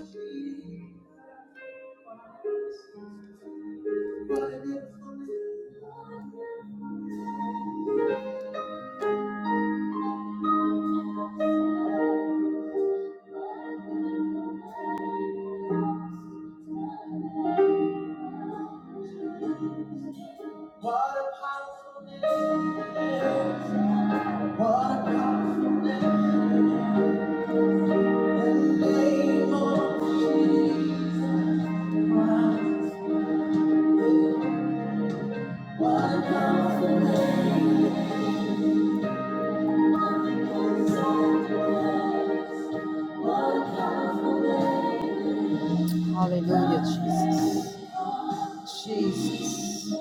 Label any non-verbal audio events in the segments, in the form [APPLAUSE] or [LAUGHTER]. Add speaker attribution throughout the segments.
Speaker 1: What a beautiful name. What a powerful name. What a powerful name. Name of Jesus. Hallelujah, Jesus. Jesus.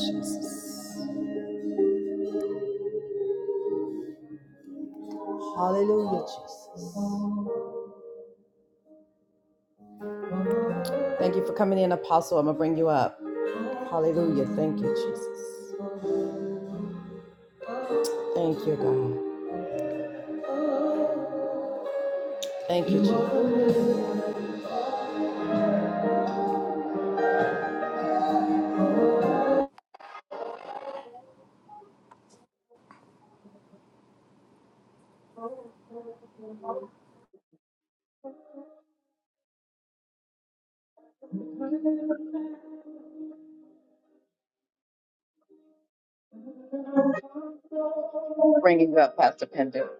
Speaker 1: Jesus. Hallelujah, Jesus. Thank you for coming in, Apostle. I'm going to bring you up. Hallelujah. Thank you, Jesus. Thank you, God. Thank you, Jesus. Bring you up, Pastor Pender.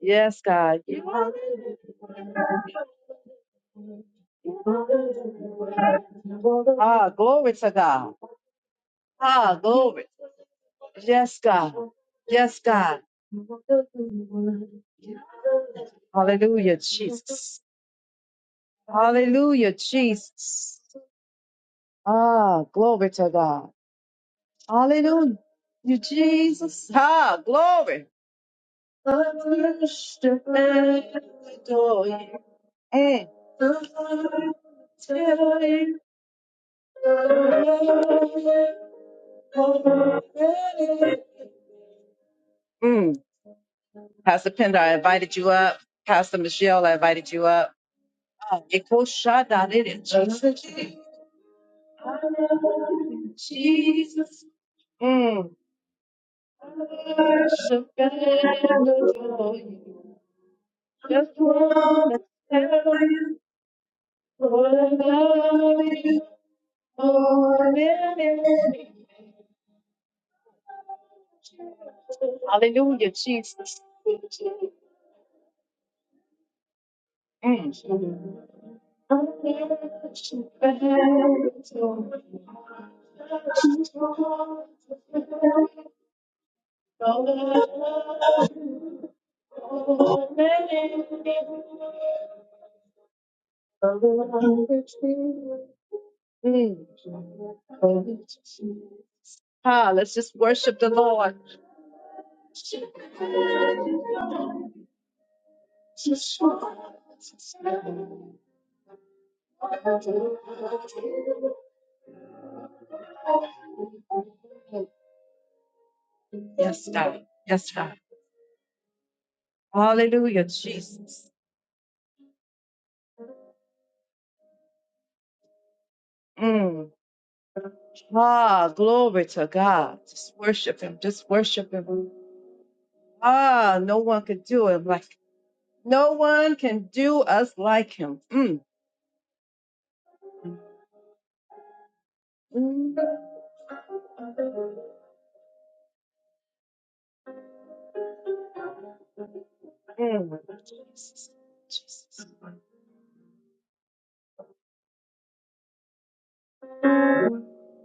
Speaker 1: Yes, God. Ah, glory to God. Ah, glory. Yes, God. Yes, God. Hallelujah, Jesus. Hallelujah, Jesus. Ah, glory to God. Hallelujah, you Jesus. Ah, glory. Mm. Pastor Pender, I invited you up. Pastor Michelle, I invited you up. Ah, it goes shot down it is Jesus. Mm, mm, mm. Ah, let's just worship the Lord. Yes, God. Yes, God. Hallelujah, Jesus. Mm. Ah, glory to God. Just worship Him. Just worship Him. Ah, no one can do Him like no one can do us like Him. Mm. Mm. Mm. Jesus. Jesus.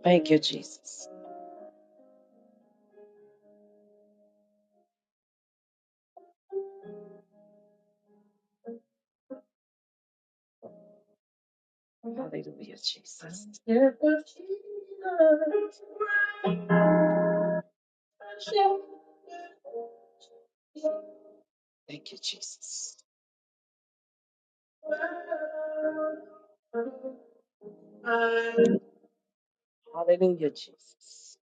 Speaker 1: Thank you, Jesus. Hallelujah, Jesus. Hallelujah, Jesus.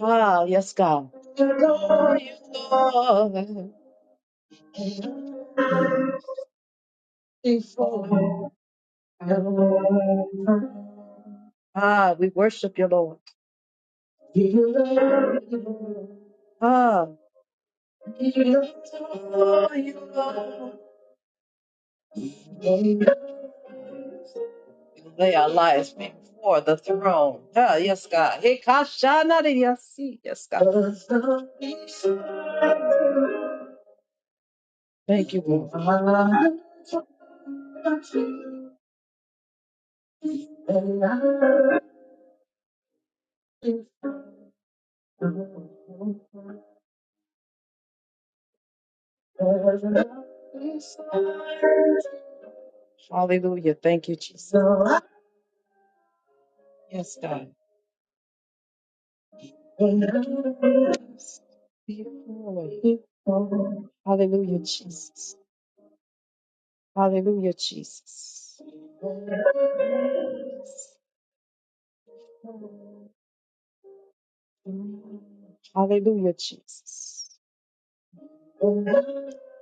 Speaker 1: Ah, yes, God. Ah, ah, we worship you, Lord. Ah. They are lies before the throne. Ah, yes, God. Hikashanariyasi. Yes, God. Thank you, Lord. Hallelujah. Thank you, Jesus. Yes, God. Before you. Hallelujah, Jesus. Hallelujah, Jesus. Hallelujah, Jesus.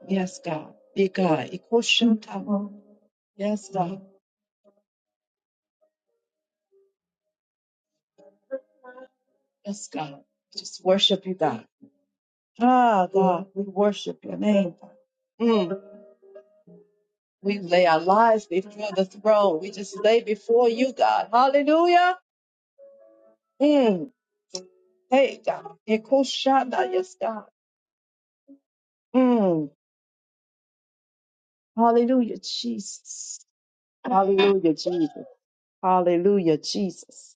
Speaker 1: Yes, God. Be God. Ikoshuntawa. Yes, God. Yes, God. Just worship you, God. Ah, God. We worship your name. God. Mm. We lay our lives before the throne. We just lay before you, God. Hallelujah. Mm. Hey, God. Ekoshanda, Yes, God. Mm. Hallelujah, Jesus. Hallelujah, Jesus. Hallelujah, Jesus.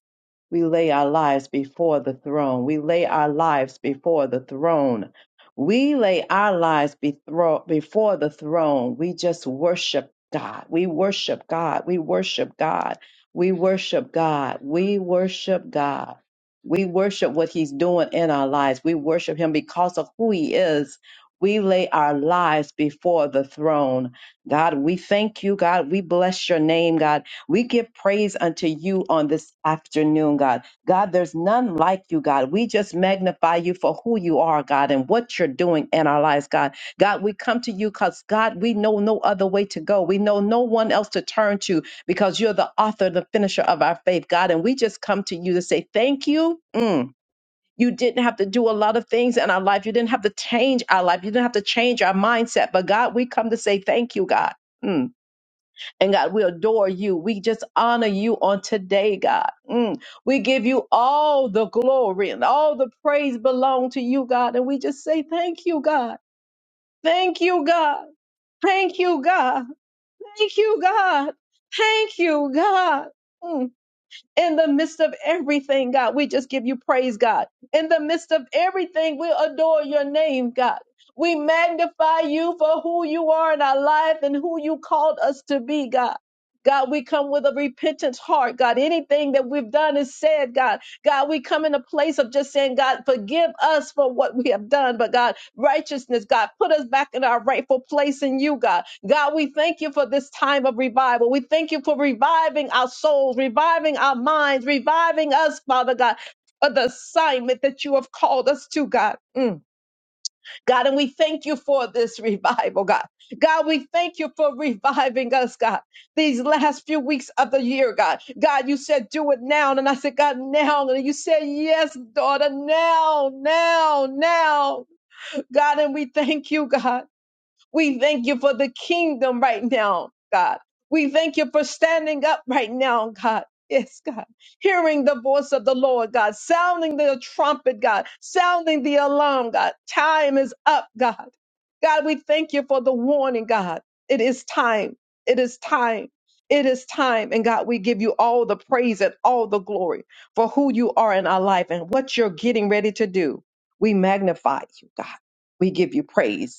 Speaker 1: We lay our lives before the throne. We lay our lives before the throne. We lay our lives bethro- before the throne. We just worship God. We worship God. We worship God. We worship God. We worship God. We worship what He's doing in our lives. We worship Him because of who He is. We lay our lives before the throne. God, we thank you, God. We bless your name, God. We give praise unto you on this afternoon, God. God, there's none like you, God. We just magnify you for who you are, God, and what you're doing in our lives, God. God, we come to you because, God, we know no other way to go. We know no one else to turn to because you're the author, the finisher of our faith, God. And we just come to you to say thank you. Mm. You didn't have to do a lot of things in our life. You didn't have to change our life. You didn't have to change our mindset. But, God, we come to say thank you, God. Mm. And God, we adore you. We just honor you on today, God. Mm. We give you all the glory and all the praise belong to you, God. And we just say, thank you, God. Thank you, God. Thank you, God. Thank you, God. Thank you, God. Mm. In the midst of everything, God, we just give you praise, God. In the midst of everything, we adore your name, God. We magnify you for who you are in our life and who you called us to be, God. God, we come with a repentant heart, God. Anything that we've done is said, God. God, we come in a place of just saying, God, forgive us for what we have done. But God, righteousness, God, put us back in our rightful place in you, God. God, we thank you for this time of revival. We thank you for reviving our souls, reviving our minds, reviving us, Father God, for the assignment that you have called us to, God. Mm. God, and we thank you for this [LAUGHS] revival, God. God, we thank you for reviving us, God, these last few weeks of the year, God. God, you said, do it now. And I said, God, now. And you said, yes, daughter, now, now, now. God, and we thank you, God. We thank you for the kingdom right now, God. We thank you for standing up right now, God. Yes, God. Hearing the voice of the Lord, God. Sounding the trumpet, God. Sounding the alarm, God. Time is up, God. God, we thank you for the warning, God. It is time. It is time. It is time. And God, we give you all the praise and all the glory for who you are in our life and what you're getting ready to do. We magnify you, God. We give you praise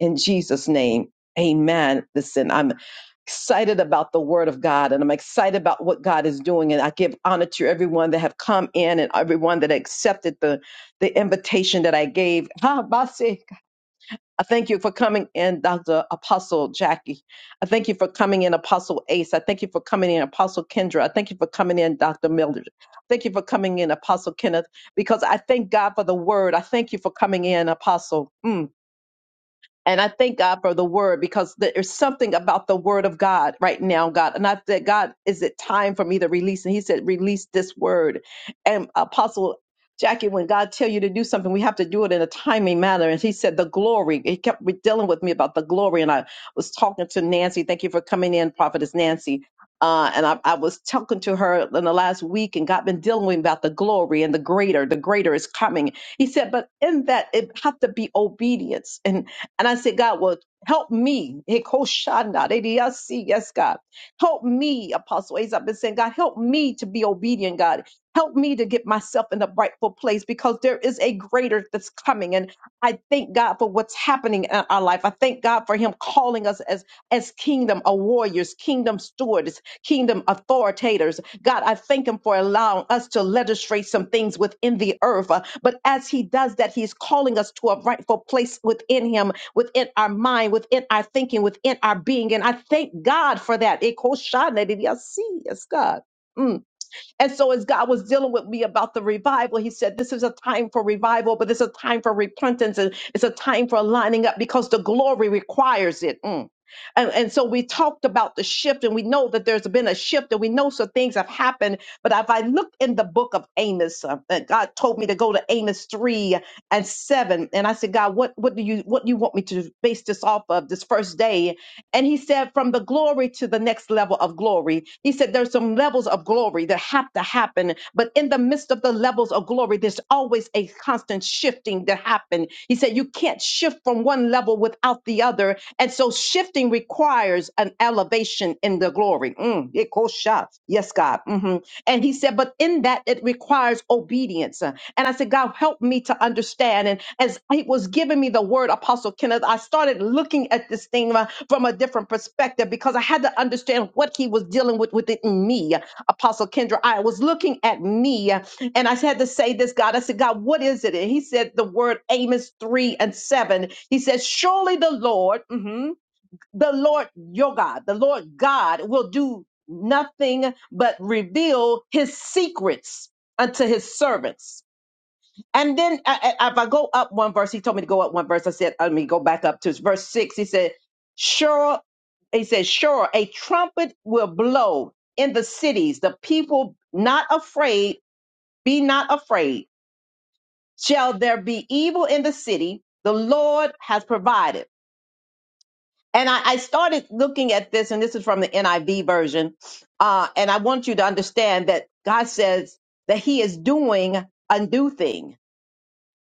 Speaker 1: in Jesus' name. Amen. Listen, I'm excited about the word of God and I'm excited about what God is doing. And I give honor to everyone that have come in and everyone that accepted the, the invitation that I gave. [LAUGHS] Ha, Basi. I thank you for coming in, Dr. Apostle Jackie. I thank you for coming in, Apostle Ace. I thank you for coming in, Apostle Kendra. I thank you for coming in, Dr. Mildred. Thank you for coming in, Apostle Kenneth, because I thank God for the word. I thank you for coming in, Apostle. Mm. And I thank God for the word because there's something about the word of God right now, God. And I said, God, is it time for me to release? And he said, release this word. And Apostle Jackie, when God tell you to do something, we have to do it in a timely manner. And he said, the glory. He kept re- dealing with me about the glory. And I was talking to Nancy. Thank you for coming in, Prophetess Nancy. Uh, and I, I was talking to her in the last week, and God been dealing with me about the glory and the greater. The greater is coming. He said, but in that, it have to be obedience. and. And I said, God, well, help me. Hikoshanda, ADLC, Yes, God. Help me, Apostle Ace. I've been saying, God, help me to be obedient, God. Help me to get myself in the rightful place because there is a greater that's coming. And I thank God for what's happening in our life. I thank God for Him calling us as, as kingdom of warriors, kingdom stewards, kingdom authoritators. God, I thank Him for allowing us to legislate some things within the earth. Uh, But as He does that, He's calling us to a rightful place within Him within our mind, within our thinking, within our being. And I thank God for that. Ekoshana did y'all see, Yes, God. Mm. And so, as God was dealing with me about the revival, He said, This is a time for revival, but it's a time for repentance and it's a time for lining up because the glory requires it. Mm. And, and so we talked about the shift, and we know that there's been a shift, and we know some things have happened. But if I look in the book of Amos, uh, that God told me to go to Amos three and seven, and I said, God, what what do you what do you want me to base this off of this first day? And he said, from the glory to the next level of glory. He said, there's some levels of glory that have to happen. But in the midst of the levels of glory, there's always a constant shifting that happen. He said, you can't shift from one level without the other. And so shifting requires an elevation in the the glory. Mm, it goes shot. Yes, God. hmm And he said, but in that it requires obedience. Uh, And I said, God, help me to understand. And as he was giving me the word, Apostle Kenneth, I started looking at this thing uh, from a different perspective because I had to understand what he was dealing with within me. Apostle Kendra, I was looking at me uh, and I had to say this, God. I said, God, what is it? And he said the word Amos 3 and 7. He said, Surely the Lord, mhm, the Lord your God, the Lord God will do nothing but reveal his secrets unto his servants. And then I, I- if I go up one verse, he told me to go up one verse. I said, let me go back up to verse six. He said, sure, he said, sure, a trumpet will blow in the cities. The people not afraid, be not afraid. Shall there be evil in the city? The Lord has provided. And I, I started looking at this, and this is from the NIV version. Uh, and I want you to understand that God says that He is doing a new thing.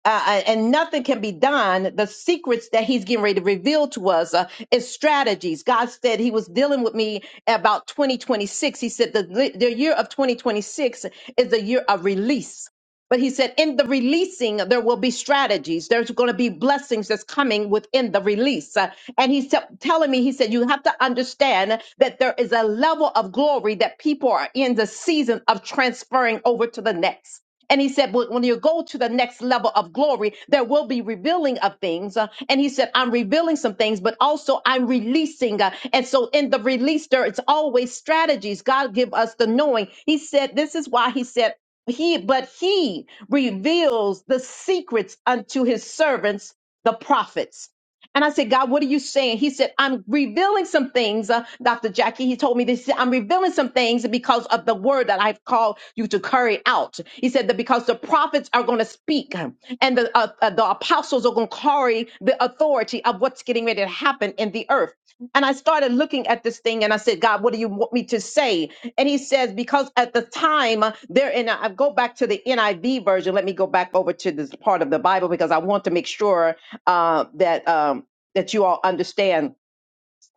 Speaker 1: Uh, uh, and nothing can be done. The secrets that he's getting ready to reveal to us uh, is strategies. God said he was dealing with me about 2026. He said the, the year of 2026 is the year of release. But he said, in the releasing, there will be strategies. There's going to be blessings that's coming within the release. Uh, And he's te- telling me, he said, you have to understand that there is a level of glory that people are in the season of transferring over to the next. And he said, when when you go to the next level of glory, there will be revealing of things. Uh, And he said, I'm revealing some things, but also I'm releasing. Uh, And so in the release, there it's always strategies. God give us the knowing. He said, this is why he said, he but he reveals the secrets unto his servants the prophets and i said god what are you saying he said i'm revealing some things uh, dr jackie he told me this He said, i'm revealing some things because of the word that i've called you to carry out he said that because the prophets are going to speak um, and the uh, uh, the apostles are going to carry the authority of what's getting ready to happen in the earth and I started looking at this thing and I said, God, what do you want me to say? And he says, because at the time uh, there, and I I go back to the NIV version. Let me go back over to this part of the Bible because I want to make sure uh, that um, that you all understand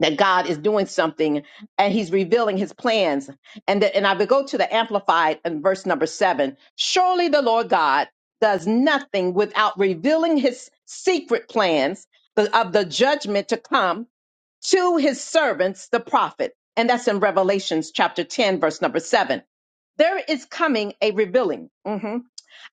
Speaker 1: that God is doing something and he's revealing his plans. And that, and I would go to the Amplified and verse number seven. Surely the Lord God does nothing without revealing his secret plans the- of the judgment to come to his servants, the prophet. And that's in Revelations chapter 10, verse number seven. There is coming a revealing. Mhm.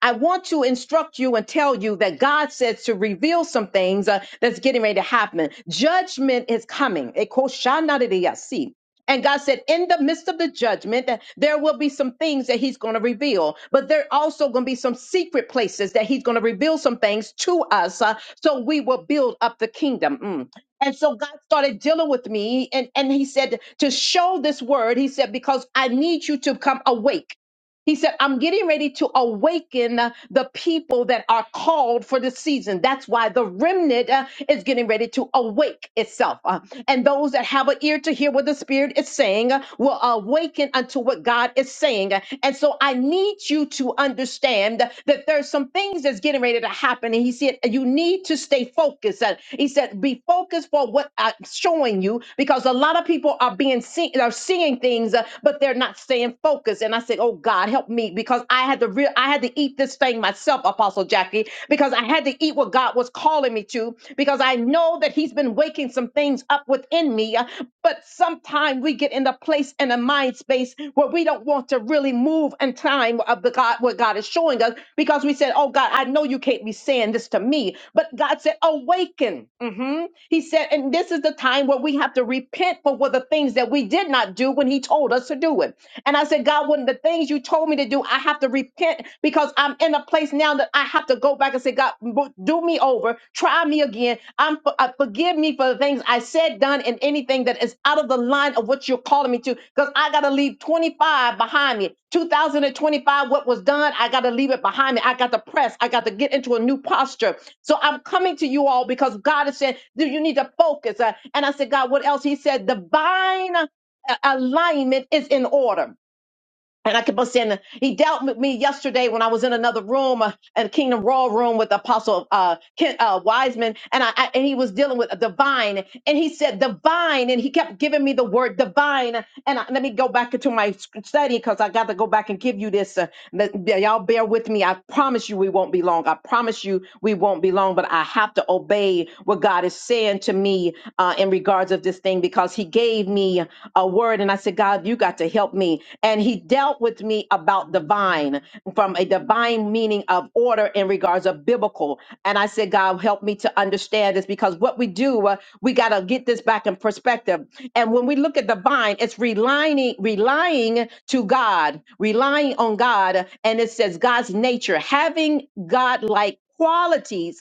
Speaker 1: I want to instruct you and tell you that God says to reveal some things uh, that's getting ready to happen. Judgment is coming. Ekoshanadidiyasi. And God said, in the midst of the judgment, that there will be some things that He's going to reveal, but there also going to be some secret places that He's going to reveal some things to us, uh, so we will build up the kingdom. Mm. And so God started dealing with me, and, and He said, To show this word, He said, Because I need you to come awake. He said, I'm getting ready to awaken uh, the people that are called for the season. That's why the remnant uh, is getting ready to awake itself. uh, and those that have an ear to hear what the Spirit is saying uh, will awaken unto what God is saying. uh, And so I need you to understand that there's some things that's getting ready to happen. And he said, You need to stay focused. Uh, he said, Be focused for what I'm showing you because a lot of people are being seen, are seeing things, uh, but they're not staying focused focus and I said, "Oh God, help me because I had to real I had to eat this thing myself, Apostle Jackie, because I had to eat what God was calling me to because I know that he's been waking some things up within me, uh, but sometimes we get in the place and a mind space where we don't want to really move in time of the God what God is showing us because we said, "Oh God, I know you can't be saying this to me." But God said, "Awaken." Mhm. He said, and this is the time where we have to repent for what the things that we did not do when he told us us to do it. And I said, God, when the things you told me to do, I have to repent because I'm in a place now that I have to go back and say, God, mo- do me over, try me again. I'm for- uh, forgive me for the things I said, done, and anything that is out of the line of what you're calling me to. Because I got to leave 25 behind me. 2025, what was done, I got to leave it behind me. I got to press. I got to get into a new posture. So I'm coming to you all because God is saying, do you need to focus? Uh, and I said, God, what else? He said, divine a- alignment is in order. And I kept on saying, he dealt with me yesterday when I was in another room, uh, a Kingdom Raw room with Apostle uh, Ken, uh, Wiseman, and I, I and he was dealing with a divine, and he said divine, and he kept giving me the word divine. And I, let me go back into my sc- study because I got to go back and give you this. Uh, let- yeah, y'all bear with me. I promise you we won't be long. I promise you we won't be long. But I have to obey what God is saying to me uh, in regards of this thing thing because he gave me a word and I said, God, you got to help me. And he dealt with me about divine from a divine meaning of order in regards of biblical. And I said, God, help me to understand this because what we do, uh, we got to get this back in perspective. And when we look at the vine, it's relying, relying to God, relying on God. And it says God's nature, having God-like qualities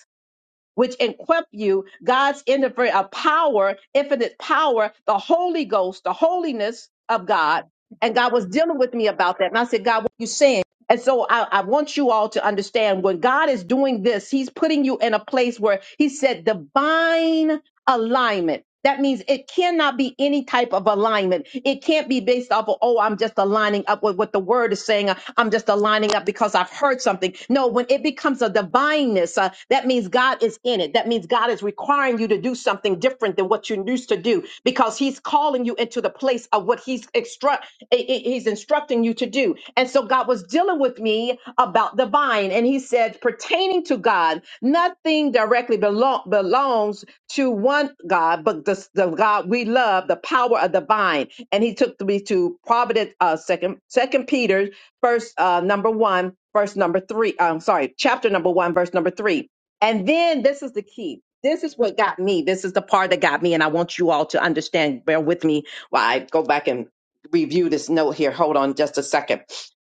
Speaker 1: which equip you God's infinite uh, power, infinite power, the Holy Ghost, the holiness of God. And God was dealing with me about that. And I said, God, what are you saying? And so I, I want you all to understand when God is doing this, He's putting you in a place where He said divine alignment. That means it cannot be any type of alignment. It can't be based off of, oh, I'm just aligning up with what the word is saying. Uh, I'm just aligning up because I've heard something. No, when it becomes a divineness, uh, that means God is in it. That means God is requiring you to do something different than what you used to do because he's calling you into the place of what he's extra, he's instructing instructing you to do. And so God was dealing with me about the vine. And he said, pertaining to God, nothing directly belong, belongs to one God, but the, the God we love, the power of the vine. And he took me to Providence, uh, second, second Peter, first, uh, number one, verse number three. I'm sorry, chapter number one, verse number three. And then this is the key. This is what got me. This is the part that got me. And I want you all to understand, bear with me while I go back and review this note here. Hold on just a second.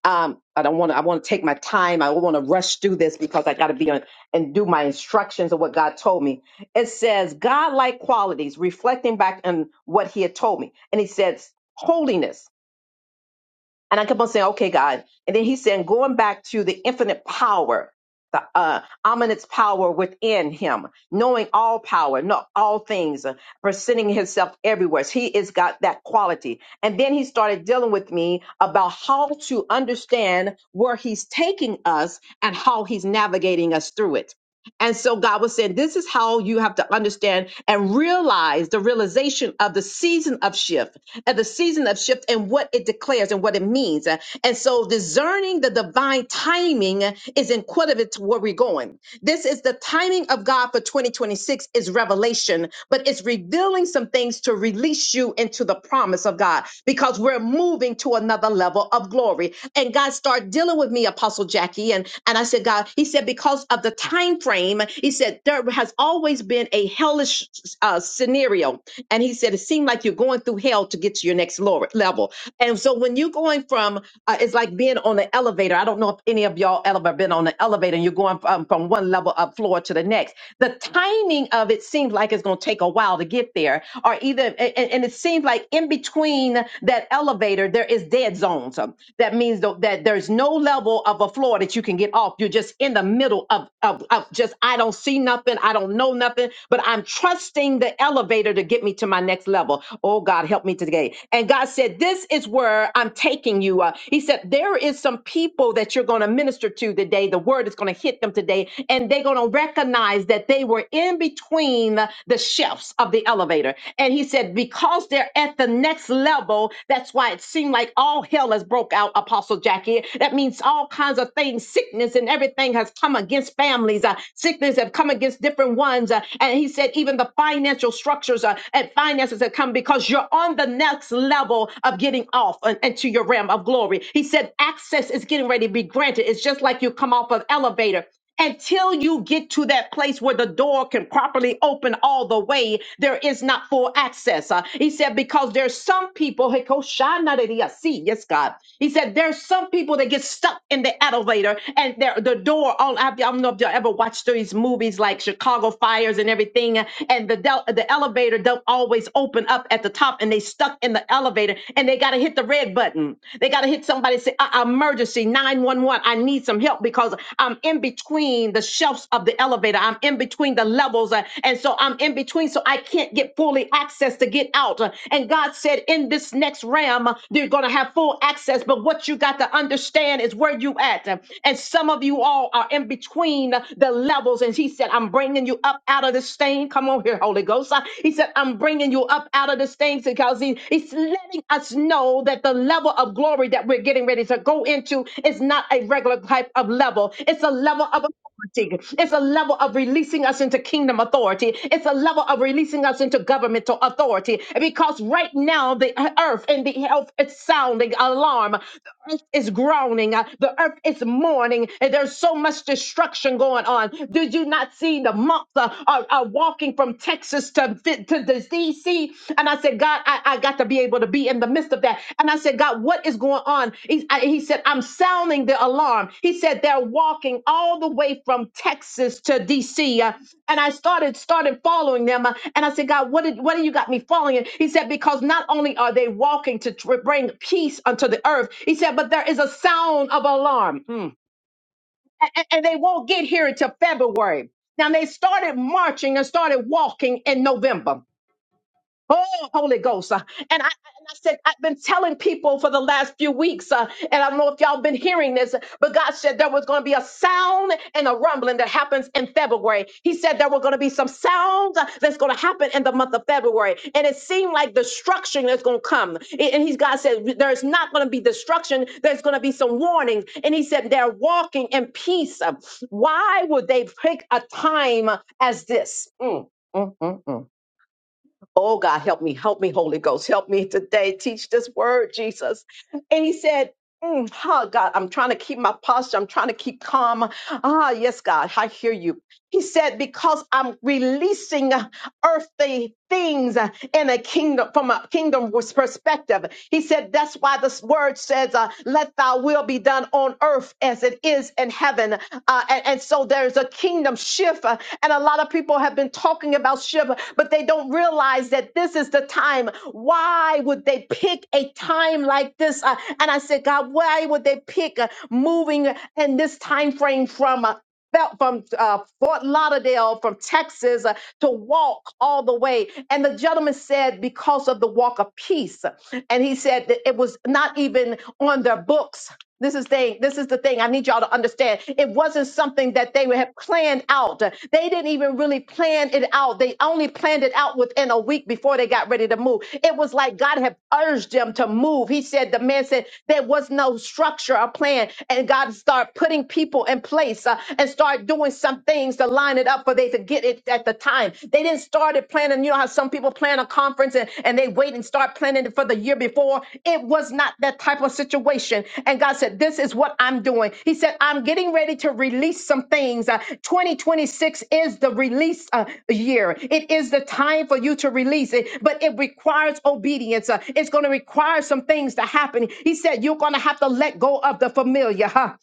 Speaker 1: Um, I don't want to, I want to take my time. I don't want to rush through this because I got to be on and do my instructions of what God told me. It says God-like qualities, reflecting back on what he had told me. And he says holiness. And I kept on saying, okay, God. And then he's saying, going back to the infinite power, the uh, ominous power within him, knowing all power, not all things, uh, presenting himself everywhere. He is got that quality. And then he started dealing with me about how to understand where he's taking us and how he's navigating us through it. And so God was saying, this is how you have to understand and realize the realization of the season of shift at the season of shift and what it declares and what it means. And so discerning the divine timing is inquisitive to where we're going. This is the timing of God for 2026 is revelation, but it's revealing some things to release you into the promise of God because we're moving to another level of glory. And God started dealing with me, Apostle Jackie, and, and I said, God, he said, because of the time frame, he said, there has always been a hellish uh, scenario. And he said, seem like you're going through hell to get to your next lower level. And so when you're going from, uh, it's like being on an elevator. I don't know if any of y'all ever been on an elevator and you're going from, um, from one level up floor to the next. The timing of it seems like it's going to take a while to get there, or either, and, and it seems like in between that elevator, there is dead zones. Um, That means tho- that there's no level of a floor that you can get off. You're just in the middle of, of, of just, I don't see nothing, I don't know nothing, but I'm trusting the elevator elevator to get me to my next level. Oh God, help me today. And God said, This is where I'm taking you. Uh, he said, There is some people that you're going to minister to today. The word is going to hit them today, and they're going to recognize that they were in between the shelves of the elevator. And he said, Because they're at the next level, that's why it seemed like all hell has broke out, Apostle Jackie. That means all kinds of things, sickness and everything has come against families. Uh, sickness have come against different ones. Uh, and he said, that even the financial structures are, and finances that come because you're on the next level of getting off and, and to your realm of glory. He said access is getting ready to be granted. It's just like you come off of elevator. Until you get to that place where the door can properly open all the way, there is not full access. Uh, he said, because there's some people, Hey, Ko Sha De Dea Si, yes, God. He said, there's some people that get stuck in the elevator and their the door. All I, I don't know if you ever watched these movies like Chicago fires and everything, and the del- the elevator don't always open up at the top, and they stuck in the elevator, and they got to hit the red button. They got to hit somebody say uh, emergency nine one one. I need some help because I'm in between the shelves of the elevator. I'm in between the levels, uh, and so I'm in between, so I can't get fully access to get out. Uh, And God said, in this next realm, uh, you're gonna have full access, but what you got to understand is where you at, Uh, and some of you all are in between the levels. And he said, I'm bringing you up out of this thing. Come on here, Holy Ghost. Uh, He said, I'm bringing you up out of this thing because he, he's letting us know that the level of glory that we're getting ready to go into is not a regular type of level. It's a level of authority. It's a level of releasing us into kingdom authority. It's a level of releasing us into governmental authority. Because right now, the earth and the health is sounding alarm. The earth is groaning. Uh, The earth is mourning. And there's so much much destruction going on. Did you not see the monks uh, are, are walking from Texas to, to the DC? And I said, God, I, I got to be able to be in the midst of that. And I said, God, what is going on? He, I- he said, I'm sounding the alarm. He said, they're walking all the way from Texas to DC. Uh, and I started started following them. uh, And I said, God, what did what do you got me following? in?" He said, because not only are they walking to tr- bring peace unto the earth, he said, but there is a sound of alarm. Mm and, and they won't get here until February. Now they started marching and started walking in November. Oh, Holy Ghost. Uh, And I, and I said, I've been telling people for the last few weeks, uh, and I don't know if y'all been hearing this, but God said there was going to be a sound and a rumbling that happens in February. He said there were going to be some sounds uh, that's going to happen in the month of February. And it seemed like destruction is going to come. A- And he's God said, there's not going to be destruction. There's going to be some warnings. And he said, they're walking in peace. Uh, Why would they pick a time as this? Mm, mm, mm, mm. Oh God, help me, help me, Holy Ghost, help me today. Teach this word, Jesus. And he said, mm, Oh God, I'm trying to keep my posture. I'm trying to keep calm. Ah, yes, God, I hear you. He said, Because I'm releasing earthly things in a kingdom from a kingdom perspective. He said, That's why this word says, uh, Let thy will be done on earth as it is in heaven. Uh, and, and so there's a kingdom shift. uh, and a lot of people have been talking about fellowship, but they don't realize that this is the time. Why would they pick a time like this? Uh, and I said, God, why would they pick uh, moving in this time frame from uh, Bel- from uh, Fort Lauderdale, from Texas, uh, to walk all the way. And the gentleman said, because of the walk of peace. And he said that it was not even on their books. This is thing. This is the thing. I need y'all to understand. It wasn't something that they would have planned out. They didn't even really plan it out. They only planned it out within a week before they got ready to move. It was like God had urged them to move. He said, the man said there was no structure or plan, and God started putting people in place uh, and start doing some things to line it up for they to get it at the time. They didn't start it planning planning. You know how some people plan a conference and, and they wait and start planning it for the year before. It was not that type of situation. And God said, This is what I'm doing. He said, I'm getting ready to release some things. Uh, 2026 is the release uh, year, it is the time for you to release it, but it requires obedience. Uh, it's going to require some things to happen. He said, You're going to have to let go of the familiar. huh?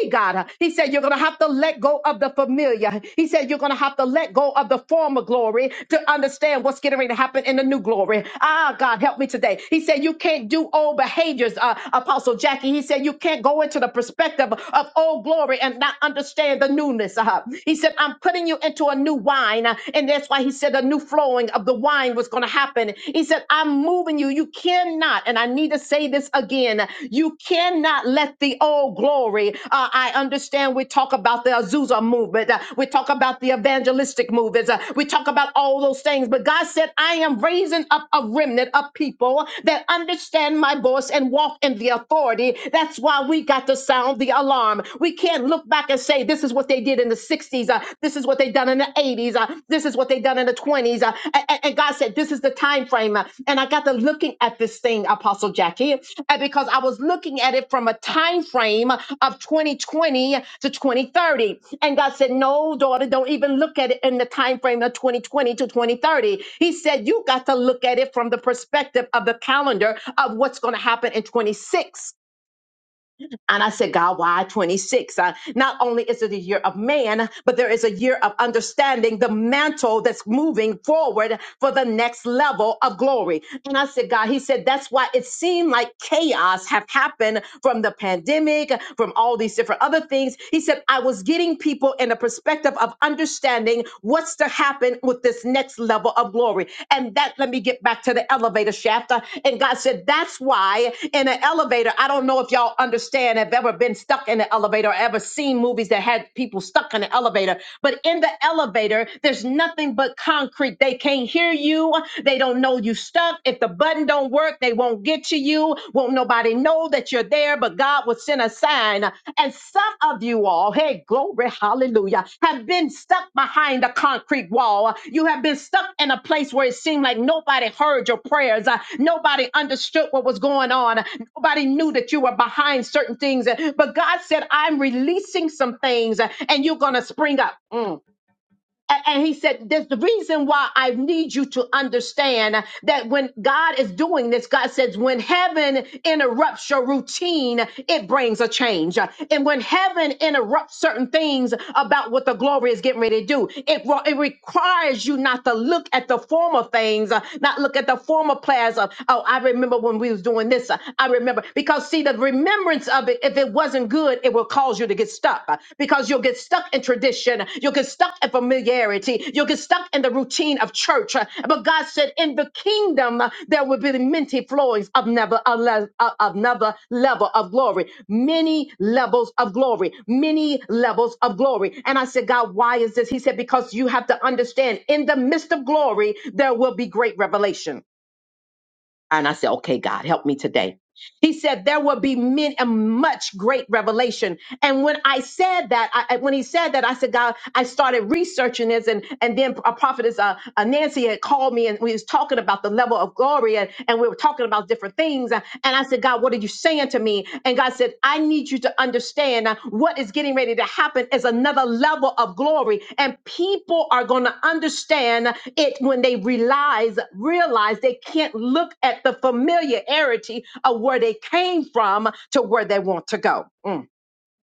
Speaker 1: He God. He said you're gonna have to let go of the familiar. He said you're gonna have to let go of the former glory to understand what's getting ready to happen in the new glory. Ah, God, help me today. He said you can't do old behaviors, uh, Apostle Jackie. He said you can't go into the perspective of old glory and not understand the newness. Uh, he said I'm putting you into a new wine, uh, and that's why he said a new flowing of the wine was gonna happen. He said I'm moving you. You cannot, and I need to say this again, you cannot let the old glory. Uh, I understand we talk about the Azusa movement, uh, we talk about the evangelistic movements, uh, we talk about all those things, but God said, I am raising up a remnant of people that understand my voice and walk in the authority. That's why we got to sound the alarm. We can't look back and say, This is what they did in the 60s. This is what they done in the 80s. Uh, this is what they done in the 20s. Uh, a- a- and, God said, this is the time frame. Uh, and I got to looking at this thing, Apostle Jackie, uh, because I was looking at it from a time frame of 2020 to 2030. And God said, no, daughter, don't even look at it in the time frame of 2020 to 2030. He said, you got to look at it from the perspective of the calendar of what's going to happen in 26. And I said, God, why 26? Uh, not only is it a year of man, but there is a year of understanding the mantle that's moving forward for the next level of glory. And I said, God, he said, that's why it seemed like chaos have happened from the pandemic, from all these different other things. He said, I was getting people in a perspective of understanding what's to happen dealing with this next level of glory. And that, let me get back to the elevator shaft. Uh, And God said, that's why in an elevator, I don't know if y'all understand, have ever been stuck in an elevator, or ever seen movies that had people stuck in an elevator. But in the elevator, there's nothing but concrete. They can't hear you. They don't know you stuck. If the button don't work, they won't get to you. Won't nobody everybody know that you're there, but God will send a sign. And some of you all, hey, glory, hallelujah, have been stuck behind a concrete wall. You have been stuck in a place where it seemed like nobody heard your prayers. Uh, nobody understood what was going on. Nobody knew that you were behind certain things. But God said, I'm releasing some things uh, and you're going to spring up. Mm. A- And he said, There's the reason why I need you to understand that when God is doing this, God says, when heaven interrupts your routine, it brings a change. And when heaven interrupts certain things about what the glory is getting ready to do, it, re- it requires you not to look at the former things, uh, not look at the former plans of, oh, I remember when we was doing this. uh, I remember. Because see, the remembrance of it, if if it wasn't good, it will cause you to get stuck uh, because you'll get stuck in tradition. You'll get stuck in familiarity. You'll get stuck in the routine of church. uh, But God said, in the kingdom, uh, there will be many flowings of never a le- uh, of another level of glory, many levels of glory, many levels of glory. And I said, God, why is this? He said, because you have to understand in the midst of glory, there will be great revelation and I said, okay, God, help me today. He said, there will be men and much great revelation. And when I said that, I, I- when he said that, I said, God, I started researching this. And, and then a prophetess, uh, uh, Nancy had called me and we was talking about the level of glory and, and we were talking about different things. And I said, God, what are you saying to me? And God said, I need you to understand uh, what is getting ready to happen is another level of glory. And people are going to understand it when they realize, realize they can't look at the familiarity of where they came from to where they want to go. Mm.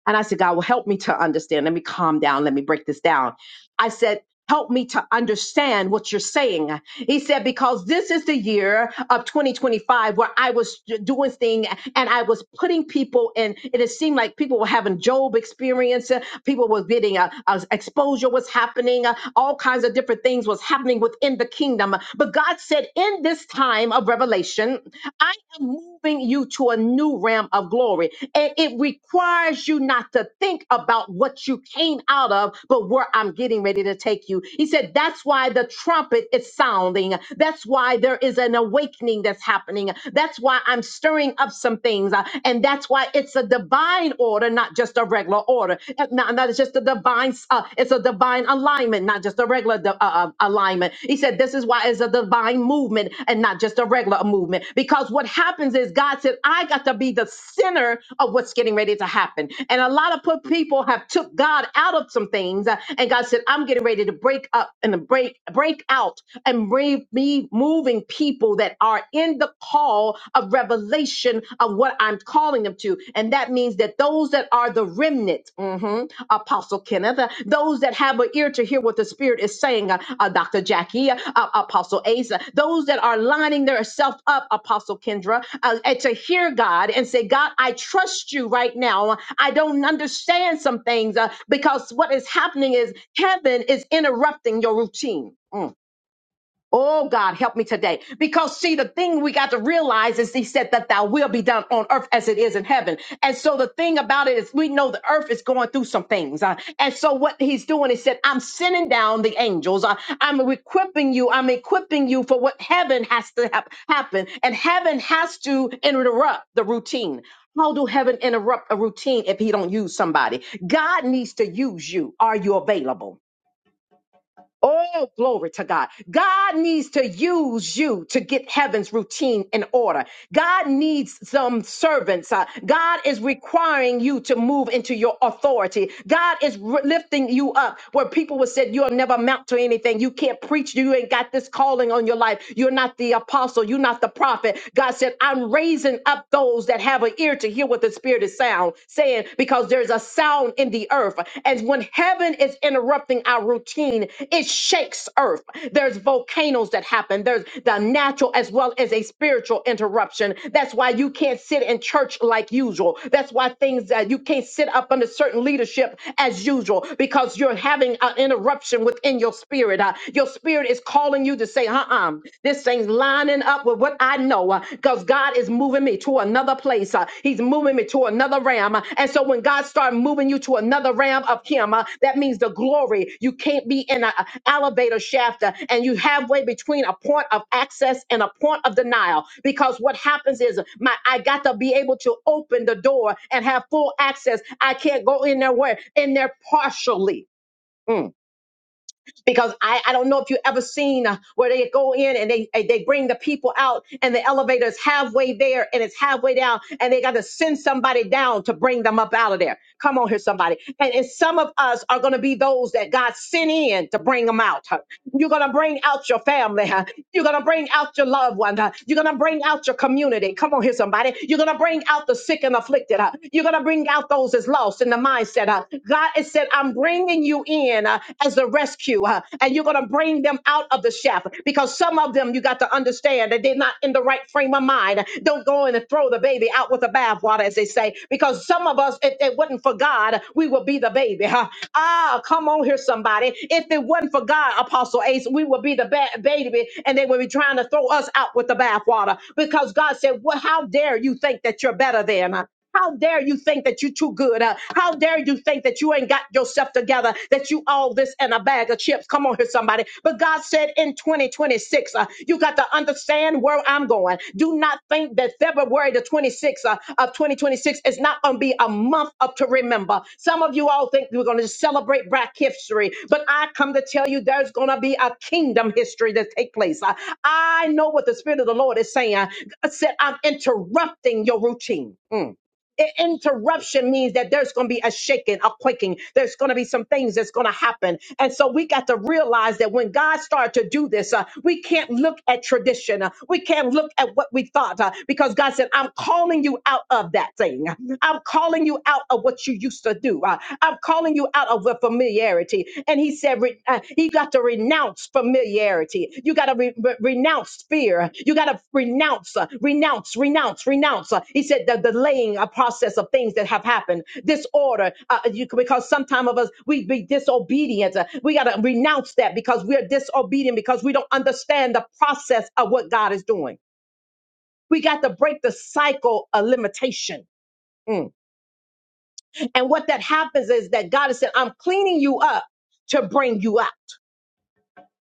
Speaker 1: And I said, God, well, help me to understand. Let me calm down. Let me break this down. I said, Help me to understand what you're saying. He said, because this is the year of 2025 where I was doing thing and I was putting people in. and It seemed like people were having Job experience. uh, People were getting uh, uh, exposure was happening. uh, All kinds of different things was happening within the kingdom. But God said, in this time, of revelation. I am moving you to a new realm of glory. And it requires you not to think about what you came out of, but where I'm getting ready to take you. He said, That's why the trumpet is sounding. That's why there is an awakening that's happening. That's why I'm stirring up some things. Uh, And that's why it's a divine order, not just a regular order. Uh, Not, not it's just a divine, uh, it's a divine alignment, not just a regular di- uh, uh, alignment. He said, This is why it's a divine movement and not just a regular movement. Because what happens is God said, I got to be the center of what's getting ready to happen. And a lot of put- people have took God out of some things. uh, And God said, I'm getting ready to break up and break, break out and re- be moving people that are in the call of revelation of what." of what I'm calling them to. And that means that those that are the remnant, mhm, Apostle Kenneth, uh, those that have an ear to hear what the Spirit is saying, uh, uh, Dr. Jackie, uh, uh, Apostle Asa, those that are lining themselves up, Apostle Kendra, uh, and to hear God and say, God, I trust you right now. I don't understand some things uh, because what is happening is heaven is interrupting your routine. Mm. Oh God, help me today. Because see, the thing we got to realize is he said that thou will be done on earth as it is in heaven. And so the thing about it is we know the earth is going through some things. Uh, and so what he's doing is said, I'm sending down the angels. Uh, I'm equipping you. I'm equipping you for what heaven has to hap- happen. And heaven has to interrupt the routine. How do heaven interrupt a routine if he don't use somebody? God needs to use you. Are you available? Oh, glory to God. God needs to use you to get heaven's routine in order. God needs some servants. Uh, God is requiring you to move into your authority. God is re- lifting you up where people would say you'll never amount to anything. You can't preach. You ain't got this calling on your life. You're not the apostle. You're not the prophet. God said, I'm raising up those that have an ear to hear what the spirit is sound title saying, because there's a sound in the earth. And when heaven is interrupting our routine, it shakes earth. There's volcanoes that happen, there's the natural as well as a spiritual interruption. That's why you can't sit in church like usual. That's why things that you can't sit up under certain leadership as usual because you're having an interruption within your spirit. Uh, your spirit is calling you to say, uh uh this thing's lining up with what I know because God is moving me to another place. uh, he's moving me to another realm. uh, and so when God starts moving you to another realm of Him, uh, that means the glory. You can't be in an elevator shaft uh, and you halfway between a point of access and a point of denial because what happens is my I got to be able to open the door and have full access. I can't go in there where in there partially. Mm because I, I don't know if you ever seen uh, where they go in and they they bring the people out and the elevator is halfway there and it's halfway down and they got to send somebody down to bring them up out of there. Come on here, somebody. And, and some of us are going to be those that God sent in to bring them out. huh. You're going to bring out your family. huh. You're going to bring out your loved one. huh. You're going to bring out your community. Come on here, somebody. You're going to bring out the sick and afflicted. huh. You're going to bring out those that's lost in the mindset. huh. God has said, I'm bringing bringing you in uh, as a rescue, uh, and you're going to bring them out of the shaft because some of them you got to understand that they're not in the right frame of mind. Don't go in and throw the baby out with the bathwater, as they say, because some of us, if it wasn't for God, we would be the baby. huh? Ah, come on here, somebody. If it wasn't for God, Apostle Ace, we would be the ba- baby, and they would be trying to throw us out with the bathwater because God said, "Well, how dare you think that you're better than?" uh, how dare you think that you're too good? Uh, how dare you think that you ain't got yourself together, that you all this and a bag of chips? Come on here, somebody. But God said in 2026, uh, you got to understand where I'm going. Do not think that February the 26th uh, of 2026 is not going to be a month up to remember. Some of you all think we're going to celebrate Black history, but I come to tell you there's going to be a kingdom history that take place. Uh, I know what the Spirit of the Lord is saying. God said, I'm interrupting your routine. Mm. I- interruption means that there's going to be a shaking, a quaking. There's going to be some things that's going to happen. And so we got to realize that when God started to do this, uh, we can't look at tradition. Uh, we can't look at what we thought uh, because God said, I'm calling you out of that thing. I'm calling you out of what you used to do. Uh, I'm calling you out of the familiarity. And He said, re- uh, you got to renounce familiarity. You got to re- re- renounce fear. You got to renounce, uh, renounce, renounce, renounce. Uh, he said, the delaying a process of things that have happened, disorder, uh, you, because sometimes of us, we be disobedient. Uh, we got to renounce that because we're disobedient because we don't understand the process of what God is doing. We got to break the cycle of limitation. Mm. And what that happens is that God is saying, I'm cleaning you up to bring you out.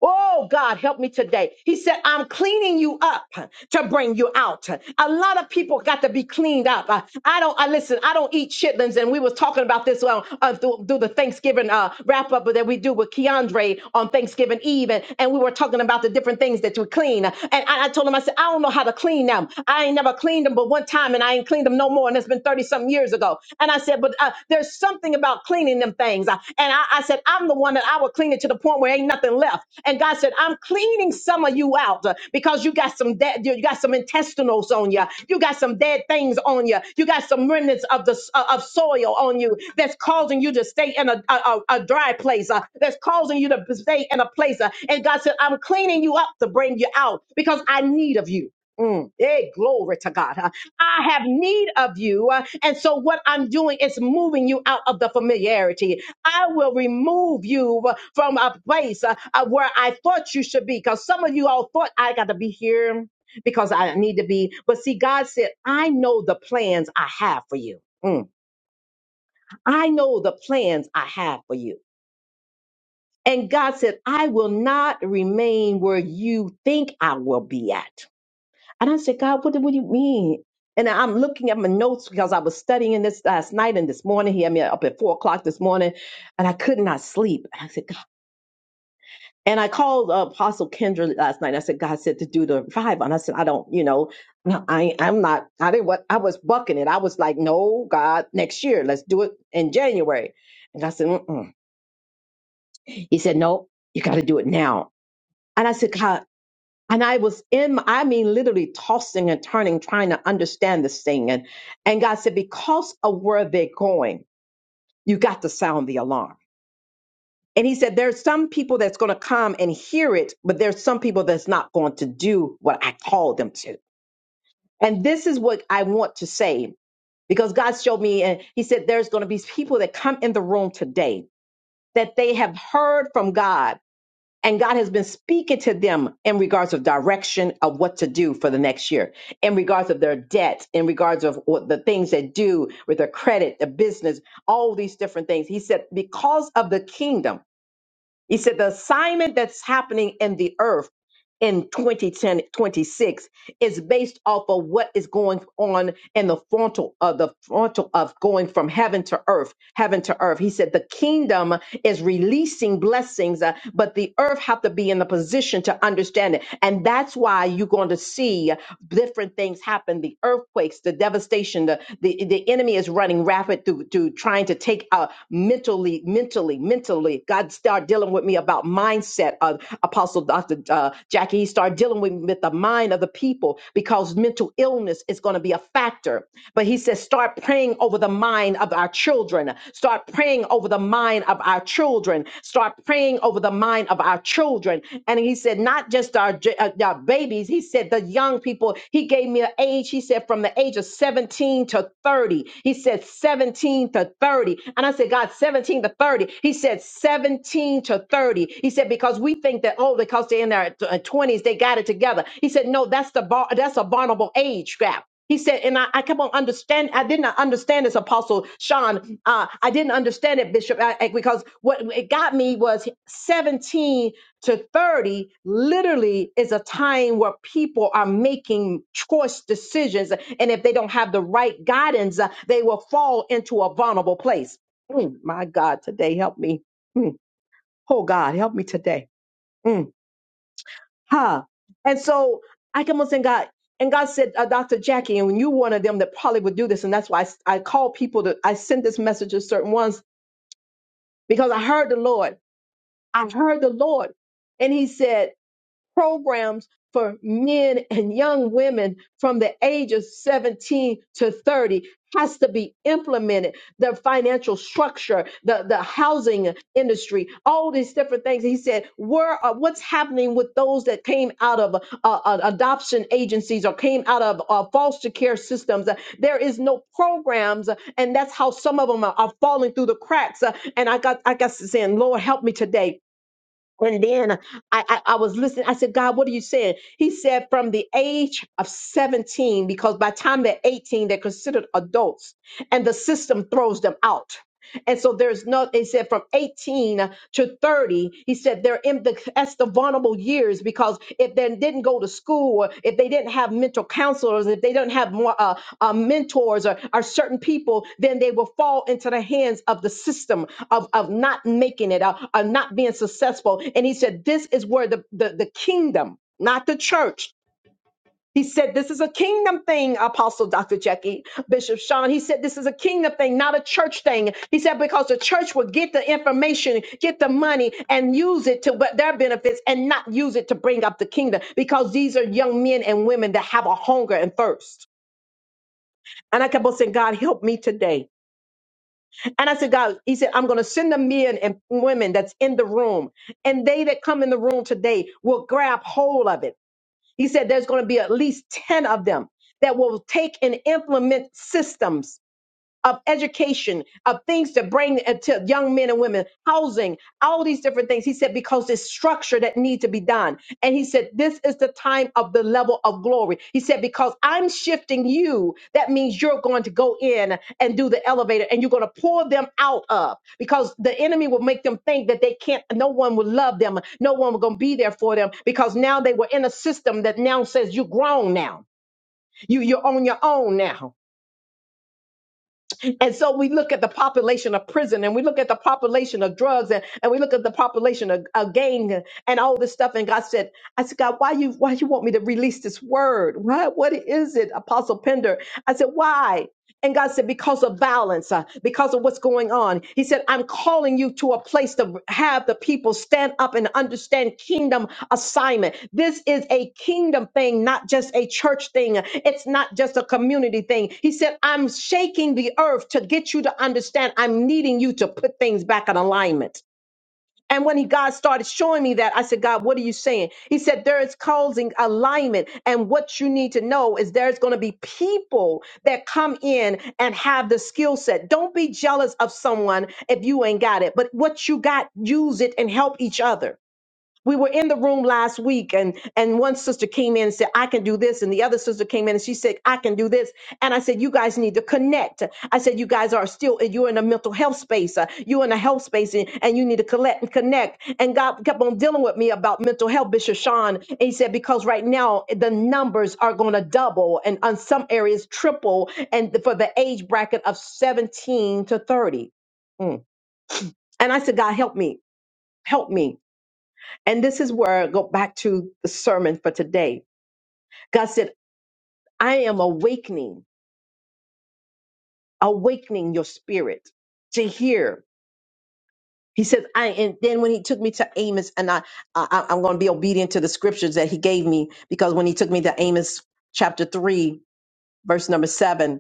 Speaker 1: Oh, God, help me today. He said, I'm cleaning you up to bring you out. A lot of people got to be cleaned up. Uh, I don't, I listen, I don't eat chitlins. And we was talking about this on, uh, through, through the Thanksgiving uh, wrap up that we do with Keandre on Thanksgiving Eve. And, and we were talking about the different things that we clean. And I, I told him, I said, I don't know how to clean them. I ain't never cleaned them, but one time time and I ain't cleaned them no more. And it's been 30 something years ago. And I said, but uh, there's something about cleaning them things. I- And I, I said, I'm the one that I will clean it to the point where ain't nothing left. And God said, I'm cleaning some of you out uh, because you got some dead, you got some intestinals on you. You got some dead things on you. You got some remnants of the uh, of soil on you that's causing you to stay in a, a, a- a dry place. uh, that's causing you to stay in a place. uh, and God said, I'm cleaning you up to bring you out because I need of you. Mm. Hey, glory to God. huh? I have need of you. uh, And so, what I'm doing is moving you out of the familiarity. I will remove you uh, from a place uh, uh, where I thought you should be. Because some of you all thought I got to be here because I need to be. But see, God said, I know the plans I have for you. Mm. I know the plans I have for you. And God said, I will not remain where you think I will be at. And I said, God, what, do- what do you mean? And I'm looking at my notes because I was studying this last night and this morning. He had me up at four o'clock this morning, and I could not sleep. And I said, God. And I called uh, Apostle Kendra last night. I said, God said to do the revival, and I said, I don't, you know, no, I, I'm not. I didn't. What I was bucking it. I was like, No, God, next year, let's do it in January. And I said, Mm-mm. He said, No, you got to do it now. And I said, God. And I was in, I mean, literally tossing and turning, trying to understand this thing. And, and God said, because of where they're going, you got to sound the alarm. And he said, there's some people that's going to come and hear it, but there's some people that's not going to do what I called them to. And this is what I want to say, because God showed me, and he said, there's going to be people that come in the room today that they have heard from God And God has been speaking to them in regards of direction of what to do for the next year, in regards of their debt, in regards of what the things they do with their credit, the business, all these different things. He said, because of the kingdom, he said the assignment that's happening in the earth in 2010 26 is based off of what is going on in the frontal of the frontal of going from heaven to earth heaven to earth he said the kingdom is releasing blessings uh, but the earth have to be in the position to understand it and that's why you're going to see different things happen the earthquakes the devastation the the, the enemy is running rapid through to trying to take out mental mentally, mentally, mentally. God started dealing with me about mindset. Uh, Apostle Dr. Uh, Jackie, he started dealing with, with the mind of the people because mental illness is going to be a factor. But he says, start praying over the mind of our children. Start praying over the mind of our children. Start praying over the mind of our children. And he said, not just our, j- uh, our babies. He said, the young people. He gave me an age age, He said from the age of 17 to 30. He said 17 to 30. And I said, God, 17 to 30. He said 17 to 30. He said, because we think that, oh, because they're in their uh, 20s, they got it together. He said, no, that's the bar, that's a vulnerable age gap. He said, and I, I come on understand. I did not understand this, Apostle Sean. Uh, I didn't understand it, Bishop, I, I- because what it got me was 17 to 30 literally is a time where people are making choice decisions. And if they don't have the right guidance, uh, they will fall into a vulnerable place. Mm, my God, today, help me. Mm, oh, God, help me today. Mm, huh. And so I come and say, God, and God said, uh, Dr. Jackie, and you one of them that probably would do this. And that's why I I call people to, I send this message to certain ones because I heard the Lord. I heard the Lord. And he said, programs for men and young women from the age of 17 to 30 has to be implemented the financial structure the, the housing industry all these different things he said where uh, what's happening with those that came out of uh, uh, adoption agencies or came out of uh, foster care systems Uh, there is no programs uh, and that's how some of them are, are falling through the cracks Uh, and i got i got to saying lord help me today and then I, I, I was listening. I said, God, what are you saying? He said, from the age of 17, because by the time they're 18, they're considered adults and the system throws them out. And so there's no, it said from 18 to 30, he said they're in the, that's the vulnerable years because if they didn't go to school, or if they didn't have mental counselors, if they didn't have more uh, uh, mentors or, or certain people, then they will fall into the hands of the system of, of not making it, uh, of not being successful. And he said, this is where the, the, the kingdom, not the church, he said, This is a kingdom thing, Apostle Dr. Jackie, Bishop Sean. He said, This is a kingdom thing, not a church thing. He said, Because the church will get the information, get the money, and use it to what their benefits and not use it to bring up the kingdom. Because these are young men and women that have a hunger and thirst. And I kept on saying, God, help me today. And I said, God, he said, I'm going to send the men and women that's in the room. And they that come in the room today will grab hold of it he said there's going to be at least 10 of them that will take and implement systems of education, of things to bring uh, to young men and women, housing, all these different things. He said, because there's structure that need to be done. And he said, this is the time of the level of glory. He said, because I'm shifting you, that means you're going to go in and do the elevator and you're going to pull them out of because the enemy will make them think that they can't, no one will love them. No one will going to be there for them because now they were in a system that now says you're grown now. You, you're on your own now and so we look at the population of prison and we look at the population of drugs and, and we look at the population of, of gang and all this stuff. And God said, I said, God, why you why you want me to release this word? What what is it, Apostle Pender? I said, why? And God said, because of violence, uh, because of what's going on on. He said, I'm calling you to a place to have the people stand up and understand kingdom assignment. This is a kingdom thing, not just a church thing. It's not just a community thing. He said, I'm shaking the earth to get you to understand I'm needing you to put things back in alignment. And when he God started showing me that, I said, God, what are you saying? He said, There is causing alignment. And what you need to know is there's going to be people that come in and have the skill set. Don't be jealous of someone if you ain't got it, but what you got, use it and help each other we were in the room last week and and one sister came in and said i can do this and the other sister came in and she said i can do this and i said you guys need to connect i said you guys are still you're in a mental health space uh, you're in a health space and, and you need to collect and connect and god kept on dealing with me about mental health bishop sean and he said because right now the numbers are going to double and on some areas triple and for the age bracket of 17 to 30 Mm. and i said god help me help me and this is where I go back to the sermon for today. God said, I am awakening, awakening your spirit to hear. He said, I, and then when he took me to Amos, and I, I I'm going to be obedient to the scriptures that he gave me, because when he took me to Amos chapter three, verse number seven,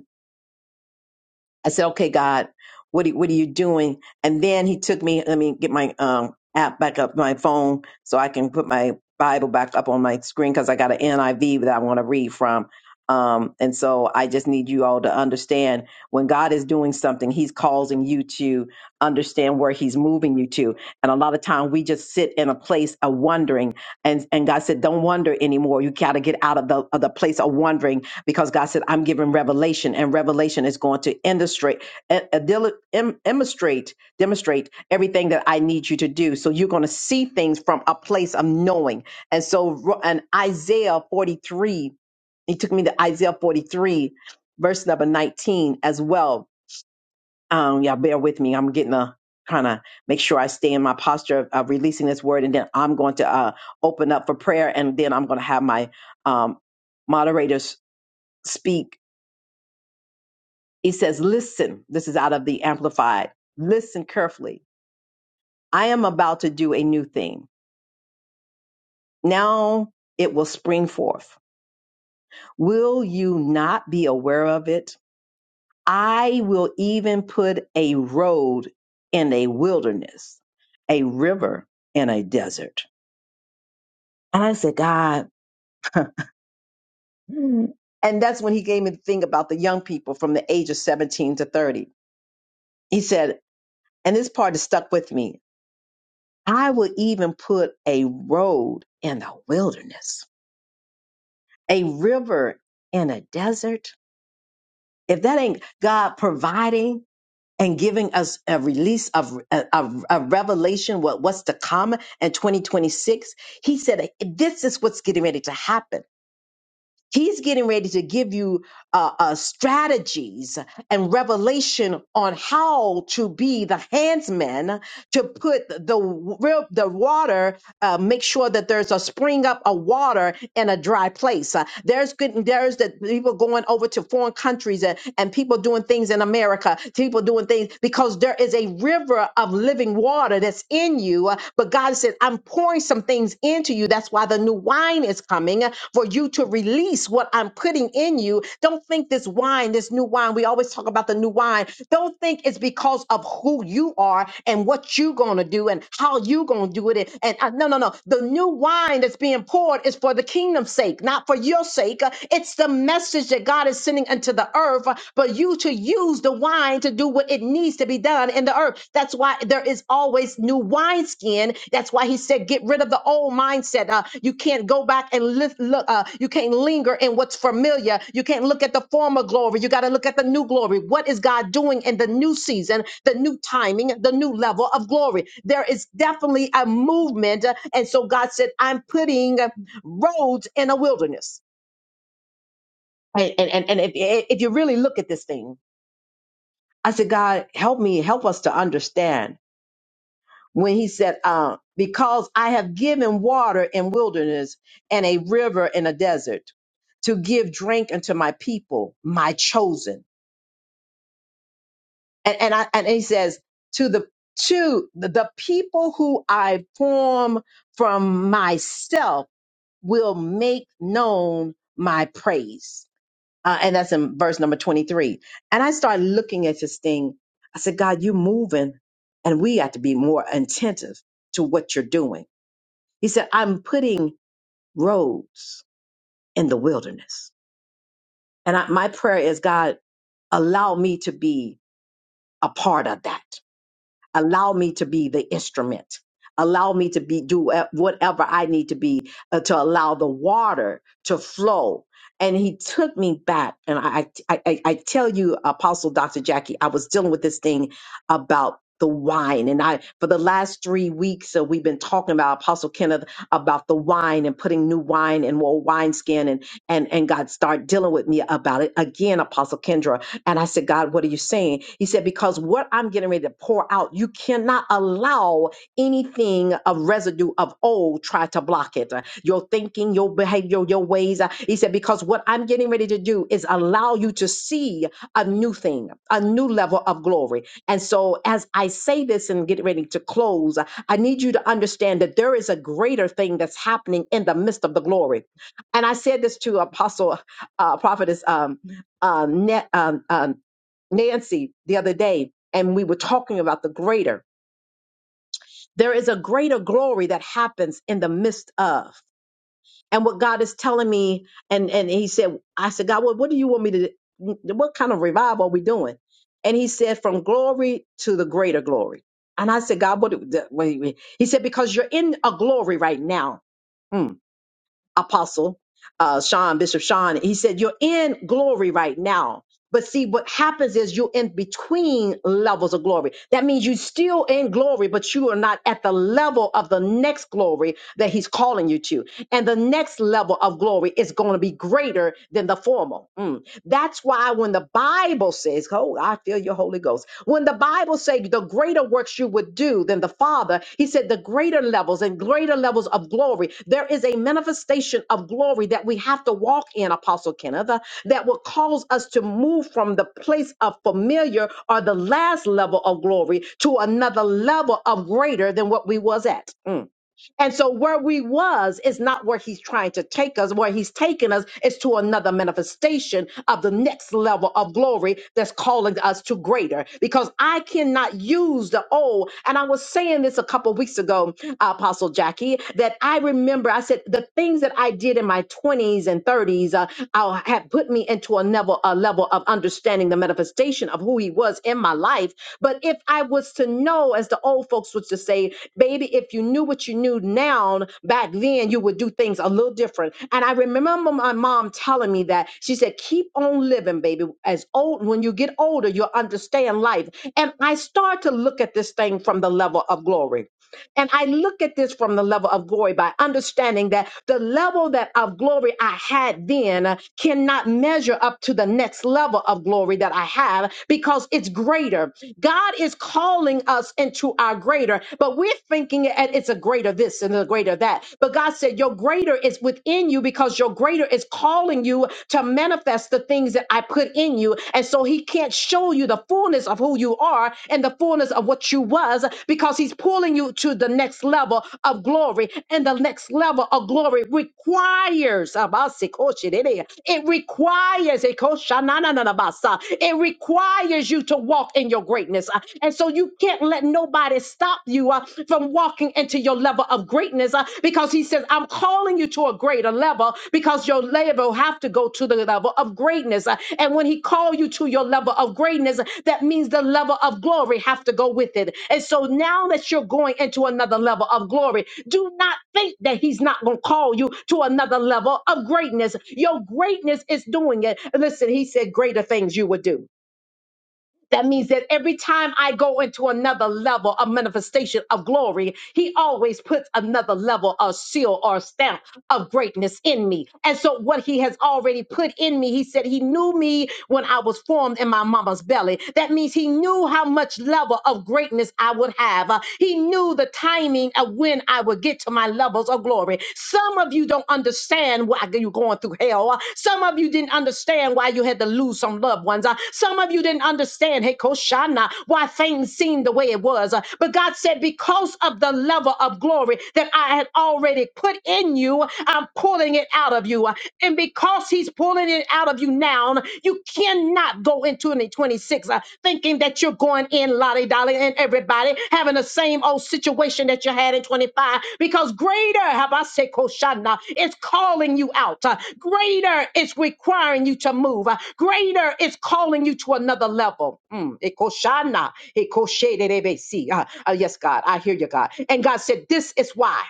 Speaker 1: I said, "Okay, God, what are, what are you doing?" And then He took me. Let me get my um, app back up, my phone, so I can put my Bible back up on my screen because I got an NIV that I want to read from. Um, and so I just need you all to understand when God is doing something, He's causing you to understand where He's moving you to. And a lot of time we just sit in a place of wondering. And and God said, "Don't wonder anymore. You got to get out of the of the place of wondering because God said, I'm giving revelation, and revelation is going to illustrate, eh, eh, dil- em- demonstrate, demonstrate everything that I need you to do. So you're going to see things from a place of knowing. And so, ro- and Isaiah 43, he took me to Isaiah 43, verse number 19 as well. Um, yeah, bear with me. I'm getting a kind of make sure I stay in my posture of, of releasing this word, and then I'm going to uh, open up for prayer, and then I'm going to have my um, moderators speak he says, Listen, this is out of the Amplified. Listen carefully. I am about to do a new thing. Now it will spring forth. Will you not be aware of it? I will even put a road in a wilderness, a river in a desert. And I said, God. And that's when he gave me the thing about the young people from the age of 17 to 30. He said, and this part is stuck with me I would even put a road in the wilderness, a river in a desert. If that ain't God providing and giving us a release of a, a- a revelation, what, what's to come in 2026, He said, This is what's getting ready to happen. He's getting ready to give you uh, uh, strategies and revelation on how to be the handsman to put the wa- the water. Uh, make sure that there's a spring up a water in a dry place. Uh, there's good. There's that people going over to foreign countries and, and people doing things in America. People doing things because there is a river of living water that's in you you. Uh, But God said, I'm pouring some things into you. That's why the new wine is coming uh, for you to release what I'm putting in you. Don't think this wine, this new wine, we always talk about the new wine. Don't think it's because of who you are and what you're going to do and how you're going to do it. And uh, no, no, no. The new wine that's being poured is for the kingdom's sake, not for your sake. Uh, It's the message that God is sending into the earth, uh, but you to use the wine to do what it needs to be done in the earth. That's why there is always new wineskin. That's why he said, get rid of the old mindset. Uh, you can't go back and lift, look, uh, you can't linger in what's familiar. You can't look at the former glory. You got to look at the new glory. What is God doing in the new season, the new timing, the new level of glory? There is definitely a movement. uh, And so God said, I'm putting uh, roads in a wilderness. And, and, and and if, if you really look at this thing, I said, God, help me, help us to understand. When he said, uh, because I have given water in wilderness and a river in a desert to give drink unto my people, my chosen. And, and I, and he says to the, to the, the people who I form from myself will make known my praise Uh, and that's in verse number 23. And I started looking at this thing. I said, God, you're moving, and we have to be more attentive to what you're doing. He said, I'm putting roads in the wilderness. And I, my prayer is, God, allow me to be a part of that. allow me to be the instrument allow me to be do uh, whatever i need to be uh, to allow the water to flow and he took me back and i i i I tell you apostle dr jackie i was dealing with this thing about the wine and i for the last three weeks uh, we've been talking about apostle kenneth about the wine and putting new wine in old wineskin and and and god start dealing with me about it again apostle kendra and I said, God, what are you saying? He said, Because what I'm getting ready to pour out, you cannot allow anything of residue of old try to block it. Uh, Your thinking, your behavior, your ways. Uh, He said, Because what I'm getting ready to do is allow you to see a new thing, a new level of glory. And so, as I say this and get ready to close, uh, I need you to understand that there is a greater thing that's happening in the midst of the glory. And I said this to Apostle, uh, Prophetess. um, um, Na- um, um, Nancy the other day, and we were talking about the greater. There is a greater glory that happens in the midst of. And what God is telling me, and and He said, I said, God, what, what do you want me to? What kind of revival are we doing? And He said, from glory to the greater glory. And I said, God, what? do- the- Wait, wait. He said, because you're in a glory right now. Hmm apostle uh, Sean, Bishop Sean. He said, You're in glory right now. But see, what happens is you're in between levels of glory. That means you're still in glory, but you are not at the level of the next glory that he's calling you to. And the next level of glory is going to be greater than the former. Mm. That's why when the Bible says, Oh, I feel your Holy Ghost. When the Bible says say the greater works you would do than the Father. He said the greater levels and greater levels of glory. There is a manifestation of glory that we have to walk in, Apostle Kenneth, uh, that will cause us to move from the place of familiar or the last level of glory to another level of greater than what we was at. Mm. And so where we was is not where he's trying to take us. Where he's taking us is to another manifestation of the next level of glory that's calling us to greater. Because I cannot use the old. And I was saying this a couple weeks ago, uh, Apostle Jackie, that I remember I said the things that I did in my 20s and 30s uh, uh, had put me into a level, a level of understanding the manifestation of who he was in my life. But if I was to know, as the old folks would just say, Baby, baby, if you knew what you knew now back then, you would do things a little different. And I remember my mom telling me that. She said, keep on living, baby. As old when you get older, you'll understand life. And I start to look at this thing from the level of glory. And I look at this from the level of glory by understanding that the level that of glory I had then uh, cannot measure up to the next level of glory that I have because it's greater. God is calling us into our greater, but we're thinking it- it's a greater this and a greater that. But God said, Your greater is within you because your greater is calling you to manifest the things that I I put in you. And so he can't show you the fullness of who you are and the fullness of what you was because he's pulling you to the next level of glory. And the next level of glory requires it requires it requires you to walk in your greatness. And so you can't let nobody stop you uh, from walking into your level of greatness uh, because he says, I'm calling you to a greater level because your level have to go to the level of greatness. Uh, And when he called you to your level of greatness, that means the level of glory have to go with it. And so now that you're going into another level of glory, do not think that he's not going to call you to another level of greatness. Your greatness is doing it. Listen, he said, greater things you would do. That means that every time I go into another level of manifestation of glory, he always puts another level of seal or stamp of greatness in me. And so, what he has already put in me, he said he knew me when I was formed in my mama's belly. That means he knew how much level of greatness I would have. Uh, He knew the timing of when I would get to my levels of glory glory. Some of you don't understand why you're going through hell. Uh, Some of you didn't understand why you had to lose some loved ones. Uh, Some of you didn't understand, hey, Koshana, why things seemed the way it was. Uh, But God said, because of the level of glory that I had already put in you, I'm pulling it out of you. Uh, And because He's pulling it out of you now, you cannot go into 2026, uh, thinking that you're going in lolly dolly and everybody having the same old situation that you had in 25 because greater, have I said, Koshana, is calling you out. Uh, greater is requiring you to move. Uh, greater is calling you to another level. Mm, Ekoshana, Ekoshederebesi. Uh, uh, yes, God, I hear you, God. And God said, This is why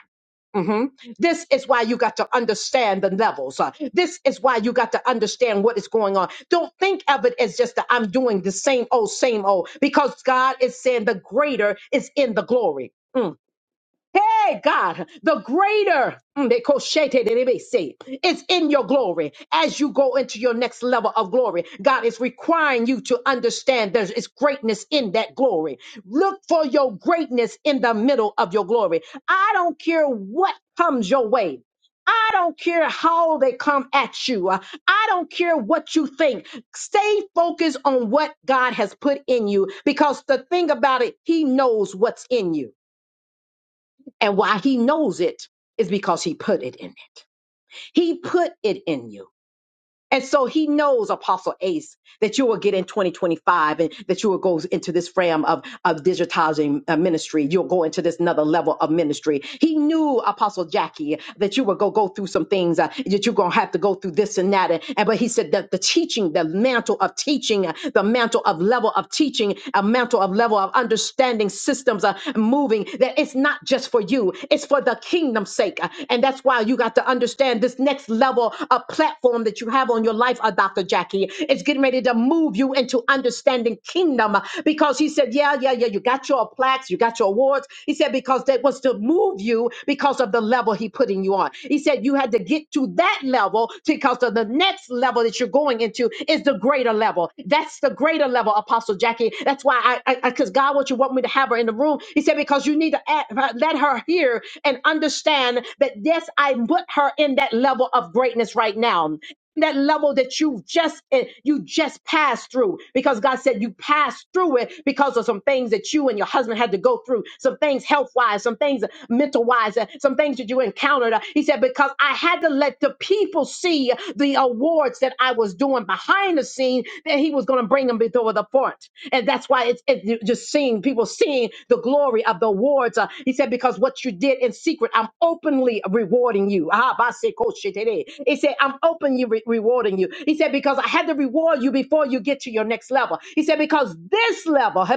Speaker 1: hmm This is why you got to understand the levels. Uh, this is why you got to understand what is going on. Don't think of it as just that I'm doing the same old, same old, because God is saying the greater is in the glory. Mm. Hey, God, the greater mm, they call shete, they may say, is in your glory as you go into your next level of glory. God is requiring you to understand there is greatness in that glory. Look for your greatness in the middle of your glory. I don't care what comes your way. I don't care how they come at you. I don't care what you think. Stay focused on what God has put in you because the thing about it, He knows what's in you. And why he knows it is because he put it in. it. He put it in you. And so he knows, Apostle Ace, that you will get in 2025 and that you will go into this frame of, of digitizing uh, ministry. You'll go into this another level of ministry. He knew, Apostle Jackie, that you will go, go through some things, uh, that you're going to have to go through this and that. And, and- But he said that the teaching, the mantle of teaching, uh, the mantle of level of teaching, a mantle of level of understanding systems are moving, that it's not just for for you, it's for the kingdom's sake. And that's why you got to understand this next level of platform that you have on your life, uh, Dr. Jackie. It's getting ready to move you into understanding kingdom uh, because he said, Yeah, yeah, yeah, you got your plaques, you got your awards. He said, Because that was to move you because of the level he putting you on. He said, You had to get to that level because of the next level that you're going into is the greater level. That's that's the greater level, Apostle Jackie. That's why I, because God wants you want me to have her in the room. He said because you need to add, let her hear and understand that yes, I put her in that level of greatness right now that level that you just eh, you just passed through because God said you passed through it because of some things that you and your husband had to go through some things health wise some things mental wise some things that you encountered eh." He said, but said, because I had to let the people see the awards that I was doing behind the scene, that he was going to bring them before the front. And that's why it's it, you just seeing people seeing the glory of the awards. Uh, he said, because what you did in secret, I'm openly rewarding you. Ah, base koshe tere. He said, I'm openly re- rewarding you. He said, because I had to reward you before you get to your next level. He said, because this level, [LAUGHS] he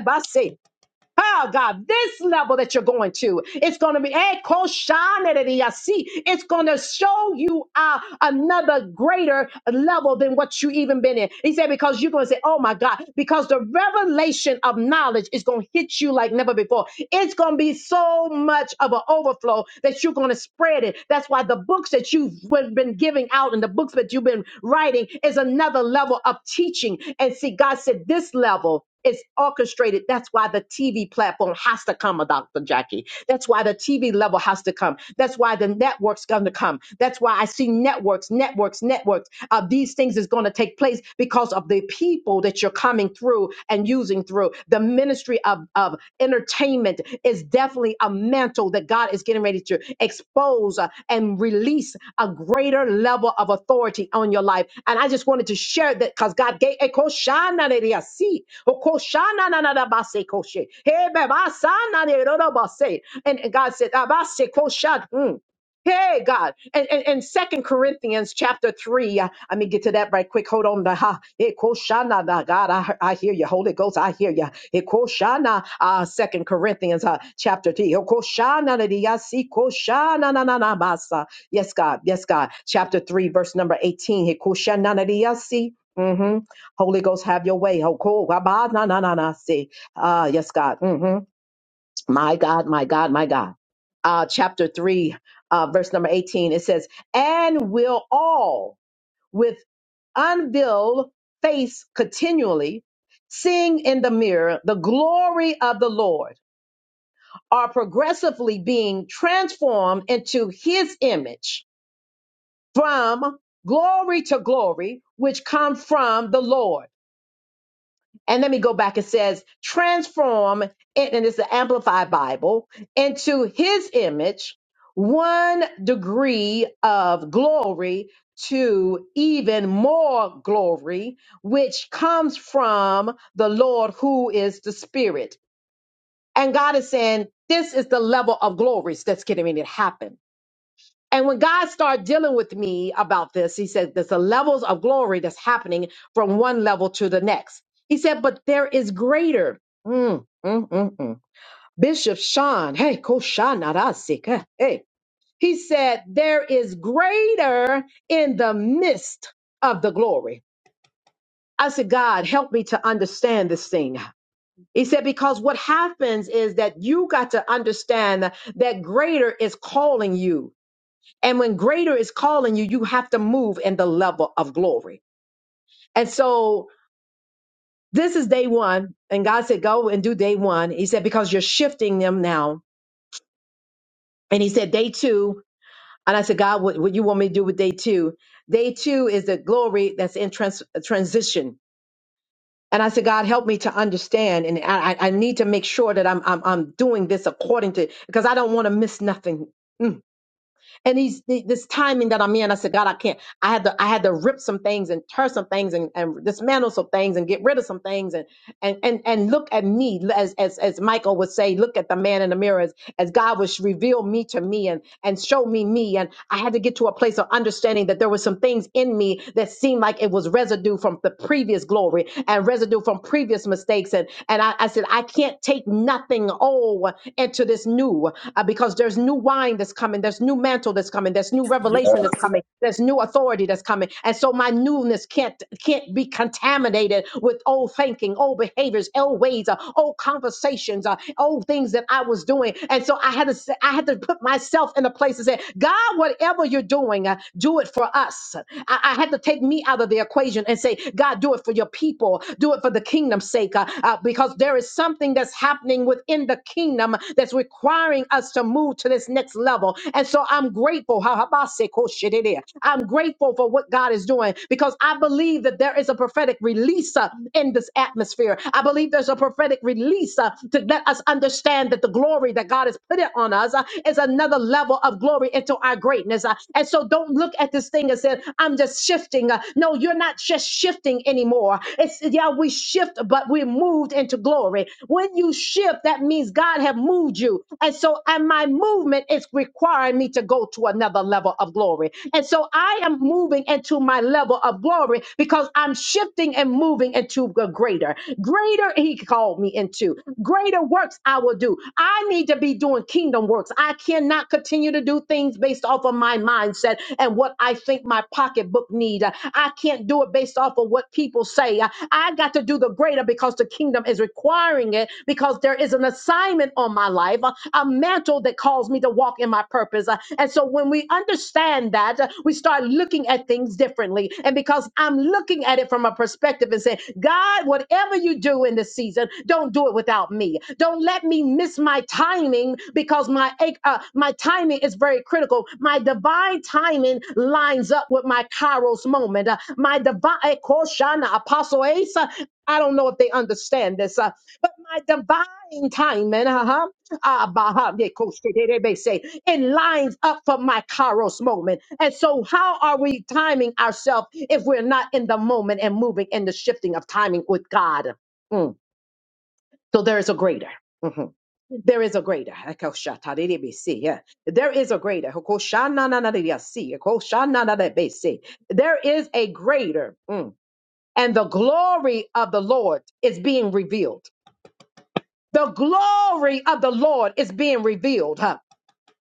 Speaker 1: Oh God, this level that you're going to, it's going to be, eh, koshaneriasi. it's going to show you uh, another greater level than what you even been in. He said, because you're going to say, oh my God, because the revelation of knowledge is going to hit you like never before. It's going to be so much of an overflow that you're going to spread it. That's why the books that you've been been giving out and the books that you've been writing is another level of teaching. And see, God said, this level it's orchestrated. That's why the TV platform has to come, uh, Dr. Jackie. That's why the TV level has to come. That's why the network's going to come. That's why I see networks, networks, networks. Uh, these things is going to take place because of the people that you're coming through and using through the ministry of, of entertainment is definitely a mantle that God is getting ready to expose uh, and release a greater level of authority on your life. And I just wanted to share that because God gave and God said, "Abase koshad." Hmm. Hey God. And and, and Second Corinthians chapter three. uh, Let me get to that right quick. Hold on. uh, Ha. Eh, koshana, da, God, I, I hear you. Holy Ghost, I hear you. Eh, Koshana, uh, Second Corinthians uh, chapter three. Oh, koshana, da, di, ya, si, koshana, na, na, na, masa. Yes, God. Yes, God. Chapter three, verse number eighteen. Eh, koshana, da, di, ya, si. hmm Holy Ghost, have your way. Oh, cool. Wabah, na, na, na, na, si. Ah, yes, God. Mhm. My God, my God, my God. Uh, chapter 3, uh, verse number 18, it says, And will all with unveiled face continually, seeing in the mirror the glory of the Lord, are progressively being transformed into his image from glory to glory, which come from the Lord And let me go back. It says, transform, and it's the Amplified Bible, into his image, one degree of glory to even more glory, which comes from the Lord who is the Spirit. And God is saying, this is the level of glory that's getting ready to happen and when God started dealing with me about this, he said, there's the levels of glory that's happening from one level to the next. He said, but there is greater. Mm, mm, mm, mm. Bishop Sean, hey, Koshanarasik, eh, hey, he said, there is greater in the midst of the glory. I said, God, help me to understand this thing. He said, because what happens is that you got to understand that greater is calling you and when greater is calling you, you have to move in the level of glory. And so this is day one. And God said, go and do day one. He said, because you're shifting them now. And he said, day two. And I said, God, what, what you want me to do with day two? Day two is the glory that's in trans- transition. And I said, God, help me to understand. And I, I I need to make sure that I'm, I'm, I'm doing this according to, because I don't want to miss nothing. Mm. and he's th- this timing that I'm in. I said, God, I can't. I had to, I had to rip some things and tear some things and, and dismantle some things and get rid of some things. and and and and look at me as as as Michael would say, look at the man in the mirror as, as God would reveal me to me and and show me me. And I had to get to a place of understanding that there were some things in me that seemed like it was residue from the previous glory and residue from previous mistakes. And and I, I said, I can't take nothing old into this new uh, because there's new wine that's coming, there's new mantle that's coming, there's new
Speaker 2: Yes.
Speaker 1: revelation that's coming, there's new authority that's coming. And so my newness can't can't be contaminated with old thinking, old behaviors, old ways, uh, old conversations, uh, old things that I was doing. And so I had to say, I had to put myself in a place and say, God, whatever you're doing, uh, do it for us. I, I had to take me out of the equation and say, God, do it for your people, do it for the kingdom's sake, uh, uh, because there is something that's happening within the kingdom that's requiring us to move to this next level. And so I'm grateful. Ha- habase ko shedede. I'm grateful for what God is doing because I believe that there is a prophetic release uh, in this atmosphere atmosphere. I believe there's a prophetic release uh, to let us understand that the glory that God has put it on us uh, is another level of glory into our greatness. uh, and so don't look at this thing and say, I'm just shifting. Uh, no, you're not just shifting anymore. It's yeah, we shift, but we're moved into glory. When you shift, that means God have moved you. And so and my movement is requiring me to go to another level of glory. And so I am moving into my level of glory because I'm shifting and moving into the greater. Greater he called me into. Greater works I will do. I need to be doing kingdom works. I cannot continue to do things based off of my mindset and what I think my pocketbook need. I can't do it based off of what people say. I got to do the greater because the kingdom is requiring it because there is an assignment on my life, a a mantle that calls me to walk in my purpose. Uh, And so when we understand that, uh, we start looking at things differently. And because I'm looking at it from a perspective and saying, God, whatever you you do in this season, don't do it without me. Don't let me miss my timing because my eh, uh, my timing is very critical. My divine timing lines up with my Kairos moment. Uh, my divine eh, Koshana Apostle Asa. I don't know if they understand this, uh, but my divine timing, uh-huh, uh, bah, yeah, Kosh- they they- they say, it lines up for my Kairos moment. And so, how are we timing ourselves if we're not in the moment and moving in the shifting of timing with God? Mm. So there is a greater. Mhm. There is a greater. Ekoshatadidibisi, yeah. There is a greater. Hokoshananadidiyasi, ekoshananadibisi. There is a greater. Mm. And the glory of the Lord is being revealed. The glory of the Lord is being revealed.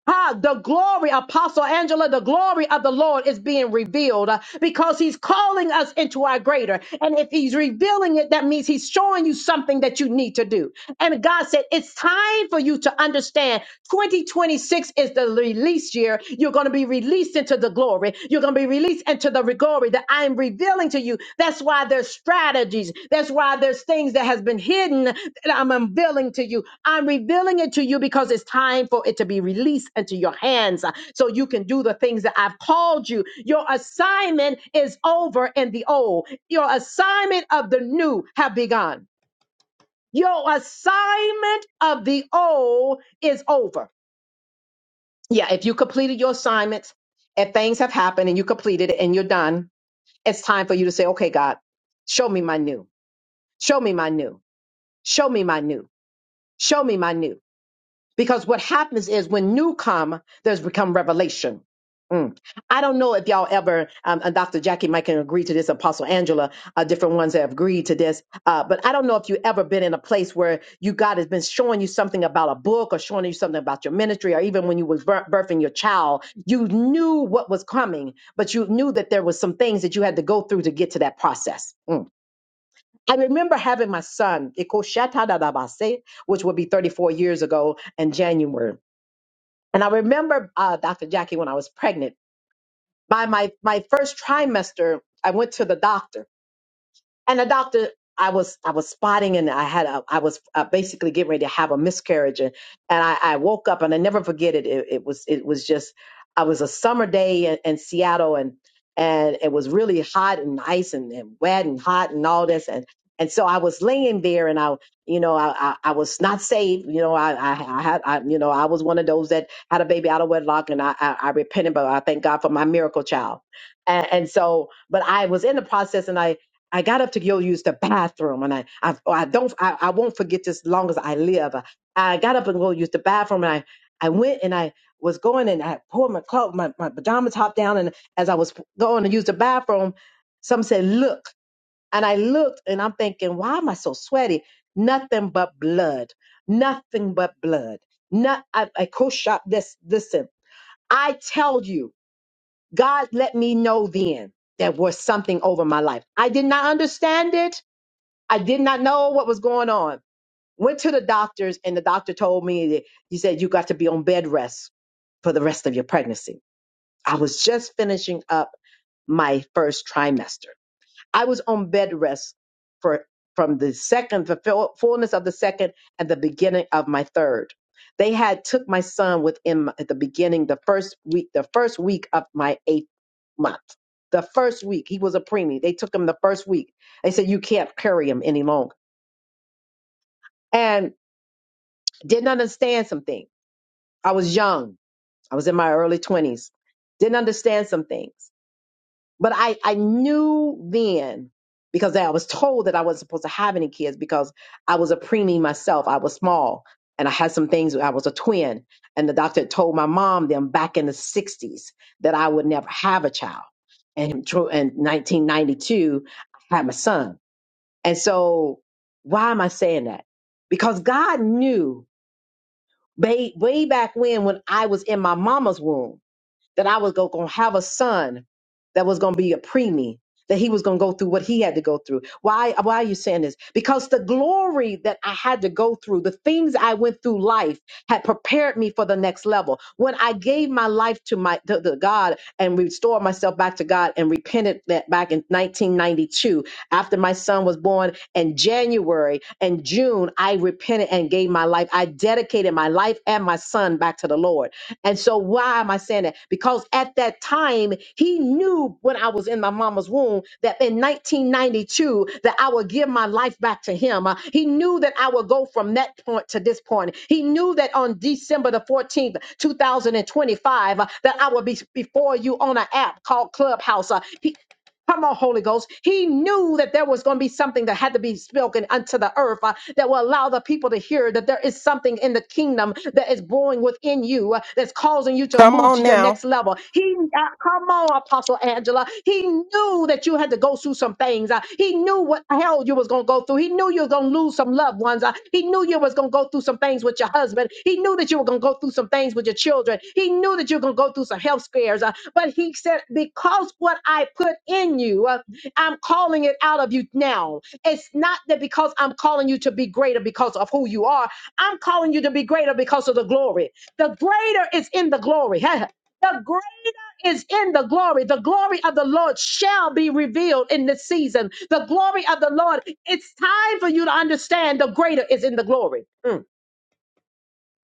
Speaker 1: Ah, the glory, Apostle Angela, the glory of the Lord is being revealed uh, because He's calling us into our greater. And if He's revealing it, that means He's showing you something that you need to do. And God said, It's time for you to understand 2026 is the release year. You're going to be released into the glory. You're going to be released into the glory that I am revealing to you. That's why there's strategies. That's why there's things that has been hidden that I'm unveiling to you. I'm revealing it to you because it's time for it to be released into your hands uh, so you can do the things that I've called you. Your assignment is over in the old. Your assignment of the new have begun. Your assignment of the old is over. Yeah, if you completed your assignments, if things have happened and you completed it and you're done, it's time for you to say, okay, God, show me my new. Show me my new. Show me my new. Show me my new. Because what happens is when new come, there's become revelation. Mm. I don't know if y'all ever, um, and Dr. Jackie might can agree to this, Apostle Angela, uh, different ones have agreed to this, uh, but I don't know if you ever been in a place where you God has been showing you something about a book or showing you something about your ministry, or even when you was bir- birthing your child, you knew what was coming, but you knew that there was some things that you had to go through to get to that process. Mm. I remember having my son, Ikoshatadadabase, which would be 34 years ago in January and I remember, uh, Dr. Jackie, when I was pregnant, by my, my first trimester, I went to the doctor and the doctor i was i was spotting and i had a, i was uh, basically getting ready to have a miscarriage and, and I, I woke up and i never forget it. it it was it was just i was a summer day in, in seattle and and it was really hot and nice and, and wet and hot and all this and and so I was laying there, and I, you know, I, I, I was not saved. You know, I, I, I had, I, you know, I was one of those that had a baby out of wedlock, and I, I, I repented, but I thank God for my miracle child. And, and so, but I was in the process, and I, I got up to go use the bathroom, and I, I, oh, I don't, I, I won't forget this as long as I live. Uh, I got up and go use the bathroom, and I, I went and I was going and I pulled my clothes, my, my pajama top down, and as I was going to use the bathroom, some said, "Look," and I looked, and I'm thinking, "Why am I so sweaty? Nothing but blood, nothing but blood." Not, I, I co shop this. Listen, I tell you, God let me know then there was something over my life. I did not understand it. I did not know what was going on. Went to the doctors, and the doctor told me that he said, You got to be on bed rest for the rest of your pregnancy. I was just finishing up my first trimester. I was on bed rest for from the second, the full- fullness of the second, and the beginning of my third. They had took my son within my, at the beginning, the first week, the first week of my eighth month. The first week he was a preemie. They took him the first week. They said you can't carry him any longer. And Didn't understand some things. I was young. I was in my early 20s. Didn't understand some things. But I, I knew then because I was told that I wasn't supposed to have any kids because I was a preemie myself. I was small and I had some things. I was a twin. And the doctor had told my mom them back in the 60s that I would never have a child. And in in 1992, I had my son. And so why am I saying that? Because God knew Way, way back when, when I was in my mama's womb that I was going to have a son that was going to be a preemie, that he was going to go through what he had to go through. Why, why are you saying this? Because the glory that I had to go through, the things I went through life had prepared me for the next level. When I gave my life to my to, to God and restored myself back to God and repented that back in 1992 after my son was born in January and June, I repented and gave my life. I dedicated my life and my son back to the Lord and so, why am I saying that? Because at that time, he knew when I was in my mama's womb that in 1992 that I would give my life back to him. Uh, he knew that I would go from that point to this point. He knew that on December the 14th, 2025, uh, that I would be before you on an app called Clubhouse. Uh, he- Come on, Holy Ghost. He knew that there was going to be something that had to be spoken unto the earth uh, that will allow the people to hear that there is something in the kingdom that is brewing within you uh, that's causing you to
Speaker 3: Come
Speaker 1: move to
Speaker 3: on
Speaker 1: your
Speaker 3: now.
Speaker 1: next level. He, uh, come on, Apostle Angela. He knew that you had to go through some things. uh, he knew what hell you was going to go through. He knew you were going to lose some loved ones. uh, he knew you was going to go through some things with your husband. He knew that you were going to go through some things with your children. He knew that you were going to go through some health scares. Uh, but he said, because what I put in you, uh, I'm calling it out of you now. It's not that because I'm calling you to be greater because of who you are. I'm calling you to be greater because of the glory. The greater is in the glory. [LAUGHS] The greater is in the glory. The glory of the Lord shall be revealed in this season. The glory of the Lord. It's time for you to understand the greater is in the glory. Mm.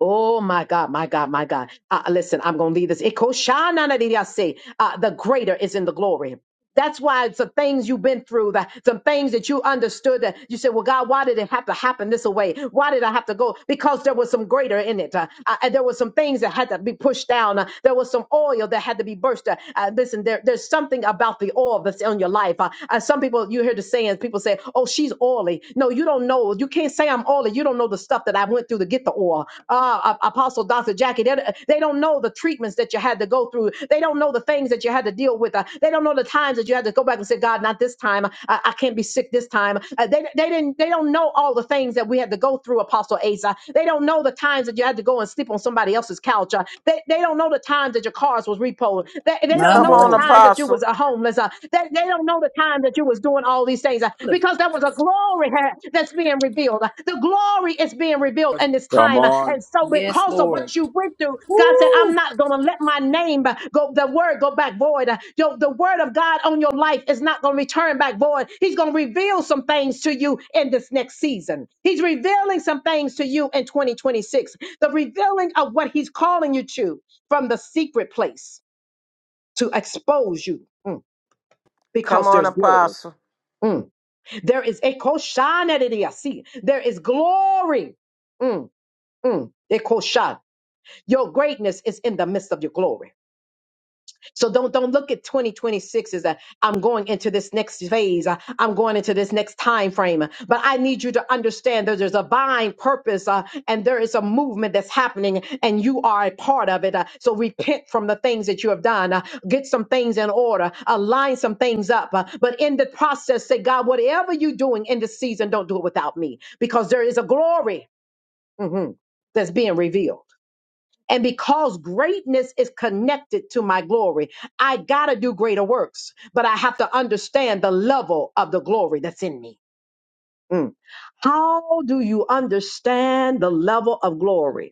Speaker 1: Oh my God, my God, my God. Uh, listen, I'm going to leave this. Ikoshananadiyase. Uh, the greater is in the glory. That's why some things you've been through, that some things that you understood that you said, well, God, why did it have to happen this way? Why did I have to go? Because there was some greater in it. Uh, uh, and there was some things that had to be pushed down. Uh, there was some oil that had to be burst. Uh, uh, listen, there, there's something about the oil that's on your life. Uh, uh, some people, you hear the saying, people say, oh, she's oily. No, you don't don't know. You can't say I'm oily. You don't know the stuff that I went through to get the oil. Uh, Apostle Dr. Jackie, they, they don't know the treatments that you had to go through. They don't know the things that you had to deal with. Uh, they don't know the times that you had to go back and say, God, not this time. I, I can't be sick this time. Uh, they, they didn't. They don't know all the things that we had to go through, Apostle Asa. They don't know the times that you had to go and sleep on somebody else's couch. Uh, they, they don't know the times that your cars was repoed. They, they
Speaker 4: My
Speaker 1: don't
Speaker 3: Come
Speaker 1: know the
Speaker 3: on,
Speaker 4: Lord.
Speaker 1: time that you
Speaker 3: apostle.
Speaker 1: was a homeless. Uh, they, they don't know the time that you was doing all these things uh, because there was a glory uh, that's being revealed. Uh, The glory is being revealed in this
Speaker 2: Come
Speaker 1: time. Uh,
Speaker 2: on.
Speaker 1: And so
Speaker 4: Yes,
Speaker 1: because of
Speaker 4: Lord.
Speaker 1: what you went through, God said, I'm
Speaker 4: Woo!
Speaker 1: not going to let my name uh, go, the word go back void. Uh, Your, the word of God on your life is not going to return back void. He's going to reveal some things to you in this next season. He's revealing some things to you in 2026. The revealing of what he's calling you to from the secret place to expose you mm,
Speaker 3: Come
Speaker 1: because
Speaker 3: on,
Speaker 1: there's glory.
Speaker 3: apostle.
Speaker 1: Mm. There is ekoshanedidiasi. There is glory. Mm, mm, ekoshan. Your greatness is in the midst of your glory. So don't don't look at 2026 as a I'm going into this next phase. uh, I'm going into this next time frame. But I need you to understand that there's a divine purpose uh, and there is a movement that's happening and you are a part of it. uh, so repent from the things that you have done. uh, get some things in order. Align some things up. uh, but in the process, say, God, whatever you're doing in this season, don't do it without me because there is a glory mhm, that's being revealed. And because greatness is connected to my glory, I got to do greater works, but I have to understand the level of the glory that's in me. Mm. How do you understand the level of glory?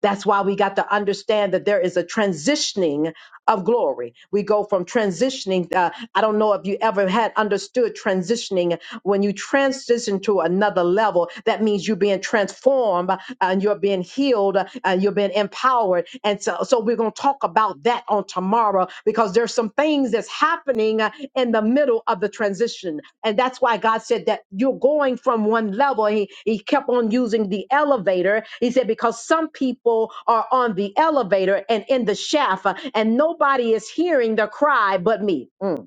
Speaker 1: That's why we got to understand that there is a transitioning of glory. We go from transitioning. Uh, I don't know if you ever had understood transitioning. When you transition to another level, that means you're being transformed uh, and you're being healed uh, and you're being empowered. And so, so we're going to talk about that on tomorrow because there's some some things that's happening uh, in the middle of the transition. And that's why God said that you're going from one level. He, he kept on using the elevator. He said, because some people are on the elevator and in the shaft, uh, and nobody is hearing the cry but me. Mm.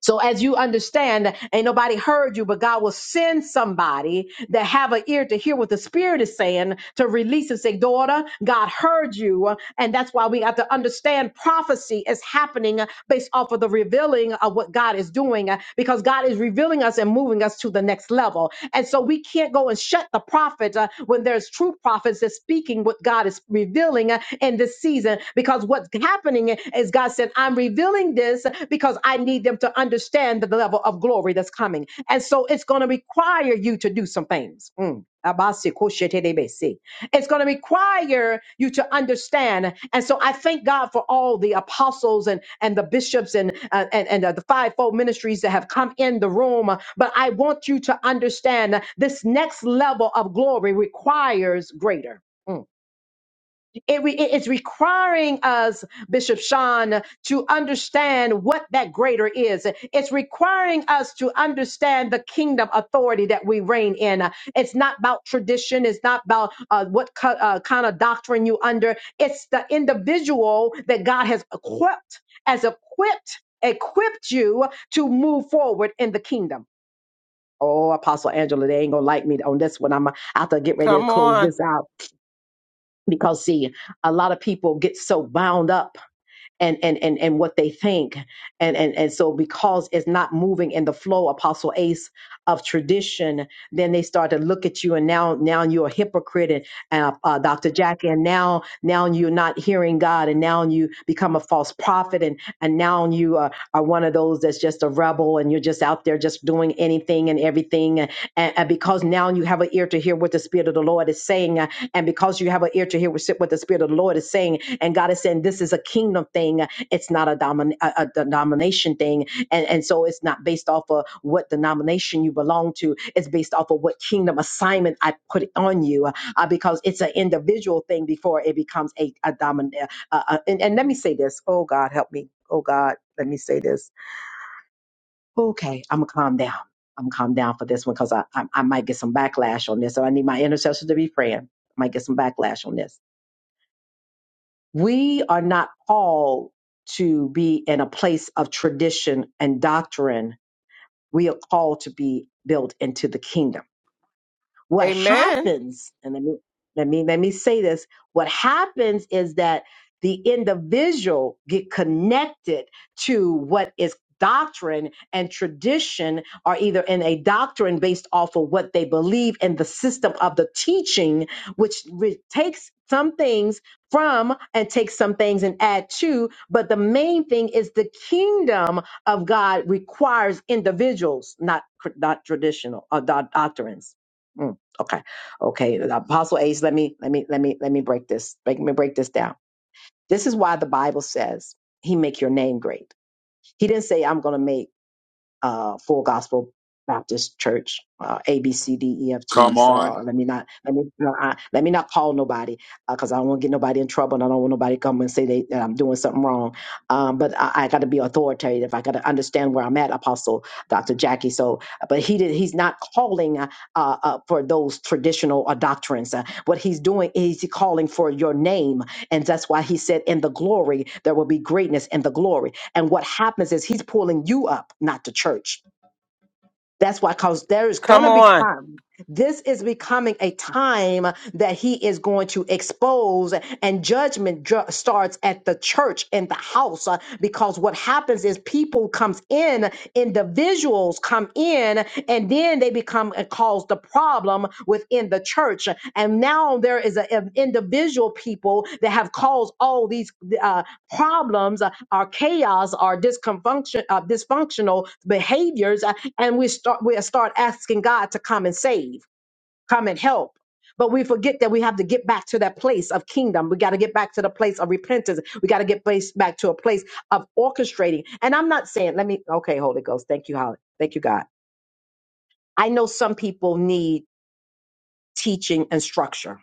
Speaker 1: So as you understand, ain't nobody heard you, but God will send somebody that have an ear to hear what the Spirit is saying to release and say, daughter, God heard you. And that's why we have to understand prophecy is happening based off of the revealing of what God is doing uh, because God is revealing us and moving us to the next level. And so we can't go and shut the prophet uh, when there's true prophets that's speaking what God is revealing uh, in this season because what's happening happening is God said, I'm revealing this because I need them to understand the level of glory that's coming. And so it's going to require you to do some things. Mm. Abasi koshetebesi. It's going to require you to understand. And so I thank God for all the apostles and, and the bishops and, uh, and, and uh, the fivefold ministries that have come in the room. But I want you to understand this next level of glory requires greater. Mm it re- it is requiring us, Bishop Sean, to understand what that greater is. It's requiring us to understand the kingdom authority that we reign in. It's not about tradition. It's not about uh, what co- uh, kind of doctrine you under. It's the individual that God has equipped, as equipped, equipped you to move forward in the kingdom. Oh, Apostle Angela, they ain't gonna like me on this one. I'm out to get ready to
Speaker 3: Come
Speaker 1: close
Speaker 3: on.
Speaker 1: this out because see a lot of people get so bound up and and and, and what they think and, and and so because it's not moving in the flow apostle ace of tradition then they start to look at you and now now you're a hypocrite and uh, uh, dr jackie and now now you're not hearing god and now you become a false prophet and and now you are, are one of those that's just a rebel and you're just out there just doing anything and everything and, and and because now you have an ear ear to hear what the Spirit of the Lord is saying. uh, And because you have an ear to hear what the Spirit of the Lord is saying, and God is saying this is a kingdom thing, uh, it's not a, domin- a, a denomination thing. And, and so it's not based off of what denomination you belong to, it's based off of what kingdom assignment I put on you uh, uh, because it's an individual thing before it becomes a, a dominant. Uh, uh, and, and let me say this oh, God, help me. Oh, God, let me say this okay, I'm gonna calm down. I'm gonna calm down for this one because I, I I might get some backlash on this. So I need my intercessors to be praying. I might get some backlash on this. We are not called to be in a place of tradition and doctrine. We are called to be built into the kingdom what
Speaker 3: Amen.
Speaker 1: happens, and let me let me let me say this, what happens is that the individual get connected to what is doctrine and tradition are either in a doctrine based off of what they believe in the system of the teaching which re- takes some things from and takes some things and add to but the main thing is the kingdom of god requires individuals not not traditional uh, doc- doctrines Mm. Okay. Okay. Apostle Ace, let me let me let me let me break this. Let me break this down. This is why the Bible says he make your name great. He didn't say I'm gonna make uh, Full Gospel Baptist Church, uh, A B C D E F G.
Speaker 2: Come
Speaker 1: So
Speaker 2: on.
Speaker 1: uh, let me not let me uh, I, let me not call nobody because I don't want to get nobody in trouble, and I don't want nobody to come and say they, that I'm doing something wrong. Um, but I, I got to be authoritative. I got to understand where I'm at, Apostle Dr. Jackie. So, but he did, he's not calling uh, uh, uh, for those traditional uh, doctrines. Uh, what he's doing is he's calling for your name, and that's why he said, "In the glory there will be greatness in the glory." And what happens is he's pulling you up, not the church. That's why, because there is going
Speaker 3: Come
Speaker 1: to be
Speaker 3: on.
Speaker 1: time. This is becoming a time that he is going to expose, and judgment dr- starts at the church and the house. uh, Because what happens is people comes in, individuals come in, and then they become and cause the problem within the church. And now there is a- an individual people that have caused all these. uh, problems uh, our chaos our disfunction uh, dysfunctional behaviors uh, and we start we start asking god to come and save come and help but we forget that we have to get back to that place of kingdom. We got to get back to the place of repentance. We got to get place back to a place of orchestrating. And I'm not saying, let me, okay, Holy Ghost, thank you, Holly. Thank you, God. I know some people need teaching and structure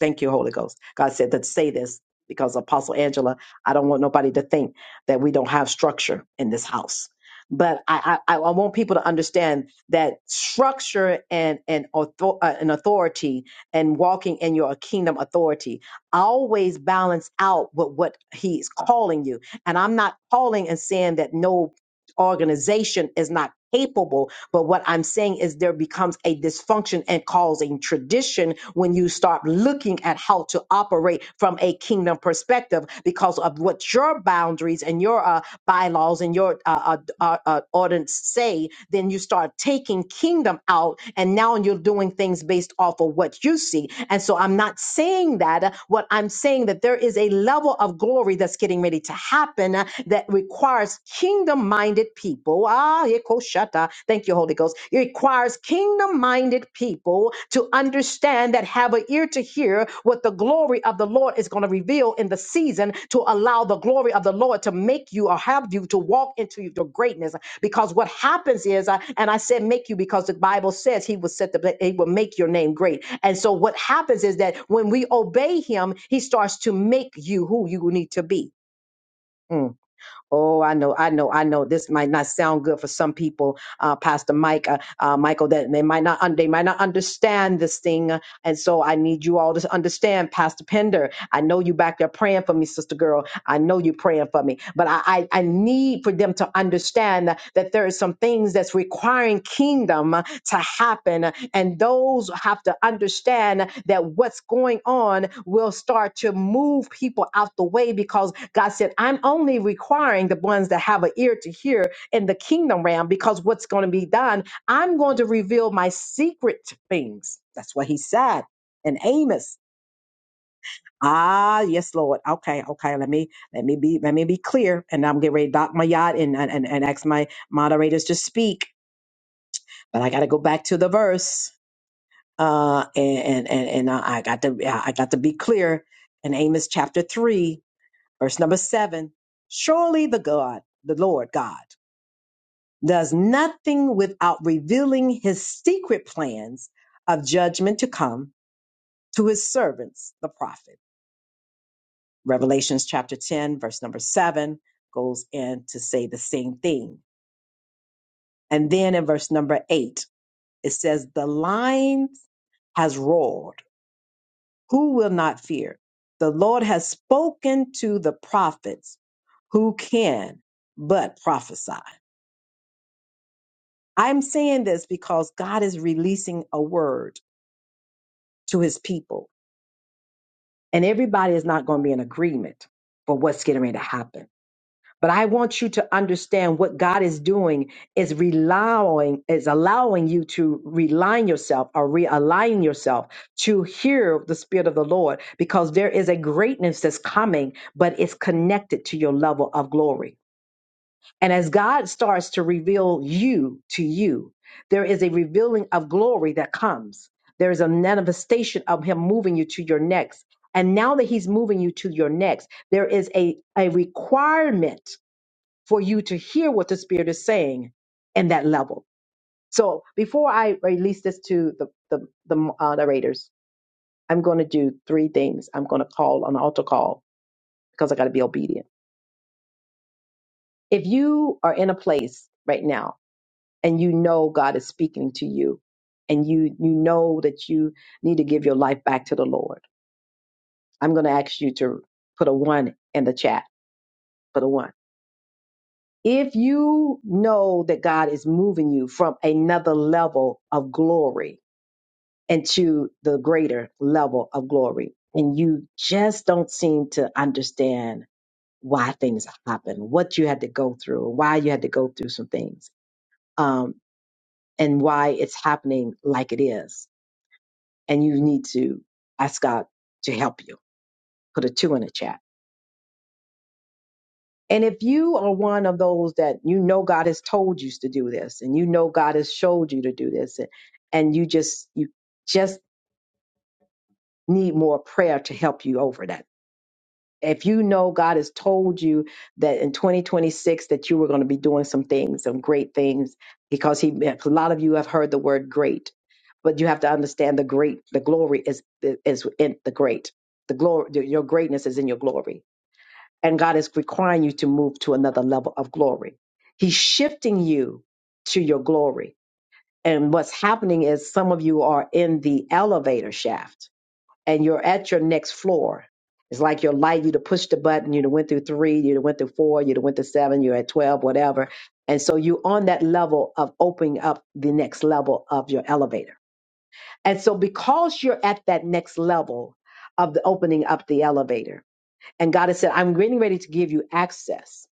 Speaker 1: Thank you, Holy Ghost. God said to say this because Apostle Angela, I don't want nobody to think that we don't have structure in this house. But I, I, I want people to understand that structure and and, author, uh, and authority and walking in your kingdom authority always balance out with what He's calling you. And I'm not calling and saying that no organization is not capable but what I'm saying is there becomes a dysfunction and causing tradition when you start looking at how to operate from a kingdom perspective because of what your boundaries and your uh, bylaws and your uh, uh, uh, uh, ordinance say. Then you start taking kingdom out, and now you're doing things based off of what you see. And so I'm not saying that. What I'm saying that there is a level of glory that's getting ready to happen uh, that requires kingdom-minded people. Ah, ekoshata. Thank you, Holy Ghost. It requires kingdom-minded people to understand that have an ear to hear what the glory of the Lord is going to reveal in the season to allow the glory of the Lord to make you or have you to walk into your greatness because what happens is I, and i said make you because the bible says he will set the he will make your name great and so what happens is that when we obey him he starts to make you who you need to be Mm. Oh, I know, I know, I know. This might not sound good for some people, uh, Pastor Mike, uh, uh, Michael. That they might not, un- they might not understand this thing, uh, and so I need you all to understand, Pastor Pender. I know you back there praying for me, sister girl. I know you praying for me, but I, I, I need for them to understand that, that there is some things that's requiring kingdom uh, to happen and those have to understand that what's going on will start to move people out the way because God said, I'm only requiring the ones that have an ear to hear in the kingdom realm because what's going to be done, I'm going to reveal my secret things. That's what he said in Amos. Ah, yes, Lord. Okay, okay. Let me let me be let me be clear. And I'm getting ready to dock my yacht and and, and and ask my moderators to speak. But I gotta go back to the verse uh, and and and I I got to yeah, I got to be clear in Amos chapter three, verse number seven. Surely the God, the Lord God, does nothing without revealing His secret plans of judgment to come to His servants, the prophet. Revelations chapter ten, verse number seven goes in to say the same thing, and then in verse number eight it says the lion has roared Who will not fear? The Lord has spoken to the prophets. Who can but prophesy? I'm saying this because God is releasing a word to his people, and everybody is not going to be in agreement for what's getting ready to happen. But I want you to understand what God is doing is relying, is allowing you to realign yourself or realign yourself to hear the Spirit of the Lord because there is a greatness that's coming, but it's connected to your level of glory. And as God starts to reveal you to you, there is a revealing of glory that comes. There is a manifestation of Him moving you to your next. And now that He's moving you to your next, there is a, a requirement for you to hear what the Spirit is saying in that level. So before I release this to the, the, the moderators, I'm going to do three things. I'm going to call an altar call because I got to be obedient. If you are in a place right now and you know God is speaking to you and you, you know that you need to give your life back to the Lord, I'm going to ask you to put a one in the chat, put a one if you know that God is moving you from another level of glory, and to the greater level of glory. And you just don't seem to understand why things happen, what you had to go through, why you had to go through some things, um, and why it's happening like it is. And you need to ask God to help you. Put a two in the chat. And if you are one of those that you know God has told you to do this, and you know God has showed you to do this, and, and you just you just need more prayer to help you over that if you know God has told you that in 2026 that you were going to be doing some things, some great things, because he a lot of you have heard the word great, but you have to understand the great, the glory is is in the great, the glory, your greatness is in your glory, and God is requiring you to move to another level of glory. He's shifting you to your glory, and what's happening is some of you are in the elevator shaft and you're at your next floor. It's like your light, you to push the button, you done went through three, you done went through four, you done went through seven, you're at 12, whatever. And so you're on that level of opening up the next level of your elevator. And so because you're at that next level of the opening up the elevator, and God has said, I'm getting ready to give you access,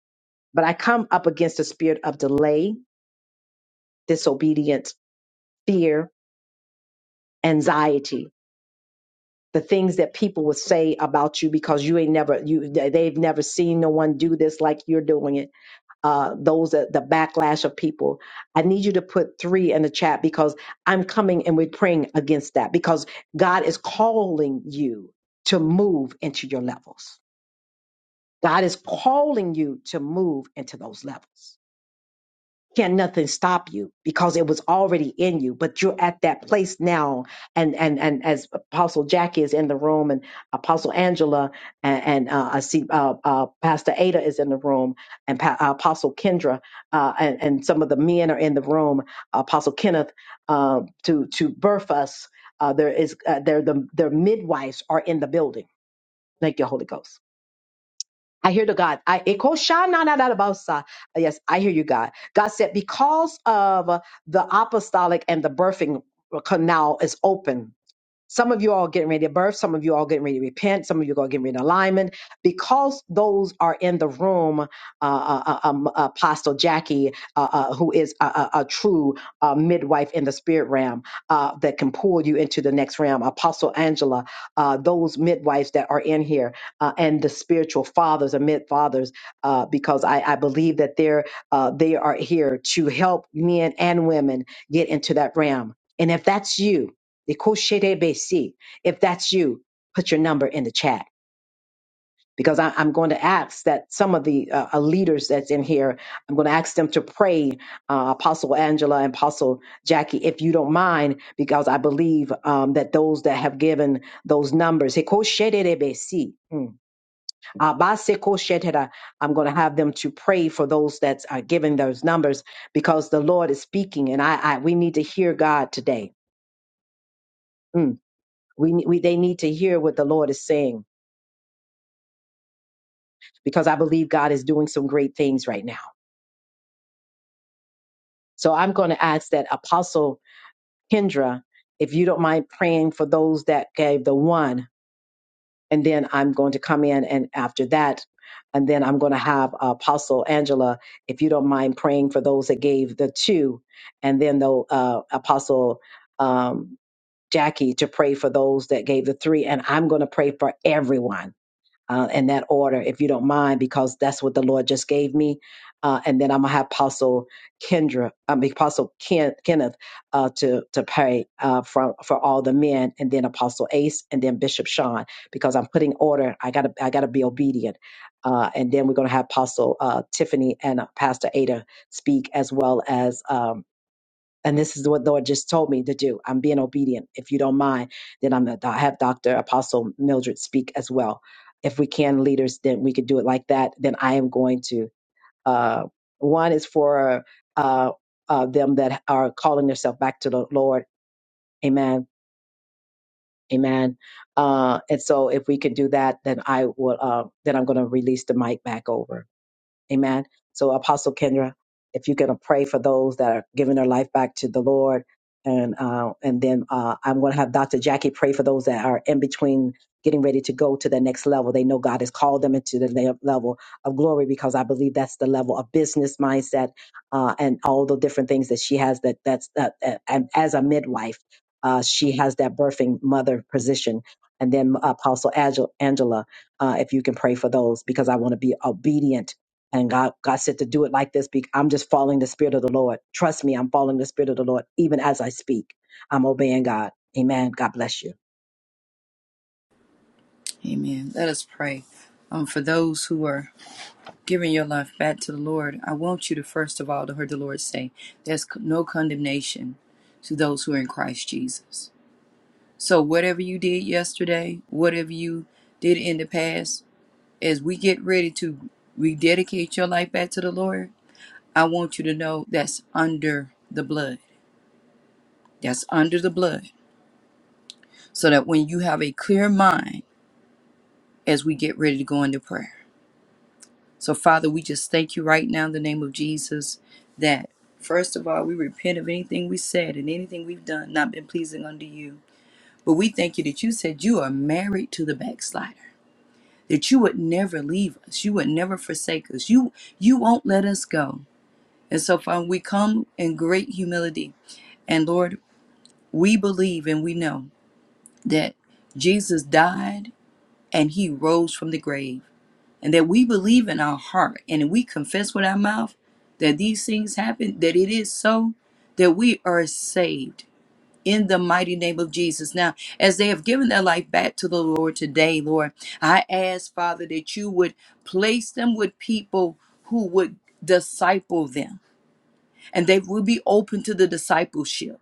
Speaker 1: but I come up against the spirit of delay, disobedience, fear, anxiety the things that people would say about you because you ain't never you they- have never seen no one do this like you're doing it uh those are the backlash of people i need you to put three in the chat because i'm coming and we're praying against that because god is calling you to move into your levels god is calling you to move into those levels can nothing stop you because it was already in you but you're at that place now and and and as apostle jackie is in the room and apostle angela and, and uh, i see uh, uh, pastor ada is in the room and pa- uh, apostle kendra uh, and, and some of the men are in the room apostle kenneth uh, to to birth us uh, there is uh, they're the their midwives are in the building thank you holy ghost I hear the God. I ekoshananadabasa. yes, I hear you, God. God said, because of uh, the apostolic and the birthing canal is open, some of you all getting ready to birth. Some of you all getting ready to repent. Some of you all getting ready to alignment. Because those are in the room, uh, uh, uh, um, Apostle Jackie, uh, uh, who is a, a, a true uh, midwife in the spirit realm uh, that can pull you into the next realm. Apostle Angela, uh, those midwives that are in here, uh, and the spiritual fathers and mid fathers, uh, because I, I believe that they're uh, they are here to help men and women get into that realm. And if that's you, Ikosherebesi. If that's you, put your number in the chat because I, I'm going to ask that some of the uh, uh, leaders that's in here, I'm going to ask them to pray, uh, Apostle Angela and Apostle Jackie, if you don't mind, because I believe um, that those that have given those numbers, Ikosherebesi. Mm. Abasekoshetera. I'm going to have them to pray for those that are giving those numbers because the Lord is speaking and I, I we need to hear God today. Hmm. We, we they need to hear what the Lord is saying because I believe God is doing some great things right now. So I'm going to ask that Apostle Kendra, if you don't mind praying for those that gave the one, and then I'm going to come in and after that, and then I'm going to have Apostle Angela, if you don't mind praying for those that gave the two, and then the uh, Apostle um, Jackie to pray for those that gave the three, and I'm going to pray for everyone uh, in that order, if you don't mind, because that's what the Lord just gave me. Uh, and then I'm gonna have Apostle Kendra, I mean Apostle Ken, Kenneth, uh, to to pray uh, from for all the men, and then Apostle Ace, and then Bishop Sean, because I'm putting order. I gotta I gotta be obedient. Uh, and then we're gonna have Apostle uh, Tiffany and uh, Pastor Ada speak, as well as. Um, and this is what the Lord just told me to do. I'm being obedient. If you don't mind, then I'm going to have Dr. Apostle Mildred speak as well. If we can, leaders, then we could do it like that. Then I am going to. Uh, one is for uh, uh, them that are calling themselves back to the Lord. Amen. Amen. Uh, and so if we could do that, then I will, uh, then I'm going to release the mic back over. Amen. So, Apostle Kendra, if you're going to pray for those that are giving their life back to the Lord, and uh, and then uh, I'm going to have Dr. Jackie pray for those that are in between getting ready to go to the next level. They know God has called them into the le- level of glory because I believe that's the level of business mindset uh, and all the different things that she has. That that's that, that- and as a midwife, uh, she has that birthing mother position. And then Apostle Angel- Angela, uh, if you can pray for those because I want to be obedient and God, God said to do it like this. Be, I'm just following the spirit of the Lord. Trust me, I'm following the spirit of the Lord. Even as I speak, I'm obeying God. Amen. God bless you.
Speaker 4: Amen. Let us pray. Um, for those who are giving your life back to the Lord, I want you to first of all to hear the Lord say, "There's c- no condemnation to those who are in Christ Jesus." So whatever you did yesterday, whatever you did in the past, as we get ready to rededicate your life back to the Lord, I want you to know that's under the blood. That's under the blood, so that when you have a clear mind as we get ready to go into prayer. So, Father, we just thank you right now in the name of Jesus that, first of all, we repent of anything we said and anything we've done not been pleasing unto you. But we thank you that you said you are married to the backslider, that you would never leave us, you would never forsake us, you you won't let us go. And so, Father, we come in great humility. And Lord, we believe and we know that Jesus died and he rose from the grave. and that we believe in our heart and we confess with our mouth that these things happen, that it is so, that we are saved in the mighty name of Jesus. Now, as they have given their life back to the Lord today, Lord, I ask, Father, that you would place them with people who would disciple them and they will be open to the discipleship.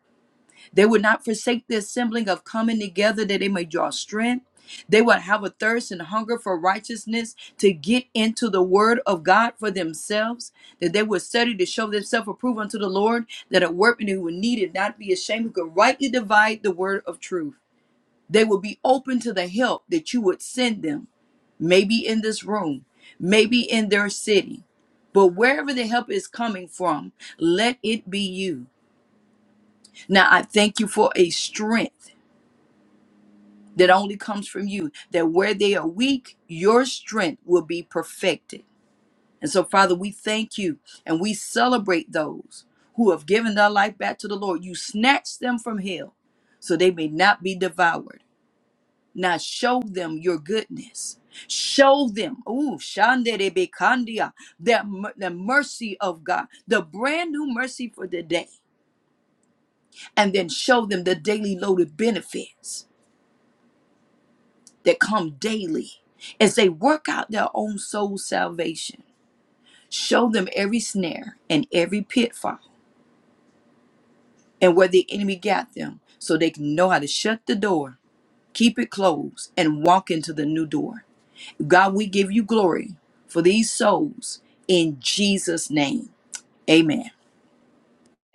Speaker 4: They would not forsake the assembling of coming together that they may draw strength. They would have a thirst and hunger for righteousness to get into the word of God for themselves, that they would study to show themselves approved unto the Lord, that a workman who would need it not be ashamed, who could rightly divide the word of truth. They would be open to the help that you would send them, maybe in this room, maybe in their city. But wherever the help is coming from, let it be you. Now I thank you for a strength that only comes from you, that where they are weak, your strength will be perfected. And so, Father, we thank you and we celebrate those who have given their life back to the Lord. You snatched them from hell so they may not be devoured. Now show them your goodness. Show them, ooh, shanderebekandia, that mer- the mercy of God, the brand new mercy for the day. And then show them the daily loaded benefits that come daily as they work out their own soul salvation. Show them every snare and every pitfall and where the enemy got them so they can know how to shut the door, keep it closed, and walk into the new door. God, we give you glory for these souls in Jesus' name. Amen.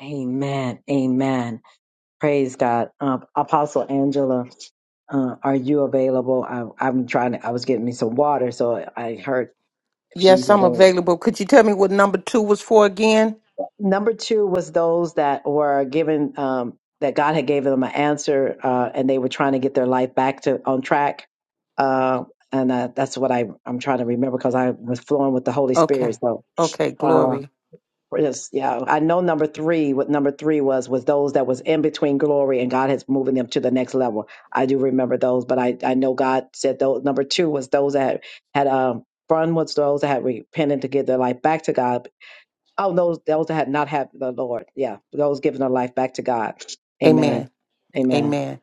Speaker 1: Amen. Amen. Praise God. Um, Apostle Angela, uh, are you available? I, I'm trying to, I was getting me some water, so I heard if she's
Speaker 3: Yes, I'm
Speaker 1: available.
Speaker 3: available. Could you tell me what number two was for again?
Speaker 1: number two was those that were given um, that God had given them an answer, uh, and they were trying to get their life back to on track. Uh, and uh, that's what I I'm trying to remember because I was flowing with the Holy Spirit.
Speaker 3: Okay.
Speaker 1: So
Speaker 3: Okay.
Speaker 1: uh,
Speaker 3: Glory.
Speaker 1: yes, yeah, I know number three. What number three was was those that was in between glory and God has moving them to the next level. I do remember those, but I I know God said those. Number two was those that had um. One was those that had repented to give their life back to God, Oh, those those that had not had the Lord. Yeah, those giving their life back to God. Amen. Amen.
Speaker 3: Amen.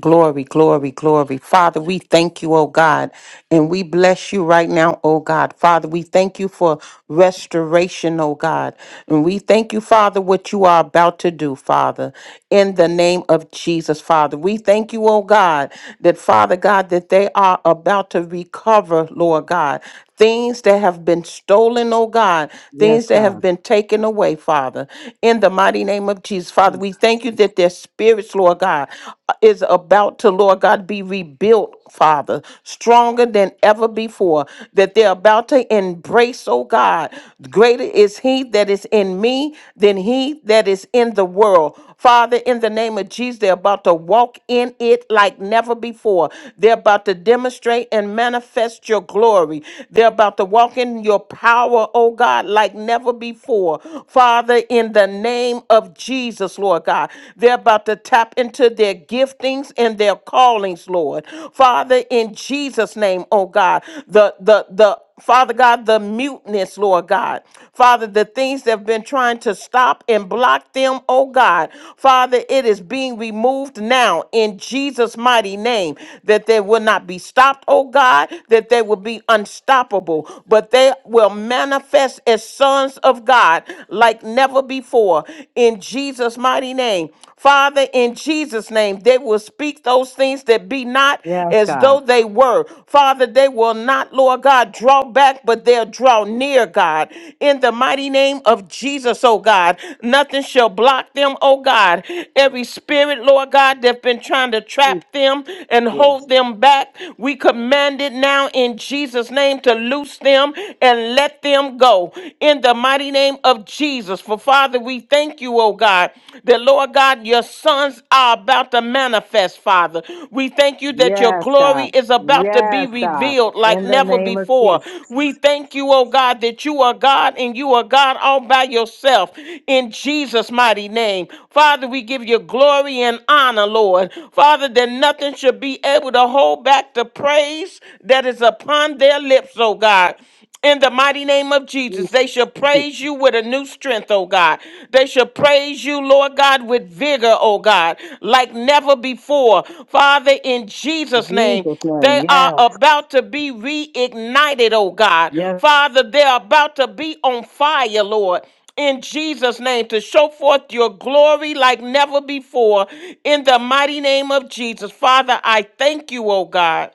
Speaker 3: Glory, glory, glory. Father, we thank you, oh God, and we bless you right now, oh God. Father, we thank you for restoration, oh God. And we thank you, Father, what you are about to do, Father, in the name of Jesus, Father. We thank you, oh God, that Father God, that they are about to recover, Lord God. Things that have been stolen, oh God,
Speaker 1: Yes,
Speaker 3: things that have
Speaker 1: God.
Speaker 3: been taken away, Father, in the mighty name of Jesus. Father,
Speaker 1: Jesus.
Speaker 3: we thank you that they're spirits, Lord God, uh, is about to, Lord God, be rebuilt, Father, stronger than ever before. That they're about to embrace, oh God, greater is He that is in me than He that is in the world. Father, in the name of Jesus, they're about to walk in it like never before. They're about to demonstrate and manifest your glory. They're about to walk in your power, oh God, like never before. Father, in the name name of Jesus, Lord God. They're about to tap into their giftings and their callings, Lord. Father, in Jesus' name, oh God, the the the Father God, the muteness, Lord God. Father, the things that have been trying to stop and block them, oh God. Father, it is being removed now in Jesus' mighty name that they will not be stopped, oh God, that they will be unstoppable, but they will manifest as sons of God. God like never before in Jesus' mighty name. Father, in Jesus' name, they will speak those things that be not
Speaker 1: Yes,
Speaker 3: as
Speaker 1: God.
Speaker 3: though they were. Father, they will not, Lord God, draw back, but they'll draw near, God. In the mighty name of Jesus, oh God, nothing shall block them, oh God. Every spirit, Lord God, that's been trying to trap them and
Speaker 1: Yes.
Speaker 3: hold them back, we command it now in Jesus' name to loose them and let let them go in the mighty name of Jesus. For Father, we thank you, oh God, that Lord God, your sons are about to manifest, Father. We thank you that your
Speaker 1: Yes,
Speaker 3: glory
Speaker 1: God.
Speaker 3: is about to be
Speaker 1: Yes, God.
Speaker 3: revealed like
Speaker 1: In the
Speaker 3: never
Speaker 1: name of
Speaker 3: before.
Speaker 1: Jesus.
Speaker 3: We thank you, oh God, that you are God and you are God all by yourself in Jesus' mighty name. Father, we give you glory and honor, Lord. Father, that nothing should be able to hold back the praise that is upon their lips, oh God in the mighty name of Jesus. They shall
Speaker 1: Jesus.
Speaker 3: praise you
Speaker 1: Jesus.
Speaker 3: with a new strength, oh God. They shall praise you, Lord God, with vigor, oh God, like never before. Father, in Jesus' name,
Speaker 1: Jesus'
Speaker 3: they
Speaker 1: name.
Speaker 3: are
Speaker 1: Yes.
Speaker 3: about to be reignited, oh God.
Speaker 1: Yes.
Speaker 3: Father, they're about to be on fire, Lord in Jesus' name to show forth your glory like never before in the mighty name of Jesus. Father, I thank you, oh God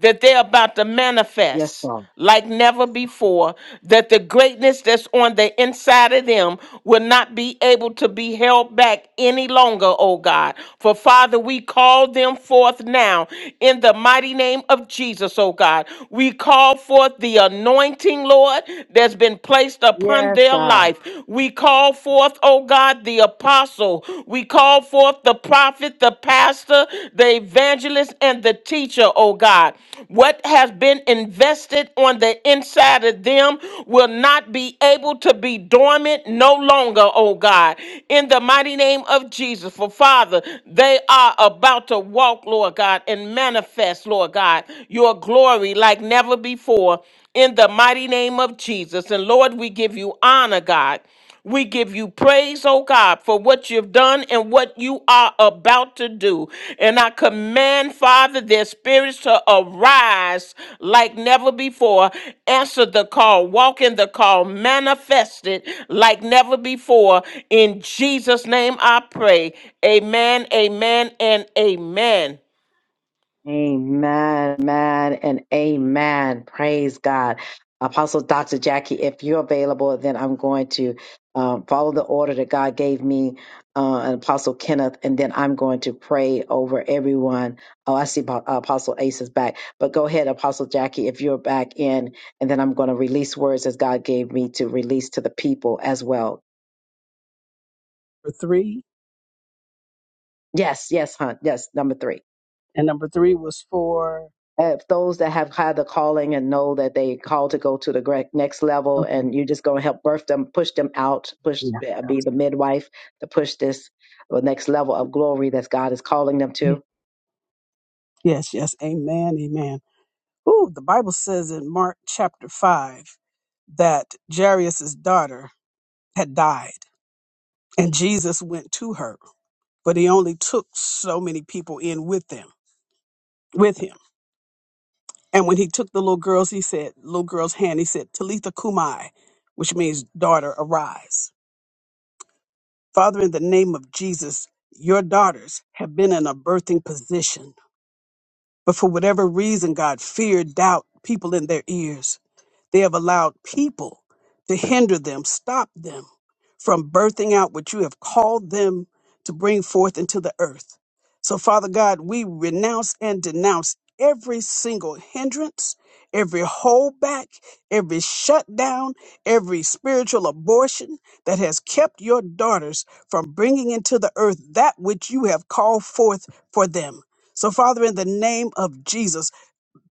Speaker 3: that they're about to
Speaker 1: Yes,
Speaker 3: manifest
Speaker 1: Lord.
Speaker 3: like never before, that the greatness that's on the inside of them will not be able to be held back any longer, oh God. For Father, we call them forth now in the mighty name of Jesus, oh God. We call forth the anointing, Lord, that's been placed upon
Speaker 1: Yes,
Speaker 3: their
Speaker 1: God.
Speaker 3: life. We call forth forth, oh God, the apostle. We call forth the prophet, the pastor, the evangelist, and the teacher, oh God. What has been invested on the inside of them will not be able to be dormant no longer, oh God. In the mighty name of Jesus, for Father, they are about to walk, Lord God, and manifest, Lord God, your glory like never before in the mighty name of Jesus. And Lord, we give you honor, God. We give you praise, oh God, for what you've done and what you are about to do. And I command, Father, their spirits to arise like never before. Answer the call, walk in the call, manifest it like never before. In Jesus' name I pray. Amen, amen, and amen.
Speaker 1: Amen, amen, and amen. Praise God. Apostle Dr. Jackie, if you're available, then I'm going to um, follow the order that God gave me uh, and Apostle Kenneth, and then I'm going to pray over everyone. Oh, I see Apo- Apostle Ace is back. But go ahead, Apostle Jackie, if you're back in, and then I'm going to release words as God gave me to release to the people as well.
Speaker 5: for three,
Speaker 1: Yes, yes, hon. Yes, number three.
Speaker 5: and number three was for.
Speaker 1: if those that have had the calling and know that they call to go to the gre- next level
Speaker 5: Okay,
Speaker 1: and you're just going to help birth them push them out push
Speaker 5: yeah.
Speaker 1: uh, be the midwife to push this uh, next level of glory that god is calling them
Speaker 5: yeah.
Speaker 1: to
Speaker 5: Yes, yes. Amen. Amen. Ooh, the Bible says in Mark chapter 5 that Jairus's daughter had died, and Jesus went to her, but he only took so many people in with them, with him. And when he took the little girls, he said, little girl's hand, he said, Talitha Kumai, which means daughter, arise. Father, in the name of Jesus, your daughters have been in a birthing position But for whatever reason, God, fear, doubt, people in their ears. They have allowed people to hinder them, stop them from birthing out what you have called them to bring forth into the earth. So, Father God, we renounce and denounce every single hindrance, every holdback, every shutdown, every spiritual abortion that has kept your daughters from bringing into the earth that which you have called forth for them. So, Father, in the name of Jesus,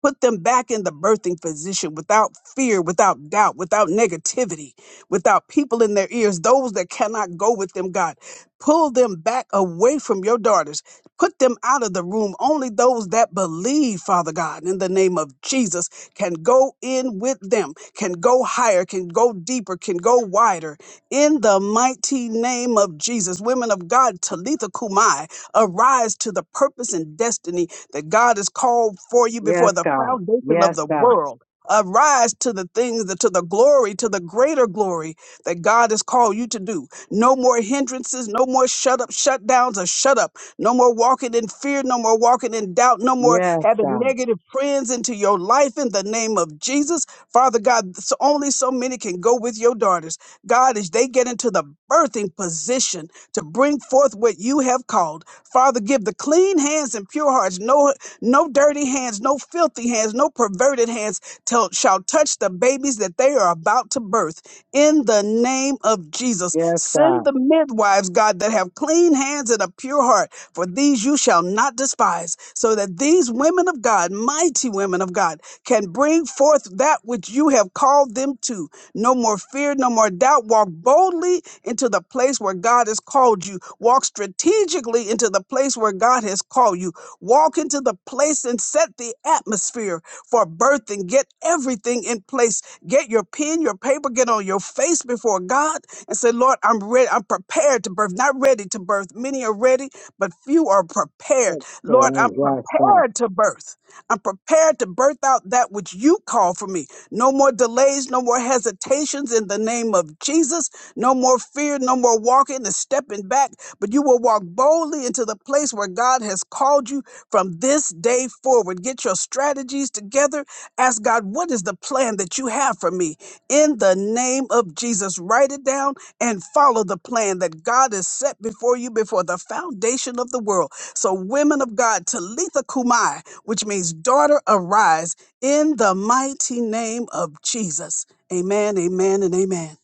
Speaker 5: Put them back in the birthing position without fear, without doubt, without negativity, without people in their ears, those that cannot go with them, God. Pull them back away from your daughters. Put them out of the room. Only those that believe, Father God, in the name of Jesus, can go in with them, can go higher, can go deeper, can go wider. In the mighty name of Jesus, women of God, Talitha Kumai, arise to the purpose and destiny that God has called for you before
Speaker 1: Yes,
Speaker 5: the
Speaker 1: God.
Speaker 5: foundation of
Speaker 1: Yes,
Speaker 5: the
Speaker 1: God.
Speaker 5: world. Arise to the things that to the glory, to the greater glory that God has called you to do. No more hindrances, no more shut up, shutdowns, or shut up. No more walking in fear, no more walking in doubt, no more
Speaker 1: Yes,
Speaker 5: having
Speaker 1: God.
Speaker 5: negative friends into your life in the name of Jesus. Father God, so only so many can go with your daughters. God, as they get into the birthing position to bring forth what you have called. Father, give the clean hands and pure hearts, no no dirty hands, no filthy hands, no perverted hands till, shall touch the babies that they are about to birth. In the name of Jesus, send the midwives, God, that have clean hands and a pure heart, for these you shall not despise, so that these women of God, mighty women of God, can bring forth that which you have called them to. No more fear, no more doubt. Walk boldly into the place where God has called you. Walk strategically into the place where God has called you. Walk into the place and set the atmosphere for birthing. Get everything in place. Get your pen, your paper, get on your face before God and say, Lord, I'm ready. I'm prepared to birth, not ready to birth. Many are ready, but few are prepared. Lord, I'm
Speaker 1: Excellent. Yes, God.
Speaker 5: prepared to birth. I'm prepared to birth out that which you call for me. No more delays, no more hesitations in the name of Jesus. No more fear, no more walking and stepping back, but you will walk boldly into the place where God has called you from this day forward. Get your strategies together. Ask God, what is the plan that you have for me? In the name of Jesus, write it down and follow the plan that God has set before you before the foundation of the world. So, women of God, Talitha Kumai, which means daughter, arise in the mighty name of Jesus. Amen, amen, and amen.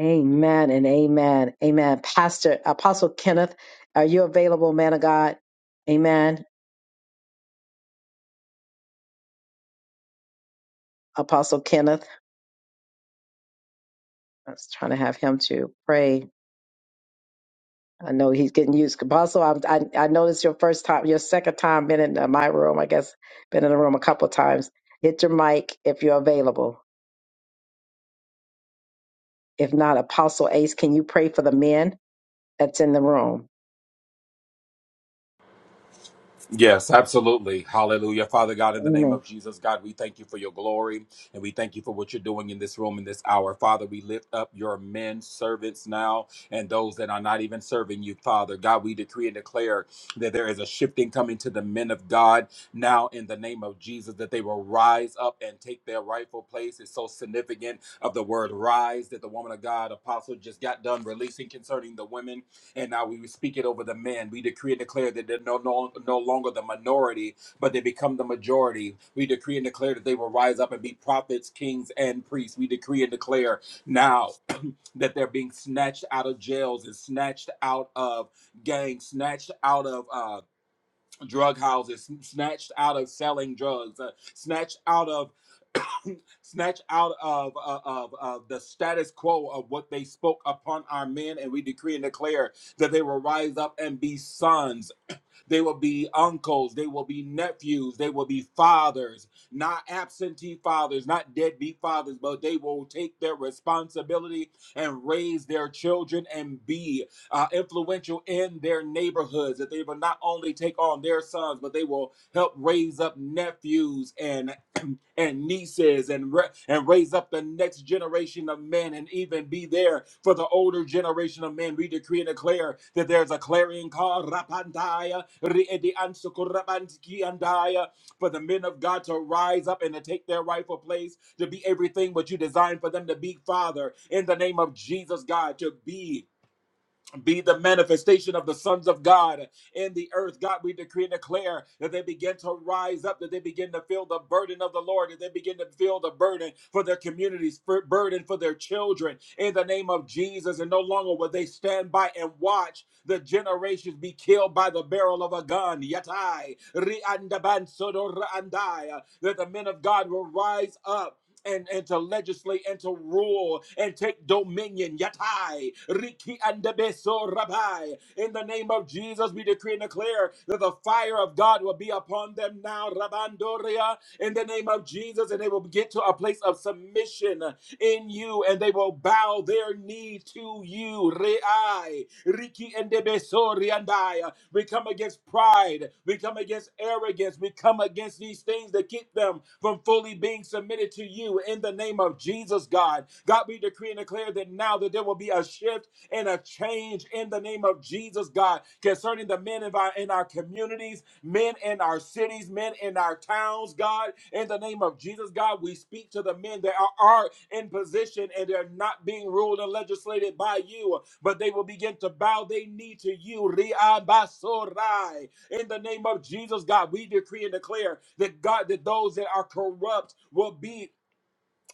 Speaker 1: amen and amen amen pastor apostle kenneth are you available man of god amen apostle kenneth i was trying to have him to pray I know he's getting used. Apostle, I, I, I know this your first time, your second time been in uh, my room. I guess been in the room a couple of times. Hit your mic if you're available. If not, Apostle Ace, can you pray for the men that's in the room?
Speaker 2: Yes, absolutely. Hallelujah. Father God, in the name
Speaker 1: Amen,
Speaker 2: of Jesus, God, we thank you for your glory and we thank you for what you're doing in this room in this hour. Father, we lift up your men servants now and those that are not even serving you, Father. God, we decree and declare that there is a shifting coming to the men of God now in the name of Jesus, that they will rise up and take their rightful place. It's so significant of the word rise that the woman of God, apostle, just got done releasing concerning the women And now we speak it over the men. We decree and declare that they're no, no, no longer the minority, but they become the majority. We decree and declare that they will rise up and be prophets, kings, and priests. We decree and declare now that they're being snatched out of jails and snatched out of gangs, snatched out of uh, drug houses snatched out of selling drugs uh, snatched out of [COUGHS] snatched out of, of, of, of the status quo of what they spoke upon our men and we decree and declare that they will rise up and be sons they will be uncles. They will be nephews. They will be fathers, not absentee fathers, not deadbeat fathers, but they will take their responsibility and raise their children and be uh, influential in their neighborhoods. That they will not only take on their sons, but they will help raise up nephews and and nieces and ra- and raise up the next generation of men and even be there for the older generation of men. We decree and declare that there's a clarion call rapandaya, riedi ansukurabanski andaya, for the men of God to rise up and to take their rightful place, to be everything what you designed for them to be, Father, in the name of Jesus, God, to be be the manifestation of the sons of God in the earth. God, we decree and declare that they begin to rise up, that they begin to feel the burden of the Lord, that they begin to feel the burden for their communities, for burden for their children in the name of Jesus. And no longer will they stand by and watch the generations be killed by the barrel of a gun. Yatai, riandabansodo raandai, that the men of God will rise up and, and to legislate and to rule and take dominion. Yatai, Riki and Beso Rabbi. In the name of Jesus, we decree and declare that the fire of God will be upon them now, Rabandoria. In the name of Jesus, and they will get to a place of submission in you and they will bow their knee to you. Re'ai, Riki and Debesori and I. We come against pride. We come against arrogance. We come against these things that keep them from fully being submitted to you in the name of Jesus, God. God, we decree and declare that now that there will be a shift and a change in the name of Jesus, God, concerning the men in our, in our communities, men in our cities, men in our towns, God. In the name of Jesus, God, we speak to the men that are, are in position and they're not being ruled and legislated by you, but they will begin to bow their knee to you. Riabasorai. In the name of Jesus, God, we decree and declare that God, that those that are corrupt will be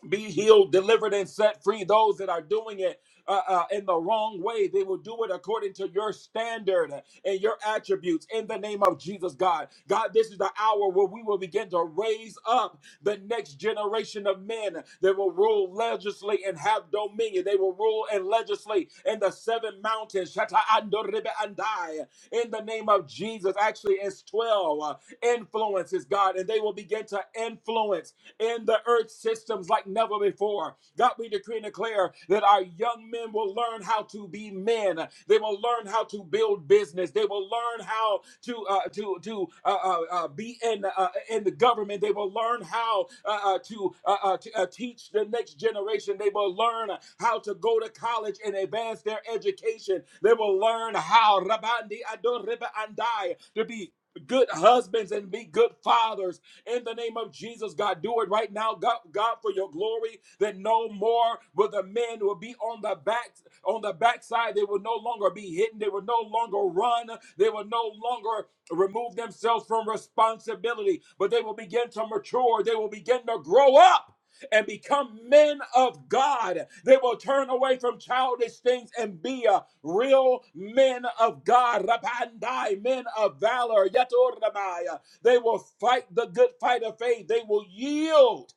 Speaker 2: be healed, delivered, and set free. Those that are doing it uh, uh, in the wrong way, they will do it according to your standard and your attributes in the name of Jesus, God. God, this is the hour where we will begin to raise up the next generation of men that will rule, legislate, and have dominion. They will rule and legislate in the seven mountains. Shata ando ribe andai. In the name of Jesus, actually, it's 12 uh, influences, God, and they will begin to influence in the earth systems like never before. God, we decree and declare that our young men will learn how to be men. They will learn how to build business. They will learn how to uh, to to uh, uh, uh, be in uh, uh, in the government. They will learn how uh, uh, to, uh, uh, to uh, teach the next generation. They will learn how to go to college and advance their education. They will learn how Rabandi Adoreba Andai to be good husbands and be good fathers in the name of Jesus, God. Do it right now, God, God, for your glory, that no more will the men will be on the back, on the backside. They will no longer be hidden. They will no longer run. They will no longer remove themselves from responsibility, but they will begin to mature. They will begin to grow up and become men of God. They will turn away from childish things and be a real men of God, Rabandai, men of valor, Yatoramaya. They will fight the good fight of faith. They will yield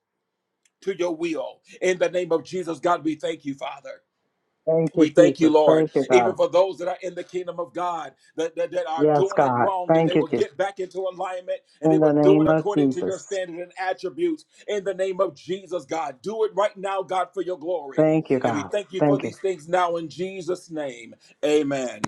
Speaker 2: to your will. In the name of Jesus, God, we thank you, Father. We thank you, Lord, even
Speaker 1: God.
Speaker 2: for those that are in the kingdom of God that, that, that are
Speaker 1: Yes,
Speaker 2: doing it
Speaker 1: God.
Speaker 2: wrong, that they
Speaker 1: Thank you,
Speaker 2: will
Speaker 1: Jesus.
Speaker 2: get back into alignment and they
Speaker 1: In
Speaker 2: will
Speaker 1: the
Speaker 2: do it
Speaker 1: name of
Speaker 2: according to your
Speaker 1: Jesus.
Speaker 2: standard and attributes. In the name of Jesus, God, do it right now, God, for your glory.
Speaker 1: Thank you,
Speaker 2: And we
Speaker 1: God.
Speaker 2: thank you for
Speaker 1: Thank you.
Speaker 2: these things now in Jesus' name. Amen.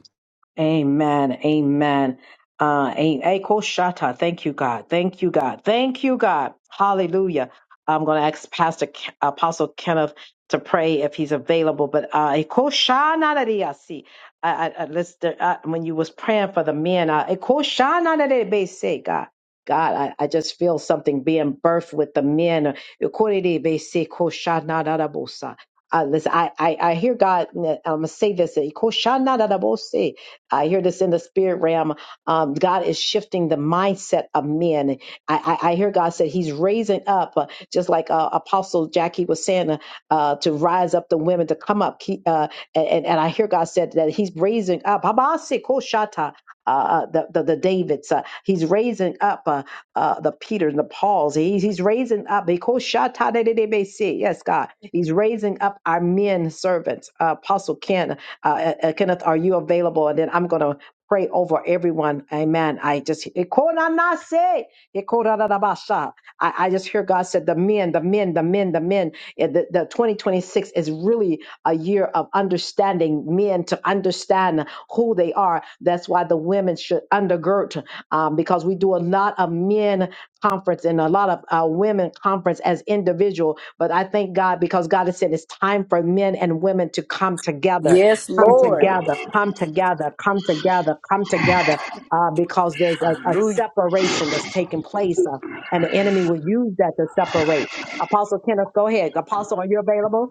Speaker 1: Amen. Amen. Uh, a- a- Ko Shata. Thank you, God. Thank you, God. Thank you, God. Hallelujah. I'm going to ask Pastor Ke- Apostle Kenneth to pray if he's available. But uh, a Ko Shana Da Dea Si. I, I, I listen, uh, uh, when you was praying for the men, uh, a Ko Shana Da Dea Be Se, God. God, I, I just feel something being birthed with the men. A Ko De Dea Be Se, Ko Shana Da Da Bo Sa. Uh, listen, I, I, I hear God, I'm going to say this. a Ko Shana Da Da Bo Se. I hear this in the spirit realm. Um, God is shifting the mindset of men. I, I, I hear God said He's raising up, uh, just like uh, Apostle Jackie was saying, uh, uh, to rise up the women to come up. Keep, uh, and, and and I hear God said that He's raising up. Habasi koshata, Uh, uh, the, the the Davids, uh, he's raising up uh, uh, the Peters the Pauls. He's he's raising up. koshata de de de besi. Yes, God, he's raising up our men servants. Uh, Apostle Ken, uh, uh, uh, Kenneth, are you available? And then I'm going to pray over everyone. Amen. I just, Ikonanase, Ikoradadabasha. I, I just hear God said, the men, the men, the men, the men. Yeah, The, the 2026 is really a year of understanding men to understand who they are. That's why the women should undergird um, because we do a lot of men conference and a lot of uh, women conference as individual. But I thank God because God has said it's time for men and women to come together
Speaker 4: Yes,
Speaker 1: come
Speaker 4: Lord.
Speaker 1: together, come together, come together, come together, uh, because there's a, a
Speaker 4: Hallelujah.
Speaker 1: separation that's taking place, uh, and the enemy will use that to separate. Apostle Kenneth, go ahead. Apostle, are you available?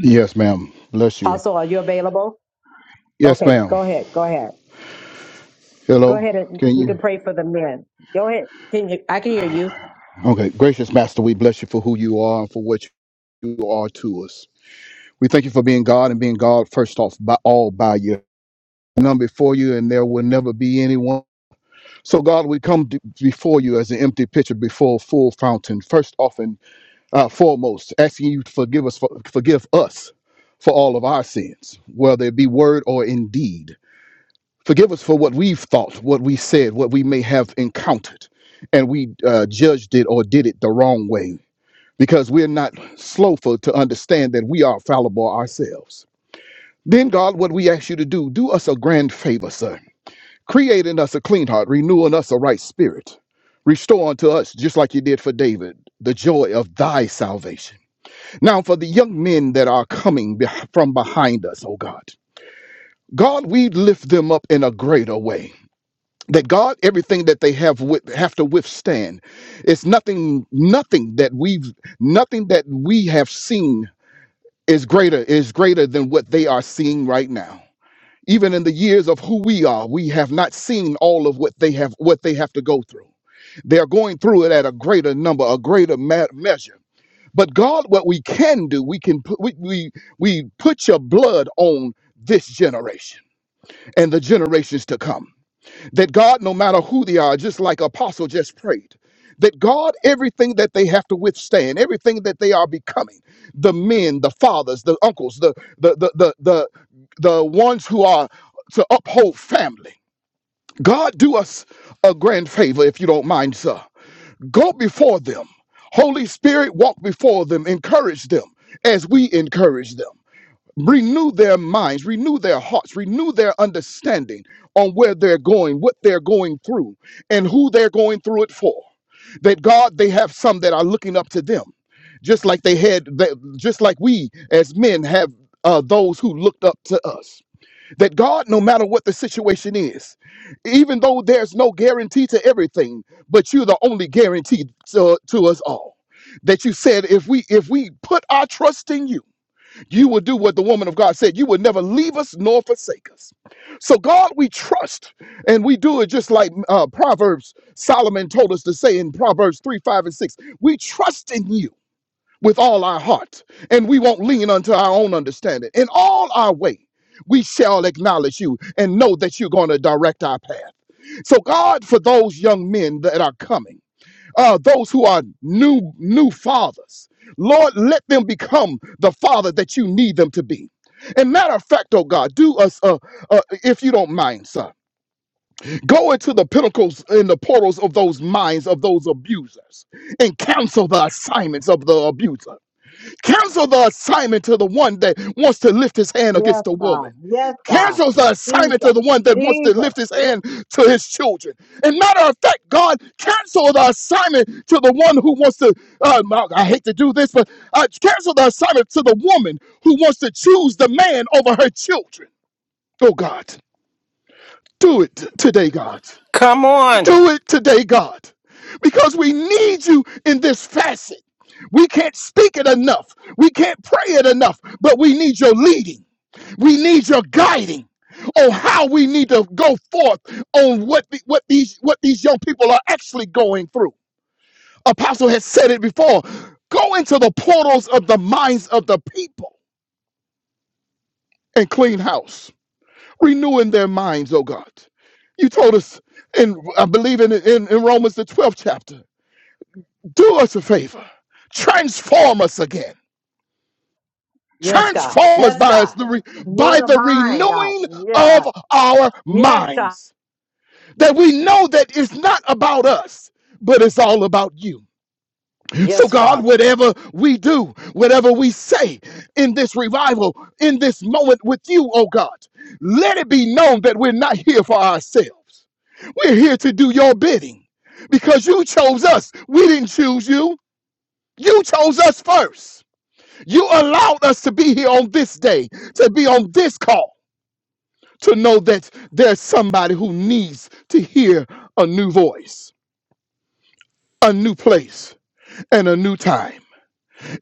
Speaker 6: Yes, ma'am. Bless you.
Speaker 1: Apostle, are you available?
Speaker 6: Yes,
Speaker 1: Okay,
Speaker 6: ma'am.
Speaker 1: go ahead, go ahead, go
Speaker 6: Hello.
Speaker 1: ahead, and
Speaker 6: Can
Speaker 1: you
Speaker 6: you?
Speaker 1: can pray for the men. Go ahead. Can you? I can hear you.
Speaker 6: Okay. Gracious Master, we bless you for who you are and for what you are to us. We thank you for being God and being God first off by all by you. None before you, and there will never be anyone. So, God, we come d- before you as an empty pitcher before a full fountain. First off and uh, foremost, asking you to forgive us, for, forgive us for all of our sins, whether it be word or in deed. Forgive us for what we've thought, what we said, what we may have encountered, and we uh, judged it or did it the wrong way because we're not slow for to understand that we are fallible ourselves. Then, God, what we ask you to do, do us a grand favor, sir. Create in us a clean heart, renew in us a right spirit. Restore unto us, just like you did for David, the joy of thy salvation. Now, for the young men that are coming beh- from behind us, oh God, God, we lift them up in a greater way. that God, everything that they have with, have to withstand. It's nothing, nothing that we've, nothing that we have seen is greater is greater than what they are seeing right now. Even in the years of who we are, we have not seen all of what they have what they have to go through. They are going through it at a greater number, a greater ma- measure. But God, what we can do, we can put, we, we we put your blood on this generation and the generations to come that God, no matter who they are, just like Apostle just prayed, that God, everything that they have to withstand, everything that they are becoming, the men, the fathers, the uncles, the the the the the, the ones who are to uphold family. God, do us a grand favor if you don't mind, sir. Go before them. Holy Spirit, walk before them, encourage them as we encourage them renew their minds, renew their hearts, renew their understanding on where they're going, what they're going through, and who they're going through it for. That God, they have some that are looking up to them, just like they had, that, just like we as men have uh, those who looked up to us. That God, no matter what the situation is, even though there's no guarantee to everything, but you're the only guarantee to, to us all. That you said, if we if we put our trust in you. You will do what the woman of God said. You will never leave us nor forsake us. So, God, we trust and we do it just like uh, Proverbs, Solomon told us to say in Proverbs 3, 5, and 6. We trust in you with all our heart and we won't lean unto our own understanding. In all our way, we shall acknowledge you and know that you're going to direct our path. So, God, for those young men that are coming, uh, those who are new new fathers. Lord, let them become the father that you need them to be. And matter of fact, oh God, do us, uh, uh, if you don't mind, sir, go into the pinnacles and the portals of those minds of those abusers and cancel the assignments of the abuser. Cancel the assignment to the one that wants to lift his hand
Speaker 1: Yes,
Speaker 6: against a woman.
Speaker 1: God. Yes, God.
Speaker 6: Cancels the
Speaker 1: Jesus,
Speaker 6: assignment to the one that wants to
Speaker 1: Jesus.
Speaker 6: lift his
Speaker 1: Yes,
Speaker 6: hand to his children. And matter of fact, God cancel the assignment to the one who wants to. Uh, I hate to do this, but uh, cancel the assignment to the woman who wants to choose the man over her children. Oh God, do it today, God.
Speaker 3: Come on.
Speaker 6: Do it today, God, because we need you in this facet. We can't speak it enough. We can't pray it enough, but we need your leading. We need your guiding on how we need to go forth on what the, what these what these young people are actually going through. Apostle has said it before. Go into the portals of the minds of the people and clean house, renewing their minds, oh God. You told us in I believe in in, in Romans the 12th chapter do us a favor transform us again
Speaker 1: Yes, God.
Speaker 6: transform us
Speaker 1: Yes,
Speaker 6: by us
Speaker 1: God.
Speaker 6: the re-
Speaker 1: Renew
Speaker 6: by
Speaker 1: the
Speaker 6: the
Speaker 1: mind, God.
Speaker 6: renewing
Speaker 1: Yeah.
Speaker 6: of our
Speaker 1: Yes, God.
Speaker 6: minds that we know that it's not about us but it's all about you so
Speaker 1: Yes,
Speaker 6: god
Speaker 1: Father.
Speaker 6: whatever we do whatever we say in this revival in this moment with you oh god let it be known that we're not here for ourselves we're here to do your bidding because you chose us we didn't choose you you chose us first You allowed us to be here on this day, to be on this call, to know that there's somebody who needs to hear a new voice, a new place, and a new time.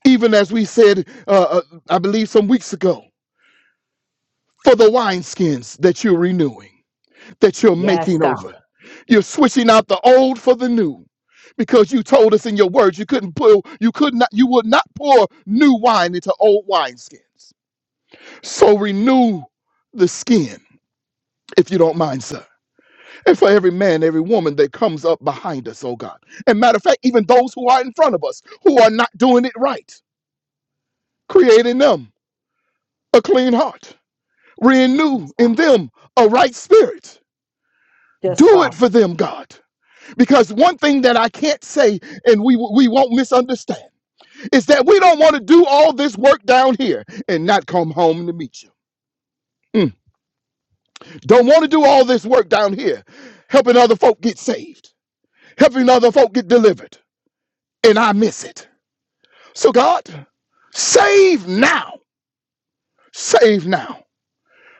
Speaker 6: Even as we said, uh, uh, I believe some weeks ago, for the wineskins that you're renewing, that you're
Speaker 1: Yes,
Speaker 6: making
Speaker 1: God.
Speaker 6: over. You're switching out the old for the new because you told us in your words you couldn't pull, you could not, you would not pour new wine into old wineskins. So renew the skin if you don't mind, sir. And for every man, every woman that comes up behind us, oh God. And matter of fact, even those who are in front of us who are not doing it right, creating them a clean heart, renew
Speaker 1: Yes, God.
Speaker 6: in them a right spirit.
Speaker 1: Yes,
Speaker 6: Do it
Speaker 1: Father.
Speaker 6: for them, God. Because one thing that I can't say and we, we won't misunderstand is that we don't want to do all this work down here and not come home to meet you. Mm. Don't want to do all this work down here helping other folk get saved, helping other folk get delivered and I miss it. So, God, save now. Save now.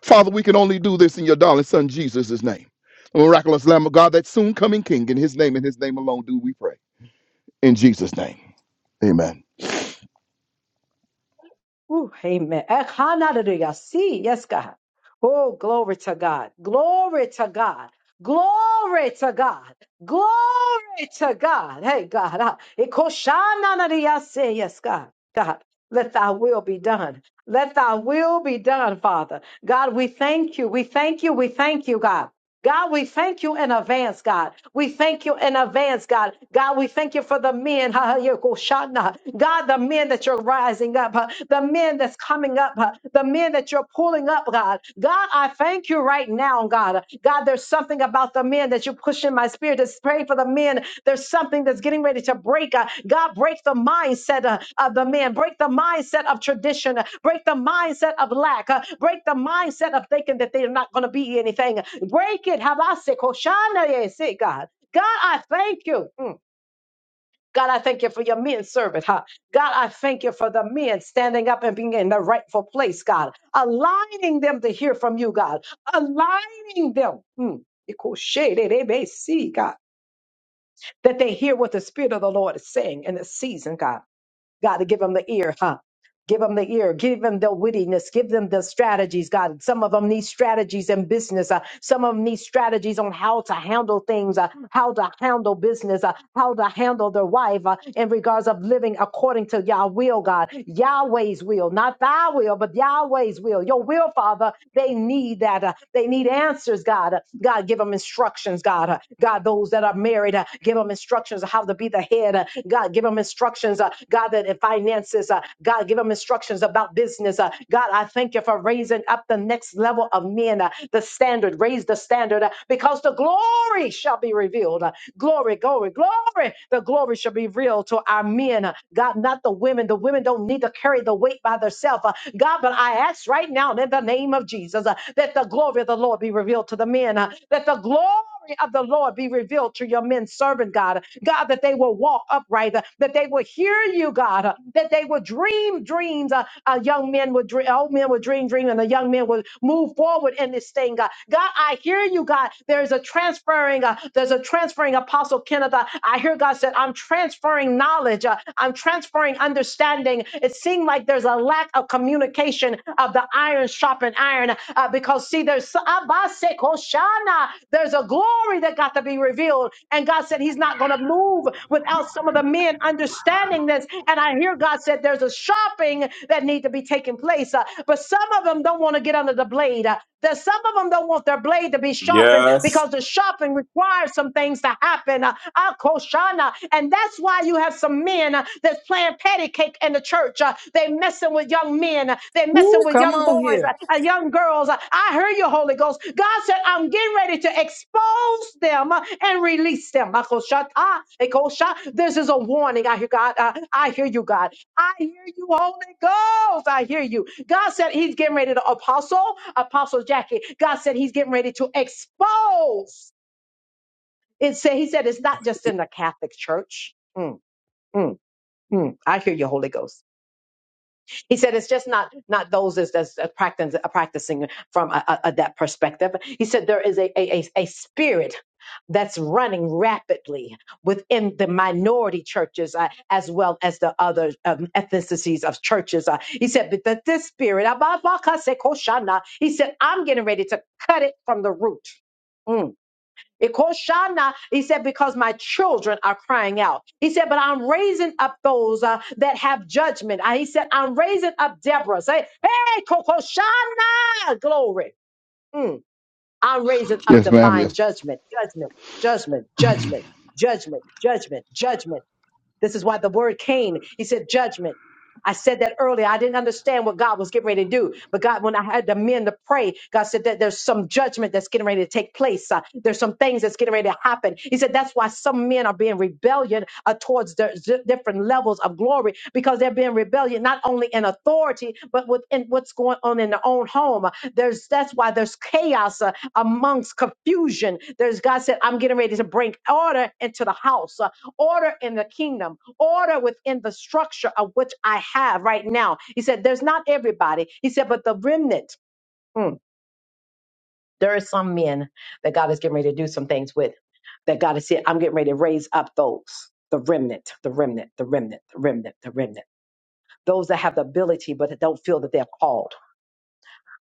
Speaker 6: Father, we can only do this in your darling son Jesus' name. The miraculous Lamb of God, that soon coming King, in his name and his name alone do we pray. In Jesus' name. Amen.
Speaker 1: Ooh, amen. Eh, hallelujah. See, yes, God. Oh, glory to God. Glory to God. Glory to God. Glory to God. Hey, God. ah, ikoshananadiya, see, Yes, God. God. Let thy will be done. Let thy will be done, Father. God, we thank you. We thank you. We thank you, God. God, we thank you in advance, God. We thank you in advance, God. God, we thank you for the men. [LAUGHS] God, the men that you're rising up, huh, the men that's coming up, huh, the men that you're pulling up, God. God, I thank you right now, God. God, there's something about the men men that you push in my spirit. It's praying for the men. There's something that's getting ready to break. Uh, God, break the mindset uh, of the men. Break the mindset of tradition. Uh, Break the mindset of lack. Uh, Break the mindset of thinking that they're not going to be anything. Break it. Habasik, Hoshana, yes, it, God. God, I thank you. Mm. God, I thank you for your men servant, huh? God, I thank you for the men standing up and being in the rightful place, God, aligning them to hear from you, God, aligning them. Hmm. They may see, God, that they hear what the Spirit of the Lord is saying in this season, God. God, to give them the ear, huh? Give them the ear. Give them the wittiness. Give them the strategies, God. Some of them need strategies in business. uh, some of them need strategies on how to handle things, uh, how to handle business, uh, how to handle their wife uh, in regards of living according to Yah will, God. Yahweh's will, not thy will, but Yahweh's will. Your will, Father, they need that. uh, they need answers, God. Uh, God, give them instructions, God. Uh, God, those that are married, uh, give them instructions of how to be the head. Uh, God, give them instructions, uh, God, that in finances, uh, God. God, give them instructions about business. Uh, God, I thank you for raising up the next level of men, uh, the standard, raise the standard, uh, because the glory shall be revealed. Uh, glory, glory, glory. The glory shall be revealed to our men. Uh, God, not the women. The women don't need to carry the weight by themselves. Uh, God, but I ask right now in the name of Jesus uh, that the glory of the Lord be revealed to the men, uh, that the glory glory of the Lord be revealed to your men servant, God. God, that they will walk upright, uh, that they will hear you, God, uh, that they will dream dreams. Uh, uh, young men would dream, old men would dream dream, and the young men would move forward in this thing, God. God, I hear you, God. There is a transferring, uh, there's a transferring Apostle Kenneth. uh, I hear God said, I'm transferring knowledge, uh, I'm transferring understanding, it seemed like there's a lack of communication of the iron sharpened iron uh, because, see, there's Abase Koshana. there's a glory that got to be revealed. And God said He's not going to move without some of the men understanding this. And I hear God said there's a sharpening that need to be taking place. Uh, but some of them don't want to get under the blade. Uh, that some of them don't want their blade to be sharpened
Speaker 2: Yes,
Speaker 1: because the sharpening requires some things to happen. Uh, Akoshana. And that's why you have some men uh, that's playing patty cake in the church. Uh, they messing with young men. Uh, they
Speaker 4: Woo,
Speaker 1: messing with
Speaker 4: come
Speaker 1: young
Speaker 4: on
Speaker 1: boys,
Speaker 4: here.
Speaker 1: uh, uh, young girls. Uh, I hear you, Holy Ghost. God said, I'm getting ready to expose them uh, and release them. Akoshata, Ekosha. This is a warning. I hear God. Uh, I hear you, God. I hear you, Holy Ghost. I hear you. God said He's getting ready to apostle, Apostle Jackie. God said He's getting ready to expose. It said He said it's not just in the Catholic Church. Mm, mm, mm. I hear you, Holy Ghost. He said it's just not not those that's, that's practicing, practicing from a, a, a- that perspective. He said there is a, a, a a spirit that's running rapidly within the minority churches uh, as well as the other um, ethnicities of churches. Uh, he said, but that this spirit, he said, I'm getting ready to cut it from the root. Mm. Ekoshana, He said, because my children are crying out. He said, but I'm raising up those uh, that have judgment. Uh, he said, I'm raising up Deborah. Say, hey, Kokoshana, glory. Mm. I'm raising up
Speaker 6: Yes, ma'am.
Speaker 1: divine
Speaker 6: Yes.
Speaker 1: judgment, judgment, judgment, judgment, judgment, judgment, judgment. This is why the word came. He said judgment. I said that earlier. I didn't understand what God was getting ready to do. But God, when I had the men to pray, God said that there's some judgment that's getting ready to take place. Uh, there's some things that's getting ready to happen. He said that's why some men are being rebellion uh, towards the z- different levels of glory because they're being rebellion not only in authority but within what's going on in their own home. There's that's why there's chaos uh, amongst confusion. There's God said I'm getting ready to bring order into the house. Uh, order in the kingdom, order within the structure of which I have right now. He said, There's not everybody. He said, But the remnant, mm, there are some men that God is getting ready to do some things with, that God is saying, I'm getting ready to raise up those. The remnant, the remnant, the remnant, the remnant, the remnant. Those that have the ability, but that don't feel that they're called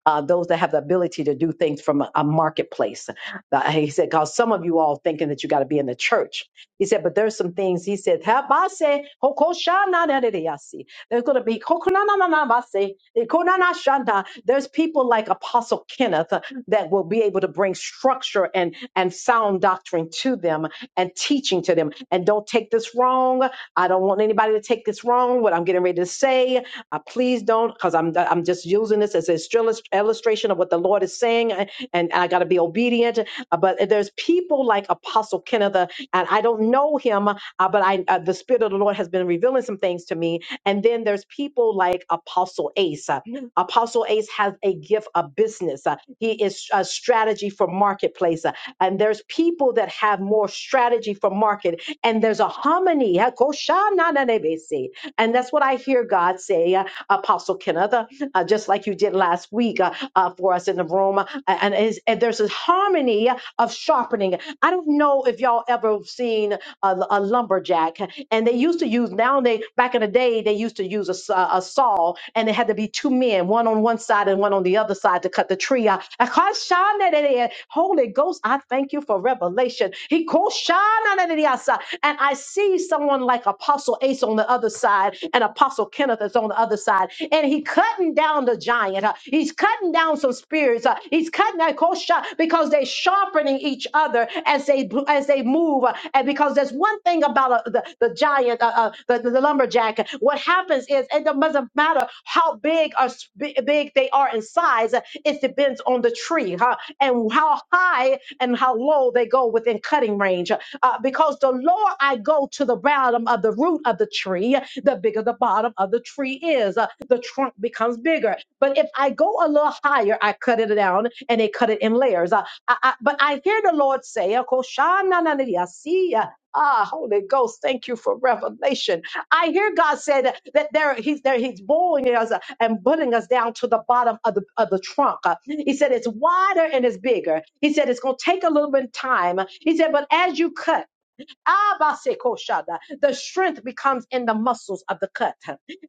Speaker 1: uh, those that have the ability to do things from a, a marketplace. Uh, he said, because some of you all thinking that you got to be in the church. He said, but there's some things. He said, "Habase hokoshanadadeyasi." there's going to be kokonananabase, ikonanashanda. there's people like Apostle Kenneth uh, that will be able to bring structure and and sound doctrine to them and teaching to them. And don't take this wrong. I don't want anybody to take this wrong. What I'm getting ready to say, uh, please don't, because I'm I'm just using this as an illus- illustration of what the Lord is saying, uh, and I got to be obedient. Uh, but there's people like Apostle Kenneth, uh, and I don't know him, uh, but I uh, the Spirit of the Lord has been revealing some things to me. And then there's people like Apostle Ace. Apostle Ace has a gift of business. Uh, he is a strategy for marketplace. Uh, and there's people that have more strategy for market. And there's a harmony. [LAUGHS] Hakoshananebesi. And that's what I hear God say, uh, Apostle Kenneth, uh, uh, just like you did last week uh, uh, for us in the room. Uh, and, is- and there's a harmony of sharpening. I don't know if y'all ever seen a, a lumberjack. Kodak, and they used to use now they back in the day they used to use a, sa- a saw, and it had to be two men, one on one side and one on the other side to cut the tree out. Akashanadadea. Holy Ghost, I thank you for revelation. He called and I see someone like Apostle Ace on the other side, and Apostle Kenneth is on the other side, and he cutting down the giant. uh, He's cutting down some spirits. uh, He's cutting that uh, because they're sharpening each other as they as they move. Uh, And because there's one thing about uh, the, the giant, uh, uh, the, the, lumberjack, what happens is it doesn't matter how big or s- bi- big they are in size, Uh, it depends on the tree huh? and how high and how low they go within cutting range. Uh, because the lower I go to the bottom of the root of the tree, the bigger the bottom of the tree is is, uh, the trunk becomes bigger. But if I go a little higher, I cut it down and they cut it in layers. Uh, I, I, but I hear the Lord say, uh, "Koshanananiyasiya." Ah, Holy Ghost, thank you for revelation. I hear God said that that there He's there He's bowling us uh, and putting us down to the bottom of the of the trunk. Uh, He said it's wider and it's bigger. He said it's gonna take a little bit of time. He said, but as you cut. Abasekoshada. The strength becomes in the muscles of the cut.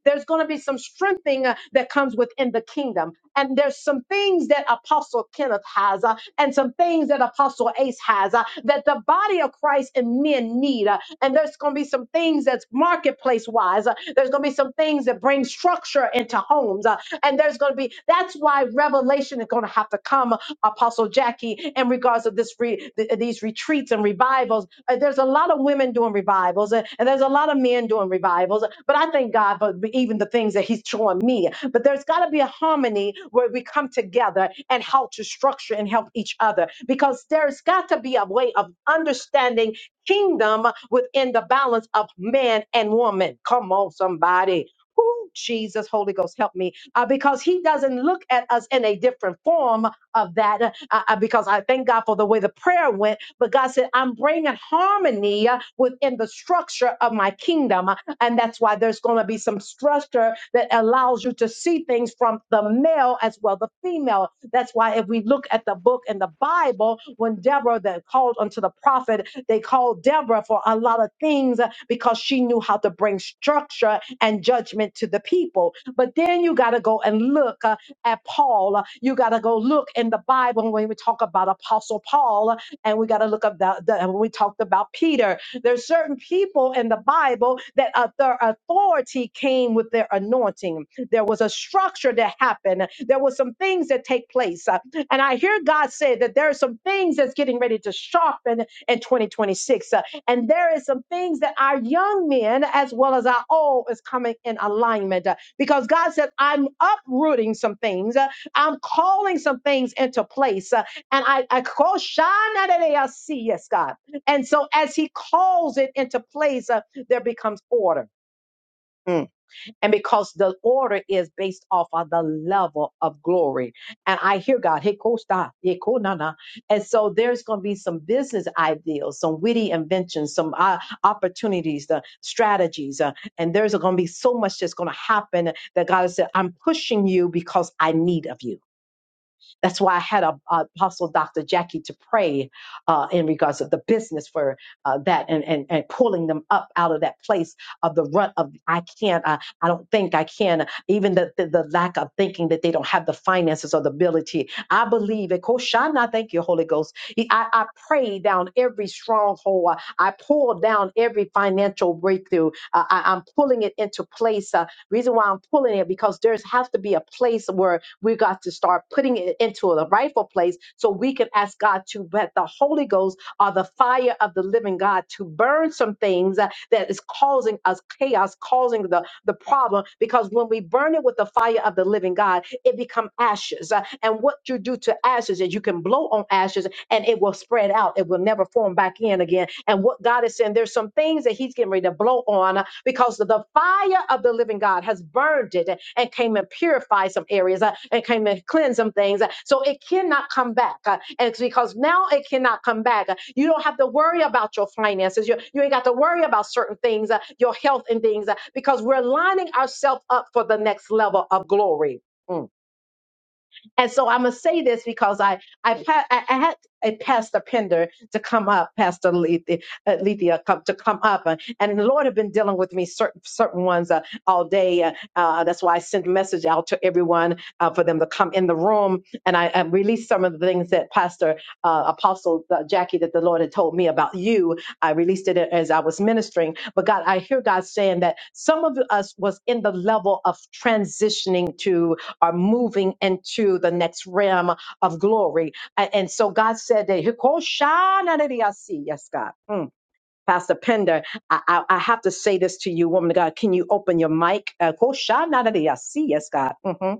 Speaker 1: There's going to be some strengthening uh, that comes within the kingdom. And there's some things that Apostle Kenneth has uh, and some things that Apostle Ace has uh, that the body of Christ and men need. uh, and there's going to be some things that's marketplace wise. uh, there's going to be some things that bring structure into homes. uh, and there's going to be, that's why revelation is going to have to come, Apostle Jackie, in regards to of this re, th- these retreats and revivals. Uh, There's a lot of women doing revivals, and, and there's a lot of men doing revivals. But I thank God for even the things that He's showing me. But there's got to be a harmony where we come together and how to structure and help each other, because there's got to be a way of understanding kingdom within the balance of man and woman. Come on, somebody. Ooh, Jesus, Holy Ghost, help me. Uh, because he doesn't look at us in a different form, of that uh, I, because I thank God for the way the prayer went. But God said, I'm bringing harmony uh, within the structure of my kingdom. uh, And that's why there's going to be some structure that allows you to see things from the male as well, the female. That's why if we look at the book in the Bible, when Deborah that called unto the prophet, they called Deborah for a lot of things uh, because she knew how to bring structure and judgment to the people. But then you got to go and look. uh, at Paul. You got to go look in the Bible when we talk about Apostle Paul, and we got to look up the, the- when we talked about Peter. There's certain people in the Bible that uh, their authority came with their anointing. There was a structure that happened. There was some things that take place, Uh, and I hear God say that there are some things that's getting ready to sharpen in 2026, Uh, and there is some things that our young men as well as our old is coming in alignment because God said, I'm uprooting some things. Uh, I'm calling some things into place. Uh, And I, I call Shana yes, God. And so as he calls it into place, uh, there becomes order. Mm and because the order is based off of the level of glory. And I hear God, hey, Costa, yeah, cool, nah, nah. and so there's going to be some business ideas, some witty inventions, some uh, opportunities, the strategies, uh, and there's going to be so much that's going to happen that God has said, I'm pushing you because I need of you. That's why I had a, a Apostle Dr. Jackie to pray uh, in regards of the business for uh, that and, and and pulling them up out of that place of the rut of I can't, I, I don't think I can, even the, the the lack of thinking that they don't have the finances or the ability. I believe it. Koshana, thank you, Holy Ghost. I, I pray down every stronghold. I pull down every financial breakthrough. Uh, I, I'm pulling it into place. Uh, reason why I'm pulling it because there's has to be a place where we got to start putting it into the rightful place so we can ask God to let the Holy Ghost or the fire of the living God to burn some things uh, that is causing us chaos, causing the, the problem. Because when we burn it with the fire of the living God, it become ashes. Uh, And what you do to ashes is you can blow on ashes and it will spread out. It will never form back in again. And what God is saying, there's some things that He's getting ready to blow on because the fire of the living God has burned it and came and purified some areas uh, and came and cleansed some things. So it cannot come back. uh, And it's because now it cannot come back. Uh, You don't have to worry about your finances. You, you ain't got to worry about certain things, uh, your health and things, uh, because we're lining ourselves up for the next level of glory. Mm. And so I'm gonna say this because I I pa- I, I had a Pastor Pender to come up, Pastor Lethea, uh, Lethea come, to come up, uh, and the Lord had been dealing with me certain certain ones uh, all day. Uh, uh, that's why I sent a message out to everyone uh, for them to come in the room, and I, I released some of the things that Pastor uh, Apostle uh, Jackie that the Lord had told me about you. I released it as I was ministering, but God, I hear God saying that some of us was in the level of transitioning to are moving into the next realm of glory. A- And so God said that "Hikoshanarediasi." yes, God. Mm. Pastor Pender, I, I, I have to say this to you, woman of God. Can you open your mic? Uh, "Hikoshanarediasi." yes, God. hmm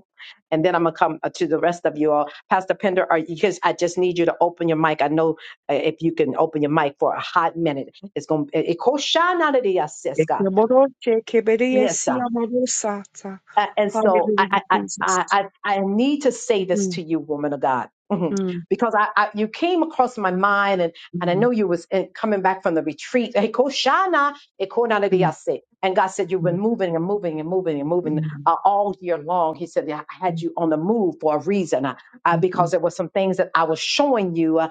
Speaker 1: And then I'm gonna come uh, to the rest of you all. Pastor Pender, are you, because I just need you to open your mic. I know uh, if you can open your mic for a hot minute, it's gonna. "Hikoshanarediasi." Yes, God.
Speaker 7: Ekemoroshe
Speaker 1: Yes,
Speaker 7: kebereyesi
Speaker 1: God.
Speaker 7: amorosata.
Speaker 1: A- and so
Speaker 7: Hallelujah,
Speaker 1: I, I, I,
Speaker 7: Jesus.
Speaker 1: I, I I need to say this
Speaker 7: Mm,
Speaker 1: to you, woman of God, Mhm.
Speaker 7: mm,
Speaker 1: because I, I, you came across my mind, and, and I
Speaker 7: mm,
Speaker 1: know you was in, coming back from the retreat. Hey, Koshana, eh, Kona de
Speaker 7: mm,
Speaker 1: Diase. And God said you've
Speaker 7: mm,
Speaker 1: been moving and moving and moving and
Speaker 7: mm,
Speaker 1: moving
Speaker 7: mm,
Speaker 1: uh, all year long. He said "Yeah, I had
Speaker 7: mm,
Speaker 1: you on the move for a reason, uh, uh,
Speaker 7: mm,
Speaker 1: because there were some things that I was showing you uh,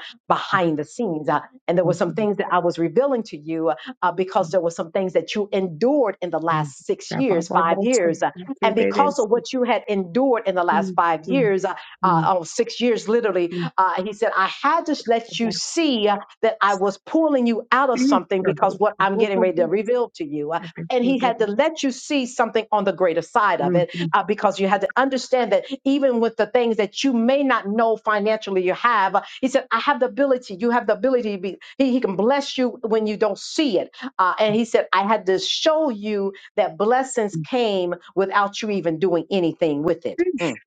Speaker 7: mm,
Speaker 1: behind the scenes, uh, and there were some
Speaker 7: mm,
Speaker 1: things that I was revealing to you, uh, because there were some things that you endured in the
Speaker 7: mm.
Speaker 1: last six years, five
Speaker 7: Rabababasa,
Speaker 1: years, uh, and because of
Speaker 7: kebereyesi.
Speaker 1: what you had endured in the last
Speaker 7: Mm,
Speaker 1: five
Speaker 7: mm,
Speaker 1: years, uh,
Speaker 7: mm,
Speaker 1: uh, oh, six years literally,
Speaker 7: mm.
Speaker 1: uh, he said, I had to let you
Speaker 7: Rababasa.
Speaker 1: see uh, that I was pulling you out of
Speaker 7: Ih,
Speaker 1: something because what I'm getting ready
Speaker 7: rabababababa.
Speaker 1: to reveal to you. Uh, and he had
Speaker 7: Rababababa.
Speaker 1: to let you see something on the greater side of
Speaker 7: Mm,
Speaker 1: it
Speaker 7: mm,
Speaker 1: uh, because you had to understand that even with the things that you may not know financially you have, uh, he said, I have the ability. You have the ability to be, he, he can bless you when you don't see it. Uh, and he said, I had to show you that blessings
Speaker 7: mm.
Speaker 1: came without you even doing anything with it.
Speaker 7: Ish,
Speaker 1: Mm.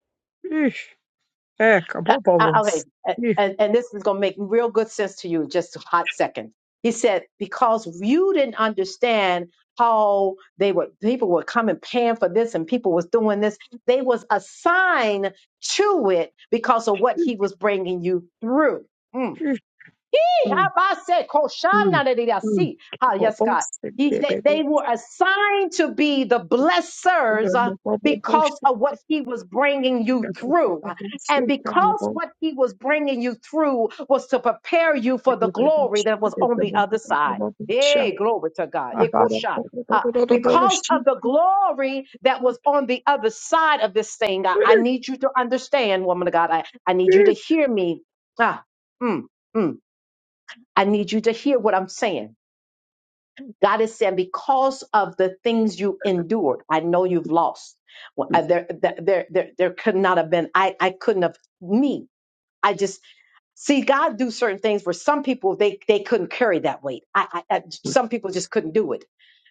Speaker 7: ish. Eh,
Speaker 1: Uh, uh, okay,
Speaker 7: kabababos.
Speaker 1: uh,
Speaker 7: Ih,
Speaker 1: and, and this is going to make real good sense to you in just a hot second. He said, because you didn't understand how they were, people were coming paying for this and people was doing this. They was assigned to it because of what he
Speaker 7: ish,
Speaker 1: was bringing you through. Mm.
Speaker 7: ish.
Speaker 1: He
Speaker 7: Mm,
Speaker 1: habase
Speaker 7: mm,
Speaker 1: koshana de dida
Speaker 7: mm.
Speaker 1: si. Ah, yes, God. He, they,
Speaker 7: Kababos,
Speaker 1: they were assigned to be the
Speaker 7: My
Speaker 1: blessers
Speaker 7: God.
Speaker 1: uh, because of what he was bringing you through. And because what he was bringing you through was to prepare you for the glory that was on the other side. Hey, glory to God. Eh, kosha. Uh, because of the glory that was on the other side of this thing, I, I need you to understand, woman of God. I, I need you to hear me. Ah, mm, mm. I need you to hear what I'm saying. God is saying, because of the things you endured, I know you've lost. Well, I- there, there, there, there there could not have been. I, I couldn't have me. I just See, God do certain things where some people they they couldn't carry that weight. I, I, I some people just couldn't do it.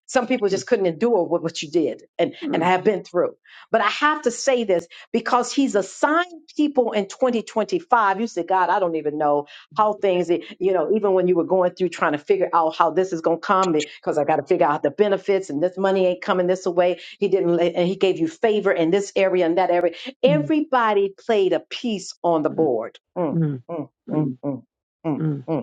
Speaker 1: Some people just couldn't endure what, what you did, and and I have been through. But I have to say this because He's assigned people in 2025. You said, God, I don't even know how things. e-" You know, even when you were going through trying to figure out how this is going to come, because I got to figure out the benefits, and this money ain't coming this way. He didn't, let- and He gave you favor in this area and that area. Everybody played a piece on the board. Mm. mm mm, mm, mm, mm.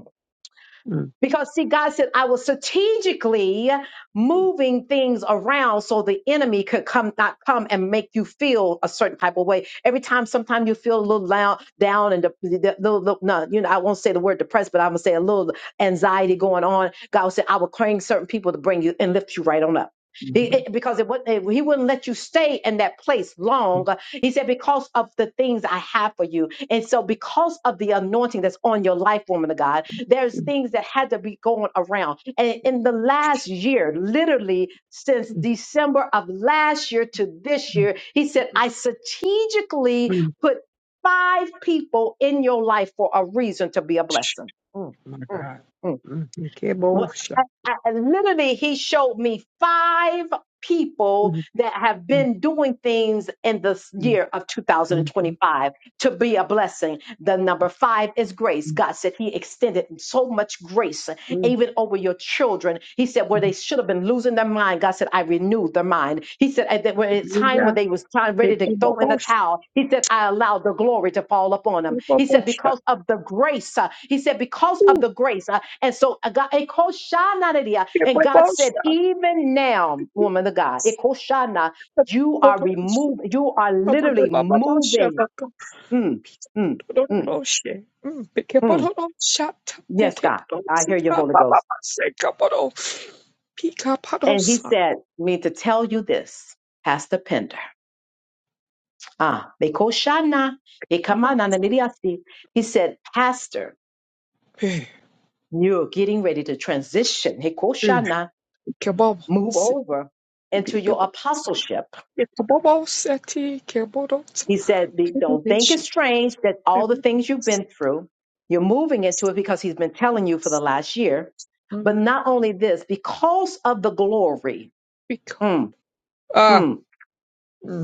Speaker 1: Because see, God said, I was strategically moving things around so the enemy could come, not come and make you feel a certain type of way. Every time, sometimes you feel a little loud, down and the, the, little, little- no, you know, I won't say the word depressed, but I'm gonna say a little anxiety going on. God said, I will claim certain people to bring you and lift you right on up. He- it- because it, wouldn't- it, he wouldn't let you stay in that place long. He said, because of the things I have for you. And so because of the anointing that's on your life, woman of God, there's things that had to be going around. And in the last year, literally since December of last year to this year, he said, I strategically put five people in your life for a reason to be a blessing. Mm, mm, mm.
Speaker 7: He came
Speaker 1: Well,
Speaker 7: bullshit.
Speaker 1: I, I, literally, he showed me five people
Speaker 7: Yeah.
Speaker 1: that have been doing things in
Speaker 7: He
Speaker 1: this
Speaker 7: came
Speaker 1: year of
Speaker 7: bullshit. He
Speaker 1: 2025 to be a blessing. The number five is grace. God said he extended so much grace even over your children. He said, where they should have been losing their mind, God said, I renewed their mind. He said, at the
Speaker 7: came
Speaker 1: time when
Speaker 7: bullshit.
Speaker 1: they was trying, ready
Speaker 7: Take
Speaker 1: to throw in the towel, he said, I allowed the glory to fall upon them. He said, because of the grace, uh, he said, because of the grace. uh, and so, uh, God, it Shana uh, and
Speaker 7: my
Speaker 1: God said,
Speaker 7: bullshit.
Speaker 1: even now, woman of God, it Shana,
Speaker 7: Ah,
Speaker 1: you are removed, you are literally moving. Mm, mm, mm, mm. Yes, God. I hear you, Holy Ghost. And he said me to tell you this, Pastor Pender. Ah, Mekoshana, Ekamana, Namiriasi. He said, Pastor, you're getting ready to transition. Hekoshana, move over into your apostleship. He said, "Be- Don't think it's strange that all the things you've been through, you're moving into it because he's been telling you for the last year. But not only this, because of the glory. Mm, mm.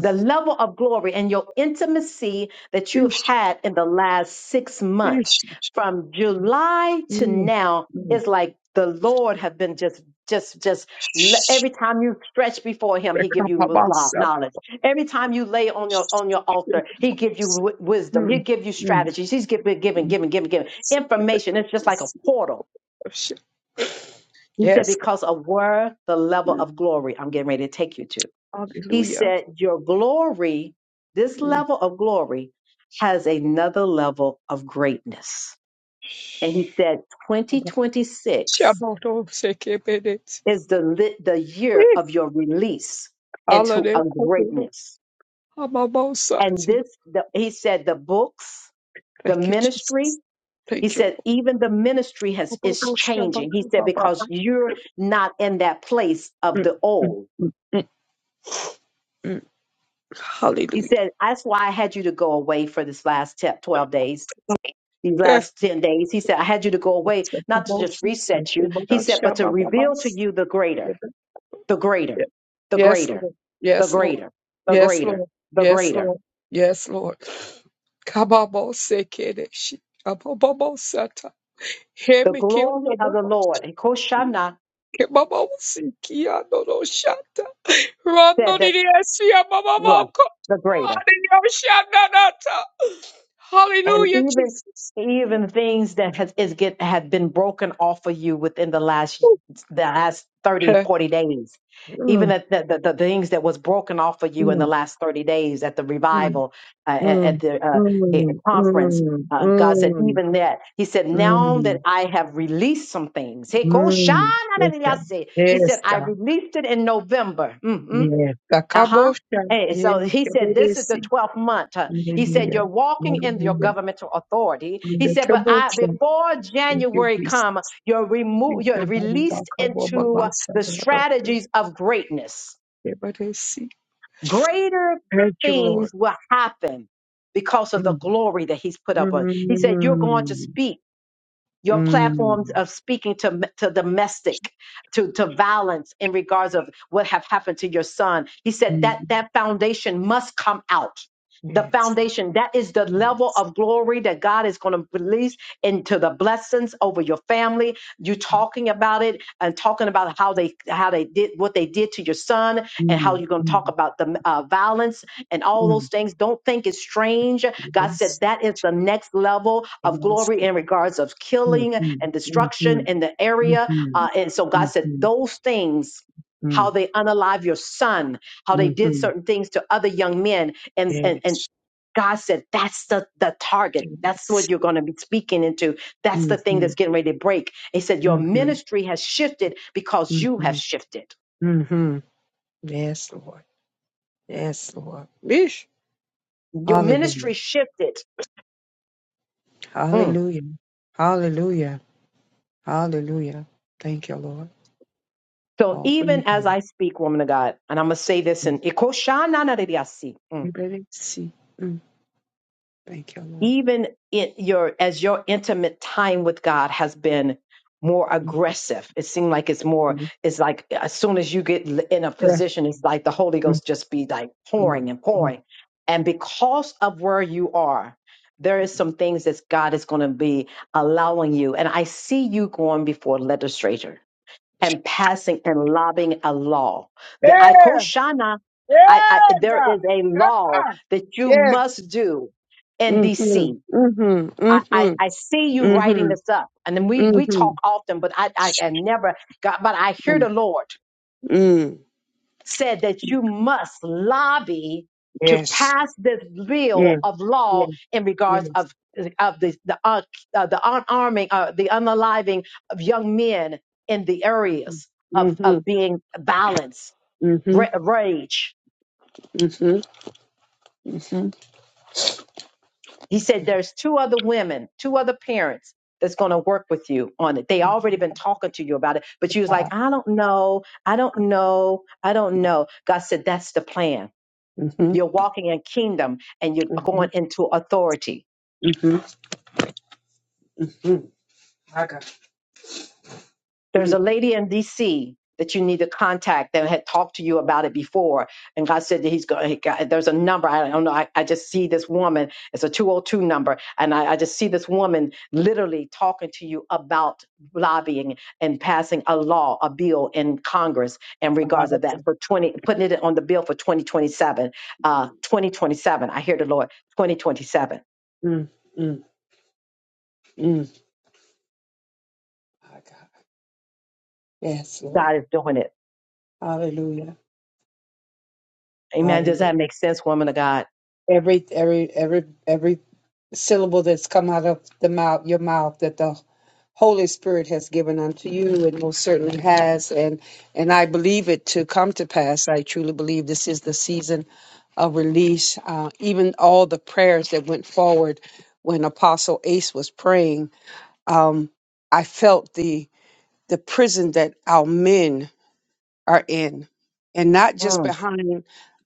Speaker 1: the level of glory and your intimacy that you have
Speaker 7: ish,
Speaker 1: had in the last six months
Speaker 7: ish,
Speaker 1: from july to now is like the lord have been just just just le- every time you stretch before him he give you lo- knowledge every time you lay on your on your altar he give you wi- wisdom he
Speaker 7: mm,
Speaker 1: give you
Speaker 7: mm,
Speaker 1: strategies he's giving
Speaker 7: shh,
Speaker 1: giving giving giving giving
Speaker 7: Thank you for
Speaker 1: information it's
Speaker 7: your
Speaker 1: just like a
Speaker 7: mercy.
Speaker 1: portal
Speaker 7: Worship.
Speaker 1: he said
Speaker 7: Yes. God.
Speaker 1: because of where the level
Speaker 7: Mm.
Speaker 1: of glory i'm getting ready to take you to he
Speaker 7: Hallelujah.
Speaker 1: said, Your glory, this
Speaker 7: Mm.
Speaker 1: level of glory, has another level of greatness. And he said, 2026
Speaker 7: Shaboto sekebedet.
Speaker 1: is the, li- the year
Speaker 7: Yes.
Speaker 1: of your release into
Speaker 7: Alane
Speaker 1: a
Speaker 7: kodoro
Speaker 1: greatness. And
Speaker 7: hamamosati.
Speaker 1: this, the, he said, the books, the
Speaker 7: Thank you,
Speaker 1: ministry,
Speaker 7: Jesus.
Speaker 1: he
Speaker 7: Thank you.
Speaker 1: said, even the ministry has is
Speaker 7: Obobo
Speaker 1: changing. He said,
Speaker 7: shabakababa.
Speaker 1: because you're not in that place of
Speaker 7: Mm,
Speaker 1: the
Speaker 7: mm,
Speaker 1: old.
Speaker 7: mm, mm, mm.
Speaker 1: He
Speaker 7: Hallelujah.
Speaker 1: said, that's why I had you to go away for this last te- 12 days these
Speaker 7: Eh.
Speaker 1: last 10 days. He said, I had you to go away, not to just
Speaker 7: Sekabosi,
Speaker 1: reset you. He
Speaker 7: sekeboda
Speaker 1: said, but to reveal to
Speaker 7: shabababas.
Speaker 1: you the greater, the greater, the
Speaker 7: Yes,
Speaker 1: greater,
Speaker 7: Lord.
Speaker 1: the
Speaker 7: Yes, Lord.
Speaker 1: greater, the
Speaker 7: Yes,
Speaker 1: greater,
Speaker 7: Lord.
Speaker 1: the
Speaker 7: Yes,
Speaker 1: greater,
Speaker 7: Lord. Yes, Lord. Kababose kereshi. Abababosata.
Speaker 1: the
Speaker 7: Hemeke
Speaker 1: glory of the
Speaker 7: obababos-
Speaker 1: Lord. And Koshana
Speaker 7: kebababosiki adoroshata.
Speaker 1: said that,
Speaker 7: Randoririesi
Speaker 1: yeah,
Speaker 7: abababoko.
Speaker 1: the greater.
Speaker 7: Adiyoshananata.
Speaker 1: and
Speaker 7: Hallelujah,
Speaker 1: even
Speaker 7: Jesus. Mm.
Speaker 1: even things that has is get have been broken off of you within the last the last thirty
Speaker 7: Okay.
Speaker 1: 40 days even
Speaker 7: Mm,
Speaker 1: that the, the, the things that was broken off of you in
Speaker 7: mm,
Speaker 1: the last 30 days at the
Speaker 7: mm,
Speaker 1: revival uh, at, at
Speaker 7: mm,
Speaker 1: the uh, eh,
Speaker 7: mm,
Speaker 1: conference
Speaker 7: mm,
Speaker 1: uh, God said,
Speaker 7: mm,
Speaker 1: even that. He said, now that
Speaker 7: mm,
Speaker 1: I have released some things. He ko- shana
Speaker 7: mm.
Speaker 1: da da da
Speaker 7: Okay.
Speaker 1: say. He said,
Speaker 7: Yes,
Speaker 1: I
Speaker 7: God.
Speaker 1: released it in November. Mhm.
Speaker 7: Yes.
Speaker 1: Uh-huh.
Speaker 7: Takabosha.
Speaker 1: And so he said, This is
Speaker 7: Yes.
Speaker 1: the 12th month. Uh, He said,
Speaker 7: Hallelujah.
Speaker 1: You're walking in your
Speaker 7: Hallelujah.
Speaker 1: governmental authority.
Speaker 7: In
Speaker 1: He
Speaker 7: the
Speaker 1: said, But
Speaker 7: trouble of
Speaker 1: I before
Speaker 7: thank you,
Speaker 1: January
Speaker 7: Jesus.
Speaker 1: come, you're
Speaker 7: Thank
Speaker 1: removed, you're
Speaker 7: you, Baba,
Speaker 1: released
Speaker 7: Baka, Baba,
Speaker 1: into
Speaker 7: Basa,
Speaker 1: the
Speaker 7: Baba,
Speaker 1: strategies of greatness.
Speaker 7: Everybody see.
Speaker 1: Greater
Speaker 7: Thank you, Lord.
Speaker 1: things will happen because of the
Speaker 7: Mm,
Speaker 1: glory that he's put up on. He said, You're going to
Speaker 7: mm,
Speaker 1: speak your
Speaker 7: mm,
Speaker 1: platforms of speaking to to domestic to to violence in regards of what have happened to your son he said that
Speaker 7: mm.
Speaker 1: that foundation must come out the
Speaker 7: Yes,
Speaker 1: foundation that is the level
Speaker 7: yes.
Speaker 1: of glory that god is going to release into the blessings over your family you talking about it and talking about how they how they did what they did to your son and how
Speaker 7: Mm,
Speaker 1: you're going to talk
Speaker 7: mm,
Speaker 1: about the uh, violence and all those
Speaker 7: mm.
Speaker 1: things. Don't think it's strange. God
Speaker 7: Yes,
Speaker 1: said that is the next level of glory
Speaker 7: yes.
Speaker 1: in regards of
Speaker 7: Mm,
Speaker 1: killing
Speaker 7: mm,
Speaker 1: and destruction
Speaker 7: mm,
Speaker 1: in the area.
Speaker 7: mhm,
Speaker 1: Uh, and so God said
Speaker 7: mhm,
Speaker 1: those things. How
Speaker 7: mm,
Speaker 1: they unalive your son, how they did
Speaker 7: mhm.
Speaker 1: certain things to other young men, and and and
Speaker 7: Yes,
Speaker 1: God said, that's the, the target. That's what
Speaker 7: yes.
Speaker 1: you're going to be speaking into. That's the thing
Speaker 7: Mm-hmm.
Speaker 1: that's getting ready to break. He said, Your
Speaker 7: Mm-hmm.
Speaker 1: ministry has shifted because you have shifted.
Speaker 7: Mm-hmm. Yes, Lord. Yes, Lord. Yeesh.
Speaker 1: Your
Speaker 7: Hallelujah.
Speaker 1: ministry shifted. Mm.
Speaker 7: Hallelujah. Hallelujah. Hallelujah. Thank you, Lord.
Speaker 1: So
Speaker 7: All for your
Speaker 1: even as
Speaker 7: glory.
Speaker 1: I speak, woman of God, and I'm gonna say this
Speaker 7: Mm.
Speaker 1: in Ikoshananarediasi, mm,
Speaker 7: Everybody see. Mm. Thank you, Lord.
Speaker 1: even in your as your intimate time with God has been more
Speaker 7: Mm.
Speaker 1: aggressive. It seemed like it's more,
Speaker 7: Mm.
Speaker 1: it's like as soon as you get l- in a
Speaker 7: Yeah.
Speaker 1: position, it's like the Holy
Speaker 7: Mm.
Speaker 1: Ghost just be like
Speaker 7: Mm.
Speaker 1: pouring and
Speaker 7: Mm.
Speaker 1: pouring. And because of where you are, there is some things that God is going to be allowing you. And I see you going before legislators. and passing and lobbying a law. The
Speaker 7: Yeah.
Speaker 1: Ikoshana, I, I,
Speaker 7: Yeah,
Speaker 1: there
Speaker 7: God.
Speaker 1: is a
Speaker 7: Come
Speaker 1: law
Speaker 7: on.
Speaker 1: that you
Speaker 7: Yes.
Speaker 1: must do in
Speaker 7: Mm-hmm.
Speaker 1: DC.
Speaker 7: Mm-hmm.
Speaker 1: I, I,
Speaker 7: Mm-hmm.
Speaker 1: I see you writing
Speaker 7: Mm-hmm.
Speaker 1: this up. And then we, we talk
Speaker 7: Mm-hmm.
Speaker 1: often, but I, I, I never got, but I hear
Speaker 7: Mm.
Speaker 1: the Lord
Speaker 7: Mm.
Speaker 1: said that you must lobby to
Speaker 7: Yes.
Speaker 1: pass this
Speaker 7: Yeah.
Speaker 1: bill of
Speaker 7: Yeah.
Speaker 1: law in regards
Speaker 7: Yes.
Speaker 1: of of the the uh, uh, the unarming uh, the unaliving of young men in the
Speaker 7: Mm-hmm.
Speaker 1: areas of
Speaker 7: Mm-hmm.
Speaker 1: of being violence ra- rage.
Speaker 7: Mm-hmm. Mm-hmm.
Speaker 1: He said there's two other women, two other parents that's going to work with you on it. They already been talking to you about it, but you was like, I don't know, I don't know, I don't know. God said that's the plan
Speaker 7: Mm-hmm.
Speaker 1: You're walking in kingdom and you're going
Speaker 7: Mm-hmm.
Speaker 1: into authority.
Speaker 7: Mm-hmm. My God.
Speaker 1: There's
Speaker 7: Mm.
Speaker 1: a lady in DC that you need to contact that had talked to you about it before. And God said that he's going, he got, there's a number. I don't know. I, I just see this woman. It's a 202 number. And I, I just see this woman literally talking to you about lobbying and passing a law, a bill in Congress in
Speaker 7: My
Speaker 1: regards of that
Speaker 7: God.
Speaker 1: for 20, putting it on the bill for 2027,
Speaker 7: Mm.
Speaker 1: uh, 2027. I hear the Lord, 2027.
Speaker 7: Mm. Mm. Mm. My God. Yes, Lord.
Speaker 1: God is doing it.
Speaker 7: Hallelujah.
Speaker 1: Amen. Does
Speaker 7: Hallelujah.
Speaker 1: that make sense, woman of God?
Speaker 7: Every every every every syllable that's come out of the mouth, your mouth, that the Holy Spirit has given unto you, and most certainly has, and and I believe it to come to pass. I truly believe this is the season of release. Uh, even all the prayers that went forward when Apostle Ace was praying, um, I felt the the prison that our men are in, and not just
Speaker 1: Mm,
Speaker 7: behind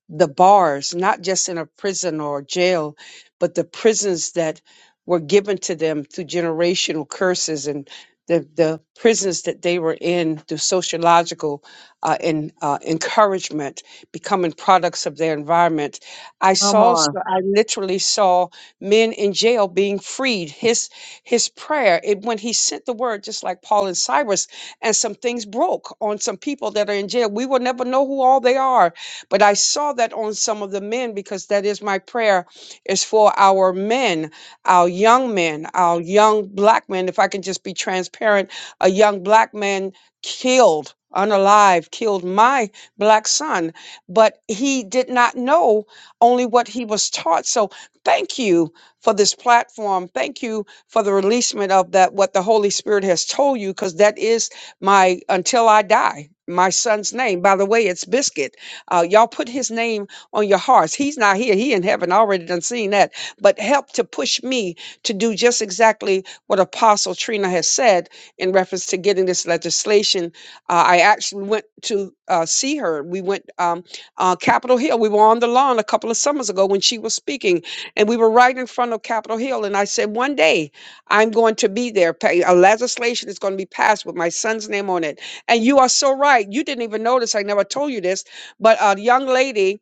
Speaker 7: the bars, not just in a prison or jail, but the prisons that were given to them through generational curses and the, the prisons that they were in through sociological uh, and uh, encouragement, becoming products of their environment. I
Speaker 1: come
Speaker 7: saw, so
Speaker 1: on.
Speaker 7: I literally saw men in jail being freed. His his prayer, it, when he sent the word, just like Paul and Cyrus, and some things broke on some people that are in jail. We will never know who all they are but I saw that on some of the men because that is my prayer is for our men, our young men, our young black men. If I can just be transparent, a young black man killed, unalive, killed my black son, but he did not know only what he was taught. So thank you for this platform. Thank you for the releasement of that, what the Holy Spirit has told you, because that is my until I die. My son's name. By the way, it's Biscuit. Uh, y'all put his name on your hearts. He's not here. He in heaven already done seen that. But help to push me to do just exactly what Apostle Trina has said in reference to getting this legislation. Uh, I actually went to uh, see her. We went um, uh, Capitol Hill. We were on the lawn a couple of summers ago when she was speaking, and we were right in front of Capitol Hill. And I said, one day I'm going to be there. Pa- A legislation is going to be passed with my son's name on it. And you are so right. You didn't even notice. I never told you this but a young lady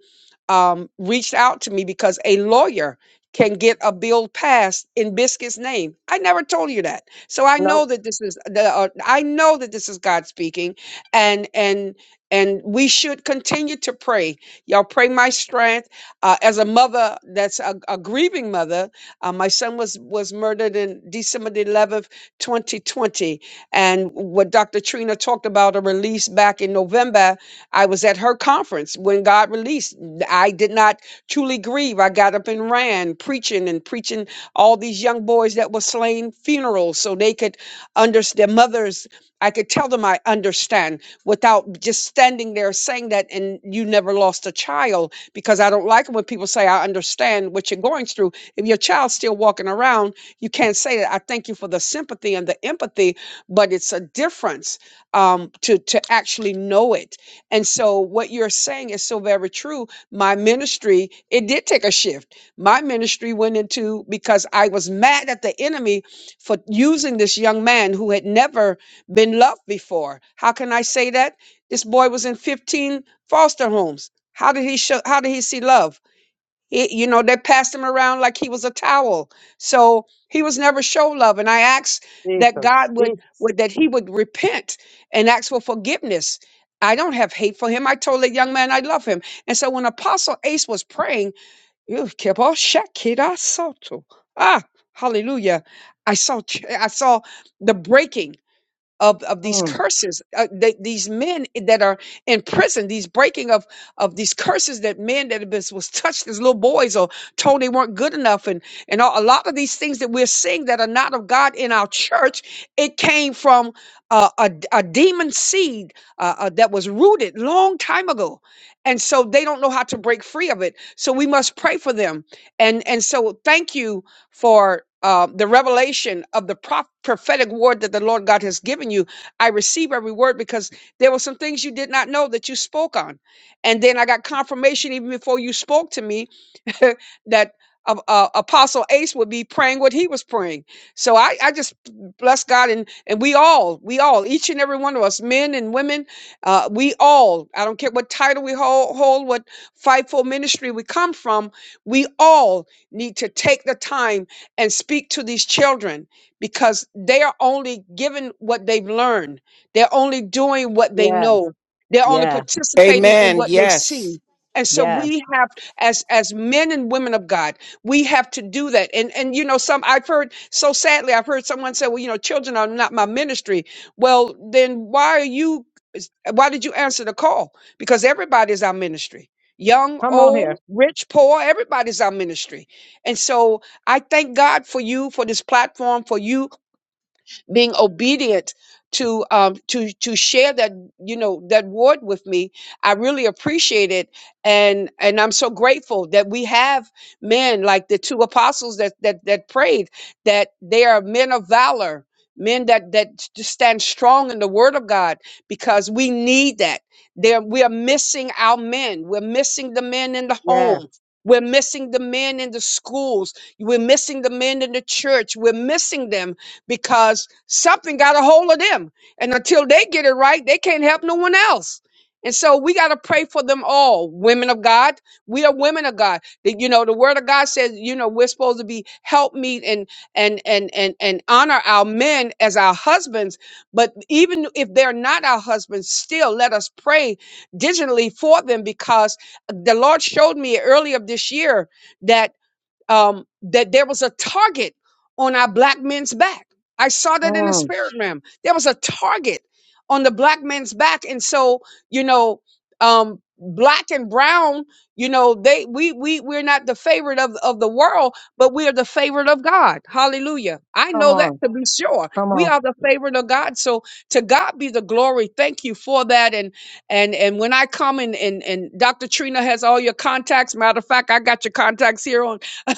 Speaker 7: um, reached out to me because a lawyer can get a bill passed in Biscuit's name. I never told you that, so I know
Speaker 1: Nope.
Speaker 7: that this is the. Uh, I know that this is God speaking, and and and we should continue to pray. Y'all pray my strength uh, as a mother that's a, a grieving mother. Uh, my son was was murdered in December the 11th, 2020, and what Dr. Trina talked about a release back in November I was at her conference when God released. I did not truly grieve. I got up and ran, preaching and preaching all these young boys that were slain funerals so they could understand their mothers. I could tell them I understand without just standing there saying that and you never lost a child because I don't like it when people say I understand what you're going through. If your child's still walking around, you can't say that. I thank you for the sympathy and the empathy, but it's a difference um, to to actually know it and so what you're saying is so very true. My ministry, it did take a shift. My ministry went into because I was mad at the enemy for using this young man who had never been loved before. How can I say that? This boy was in 15 foster homes. How did he show how did he see love? It, you know, they passed him around like he was a towel. So he was never show love. And I asked that
Speaker 1: Jesus.
Speaker 7: God would,
Speaker 1: Jesus.
Speaker 7: would that he would repent and ask for forgiveness. I don't have hate for him. I told that young man I love him. And so when Apostle Ace was praying, "Ew, kebo shakira soto." ah, hallelujah. I saw ch- I saw the breaking of of these
Speaker 1: Mm,
Speaker 7: curses uh, that these men that are in prison these breaking of of these curses that men that have been was touched as little boys or told they weren't good enough and and a a lot of these things that we're seeing that are not of god in our church it came from uh, a, d- a demon seed uh, uh, that was rooted long time ago and so they don't know how to break free of it so we must pray for them and and so thank you for uh, the revelation of the prop- prophetic word that the Lord God has given you. I receive every word because there were some things you did not know that you spoke on. And then I got confirmation even before you spoke to me [LAUGHS] that uh, uh, Apostle Ace would be praying what he was praying. So I, I just bless God and and we all, we all, each and every one of us, men and women, uh, we all. I don't care what title we hold, hold what fightful ministry we come from. We all need to take the time and speak to these children because they are only given what they've learned. They're only doing what they
Speaker 1: yes.
Speaker 7: know. They're only
Speaker 1: Yes.
Speaker 7: participating in
Speaker 3: Amen.
Speaker 7: what they
Speaker 3: Yes.
Speaker 7: see. And so
Speaker 1: Yes.
Speaker 7: we have as as men and women of God. We have to do that. And and you know, some I've heard so sadly, I've heard someone say, "Well, you know, children are not my ministry." Well, then why are you? Why did you answer the call? Because everybody is our ministry. Young,
Speaker 1: Come on
Speaker 7: old,
Speaker 1: here.
Speaker 7: rich, poor, everybody's our ministry. And so I thank God for you, for this platform, for you being obedient to um to to share that you know that word with me i really appreciate it and and i'm so grateful that we have men like the two apostles that that that prayed that they are men of valor men that that s- stand strong in the word of god because we need that there we are missing our men we're missing the men in the
Speaker 1: Yes.
Speaker 7: home we're missing the men in the schools. We're missing the men in the church. We're missing them because something got a hold of them. And until they get it right, they can't help no one else. And so we got to pray for them all, women of God. We are women of God. The- you know, the word of God says, you know, we're supposed to be helpmeet and and and and and honor our men as our husbands. But even if they're not our husbands, still let us pray diligently for them because the Lord showed me earlier this year that um, that there was a target on our black men's back. I saw that in the
Speaker 1: Mm,
Speaker 7: spirit realm. There was a target on the black men's back, and so you know, um, black and brown, you know, they we we we're not the favorite of of the world, but we are the favorite of God. Hallelujah! I
Speaker 1: come
Speaker 7: know that
Speaker 1: on.
Speaker 7: to be sure.
Speaker 1: Come on.
Speaker 7: We are the favorite of God. So to God be the glory. Thank you for that. And and and when I come and and and Dr. Trina has all your contacts. Matter of fact, I got your contacts here on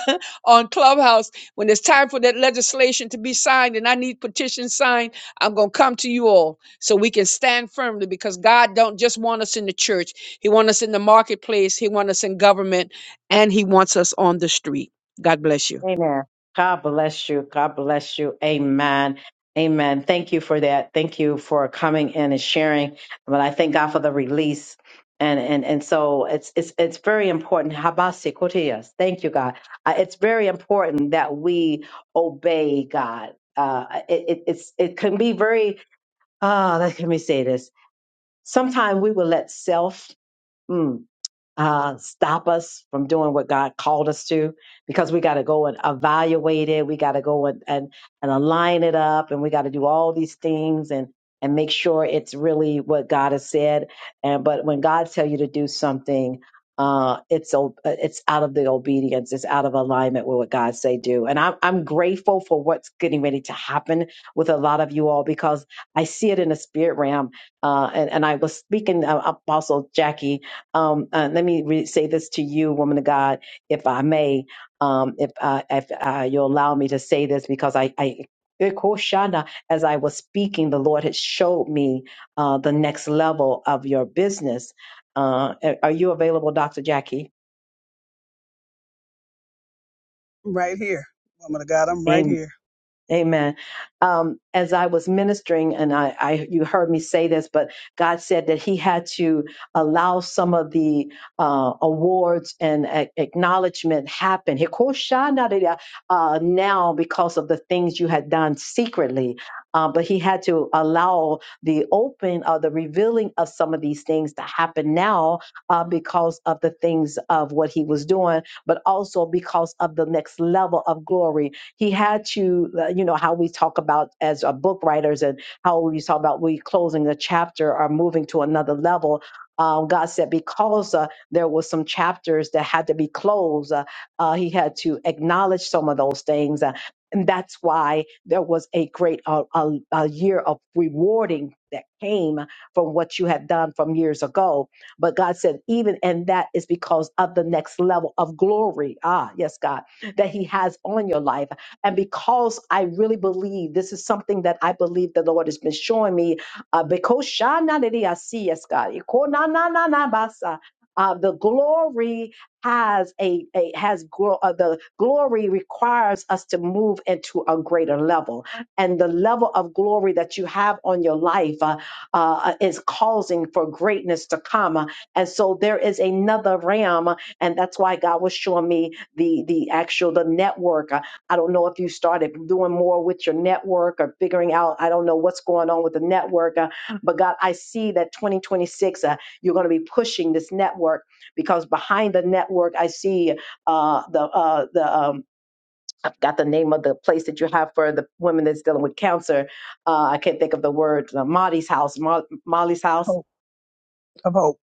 Speaker 7: [LAUGHS] on Clubhouse when it's time for that legislation to be signed and I need petitions signed, I'm going to come to you all so we can stand firmly because God don't just want us in the church. He wants us in the marketplace, he wants us in government, and he wants us on the street. God bless you.
Speaker 1: Amen. God bless you. God bless you. Amen. Amen. Thank you for that. Thank you for coming in and sharing. But I thank God for the release. And and and so it's it's it's very important. Habasi kotias. Thank you, God. Uh, it's very important that we obey God. Uh, it, it it's it can be very. Uh, let me say this. Sometimes we will let self. hmm, uh, stop us from doing what God called us to because we got to go and evaluate it. We got to go and, and, and align it up and we got to do all these things and, and make sure it's really what God has said. And, but when God tell you to do something, uh, it's, o- it's out of the obedience. It's out of alignment with what God say do. And I'm, I'm grateful for what's getting ready to happen with a lot of you all because I see it in the spirit realm. Uh, and, and I was speaking, uh, Apostle Jackie, um, uh, let me re- say this to you, woman of God, if I may, um, if uh, if uh, you'll allow me to say this, because I, I Ekoshana, as I was speaking, the Lord had showed me uh, the next level of your business. Uh, are you available, Dr. Jackie?
Speaker 5: I'm right here. Woman of God, I'm right
Speaker 1: Amen.
Speaker 5: here.
Speaker 1: Amen. Um, as I was ministering, and I, I, you heard me say this, but God said that He had to allow some of the uh, awards and a- acknowledgement happen. Hikoshanadida, Uh, now, because of the things you had done secretly, uh, but He had to allow the open or the revealing of some of these things to happen now uh, because of the things of what He was doing, but also because of the next level of glory he had to, uh, you know, how we talk about as a book writers and how we talk about we closing a chapter or moving to another level. Um, God said because uh, there was some chapters that had to be closed, uh, uh, he had to acknowledge some of those things. uh, and that's why there was a great uh, a, a year of rewarding that came from what you had done from years ago. But God said, even and that is because of the next level of glory. Ah, yes, God, that He has on your life and because I really believe this is something that I believe the Lord has been showing me, uh, because Shana Didi Asi, yes, God, Iko na na na na basa. Uh, the glory has a, a has glo- uh, the glory requires us to move into a greater level, and the level of glory that you have on your life uh, uh, is causing for greatness to come. And so there is another realm, and that's why God was showing me the the actual the network. I don't know if you started doing more with your network or figuring out, I don't know what's going on with the network. uh, but God, I see that 2026, uh, you're going to be pushing this network because behind the network, I see uh, the, uh, the, um, I've got the name of the place that you have for the women that's dealing with cancer. Uh, I can't think of the word. Uh, Marty's house, Mo- Molly's house
Speaker 5: Hope of hope.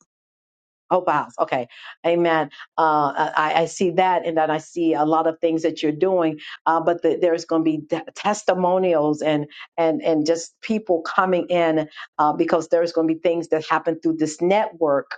Speaker 1: Oh, Bowles. Okay. Amen. Uh, I, I see that. And then I see a lot of things that you're doing, uh, but the, there's going to be t- testimonials and, and, and just people coming in uh, because there's going to be things that happen through this network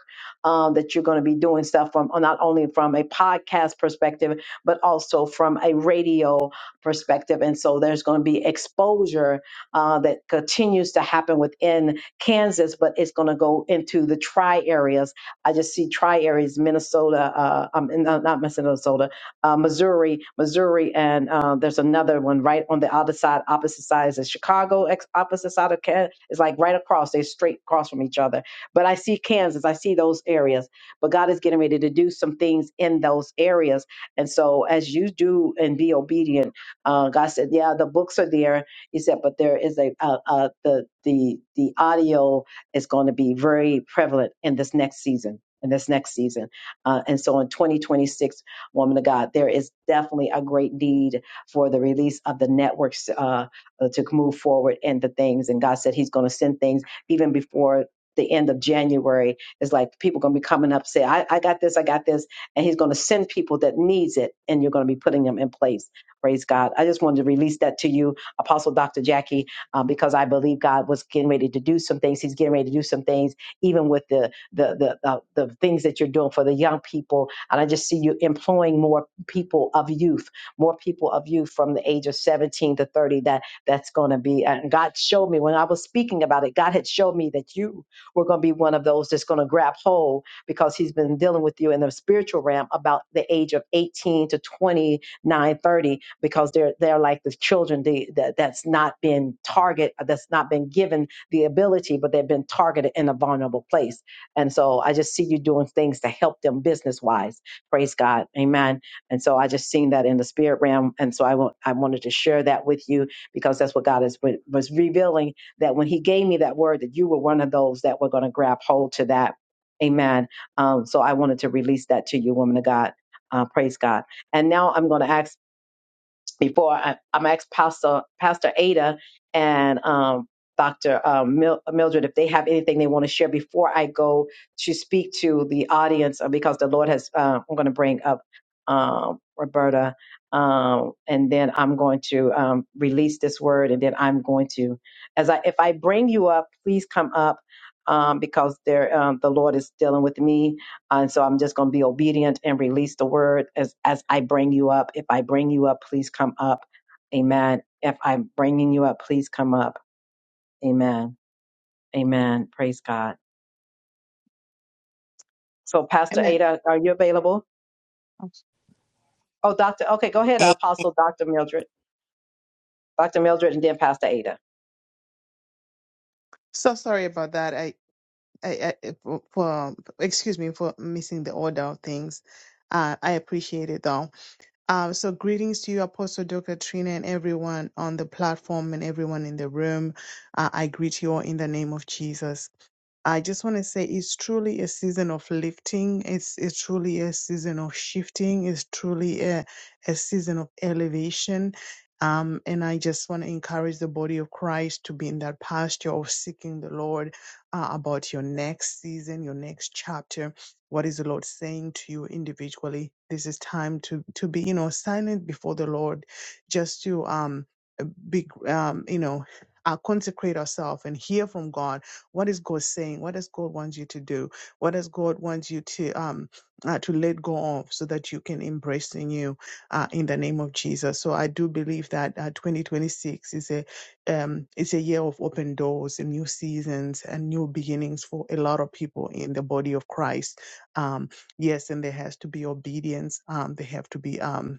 Speaker 1: um, that you're going to be doing stuff from, uh, not only from a podcast perspective, but also from a radio perspective. And so there's going to be exposure uh, that continues to happen within Kansas, but it's going to go into the tri areas I just see tri areas, Minnesota, uh, um, and, uh, not Minnesota, uh, Missouri, Missouri, and uh, there's another one right on the other side, opposite sides of Chicago, ex- opposite side of Can It's like right across, they're straight across from each other. But I see Kansas, I see those areas. But God is getting ready to do some things in those areas. And so as you do and be obedient, uh, God said, yeah, the books are there. He said, but there is a, uh, uh, the, the, the audio is going to be very prevalent in this next season. In this next season. Uh, and so in 2026, woman of God, there is definitely a great need for the release of the networks uh, uh, to move forward in the things. And God said He's going to send things even before the end of January. It's like people going to be coming up, say, I, I got this, I got this. And He's going to send people that needs it, and you're going to be putting them in place. Praise God. I just wanted to release that to you, Apostle Dr. Jackie um, because I believe God was getting ready to do some things. He's getting ready to do some things, even with the the the uh, the things that you're doing for the young people. And I just see you employing more people of youth, more people of youth from the age of 17 to 30. That that's going to be. And God showed me when I was speaking about it. God had showed me that you were going to be one of those that's going to grab hold because He's been dealing with you in the spiritual realm about the age of 18 to 20 9:30 because they're they're like the children the, that that's not been target that's not been given the ability, but they've been targeted in a vulnerable place. And so I just see you doing things to help them business wise. Praise God, Amen. And so I just seen that in the spirit realm, and so I want I wanted to share that with you because that's what God is was revealing that when He gave me that word that you were one of those that were going to grab hold to that. Amen. Um, so I wanted to release that to you, woman of God. Uh, praise God. And now I'm going to ask before I, I'm going to ask Pastor Pastor Ada and um, Dr. Um, Mil- Mildred if they have anything they want to share before I go to speak to the audience uh, because the Lord has uh, I'm going to bring up um, Roberta um, and then I'm going to um, release this word and then I'm going to as I if I bring you up please come up um, because there um, the Lord is dealing with me and so I'm just going to be obedient and release the word as, as I bring you up. If I bring you up, please come up. Amen. If I'm bringing you up, please come up. Amen. Amen. Praise God. So, Pastor
Speaker 8: Amen.
Speaker 1: Ada, are you available? Oh, Dr. Okay, go ahead,
Speaker 9: Hey,
Speaker 1: Apostle Dr. Mildred. Dr. Mildred, and then Pastor Ada.
Speaker 8: So sorry about that. I, I, I for, for- excuse me for missing the order of things. Uh, I appreciate it though. Um, so greetings to you, Apostle Dr. Trina, and everyone on the platform and everyone in the room. Uh, I greet you all in the name of Jesus. I just want to say it's truly a season of lifting. It's, it's truly a season of shifting. It's truly a, a season of elevation. Um, and I just want to encourage the body of Christ to be in that posture of seeking the Lord uh, about your next season, your next chapter. What is the Lord saying to you individually? This is time to to be, you know, silent before the Lord, just to um be um, you know uh, consecrate ourselves and hear from god what is god saying what does god want you to do what does god want you to um uh, to let go of so that you can embrace the new uh, in the name of jesus so i do believe that uh, 2026 is a um it's a year of open doors and new seasons and new beginnings for a lot of people in the body of christ um yes and there has to be obedience um there have to be um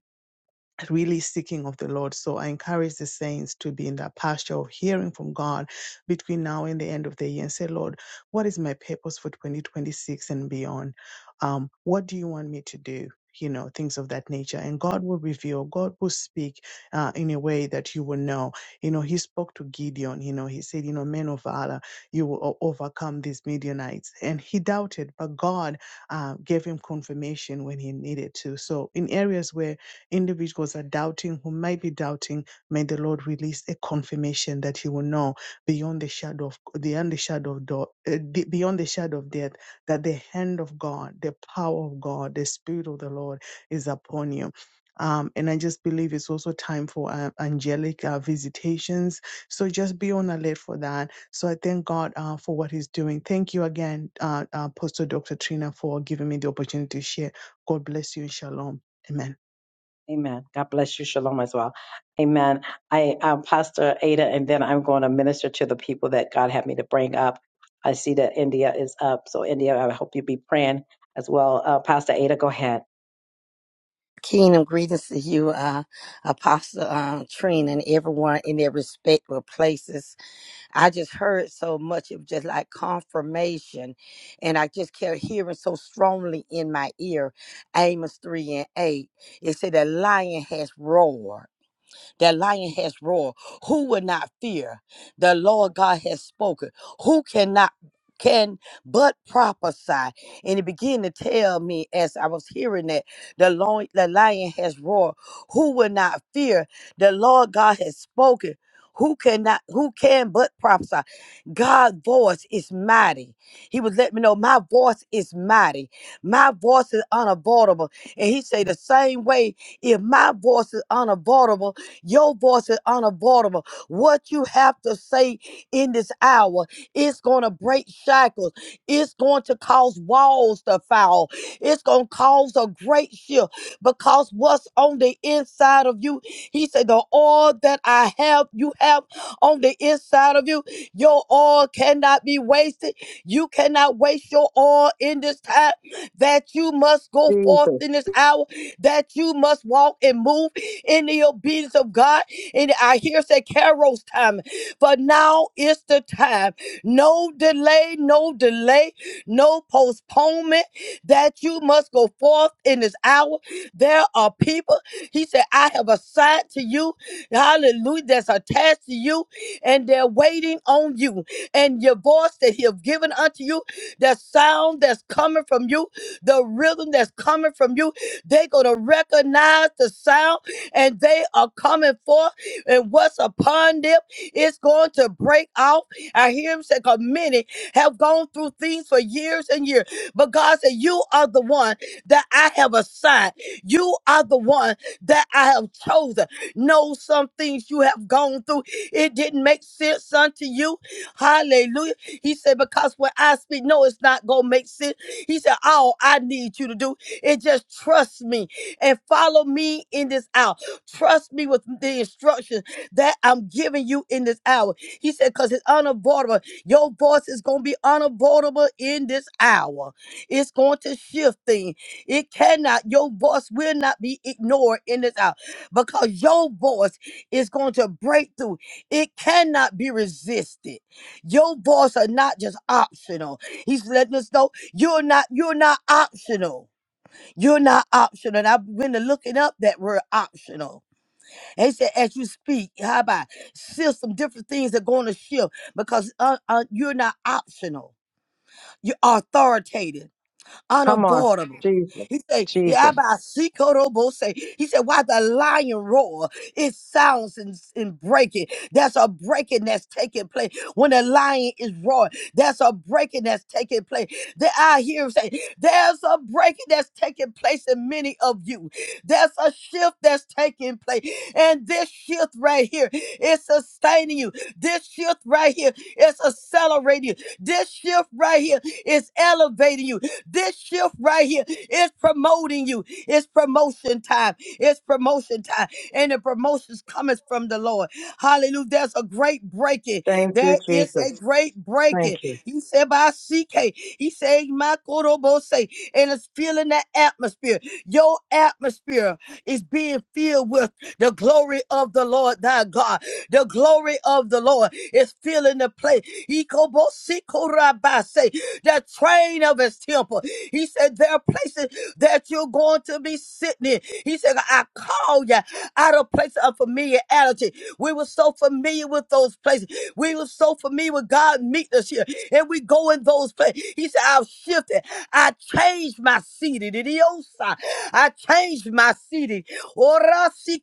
Speaker 8: really seeking of the Lord. So I encourage the saints to be in that posture of hearing from God between now and the end of the year and say, Lord, what is my purpose for 2026 and beyond? Um, what do you want me to do? You know, things of that nature. And God will reveal, God will speak uh, in a way that you will know. You know, He spoke to Gideon, you know, He said, You know, men of valor, you will o- overcome these Midianites. And he doubted, but God uh, gave him confirmation when he needed to. So, in areas where Individuals are doubting, who might be doubting, may the Lord release a confirmation that He will know beyond the shadow of beyond the shadow of do- uh, de- beyond the shadow of death that the hand of God, the power of God, the Spirit of the Lord is upon you. Um, and I just believe it's also time for uh, angelic uh, visitations. So just be on alert for that. So I thank God uh, for what He's doing. Thank you again, uh, uh, Apostle Dr. Trina, for giving me the opportunity to share. God bless you and shalom. Amen.
Speaker 1: Amen. God bless you. Shalom as well. Amen. I, um, Pastor Ada, and then I'm going to minister to the people that God had me to bring up. I see that India is up. So, India, I hope you be praying as well. Uh, Pastor Ada, go ahead.
Speaker 9: kingdom greetings to you, uh, Apostle uh, Trina, and everyone in their respective places. I just heard so much of just like confirmation, and I just kept hearing so strongly in my ear Amos 3 and 8. It said, The lion has roared. That lion has roared. Who will not fear? The Lord God has spoken. Who cannot can but prophesy? And it began to tell me as I was hearing that the lion, the lion has roared. Who will not fear? The Lord God has spoken. Who cannot? Who can but prophesy? God's voice is mighty. He was letting me know my voice is mighty. My voice is unavoidable. And he say the same way, if my voice is unavoidable, your voice is unavoidable. What you have to say in this hour, it's going to break shackles. It's going to cause walls to fall. It's going to cause a great shift because what's on the inside of you, he said, the oil that I have, you have on the inside of you, your oil cannot be wasted. You cannot waste your oil in this time that you must go forth
Speaker 1: Jesus.
Speaker 9: in this hour, that you must walk and move in the obedience of God. And I hear say Carol's time, but now is the time. No delay, no delay, no postponement that you must go forth in this hour. There are people, he said, I have assigned to you, hallelujah, that's attached to you, and they're waiting on you. And your voice that he have given unto you, the sound that's coming from you, the rhythm that's coming from you, they're going to recognize the sound and they are coming forth, and what's upon them is going to break out. I hear him say, because many have gone through things for years and years, but God said, You are the one that I have assigned, you are the one that I have chosen. Know some things you have gone through, it didn't make sense unto you. Hallelujah. He said, Because when I speak, no, it's not going to make sense. He said, All I need you to do is just trust me and follow me in this hour. Trust me with the instructions that I'm giving you in this hour. He said, because it's unavoidable. Your voice is going to be unavoidable in this hour. It's going to shift things. It cannot, your voice will not be ignored in this hour because your voice is going to break through. It cannot be resisted. Your voice are not just optional. He's letting us know you're not, you're not optional. You're not optional. And I've been looking up that word optional and he said, as you speak, how about shift some different things that are going to shift because uh, uh, you're not optional. You're authoritative
Speaker 1: Come on.
Speaker 9: unavoidable. He
Speaker 1: Jesus.
Speaker 9: said,
Speaker 1: Jesus.
Speaker 9: say He said, why the lion roar? It sounds and, and breaking. That's a breaking that's taking place. When the lion is roaring, that's a breaking that's taking place. That I hear him say, there's a breaking that's taking place in many of you. There's a shift that's taking place. And this shift right here is sustaining you. This shift right here is accelerating you. This shift right here is elevating you. This shift right here is promoting you. It's promotion time. It's promotion time. And the promotions cometh from the Lord. Hallelujah. There's a great breaking.
Speaker 1: Thank you,
Speaker 9: There is a
Speaker 1: Jesus.
Speaker 9: great breaking.
Speaker 1: Thank you.
Speaker 9: He said by CK. He said my Korobose. And it's filling the atmosphere. Your atmosphere is being filled with the glory of the Lord thy God. The glory of the Lord is filling the place. Ikobosikorabase the train of his temple. He said, There are places that you're going to be sitting in. He said, I call you out of places of familiarity. We were so familiar with those places. We were so familiar with God meeting us here. And we go in those places. He said, I've shifted. I changed my seating. Idiosa. I changed my seating.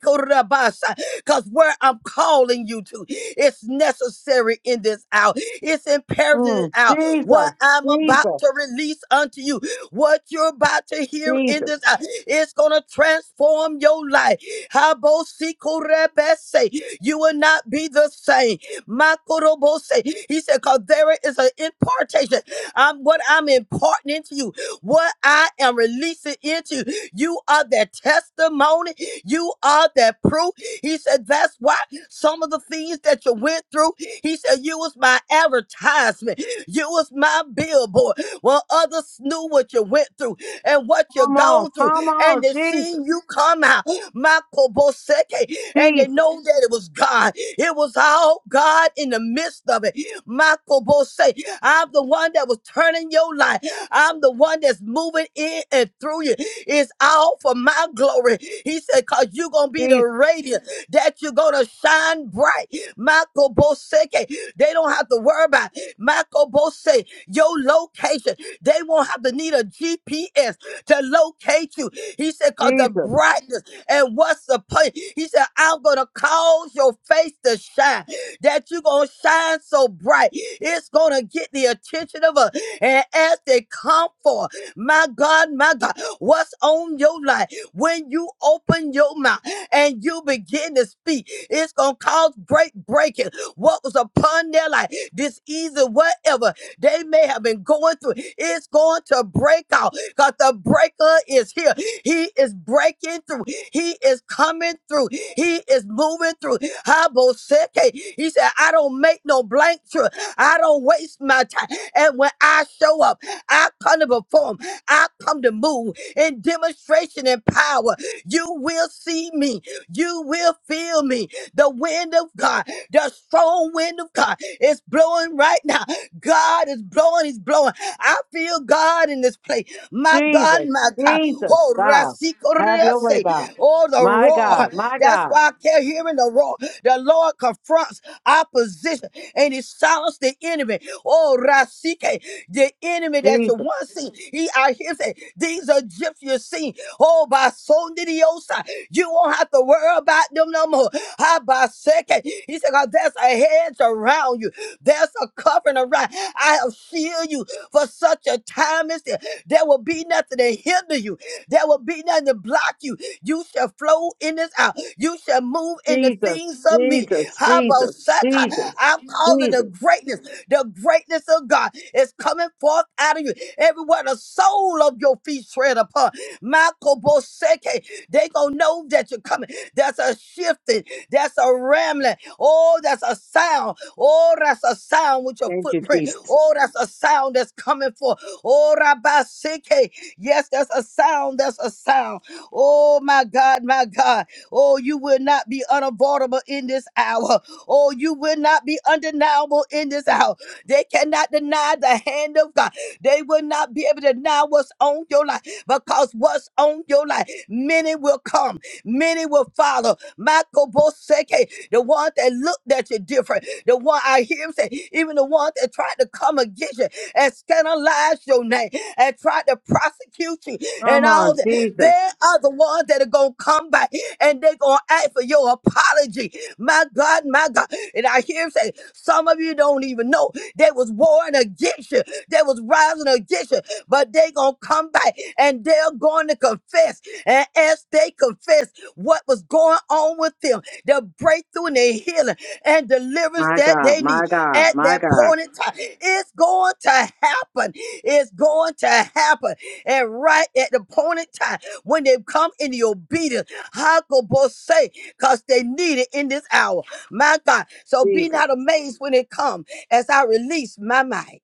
Speaker 9: Because where I'm calling you to, it's necessary in this hour. It's imperative in this
Speaker 1: Mm,
Speaker 9: hour.
Speaker 1: Jesus.
Speaker 9: What I'm about
Speaker 1: Jesus.
Speaker 9: to release unto you, what you're about to hear in this hour, it's going to transform your life. Habosikurebese. You will not be the same. Makorobose. He said, because there is an impartation. I'm what I'm imparting into you, what I am releasing into you. You are that testimony. You are that proof. He said, that's why some of the things that you went through, he said, you was my advertisement. You was my billboard when others knew what you went through and what you
Speaker 1: Come on,
Speaker 9: gone through,
Speaker 1: come
Speaker 9: and
Speaker 1: on,
Speaker 9: they
Speaker 1: Jesus,
Speaker 9: seen you come out, Michael Boseke, and they
Speaker 1: Jesus,
Speaker 9: know that it was God. It was all God in the midst of it. Michael Boseke, I'm the one that was turning your life. I'm the one that's moving in and through you. It's all for my glory. He said, cause you're gonna be the
Speaker 1: Jesus,
Speaker 9: radiant that you're gonna shine bright. Michael Boseke, they don't have to worry about. Michael Bose, your location. They won't have to need a GPS to locate you. He said, cause the
Speaker 1: Jesus,
Speaker 9: brightness and what's the point? He said, I'm gonna cause your face to shine. That you're gonna shine so bright. It's gonna get the attention of us. And as they come forth, my God, my God, what's on your life? When you open your mouth and you begin to speak, it's gonna cause great breaking what was upon their life, disease or whatever they may have been going through. It's going to break out because the breaker is here. He is breaking through. He is coming through. He is moving through. Haboseke. He said, I don't make no blank trip. I don't waste my time. And when I show up, I come to perform. I come to move in demonstration and power. You will see me. You will feel me. The wind of God. The strong wind of God is blowing right now. God is blowing, He's blowing. I feel God in this place. My God,
Speaker 1: Jesus,
Speaker 9: my God.
Speaker 1: Jesus,
Speaker 9: Oh,
Speaker 1: God. Have your way, God.
Speaker 9: Rasikorese. oh the
Speaker 1: My
Speaker 9: roar.
Speaker 1: God, my
Speaker 9: That's
Speaker 1: God,
Speaker 9: why I kept hearing the roar. The Lord confronts opposition and He silenced the enemy. Oh, Rasike, the enemy that you
Speaker 1: Jesus.
Speaker 9: once seen. He out here say, These Egyptians seen. Oh, by Sondidiosa. You won't have to worry about them no more. Habaseke. He said, God, there's a hedge around you. There's a covering around. I have shielded you for such a time as this. There will be nothing to hinder you. There will be nothing to block you. You shall flow in this out. You shall move in the things of me. Habaseke. I'm calling the greatness. The greatness of God is coming forth out of you. Everywhere the sole of your feet tread upon. Michael Boseke, they gonna know that you're coming. That's a shifting. That's a rambling. Oh, that's a sound. Oh, that's a sound with your
Speaker 1: Thank you,
Speaker 9: footprint.
Speaker 1: Jesus.
Speaker 9: Oh, that's a sound that's coming forth. Oh, Rabaseke. Yes, that's a sound. That's a sound. Oh, my God, my God. Oh, you will not be unavoidable in this hour. Oh, you will not be undeniable in this hour. They cannot deny the hand of God. They will not be able to deny what's on your life because what's on your life, many will come. Many will follow. Michael Boseke, the one that looked at you different, the one I hear him say, even the one that tried to come against you and scandalize your name and tried to prosecute you and
Speaker 1: Come
Speaker 9: all
Speaker 1: on,
Speaker 9: that.
Speaker 1: Jesus.
Speaker 9: They are the ones that are going to come back and they're going to ask for your apology. My God, my God. And I hear him say, some of you don't even know they was warring against you. They was rising against you, but they going to come back and they're going to confess. And as they confess, what was going on with them, the breakthrough and the healing and deliverance
Speaker 1: My
Speaker 9: that
Speaker 1: God,
Speaker 9: they
Speaker 1: my
Speaker 9: need
Speaker 1: God,
Speaker 9: at
Speaker 1: my
Speaker 9: that
Speaker 1: God,
Speaker 9: point in time. It's going to happen. It's going to happen. And right at the point in time when they come in the obedience, Hakobose, say, because they need it in this hour. My God. So be
Speaker 1: Jesus.
Speaker 9: not amazed when it comes as I release my mind.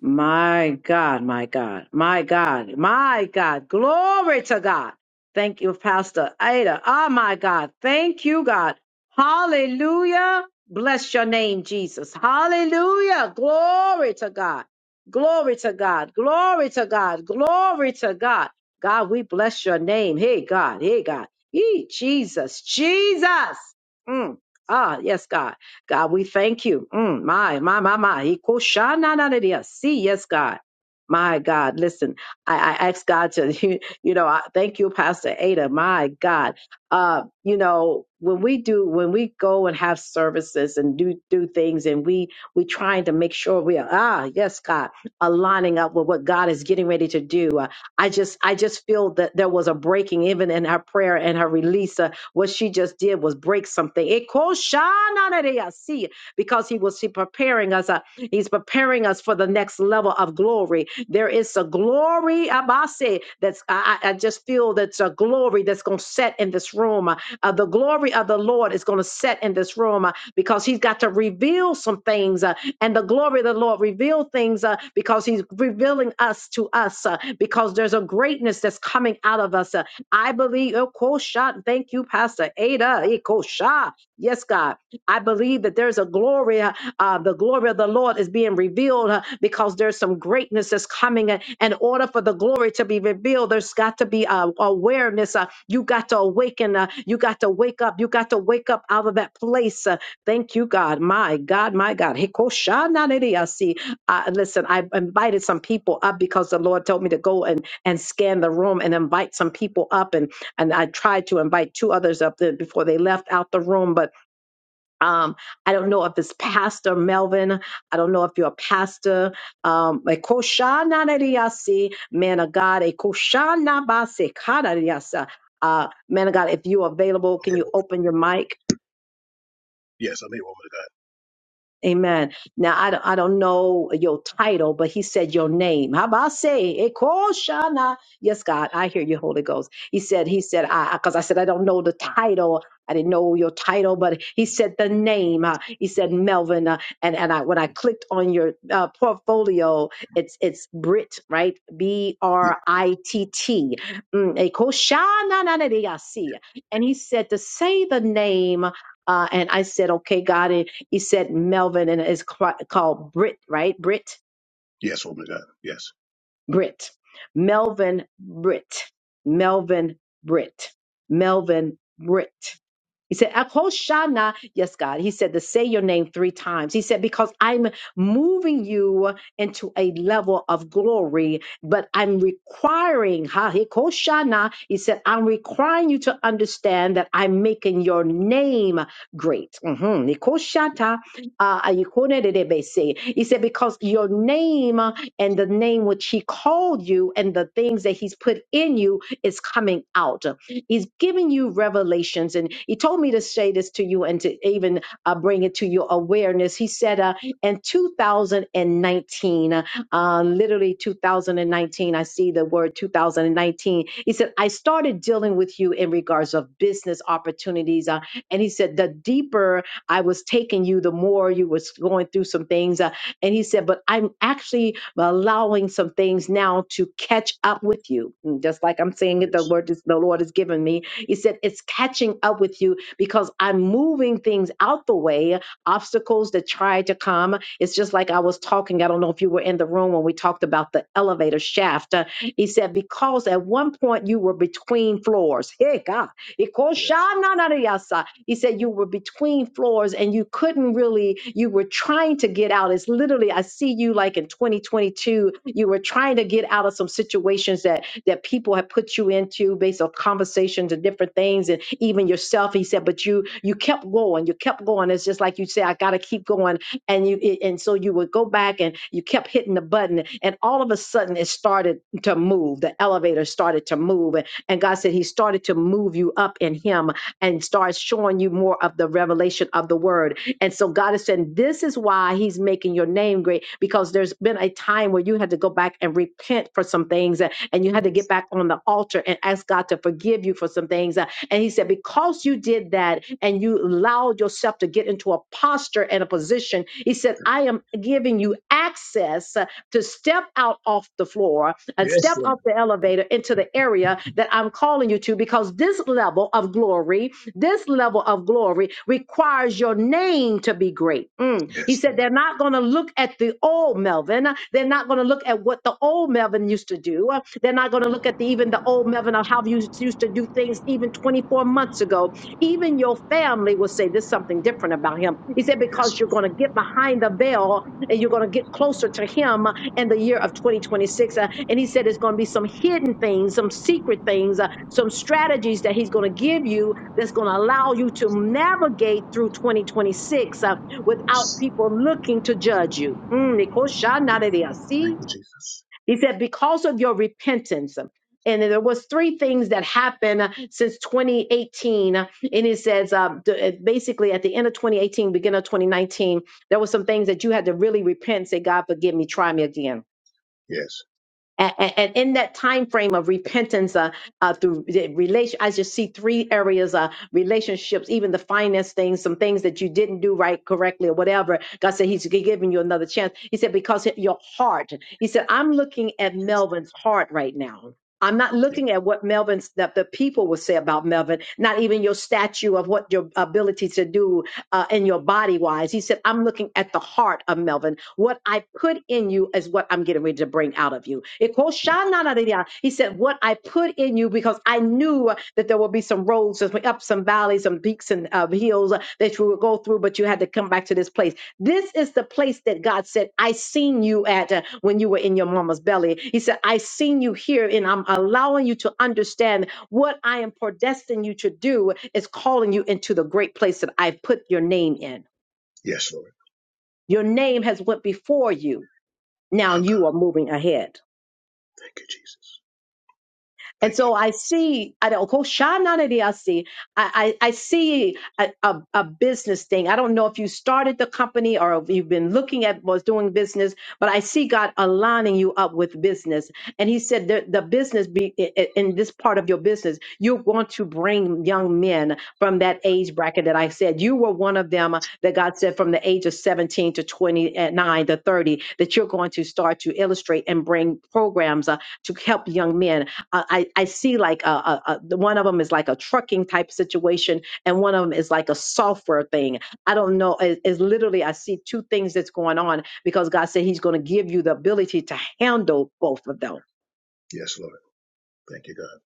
Speaker 1: My God, my God, my God, my God. Glory to God. Thank you, Pastor Ada. Oh, my God. Thank you, God. Hallelujah. Bless your name, Jesus. Hallelujah. Glory to God. Glory to God. Glory to God. Glory to God. God, we bless your name. Hey, God. Hey, God. Hey, Jesus. Jesus. Mm. Ah, yes, God. God, we thank you. Mm, my, my, my, my. Ikoshananadiya. See, yes, God. My God, listen, I, I ask God to, [LAUGHS] you, know, I thank you, Pastor Ada. My God. Uh, you know, when we do, when we go and have services and do, do things and we, we trying to make sure we are, ah, yes, God, aligning up with what God is getting ready to do. uh, I just I just feel that there was a breaking even in her prayer and her release. Uh, what she just did was break something. It calls Shananaya, see because he was he preparing us. Uh, he's preparing us for the next level of glory. There is a glory Abase that's I, I I just feel that's a glory that's gonna set in this room. Uh, the glory of the Lord is going to set in this room uh, because he's got to reveal some things. uh, and the glory of the Lord reveal things uh, because he's revealing us to us uh, because there's a greatness that's coming out of us. uh, I believe, oh, cool shot. Thank you, Pastor Ada. Eh, Cool shot. Yes, God. I believe that there's a glory, uh, uh, the glory of the Lord is being revealed uh, because there's some greatness that's coming. And in order for the glory to be revealed, there's got to be uh, awareness. Uh, you got to awaken. Uh, you got to wake up. You got to wake up out of that place. Uh, thank you, God. My God, my God. Hikoshananediasi. Uh, listen, I invited some people up because the Lord told me to go and, and scan the room and invite some people up. And, and I tried to invite two others up there before they left out the room. But um, I don't know if it's Pastor Melvin. I don't know if you're a pastor. Um, a koshana neriasi, man of God, a koshana base kanariasa. Uh, man of God, if you're available, can
Speaker 10: Hey,
Speaker 1: you
Speaker 10: woman.
Speaker 1: open your mic?
Speaker 10: Yes, I'm a woman of God.
Speaker 1: Amen. Now I don't, I don't know your title, but he said your name. How about I say Ekoshana? Yes, God, I hear you, Holy Ghost. He said, he said, I because I said I don't know the title. I didn't know your title, but he said the name. Uh, he said Melvin, uh, and and I when I clicked on your uh, portfolio, it's it's Brit, right? B
Speaker 10: Yes,
Speaker 1: R I T T. Mm, Ekoshana na na de ya si." And he said to say the name, uh, and I said, okay, God, he said Melvin and is called Brit, right? Brit,
Speaker 10: yes, woman of God. Yes,
Speaker 1: Brit, Melvin Brit, Melvin Brit, Melvin Brit. He said, Ahoshana, yes, God. He said to say your name three times. He said, because I'm moving you into a level of glory, but I'm requiring, Ha Hakoshana, he said, I'm requiring you to understand that I'm making your name great. Mhm. Nikoshata, uh, ayikonedebese. He said, because your name and the name which he called you and the things that he's put in you is coming out. He's giving you revelations. And he told me to say this to you and to even uh, bring it to your awareness. He said uh, in 2019, uh, uh, literally 2019, I see the word 2019. He said, I started dealing with you in regards of business opportunities. Uh, and he said, the deeper I was taking you, the more you was going through some things. Uh, and he said, but I'm actually but allowing some things now to catch up with you. And just like I'm saying it, the
Speaker 10: yes,
Speaker 1: Lord is, the Lord has given me. He said it's catching up with you because I'm moving things out the way, obstacles that try to come. It's just like I was talking. I don't know if you were in the room when we talked about the elevator shaft. Uh, he said, because at one point you were between floors. Hey God. He called
Speaker 10: yes,
Speaker 1: Shana Nariasa. He said you were between floors and you couldn't really, you were trying to get out. It's literally, I see you like in 2022, you were trying to get out of some situations that that people had put you into based on conversations and different things and even yourself. He said, but you you kept going, you kept going. It's just like you say, I gotta keep going. And you it- and so you would go back and you kept hitting the button and all of a sudden it started to move. The elevator started to move. And, and God said he started to move you up in him and starts showing you more of the revelation of the word. And so God is saying, This is why He's making your name great, because there's been a time where you had to go back and repent for some things and you had to get
Speaker 10: yes,
Speaker 1: back on the altar and ask God to forgive you for some things. Uh, And he said, because you did that and you allowed yourself to get into a posture and a position, he said, I am giving you access uh, to step out off the floor and
Speaker 10: yes,
Speaker 1: step
Speaker 10: Lord.
Speaker 1: off the elevator into the area that I'm calling you to because this level of glory, this level of glory requires your name to be great. Mm. He
Speaker 10: Yes,
Speaker 1: said, they're not going to look at the old Melvin. They're not going to look at what the old Melvin Melvin used to do. Uh, They're not going to look at the, even the old Melvin of how you used to do things even 24 months ago. Even your family will say there's something different about him. He said,
Speaker 10: yes,
Speaker 1: because
Speaker 10: yes.
Speaker 1: you're going to get behind the veil and you're going to get closer to him in the year of 2026. Uh, and he said, it's going to be some hidden things, some secret things, uh, some strategies that he's going to give you that's going to allow you to navigate through 2026 uh, without
Speaker 10: yes.
Speaker 1: people looking to judge you. Mm,
Speaker 10: Thank you, Jesus.
Speaker 1: he said, because of your repentance. And there was three things that happened uh, since 2018. And he says, um, d- uh, basically at the end of 2018, beginning of 2019, there were some things that you had to really repent, say, God, forgive me, try me again
Speaker 10: Yes,
Speaker 1: and, and in that time frame of repentance uh, uh, through the relation i just see three areas uh, relationships even the finance things some things that you didn't do right correctly or whatever god said he's giving you another chance he said because your heart he said i'm looking at
Speaker 10: thank you, Jesus.
Speaker 1: melvin's heart right now I'm not
Speaker 10: Yes,
Speaker 1: looking at what Melvin's that the people will say about Melvin, not even your statue of what your ability to do uh, in your body wise. He said, I'm looking at the heart of Melvin. What I put in you is what I'm getting ready to bring out of you. It goes,
Speaker 10: yes,
Speaker 1: "Shananadidya." He said, What I put in you, because I knew that there will be some roads, some- up some valleys, some peaks and uh, hills that you would go through, but you had to come back to this place. This is the place that God said, I seen you at uh, when you were in your mama's belly. He said, I seen you here, and I'm allowing you to understand what I am predestined you to do is calling you into the great place that I've put your name in.
Speaker 10: Yes, Lord.
Speaker 1: Your name has went before you. Now
Speaker 10: Oh God,
Speaker 1: you are moving ahead.
Speaker 10: thank you, Jesus.
Speaker 1: And
Speaker 10: Thank you,
Speaker 1: so
Speaker 10: Lord.
Speaker 1: I see, I don't go I, I, I see a, a, a business thing. I don't know if you started the company or if you've been looking at was doing business, but I see God aligning you up with business. And he said the, the business be i- in this part of your business, you're going to bring young men from that age bracket that I said. You were one of them that God said from the age of 17 to 29 to 30 that you're going to start to illustrate and bring programs uh, to help young men I, I I see like a, a, a the one of them is like a trucking type situation, and one of them is like a software thing. I don't know. It- it's literally I see two things that's going on because God said He's going to give you the ability to handle both of them.
Speaker 10: Yes, Lord. Thank you, God.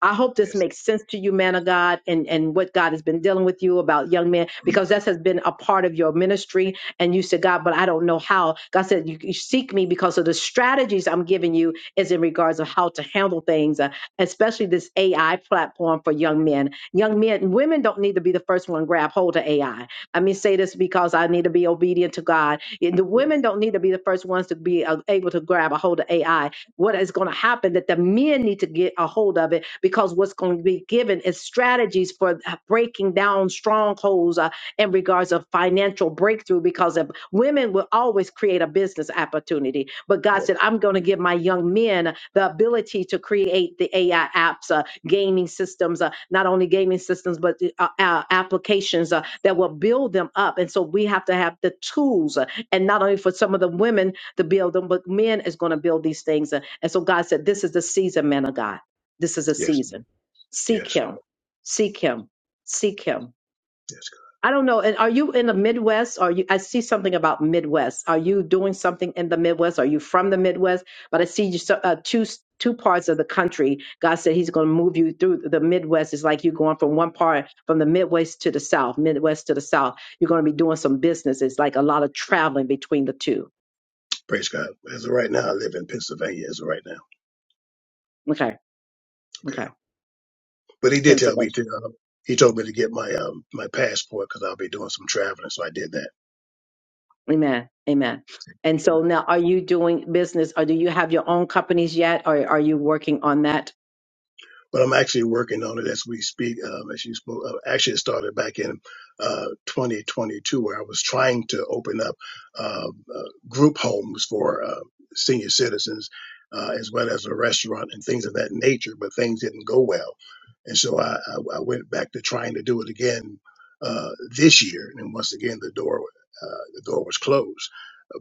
Speaker 1: I hope this
Speaker 10: Yes,
Speaker 1: makes sense to you, man of God, and, and what God has been dealing with you about young men, because this has been a part of your ministry. And you said, God, but I don't know how. God said, you, you seek me because of the strategies I'm giving you is in regards of how to handle things, uh, especially this AI platform for young men. Young men, women don't need to be the first one to grab hold of AI. I I mean, say this because I need to be obedient to God. The
Speaker 10: yes,
Speaker 1: women don't need to be the first ones to be uh, able to grab a hold of AI what is going to happen that the men need to get a hold of it because what's going to be given is strategies for uh, breaking down strongholds uh, in regards of financial breakthrough because of women will always create a business opportunity but god
Speaker 10: yes,
Speaker 1: said i'm going to give my young men the ability to create the ai apps uh, gaming systems uh, not only gaming systems but uh, uh, uh, applications uh, that will build them up and so we have to have the tools uh, and not only for some of the women to build them but men is going to build these things Uh, and so God said, This is the season, man of God. This is a
Speaker 10: yes,
Speaker 1: season. Seek
Speaker 10: yes, Lord.
Speaker 1: him. Seek him. Seek him.
Speaker 10: Yes, God.
Speaker 1: I don't know. And are you in the Midwest? Are you I see something about Midwest. Are you doing something in the Midwest? Are you from the Midwest? But I see you so- uh, two two parts of the country. God said He's going to move you through the Midwest. It's like you're going from one part from the Midwest to the South, Midwest to the South. You're going to be doing some business. It's like a lot of traveling between the two.
Speaker 10: Praise God. As of right now, I live in Pennsylvania. As of right now,
Speaker 1: Okay,
Speaker 10: okay.
Speaker 1: okay,
Speaker 10: But he did tell
Speaker 1: Pennsylvania.
Speaker 10: me to. Um, he told me to get my um my passport because I'll be doing some traveling, so I did that.
Speaker 1: Amen. Amen. And so now are you doing business or do you have your own companies yet or are you working on that?
Speaker 10: but I'm actually working on it as we speak. Um, as you spoke, uh, actually it started back in uh, 2022, where I was trying to open up uh, uh, group homes for uh, senior citizens, uh, as well as a restaurant and things of that nature. But things didn't go well, and so I, I, I went back to trying to do it again uh, this year. And once again, the door uh, the door was closed.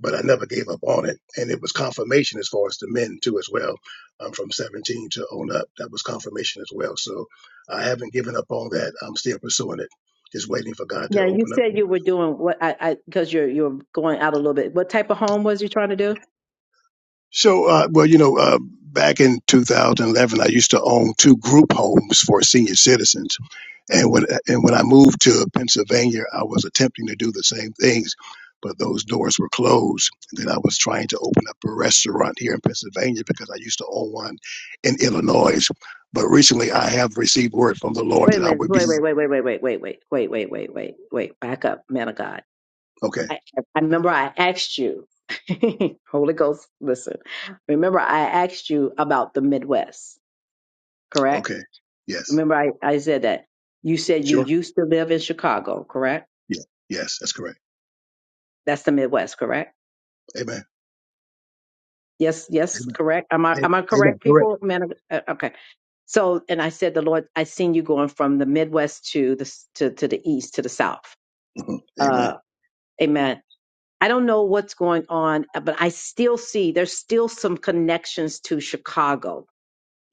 Speaker 10: But I never gave up on it, and it was confirmation as far as the men too, as well um, from 17 to on up. That was confirmation as well. So I haven't given up on that. I'm still pursuing it, just waiting for God to
Speaker 1: Now you
Speaker 10: open up
Speaker 1: said
Speaker 10: doors.
Speaker 1: you were doing what I I because you're you're going out a little bit. What type of home was you trying to do?
Speaker 10: So, uh, well, you know, uh, back in 2011, I used to own two group homes for senior citizens. And when and when I moved to Pennsylvania, I was attempting to do the same things, but those doors were closed. And then I was trying to open up a restaurant here in Pennsylvania because I used to own one in Illinois. But recently, I have received word from the Lord
Speaker 1: Wait a
Speaker 10: that I
Speaker 1: minute.
Speaker 10: would be
Speaker 1: Wait, wait, wait, wait, wait, wait, wait, wait, wait, wait, wait, wait, wait. Back up, man of God.
Speaker 10: Okay.
Speaker 1: I, I remember I asked you, [LAUGHS] Holy Ghost, listen. Remember I asked you about the Midwest, correct?
Speaker 10: Okay. Yes.
Speaker 1: Remember I, I said that. You said you
Speaker 10: Sure.
Speaker 1: used to live in Chicago, correct?
Speaker 10: Yeah. Yes. That's correct.
Speaker 1: That's the Midwest, correct?
Speaker 10: Amen.
Speaker 1: Yes, yes,
Speaker 10: Amen.
Speaker 1: correct. Am I am I
Speaker 10: A- Amen.
Speaker 1: correct,
Speaker 10: Correct.
Speaker 1: people? Man, of- uh, okay. So, and I said, the Lord, I seen you going from the Midwest to the s- to to the East to the South.
Speaker 10: Mhm. Amen.
Speaker 1: Uh, amen. I don't know what's going on, uh, but I still see there's still some connections to Chicago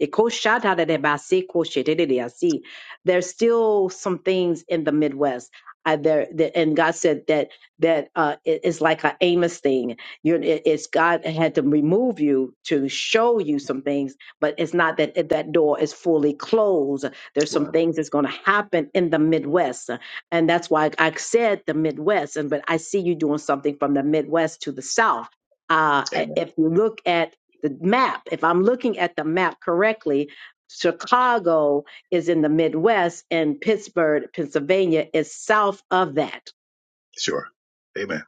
Speaker 1: Ikoshadadadebasikoshedededeyasi. There's still some things in the Midwest. Uh, there, that, and God said that that uh, it- it's like an Amos thing. You're, it- it's God had to remove you to show you some things, but it's not that it- that door is fully closed. There's some
Speaker 10: Wow.
Speaker 1: things that's going to happen in the Midwest, and that's why I said the Midwest. And but I see you doing something from the Midwest to the South. Uh,
Speaker 10: Amen.
Speaker 1: if you look at the map, if I'm looking at the map correctly, Chicago is in the Midwest and Pittsburgh, Pennsylvania is south of that.
Speaker 10: Sure. Amen.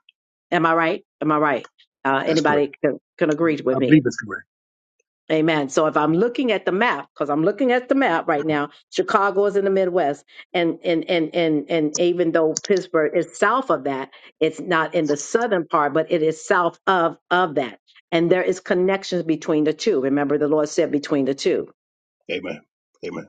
Speaker 1: Am I right? Am I right? Uh,
Speaker 10: That's correct.
Speaker 1: anybody can, can agree with
Speaker 10: I
Speaker 1: me.
Speaker 10: believe it's correct.
Speaker 1: Amen. So if I'm looking at the map, because I'm looking at the map right now, Chicago is in the Midwest, and and and and and even though Pittsburgh is south of that, it's not in the southern part, but it is south of of that, and there is connections between the two. Remember, the Lord said between the two.
Speaker 10: Amen. Amen.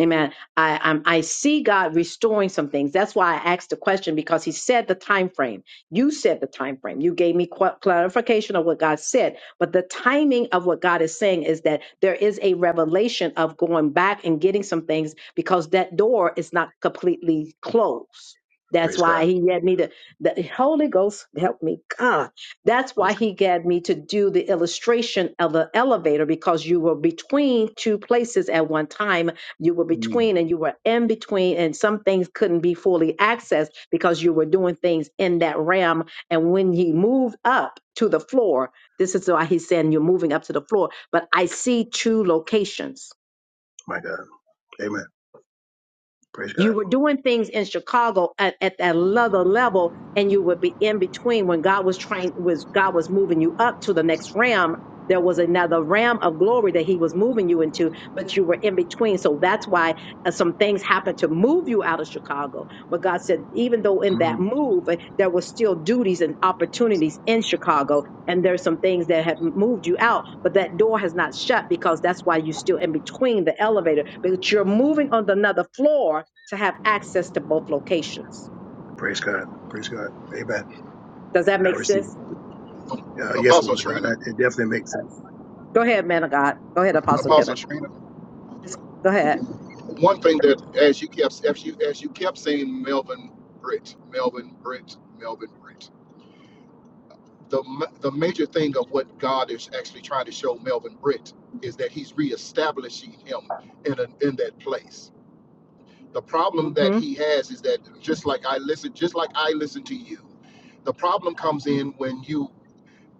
Speaker 1: Amen. I I'm, I see God restoring some things. That's why I asked the question because He said the time frame. You said the time frame. You gave me qu- clarification of what God said, but the timing of what God is saying is that there is a revelation of going back and getting some things because that door is not completely closed. That's
Speaker 10: Praise
Speaker 1: why
Speaker 10: God.
Speaker 1: he had me to the Holy Ghost help me, God. That's why
Speaker 10: Praise God.
Speaker 1: he had me to do the illustration of the elevator because you were between two places at one time you were
Speaker 10: Mm.
Speaker 1: between and you were in between, and some things couldn't be fully accessed because you were doing things in that realm. And when he moved up to the floor, this is why he's saying you're moving up to the floor. But I see two locations
Speaker 10: My God. Amen. Praise
Speaker 1: You
Speaker 10: God.
Speaker 1: were doing things in Chicago at, at that other level, and you would be in between when God was trying was God was moving you up to the next realm. There was another realm of glory that He was moving you into, but you were in between. So that's why uh, some things happened to move you out of Chicago. But God said, even though in that
Speaker 10: Mm.
Speaker 1: move, uh, there were still duties and opportunities in Chicago and there's some things that have moved you out, but that door has not shut because that's why you're still in between the elevator, but you're moving on to another floor to have access to both locations.
Speaker 10: Praise God. Praise God. Amen.
Speaker 1: Does that
Speaker 10: I
Speaker 1: make
Speaker 10: receive
Speaker 1: sense?
Speaker 10: it. Uh, yes,
Speaker 6: Apostle
Speaker 10: woman of God.
Speaker 6: Trina,
Speaker 10: That, it definitely makes sense.
Speaker 1: Go ahead, man of God. Go ahead, Apostle
Speaker 6: Apostle
Speaker 1: Kenneth.
Speaker 6: Trina.
Speaker 1: Just go ahead.
Speaker 6: One thing that as you kept as you as you kept saying Melvin Britt, Melvin Britt, Melvin Britt. the the major thing of what God is actually trying to show Melvin Britt is that He's reestablishing him in a in that place. The problem that
Speaker 1: Mm-hmm.
Speaker 6: he has is that just like I listen, just like I listen to you, the problem comes in when you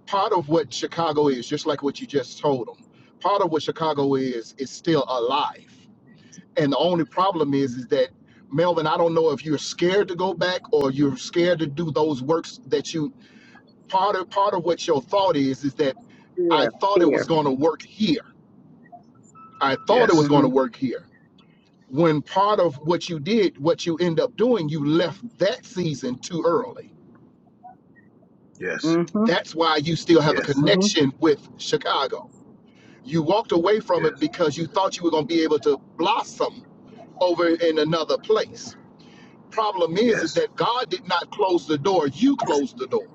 Speaker 6: part of what Chicago is, just like what you just told them. Part of what Chicago is is still alive, and the only problem is is that Melvin, I don't know if you're scared to go back or you're scared to do those works that you part of part of what your thought is is that I
Speaker 1: Fear,
Speaker 6: thought it was
Speaker 1: fear.
Speaker 6: going to work here. I thought it was
Speaker 10: Yes.
Speaker 6: going to
Speaker 1: Mm-hmm.
Speaker 6: work here. When part of what you did, what you end up doing, you left that season too early.
Speaker 10: Yes.
Speaker 1: Mm-hmm.
Speaker 6: That's why you still have a
Speaker 10: Yes.
Speaker 1: Mm-hmm.
Speaker 6: connection with Chicago. You walked away from it
Speaker 10: Yes.
Speaker 6: because you thought you were going to be able to blossom over in another place. Problem is, is
Speaker 10: Yes.
Speaker 6: that God did not close the door. You closed the door,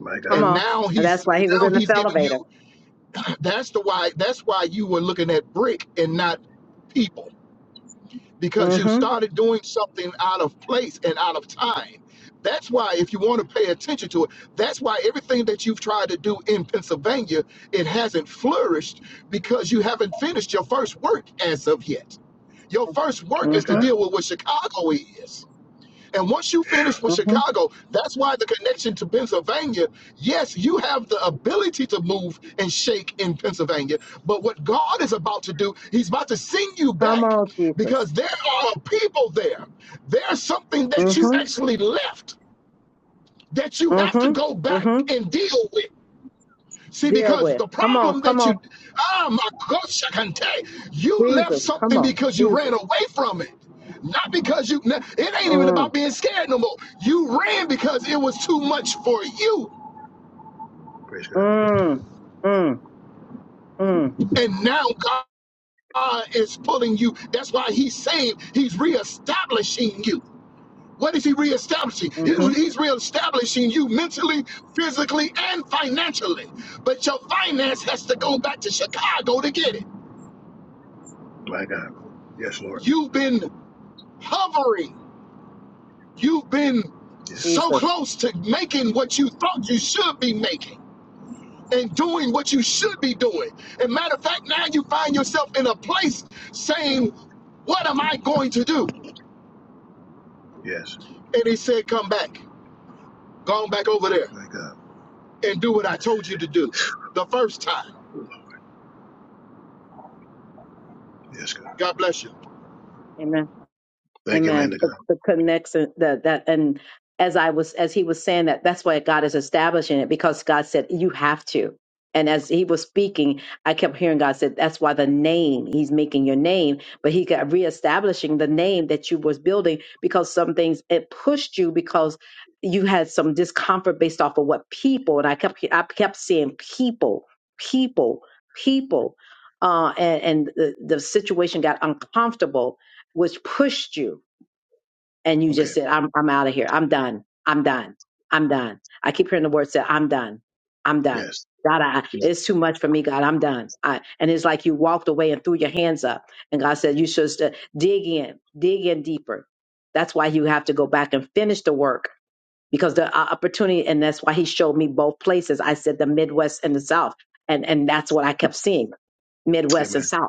Speaker 10: My
Speaker 1: Come
Speaker 10: God.
Speaker 6: and
Speaker 1: on.
Speaker 6: now
Speaker 1: And that's
Speaker 6: he's
Speaker 1: why he was
Speaker 6: now
Speaker 1: in the
Speaker 6: he's giving you
Speaker 1: elevator.
Speaker 6: That's the why. That's why you were looking at brick and not people because you
Speaker 10: Yes.
Speaker 1: Mm-hmm.
Speaker 6: started doing something out of place and out of time. That's why, if you want to pay attention to it, that's why everything that you've tried to do in Pennsylvania it hasn't flourished because you haven't finished your first work as of yet. Your first work
Speaker 10: My
Speaker 6: is to
Speaker 10: God.
Speaker 1: Mm-hmm.
Speaker 6: deal with what Chicago is. And once you finish with
Speaker 1: Mm-hmm.
Speaker 6: Chicago, that's why the connection to Pennsylvania, yes, you have the ability to move and shake in Pennsylvania. But what God is about to do, He's about to send you
Speaker 1: Come
Speaker 6: back
Speaker 1: on, Jesus.
Speaker 6: because there are people there. There's something that you
Speaker 1: Mm-hmm.
Speaker 10: Jesus.
Speaker 6: actually left that you have to go
Speaker 1: Mm-hmm.
Speaker 6: back
Speaker 1: Mm-hmm.
Speaker 6: and deal with. See,
Speaker 1: Deal
Speaker 6: because
Speaker 1: with.
Speaker 6: the
Speaker 1: Come on.
Speaker 6: problem
Speaker 1: Come
Speaker 6: that
Speaker 1: on.
Speaker 6: you, ah, my gosh, I can tell you, you left
Speaker 1: Jesus, come
Speaker 6: something
Speaker 1: on,
Speaker 6: because you ran
Speaker 1: Jesus.
Speaker 6: away from it. Not because you, it ain't even
Speaker 1: Mm,
Speaker 6: about being scared no more. You ran because it was too much for you.
Speaker 10: Praise God.
Speaker 1: mm, mm, mm,
Speaker 6: And now God is pulling you. That's why He's saying He's reestablishing you. What is He reestablishing? He,
Speaker 1: mm-hmm.
Speaker 10: Yes.
Speaker 6: he's reestablishing you mentally, physically, and financially. But your finance has to
Speaker 10: Lord.
Speaker 6: go back to Chicago to get it.
Speaker 10: My God. Yes, Lord.
Speaker 6: You've been hovering You've been
Speaker 10: Yes.
Speaker 6: so
Speaker 1: Jesus.
Speaker 6: close to making what you thought you should be making and doing what you
Speaker 10: Mm.
Speaker 6: should be doing. And matter of fact, now you find yourself in a place saying, What am I going to do?
Speaker 10: Yes.
Speaker 6: And he said, Come back, go on back over there
Speaker 10: My God.
Speaker 6: and do what I told you to do the first time.
Speaker 10: Yes, God.
Speaker 6: God bless you.
Speaker 1: amen.
Speaker 10: Thank you, man
Speaker 1: Amen.
Speaker 10: to
Speaker 1: The,
Speaker 10: God.
Speaker 1: the connection that that and as I was as he was saying that that's why God is establishing it because God said you have to. And as he was speaking, I kept hearing God said that's why the name he's making your name, but he got reestablishing the name that you was building because some things it pushed you because you had some discomfort based off of what people and I kept I kept seeing people, people, people. Uh, and, and the, the situation got uncomfortable, which pushed you and you
Speaker 10: Okay.
Speaker 1: just said, I'm I'm out of here. I'm done. I'm done. I'm done. I keep hearing the word said, I'm done. I'm done.
Speaker 10: Yes.
Speaker 1: God, I,
Speaker 10: Yes.
Speaker 1: it's too much for me, God. I'm done. I, and it's like you walked away and threw your hands up. And God said, You should st- dig in, dig in deeper. That's why you have to go back and finish the work because the uh, opportunity, and that's why He showed me both places. I said the Midwest and the South. And, and that's what I kept seeing Midwest and
Speaker 10: Amen.
Speaker 1: South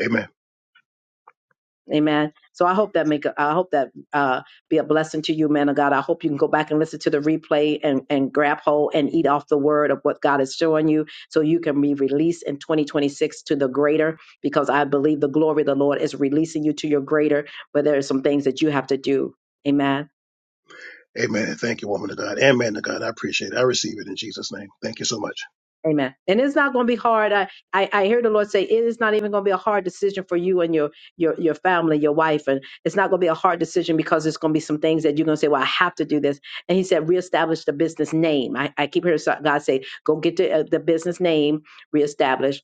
Speaker 10: Amen.
Speaker 1: Amen. So I hope that make a- I hope that uh, be a blessing to you, man of God. I hope you can go back and listen to the replay and and grab hold and eat off the word of what God is showing you, so you can be released in 2026 to the greater. Because I believe the glory of the Lord is releasing you to your greater, but there are some things that you have to do. Amen.
Speaker 10: Amen. Thank you, woman of God. And man to God. I appreciate it. I receive it in Jesus' name. Thank you so much.
Speaker 1: Amen. And it's not going to be hard. I, I I hear the Lord say it is not even going to be a hard decision for you and your your your family, your wife, and it's not going to be a hard decision because it's going to be some things that you're going to say, "Well, I have to do this." And He said, "Reestablish the business name." I, I keep hearing so- God say, "Go get the, uh, the business name reestablished."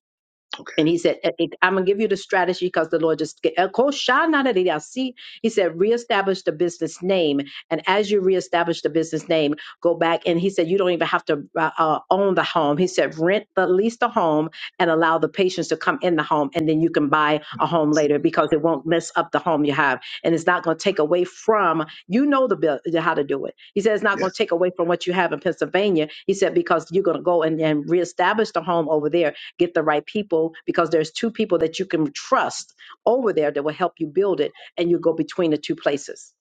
Speaker 10: Okay.
Speaker 1: And he said, "Eh, eh, I'm going to give you the strategy because the Lord just, eh, Koshanadidasi. he said, reestablish the business name. And as you reestablish the business name, go back. And he said, you don't even have to uh, uh, own the home. He said, rent the lease the home and allow the patients to come in the home. And then you can buy a home later because it won't mess up the home you have. And it's not going to take away from, you know, the bill, how to do it. He said, it's not going to
Speaker 10: Yes.
Speaker 1: take away from what you have in Pennsylvania. He said, because you're going to go and, and reestablish the home over there get the right people because there's two people that you can trust over there that will help you build it and you go between the two places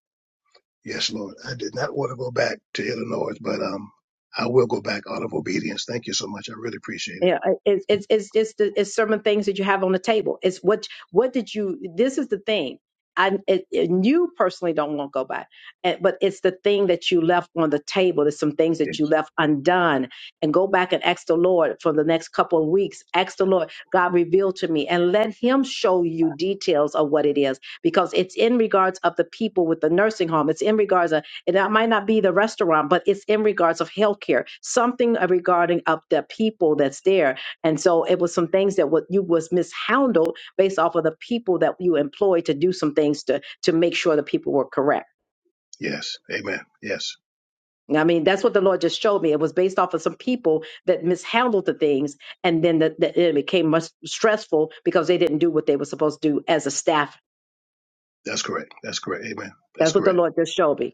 Speaker 10: Yes, Lord. I did not want to go back to Illinois, but um I will go back out of obedience. Thank you so much. I really appreciate it.
Speaker 1: Yeah, it's it's it's it's, the, it's certain things that you have on the table. It's what what did you? This is the thing. I it, it- you personally don't want to go by, Eh, but it's the thing that you left on the table. There's some things
Speaker 10: Yes.
Speaker 1: that you left undone, and go back and ask the Lord for the next couple of weeks. Ask the Lord, God, reveal to me, and let Him show you details of what it is, because it's in regards of the people with the nursing home. It's in regards of and that might not be the restaurant, but it's in regards of healthcare, something regarding of the people that's there. And so it was some things that what you was mishandled based off of the people that you employed to do some things to to make sure the people were correct.
Speaker 10: Yes. Amen. Yes.
Speaker 1: I mean, that's what the Lord just showed me. It was based off of some people that mishandled the things, and then the, the, it became much stressful because they didn't do what they were supposed to do as a staff.
Speaker 10: That's correct. That's correct. Amen. That's
Speaker 1: That's what the
Speaker 10: correct.
Speaker 1: Lord just showed me.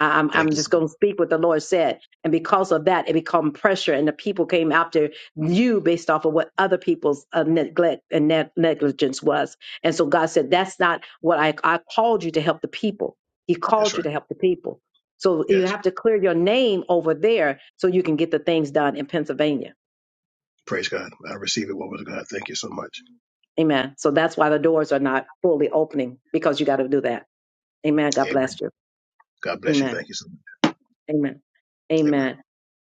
Speaker 1: I- I'm,
Speaker 10: Thank
Speaker 1: I'm
Speaker 10: you.
Speaker 1: just going to speak what the Lord said. And because of that, it become pressure, and the people came after you based off of what other people's uh, neglect and neg- negligence was. And so God said, That's not what I, I called you to help the people. He
Speaker 10: That's
Speaker 1: called
Speaker 10: right.
Speaker 1: you to help the people. So you
Speaker 10: Yes.
Speaker 1: have to clear your name over there so you can get the things done in Pennsylvania.
Speaker 10: Praise God. I receive it, woman of God. Thank you so much.
Speaker 1: Amen. So that's why the doors are not fully opening because you got to do that. Amen. God
Speaker 10: Amen.
Speaker 1: bless you.
Speaker 10: God bless you.
Speaker 1: Amen.
Speaker 10: Thank you so much.
Speaker 1: Amen.
Speaker 10: Amen.
Speaker 1: Amen.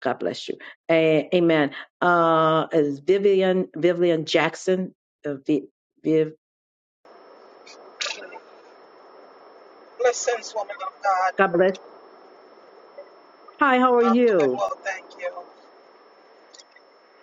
Speaker 1: God bless you. A- amen. Uh, is Vivian Vivian Jackson? Uh, v- Viv,
Speaker 11: Blessings, woman of God.
Speaker 1: God bless. Hi, how are
Speaker 11: I'm doing
Speaker 1: you?
Speaker 11: well, thank you.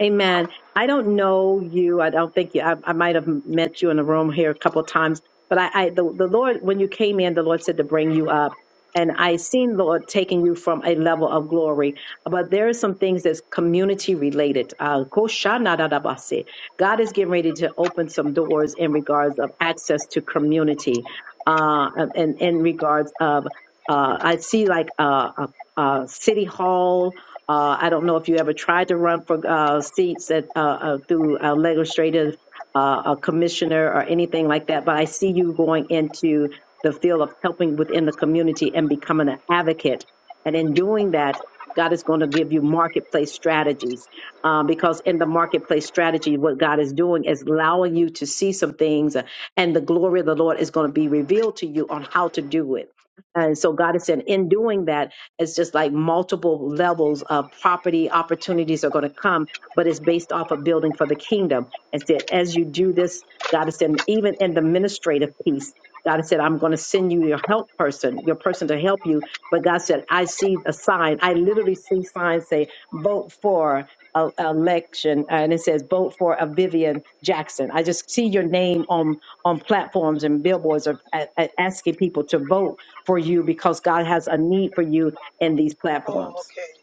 Speaker 1: Amen. I don't know you. I don't think you. I, I might have met you in the room here a couple of times, but I, I the, the Lord, when you came in, the Lord said to bring you up. And I seen the Lord taking you from a level of glory, but there are some things that's community related. Uh, koshanadadabase. God is getting ready to open some doors in regards of access to community, uh, and in regards of uh, I see like uh, uh, uh, city hall uh, I don't know if you ever tried to run for uh, seats at, uh, uh, through a legislative uh, a commissioner or anything like that, but I see you going into the field of helping within the community and becoming an advocate. And in doing that, God is going to give you marketplace strategies uh, because in the marketplace strategy, what God is doing is allowing you to see some things, uh, and the glory of the Lord is going to be revealed to you on how to do it. And so God is saying, in doing that, it's just like multiple levels of property opportunities are going to come, but it's based off of building for the kingdom. And said, as you do this, God has said, even in the administrative piece, God has said, I'm going to send you your help person, your person to help you. But God said, I see a sign. I literally see signs say, vote for a, a election. And it says, vote for a Vivian Jackson. I just see your name on, on platforms and billboards are a- a- asking people to vote for you because God has a need for you in these
Speaker 11: Oh,
Speaker 1: platforms.
Speaker 11: okay.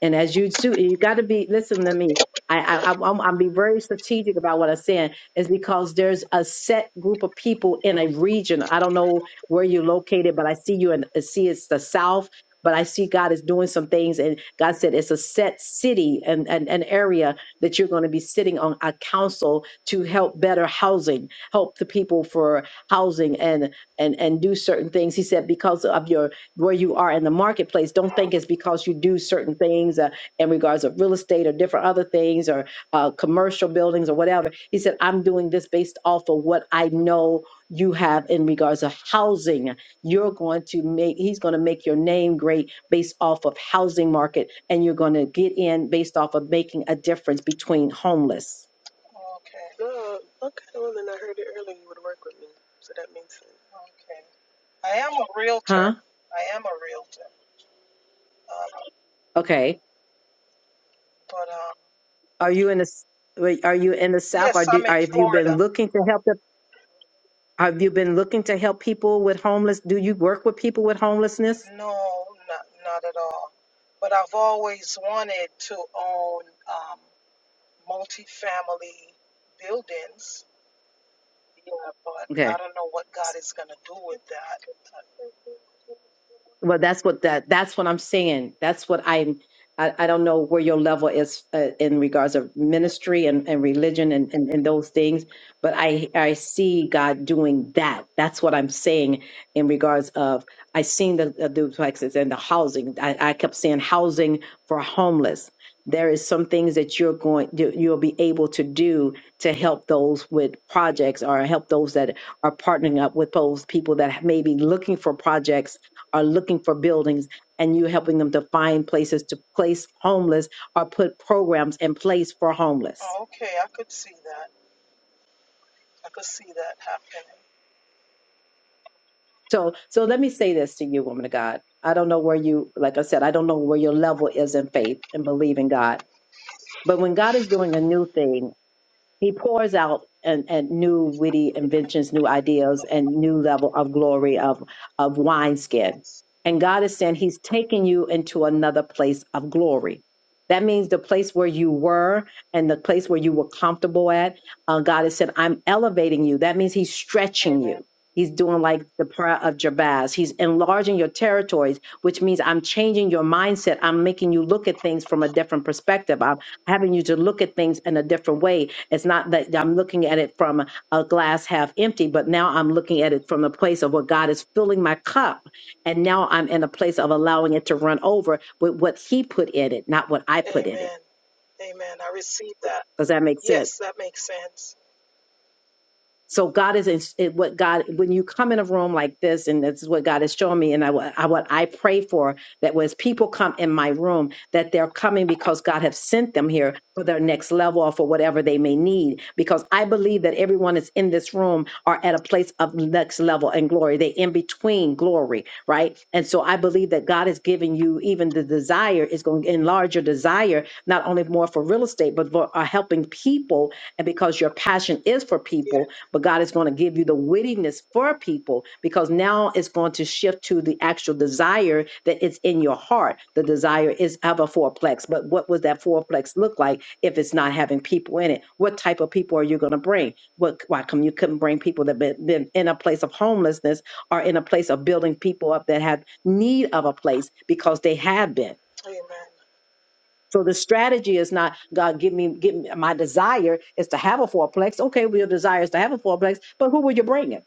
Speaker 1: And as you do, you got to be listen to me. I, I I'm I'm I'm be very strategic about what I'm saying is because there's a set group of people in a region. I don't know where you're located, but I see you and see it's the South. But I see God is doing some things, and God said it's a set city and and an area that you're going to be sitting on a council to help better housing, help the people for housing, and and and do certain things. He said because of your where you are in the marketplace. Don't think it's because you do certain things uh, in regards of real estate or different other things or uh, commercial buildings or whatever. He said, I'm doing this based off of what I know you have in regards of housing. You're going to make, he's going to make your name great based off of housing market. And you're going to get in based off of making a difference between homeless.
Speaker 11: Okay, okay. I am a
Speaker 1: Huh?
Speaker 11: realtor. I am a realtor. Uh,
Speaker 1: Okay.
Speaker 11: but um,
Speaker 1: Are you in the, s- wait, are you in the South
Speaker 11: yes,
Speaker 1: or do,
Speaker 11: I'm in
Speaker 1: or have you been
Speaker 11: Florida.
Speaker 1: looking to help them? Have you been looking to help people with homeless? Do you work with people with homelessness?
Speaker 11: No, not, not at all. But I've always wanted to own um, multifamily buildings. Yeah, but I
Speaker 1: Okay.
Speaker 11: don't know what God is going to do with that.
Speaker 1: Well, that's what that that's what I'm saying. That's what I'm. I, I don't know where your level is uh, in regards of ministry and, and religion and, and, and those things, but I I see God doing that. That's what I'm saying in regards of I seen the, the duplexes and the housing. I, I kept saying housing for homeless. There is some things that you're going you- you'll be able to do to help those with projects or help those that are partnering up with those people that may be looking for projects are looking for buildings and you helping them to find places to place homeless or put programs in place for homeless.
Speaker 11: Oh, okay, I could see that. I could see that happening.
Speaker 1: So so let me say this to you, woman of God. I don't know where you like I said, I don't know where your level is in faith and believe in God. But when God is doing a new thing, He pours out and, and new witty inventions, new ideas, and new level of glory of, of wineskin.
Speaker 11: Yes.
Speaker 1: And God is saying He's taking you into another place of glory. That means the place where you were and the place where you were comfortable at. Uh, God has said, I'm elevating you. That means He's stretching you. He's doing like the prayer of Jabez. He's enlarging your territories, which means I'm changing your mindset. I'm making you look at things from a different perspective. I'm having you to look at things in a different way it's not that I'm looking at it from a glass half empty, but now I'm looking at it from the place of what God is filling my cup. And now I'm in a place of allowing it to run over with what He put in it, not what I
Speaker 11: Amen.
Speaker 1: put in it.
Speaker 11: Amen. Amen. I receive that.
Speaker 1: Does that make sense?
Speaker 11: Yes, that makes sense.
Speaker 1: So God is ins- it- what God when you come in a room like this, and this is what God is showing me, and I, what I what I pray for that was people come in my room that they're coming because God has sent them here for their next level or for whatever they may need. Because I believe that everyone that's in this room are at a place of next level and glory. They in between glory, right? And so I believe that God is giving you even the desire is going to enlarge your desire not only more for real estate but for uh, helping people, and because your passion is for people
Speaker 11: Yeah.
Speaker 1: but God is going to give you the wittiness for people because now it's going to shift to the actual desire that is in your heart. The desire is of a fourplex, but what would that fourplex look like if it's not having people in it? What type of people are you going to bring? What? Why come you couldn't bring people that been, been in a place of homelessness or in a place of building people up that have need of a place because they have been?
Speaker 11: Amen.
Speaker 1: So the strategy is not God give me give me my desire is to have a fourplex. Okay, well, your desire is to have a fourplex, but who were you bringing?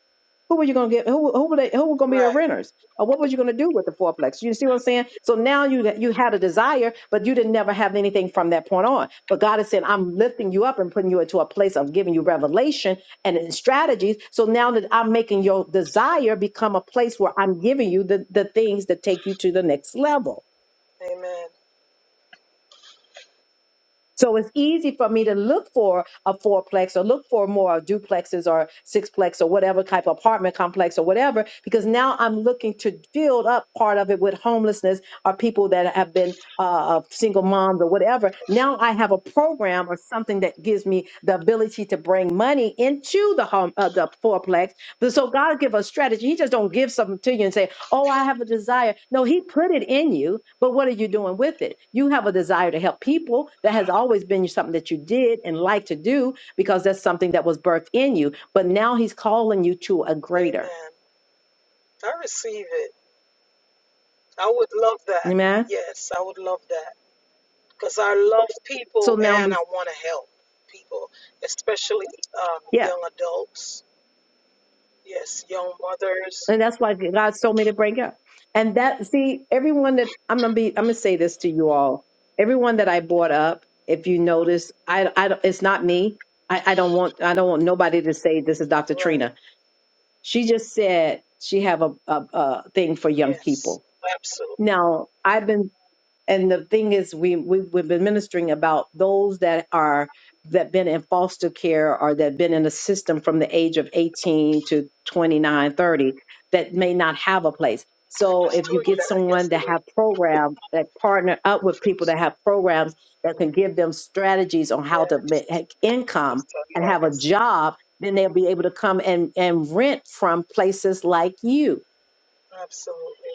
Speaker 1: Who were you going to get? Who who were they, who were going to be the
Speaker 11: Right.
Speaker 1: renters? Or what was you going to do with the fourplex? You see what I'm saying? So now you you had a desire, but you didn't never have anything from that point on. But God is saying, I'm lifting you up and putting you into a place of giving you revelation and in strategies. So now that I'm making your desire become a place where I'm giving you the the things that take you to the next level.
Speaker 11: Amen.
Speaker 1: So it's easy for me to look for a fourplex or look for more duplexes or sixplex or whatever type of apartment complex or whatever, because now I'm looking to build up part of it with homelessness or people that have been uh, uh, single moms or whatever. Now I have a program or something that gives me the ability to bring money into the home, uh, the fourplex. So God give us strategy. He just don't give something to you and say, Oh, I have a desire. No, he put it in you, but what are you doing with it? You have a desire to help people. That has always been something that you did and like to do because that's something that was birthed in you. But now he's calling you to a greater.
Speaker 11: Amen. I receive it. I would love that.
Speaker 1: Amen.
Speaker 11: Yes, I would love that because I love people
Speaker 1: So now
Speaker 11: and
Speaker 1: we,
Speaker 11: I want to help people, especially um,
Speaker 1: yeah.
Speaker 11: young adults. Yes, young mothers.
Speaker 1: And that's why God told me to break up. And that, see, everyone that I'm gonna be, I'm gonna say this to you all. Everyone that I brought up, if you notice, I, I, don't- it's not me. I, I don't want, I don't want nobody to say this is Dr. Trina
Speaker 11: Right.
Speaker 1: She just said she have a, a, a thing for young
Speaker 11: Yes.
Speaker 1: people.
Speaker 11: Absolutely.
Speaker 1: Now I've been and the thing is we, we we've been ministering about those that are that been in foster care or that been in the system from the age of 18 to 29, 30 that may not have a place
Speaker 11: I
Speaker 1: so
Speaker 11: just
Speaker 1: if you
Speaker 11: told you
Speaker 1: get
Speaker 11: that
Speaker 1: someone
Speaker 11: yesterday.
Speaker 1: that have programs that partner up with people that have programs that can give them strategies on how
Speaker 11: Yeah.
Speaker 1: to make income
Speaker 11: just told you
Speaker 1: and
Speaker 11: that
Speaker 1: have a
Speaker 11: yesterday.
Speaker 1: job then they'll be able to come and and rent from places like you
Speaker 11: Absolutely.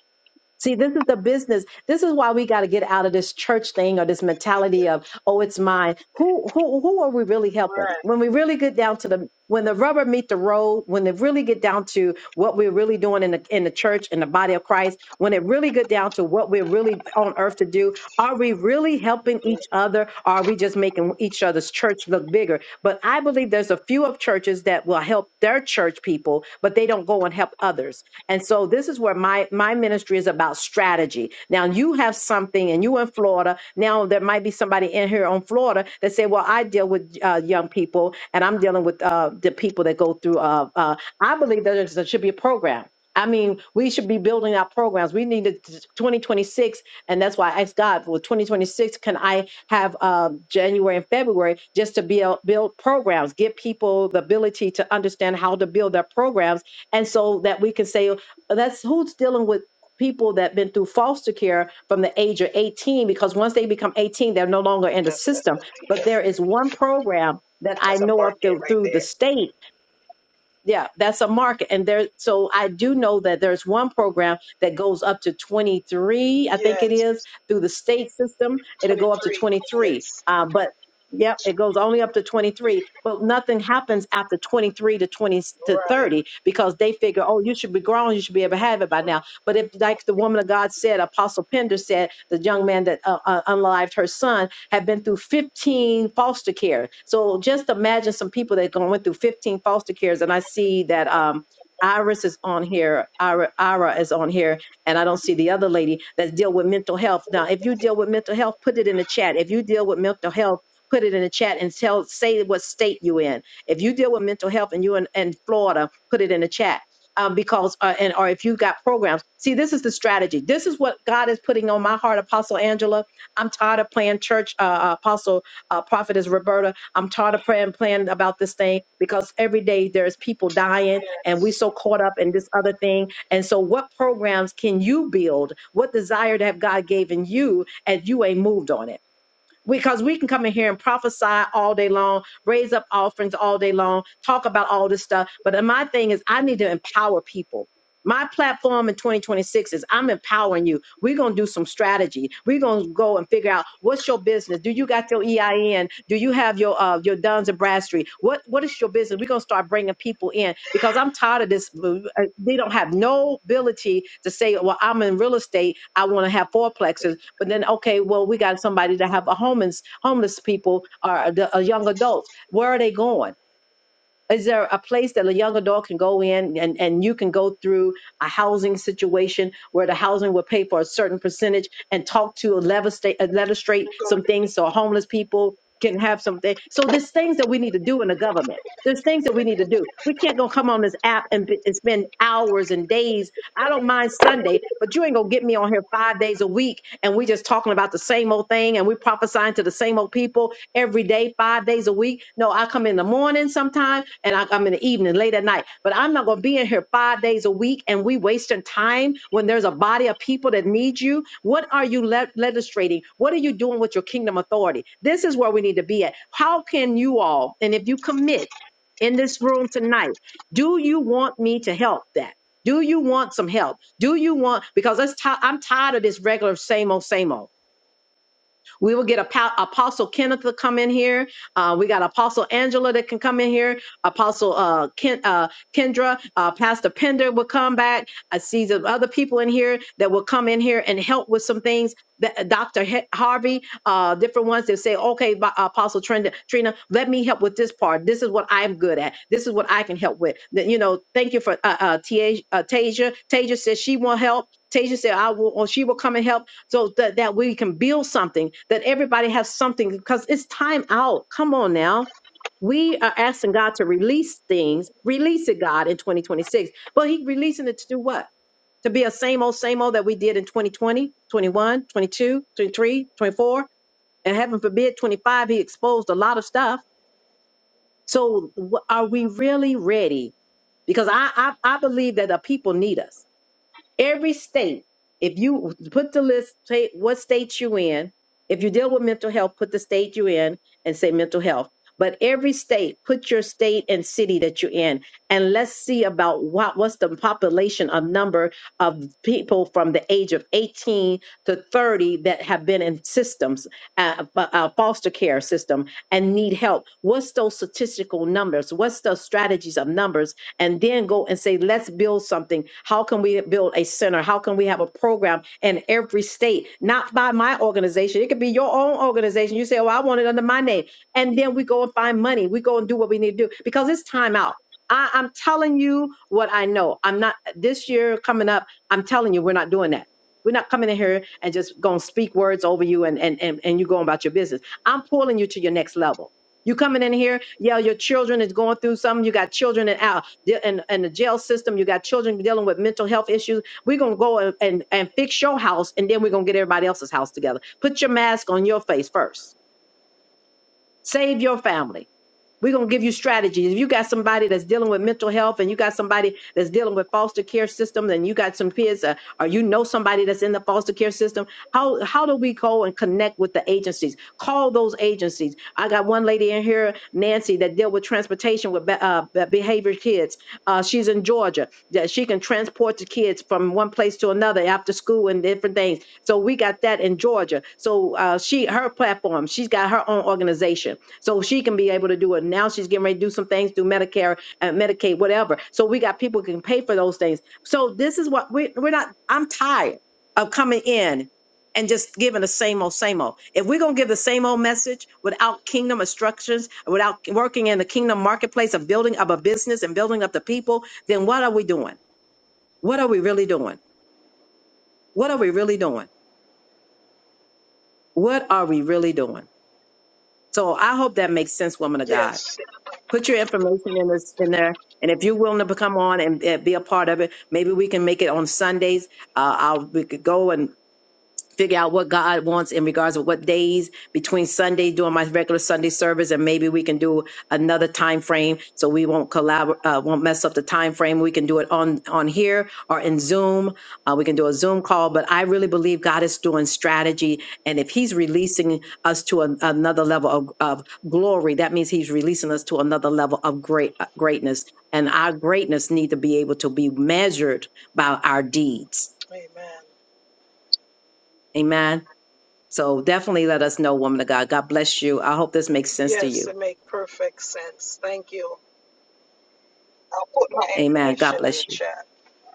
Speaker 1: See, this is the business. This is why we got to get out of this church thing or this mentality
Speaker 11: Yeah.
Speaker 1: of, oh, it's mine. Who who who are we really helping?
Speaker 11: Right.
Speaker 1: When we really get down to the when the rubber meet the road, when they really get down to what we're really doing in the in the church in the body of Christ, when it really get down to what we're really on earth to do, are we really helping each other? Or are we just making each other's church look bigger? But I believe there's a few of churches that will help their church people, but they don't go and help others. And so this is where my my ministry is about strategy. Now you have something, and you in Florida. Now there might be somebody in here on Florida that say, "Well, I deal with uh, young people, and I'm dealing with uh, the people that go through." Uh, uh, I believe that there's- there should be a program. I mean, we should be building our programs. We need it to 2026, and that's why I asked God for 2026. Can I have um, January and February just to build build programs, give people the ability to understand how to build their programs and so that we can say uh, that's who's dealing with people that been through foster care from the age of 18 because once they become 18 they're no longer in the
Speaker 11: That's, that's,
Speaker 1: system but
Speaker 11: the-
Speaker 1: there is one program that i
Speaker 11: that's a
Speaker 1: know of
Speaker 11: market
Speaker 1: through,
Speaker 11: right
Speaker 1: through the
Speaker 11: there.
Speaker 1: state yeah, that's a market. And there, so I do know that there's one program that goes up to 23, I think it
Speaker 11: Yes.
Speaker 1: is, through the state system. It'll go up to
Speaker 11: 23.
Speaker 1: 23.
Speaker 11: Yes.
Speaker 1: Uh, but yep, it goes only up to 23. But nothing happens after 23 to 20 to
Speaker 11: Right.
Speaker 1: 30 because they figure, oh, you should be grown. You should be able to have it by now. But if, like the woman of God said, Apostle Pender said, the young man that uh, uh, unlived her son, have been through 15 foster care. So just imagine some people that going through 15 foster cares. And I see that um, Iris is on here, Ira, Ira is on here, and I don't see the other lady that deal with mental health. Now, if you deal with mental health, put it in the chat. If you deal with mental health, put it in the chat and tell say what state you in. If you deal with mental health and you in, in Florida, put it in the chat um, because uh, and or if you got programs. See, this is the strategy. This is what God is putting on my heart, Apostle Angela I'm tired of playing church, uh, uh, apostle, uh, prophetess Roberta. I'm tired of praying, playing about this thing because every day there's people dying and we so caught up in this other thing. And so what programs can you build? What desire to have God given you and you ain't moved on it? because we can come in here and prophesy all day long, raise up offerings all day long, talk about all this stuff. But uh, my thing is, I need to empower people. My platform in 2026 is I'm empowering you. We're going to do some strategy. We're going to go and figure out what's your business. Do you got your EIN? Do you have your uh, your Duns and Bradstreet? What what is your business? We're going to start bringing people in because I'm tired of this. uh, They don't have no ability to say, well, I'm in real estate. I want to have fourplexes but then, okay, well, we got somebody to have a homeless homeless people or the- uh, young adults. Where are they going? is there a place that a young adult can go in and, and you can go through a housing situation where the housing will pay for a certain percentage and talk to legislate, legislate some things so homeless people can have something. So there's things that we need to do in the government. There's things that we need to do. We can't go come on this app and, be- and spend hours and days. I don't mind Sunday, but you ain't gonna get me on here five days a week and we just talking about the same old thing and we prophesying to the same old people every day, five days a week. No, I come in the morning sometime and I come in the evening, late at night. But I'm not going to be in here five days a week and we wasting time when there's a body of people that need you. What are you le- legislating? What are you doing with your kingdom authority? This is where we need to be at. How can you all, and if you commit in this room tonight, do you want me to help that? Do you want some help? Do you want because it's ti- I'm tired of this regular same old same old. We will get a Apostle Kenneth to come in here. Uh, we got Apostle Angela that can come in here. Apostle uh, Ken, uh, Kendra, uh, Pastor Pender will come back. I see some other people in here that will come in here and help with some things. That, Dr. He- Harvey, uh, different ones that say, okay, Bi- Apostle Trina, Trina, let me help with this part. This is what I'm good at. This is what I can help with. That, you know, thank you for uh, uh, Tia- uh, Tasia. Tasia says she will help. Tasia said, I will, or she will come and help so that, that we can build something that everybody has something because it's time out come on now we are asking god to release things release it god in 2026 but he releasing it to do what to be a same old same old that we did in 2020 21 22 23 24 and heaven forbid 25 he exposed a lot of stuff so wh- are we really ready because i i, I believe that the people need us Every state, if you put the list, say what state you in, if you deal with mental health, put the state you in and say mental health. But every state, put your state and city that you're in, and let's see about what what's the population of number of people from the age of 18 to 30 that have been in systems, uh, uh, uh, foster care system, and need help. What's those statistical numbers? What's the strategies of numbers? and then go and say, let's build something. How can we build a center? How can we have a program in every state? Not by my organization. It could be your own organization. You say, oh, I want it under my name. And then we go and find money. We go and do what we need to do because it's time out. I, I'm telling you what I know. I'm not this year coming up. I'm telling you, we're not doing that. We're not coming in here and just gonna speak words over you and and and, and you going about your business. I'm pulling you to your next level. You coming in here, yeah, your children is going through something. You got children in out in, in the jail system. You got children dealing with mental health issues. We're gonna go and, and, and fix your house and then we're gonna get everybody else's house together. Put your mask on your face first. Save your family we're going to give you strategies. If you got somebody that's dealing with mental health and you got somebody that's dealing with foster care systems and you got some kids uh, or you know somebody that's in the foster care system, how, how do we go and connect with the agencies? Call those agencies. I got one lady in here, Nancy, that deal with transportation with be- uh, be- behavior kids. Uh, she's in Georgia that she can transport the kids from one place to another after school and different things. So we got that in Georgia. So uh, she, her platform, she's got her own organization so she can be able to do it. Now she's getting ready to do some things through Medicare, uh, Medicaid, whatever. So we got people who can pay for those things. So this is what we, we're not. I'm tired of coming in and just giving the same old, same old. If we're gonna give the same old message without kingdom instructions, without working in the kingdom marketplace of building up a business and building up the people, then what are we doing? What are we really doing? What are we really doing? What are we really doing? So I hope that makes sense, woman
Speaker 11: Yes.
Speaker 1: of God.
Speaker 11: Yes.
Speaker 1: Put your information in this in there, and if you're willing to become on and, uh, be a part of it, maybe we can make it on Sundays. Uh, I'll we could go and figure out what God wants in regards of what days between Sunday doing my regular Sunday service and maybe we can do another time frame so we won't collab, uh, won't mess up the time frame we can do it on on here or in Zoom uh, we can do a Zoom call but I really believe God is doing strategy and if he's releasing us to an, another level of, of glory that means he's releasing us to another level of great uh, greatness and our greatness need to be able to be measured by our deeds
Speaker 11: Amen.
Speaker 1: amen so definitely let us know, woman of God. God bless you. I hope this makes sense to
Speaker 11: Yes,
Speaker 1: you.
Speaker 11: it makes perfect sense. Thank you. I'll put my
Speaker 1: Amen. God
Speaker 11: information in the
Speaker 1: bless you.
Speaker 11: chat.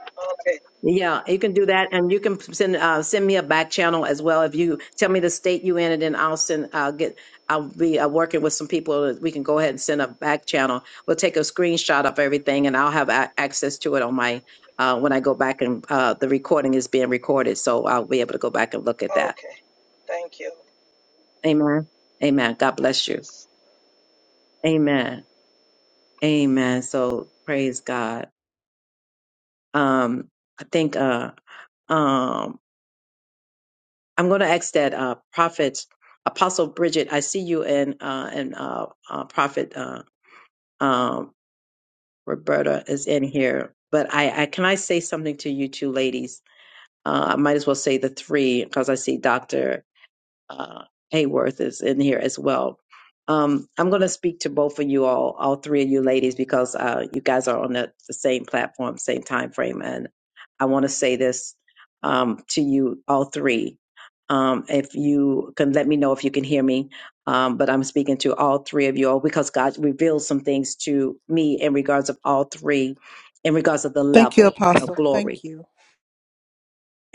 Speaker 11: Okay.
Speaker 1: Yeah, you can do that, and you can send uh, send me a back channel as well. If you tell me the state you in, and then I'll send. I'll get. I'll be uh, working with some people. that We can go ahead and send a back channel. We'll take a screenshot of everything, and I'll have a- access to it on my uh, when I go back and uh, the recording is being recorded, so I'll be able to go back and look at that.
Speaker 11: Okay. Thank you.
Speaker 1: Amen. Amen. God bless you.
Speaker 11: Yes.
Speaker 1: Amen. Amen. So praise God. Um, I think uh, um, I'm going to ask that uh, Prophet Apostle Bridget. I see you and uh, and uh, uh, Prophet uh, um, Roberta is in here, but I, I can I say something to you two ladies? Uh, I might as well say the three because I see Doctor. uh, Hayworth is in here as well. Um, I'm going to speak to both of you all, all three of you ladies, because uh, you guys are on the, the same platform, same time frame, and I want to say this um, to you all three. Um, if you can let me know if you can hear me, um, but I'm speaking to all three of you all because God revealed some things to me in regards of all three, in regards of the
Speaker 12: Thank you,
Speaker 1: level of
Speaker 12: Apostle.
Speaker 1: glory
Speaker 12: Thank you.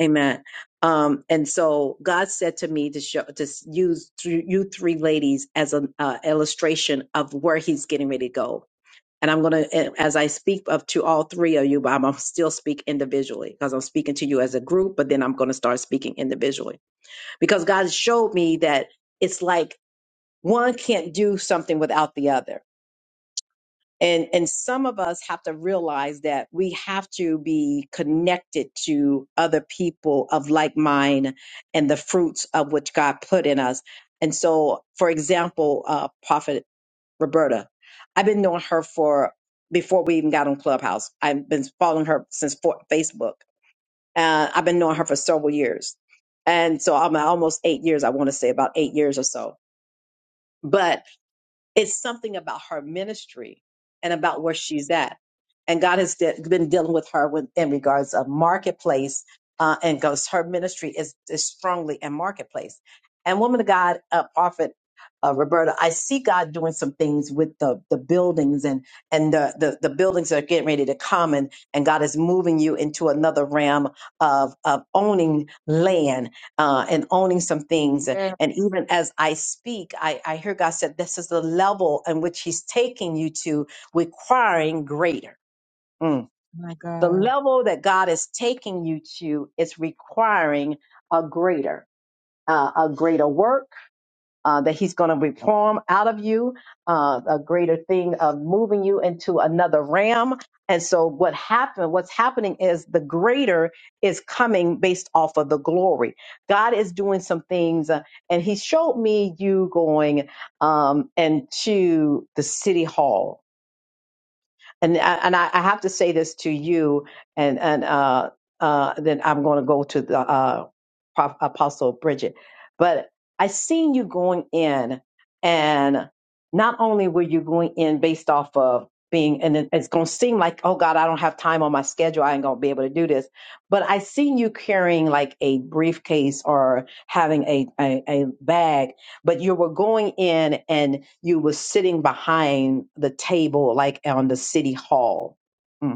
Speaker 1: Amen. Um, and so God said to me to show to s- use th- you three ladies as an uh, illustration of where He's getting ready to go. And I'm gonna, a- as I speak up to all three of you, but I'm gonna still speak individually because I'm speaking to you as a group, but then I'm gonna start speaking individually because God showed me that it's like one can't do something without the other and and some of us have to realize that we have to be connected to other people of like mind and the fruits of which god put in us and so for example uh prophet roberta i've been knowing her for before we even got on clubhouse i've been following her since for, facebook uh, i've been knowing her for several years and so i'm almost eight years i want to say about eight years or so but it's something about her ministry and about where she's at. And God has de- been dealing with her with, in regards of marketplace uh, and goes, her ministry is, is strongly in marketplace. And woman of God, uh, prophet uh, Roberta, I see God doing some things with the, the buildings and, and the, the, the buildings that are getting ready to come and, and God is moving you into another realm of, of owning land uh, and owning some things. And
Speaker 13: Yes,
Speaker 1: even as I speak, I, I hear God said, This is the level in which He's taking you to, requiring greater. Mm.
Speaker 13: my
Speaker 1: The
Speaker 13: God.
Speaker 1: level that God is taking you to is requiring a greater, uh, a greater work uh, that he's going to reform out of you uh, a greater thing of moving you into another realm and so what happened what's happening is the greater is coming based off of the glory god is doing some things uh, and he showed me you going um, into the city hall and uh, and I, I have to say this to you, and and uh, uh, then I'm going to go to the uh, Prof, Apostle Bridget. But I seen you going in, and not only were you going in based off of being, and it- it's going to seem like, oh God, I don't have time on my schedule. I ain't going to be able to do this. But I seen you carrying like a briefcase or having a, a a bag, but you were going in you were sitting behind the table, like on the city hall. Mm.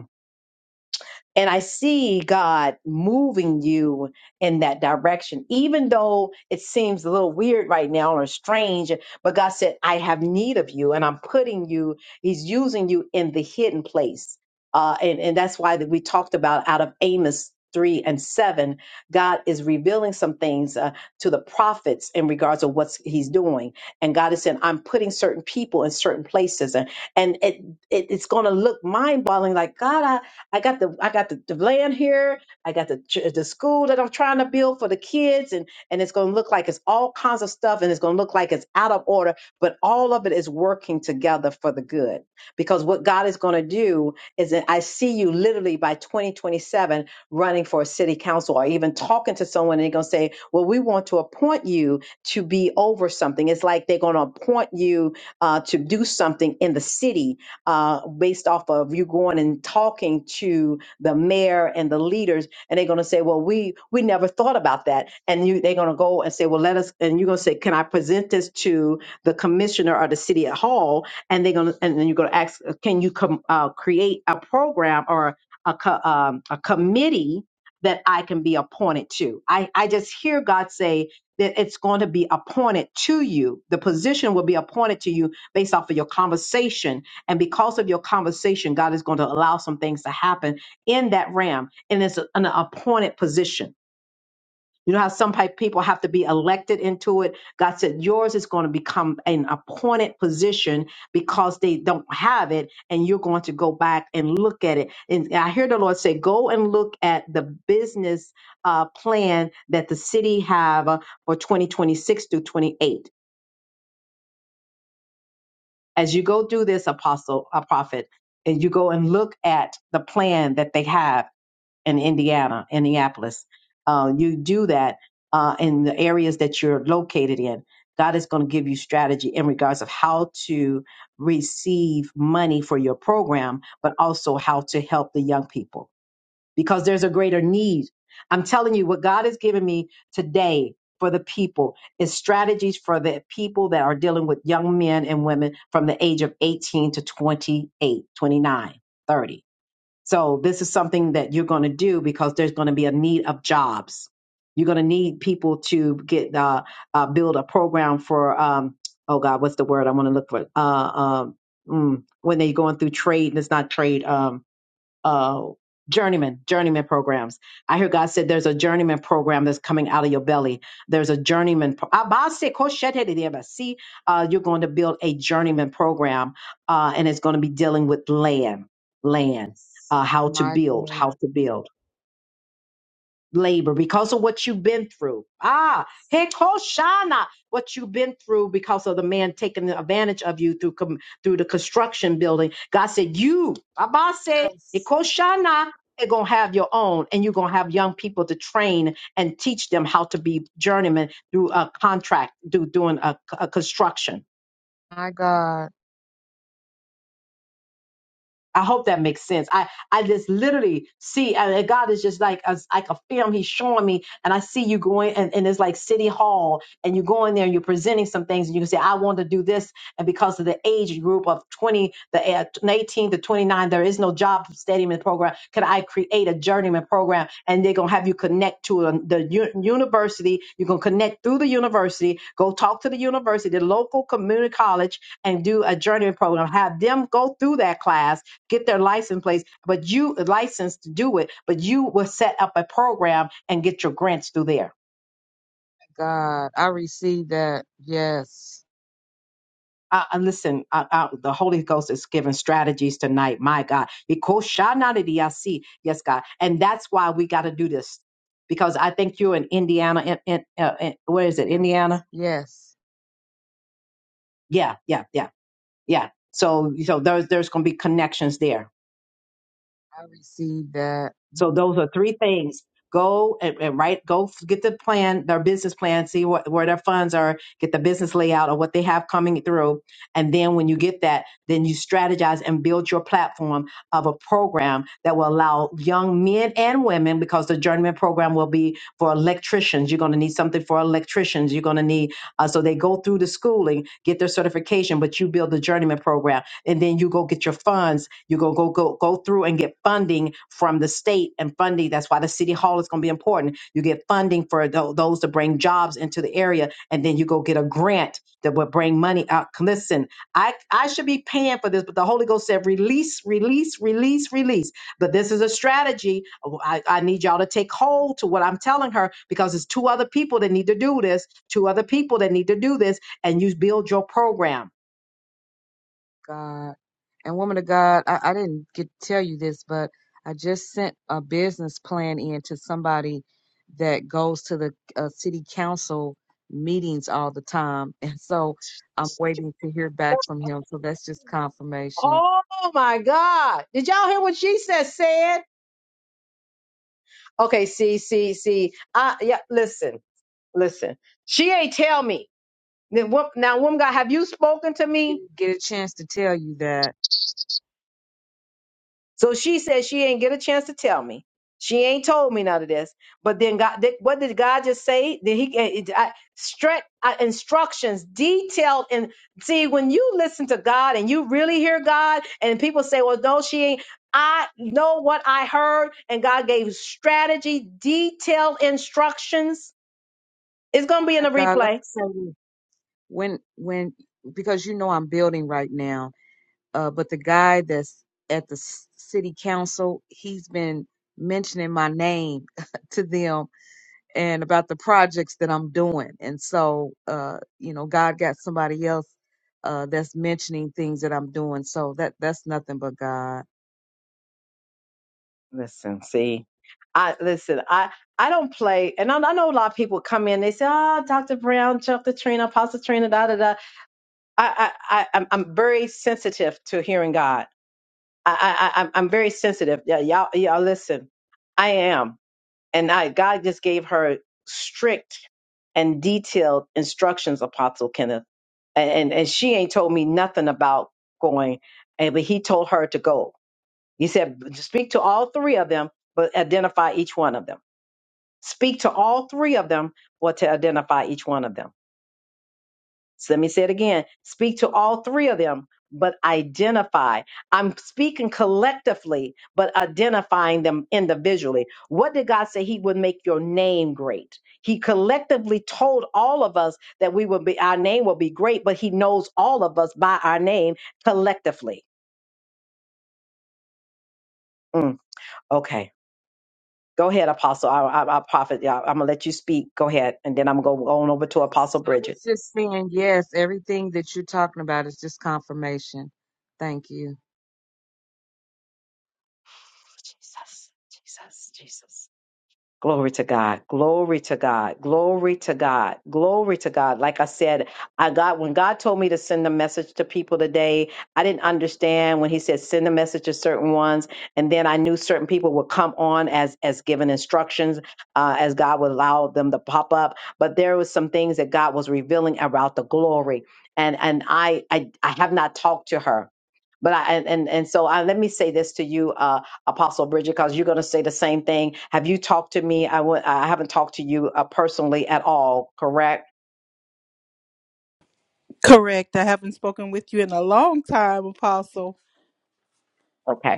Speaker 1: And I see God moving you in that direction, even though it seems a little weird right now or strange. But God said, I have need of you, and I'm putting you, He's using you in the hidden place. Uh, and, and that's why that we talked about out of Amos 3 and 7, God is revealing some things uh, to the prophets in regards to what He's doing. And God is saying, I'm putting certain people in certain places. And, and it, it, it's going to look mind boggling like, God, I got the I got the, the land here. I got the ch- the school that I'm trying to build for the kids, and and it's going to look like it's all kinds of stuff, and it's going to look like it's out of order. But all of it is working together for the good, because what God is going to do is that I see you literally by 2027 running for a city council or even talking to someone, and they're going to say, "Well, we want to appoint you to be over something." It's like they're going to appoint you uh, to do something in the city uh, based off of you going and talking to the mayor and the leaders, and they're going to say, "Well, we we never thought about that," and you they're going to go and say, "Well, let us," and you're going to say, "Can I present this to the commissioner or the city hall?" And they're going to, and then you're going to ask, "Can you com- uh, create a program or a co- um, a committee?" That I can be appointed to. I, I just hear God say that it's going to be appointed to you. The position will be appointed to you based off of your conversation and because of your conversation, God is going to allow some things to happen in that realm. And it's an appointed position. You know how some pe- people have to be elected into it? God said yours is going to become an appointed position because they don't have it, and you're going to go back and look at it. And I hear the Lord say, go and look at the business uh, plan that the city have uh, for 2026 through 28 as you go do this apostle a prophet and you go and look at the plan that they have in indiana indianapolis uh, you do that uh, in the areas that you're located in god is going to give you strategy in regards of how to receive money for your program but also how to help the young people because there's a greater need. I'm telling you, what God has given me today for the people is strategies for the people that are dealing with young men and women from the age of 18 to 28, 29, 30. So this is something that you're going to do because there's going to be a need of jobs. You're going to need people to get uh, uh, build a program for um, oh God, what's the word I want to look for? Uh, um, mm, when they're going through trade, and it's not trade. Um, uh, journeyman journeyman programs. I hear God said there's a journeyman program that's coming out of your belly. There's a journeyman. Pro- Abase koshetediaba. See, uh, you're going to build a journeyman program, uh, and it's going to be dealing with land, land,
Speaker 13: Yes,
Speaker 1: uh, how to
Speaker 13: my
Speaker 1: build, how
Speaker 13: God.
Speaker 1: to build labor because of what you've been through. Ah, Hekoshana, what you've been through because of the man taking advantage of you through com- through the construction building. God said, You, Abase,
Speaker 13: Yes,
Speaker 1: Hekoshana, are going to have your own, and you're going to have young people to train and teach them how to be journeymen through a contract, through doing a, a construction.
Speaker 13: my God.
Speaker 1: I hope that makes sense. I I just literally see I God is just like as like a film. He's showing me, and I see you going, and, and it's like City Hall, and you go in there and you're presenting some things, and you can say, "I want to do this," and because of the age group of 20, the uh, 18 to 29, there is no job steadyman program. Could I create a journeyman program, and they're gonna have you connect to a, the u- university? You're gonna connect through the university, go talk to the university, the local community college, and do a journeyman program. Have them go through that class get their license place, but you license to do it, but you will set up a program and get your grants through there.
Speaker 13: God, I receive that. Yes.
Speaker 1: Uh, uh, listen, uh, uh, the Holy Ghost is giving strategies tonight, my God. Because Shanadiyasi, yes, God, and that's why we got to do this. Because I think you're in Indiana. In, in, uh, in, where is it?
Speaker 13: Yes.
Speaker 1: Indiana?
Speaker 13: Yes,
Speaker 1: Yeah, yeah, yeah, yeah. So, so there's there's going to be connections there
Speaker 13: I receive that.
Speaker 1: So those are three things. Go and, and write, go f- get the plan, their business plan, see what, where their funds are, get the business layout or what they have coming through. And then when you get that, then you strategize and build your platform of a program that will allow young men and women, because the journeyman program will be for electricians. You're going to need something for electricians. You're going to need, uh, so they go through the schooling, get their certification, but you build the journeyman program and then you go get your funds. You go go go go through and get funding from the state and funding. That's why the city hall is going to be important. You get funding for tho- those to bring jobs into the area, and then you go get a grant that will bring money out. Listen, I I should be paying for this, but the Holy Ghost said release, release, release, release. But this is a strategy. Oh, I, I need y'all to take hold to what I'm telling her because it's two other people that need to do this. Two other people that need to do this, and you build your program
Speaker 13: God. And woman of God, I, I didn't get to tell you this, but I just sent a business plan in to somebody that goes to the uh, city council meetings all the time. [LAUGHS] And so I'm waiting to hear back from him. So that's just confirmation.
Speaker 1: Oh my God. Did y'all hear what she said? Said, okay, see, see, see. I, yeah, listen, listen. She ain't tell me. Then wo- Now, woman God, have you spoken to me?
Speaker 13: Didn't get a chance to tell you that.
Speaker 1: So she said she ain't get a chance to tell me. She ain't told me none of this. But then God, did- what did God just say? Did he eh, eh, I, stre- uh, instructions detailed and see when you listen to God and you really hear God and people say, "Well, no, she ain't." I know what I heard, and God gave strategy, detailed instructions. It's gonna be
Speaker 13: woman
Speaker 1: in the
Speaker 13: of God, let
Speaker 1: replay.
Speaker 13: me say this. when when because you know I'm building right now, uh, but the guy that's at the s- city council, he's been mentioning my name [LAUGHS] to them and about the projects that I'm doing, and so uh, you know God got somebody else uh, that's mentioning things that I'm doing, so that that's nothing but God.
Speaker 1: Listen, see, I listen. I I don't play, and I, I know a lot of people come in. They say, "Oh, Doctor Brown, Dr. Trina, Apostle Trina, da da da." I I, I I'm, I'm very sensitive to hearing God. I I I- I'm, I'm very sensitive. Yeah, y'all y'all listen. I am, and I God just gave her strict and detailed instructions, Apostle Kenneth, and and, and she ain't told me nothing about going, and but He told her to go he said, speak to all three of them, but identify each one of them. Speak to all three of them, but to identify each one of them. So let me say it again. Speak to all three of them, but identify. I'm speaking collectively, but identifying them individually. What did God say? He would make your name great. He collectively told all of us that we will be, our name will be great, but He knows all of us by our name collectively. Mm, okay. Go ahead, Apostle. I, I, I prophet. Yeah, I'm gonna let you speak. Go ahead, and then I'm gonna go on over to Apostle
Speaker 13: Yes. I
Speaker 1: Bridget.
Speaker 13: was just saying yes, everything that you're talking about is just confirmation. Thank you.
Speaker 1: Jesus, Jesus, Jesus. Glory to God. Glory to God. Glory to God. Glory to God. Like I said, I got when God told me to send a message to people today, I didn't understand when he said send a message to certain ones. And then I knew certain people would come on as as given instructions, uh, as God would allow them to pop up. But there was some things that God was revealing about the glory. And and I I, I have not talked to her. But I and and, and so I, let me say this to you, uh, Apostle Bridget, because you're going to say the same thing. Have you talked to me? I w- I haven't talked to you uh, personally at all, correct?
Speaker 12: Correct. I haven't spoken with you in a long time, Apostle.
Speaker 1: Okay.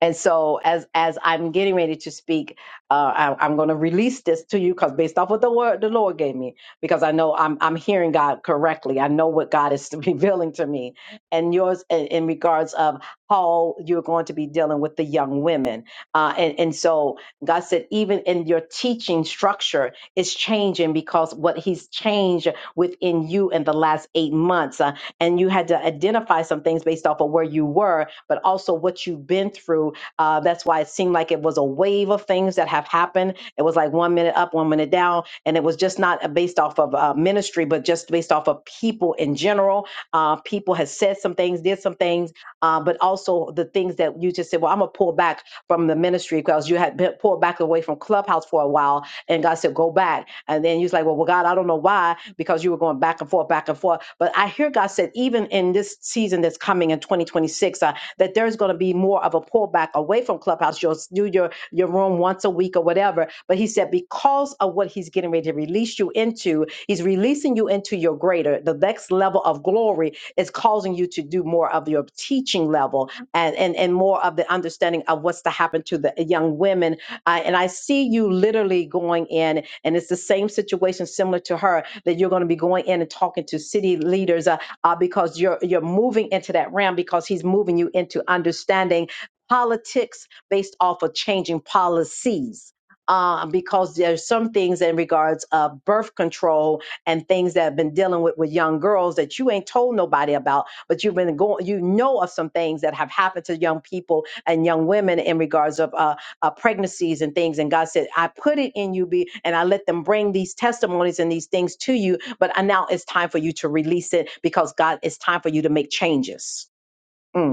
Speaker 1: And so, as as I'm getting ready to speak, uh, I, am going to release this to you because based off what the word the Lord gave me, because I know I'm I'm hearing God correctly. I know what God is [LAUGHS] revealing to me, and yours in, in regards of how you're going to be dealing with the young women. Uh, and and so God said, even in your teaching structure, is changing because what He's changed within you in the last eight months. uh, and you had to identify some things based off of where you were, but also what you've been through. Uh, that's why it seemed like it was a wave of things that have happened. It was like one minute up, one minute down, and it was just not uh, based off of uh, ministry, but just based off of people in general. Uh, people had said some things, did some things, uh, but also the things that you just said. Well, I'm gonna pull back from the ministry because you had been pulled back away from Clubhouse for a while, and God said, "Go back." And then he's like, well, well, God, I don't know why, because you were going back and forth, back and forth. But I hear God said, even in this season that's coming in 2026, uh, that there's going to be more of a pullback away from Clubhouse. You'll do your, your room once a week or whatever. But he said, because of what he's getting ready to release you into, he's releasing releasing you into your greater, the next level of glory is causing you to do more of your teaching level and, and, and more of the understanding of what's to happen to the young women. I, and I see you literally going in, and it's the same situation similar to her that you're going to be going in and talking to city leaders uh, uh, because you're you're moving into that realm because he's moving you into understanding politics based off of changing policies. Uh, because there's some things in regards of birth control and things that have been dealing with with young girls that you ain't told nobody about, but you've been going, you know of some things that have happened to young people and young women in regards of uh, uh, pregnancies and things. And God said, I put it in you, be, and I let them bring these testimonies and these things to you. But I, now it's time for you to release it because God, it's time for you to make changes. Mm.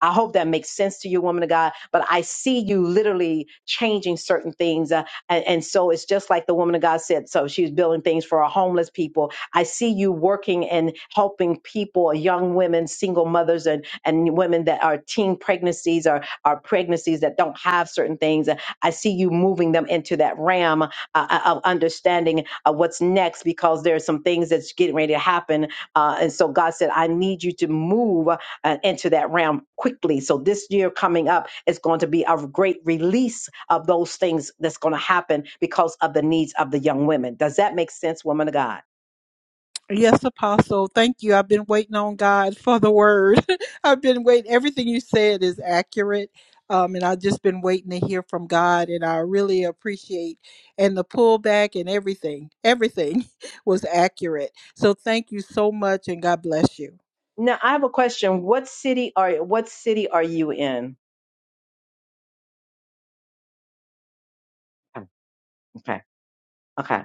Speaker 1: I hope that makes sense to you, woman of God. But I see you literally changing certain things, uh, and, and so it's just like the woman of God said. So she's building things for our homeless people. I see you working and helping people, young women, single mothers, and and women that are teen pregnancies or are pregnancies that don't have certain things. Uh, I see you moving them into that ram uh, uh, of understanding uh, what's next because there's some things that's getting ready to happen. Uh, and so God said, I need you to move uh, into that realm quickly. So this year coming up is going to be a great release of those things that's going to happen because of the needs of the young women. Does that make sense, woman of God?
Speaker 12: Yes, Apostle. Thank you. I've been waiting on God for the word. [LAUGHS] I've been waiting. Everything you said is accurate. Um, and I've just been waiting to hear from God. And I really appreciate and the pullback and everything. Everything [LAUGHS] was accurate. So thank you so much and God bless you.
Speaker 1: Now I have a question. What city are what city are you in? Okay. Okay.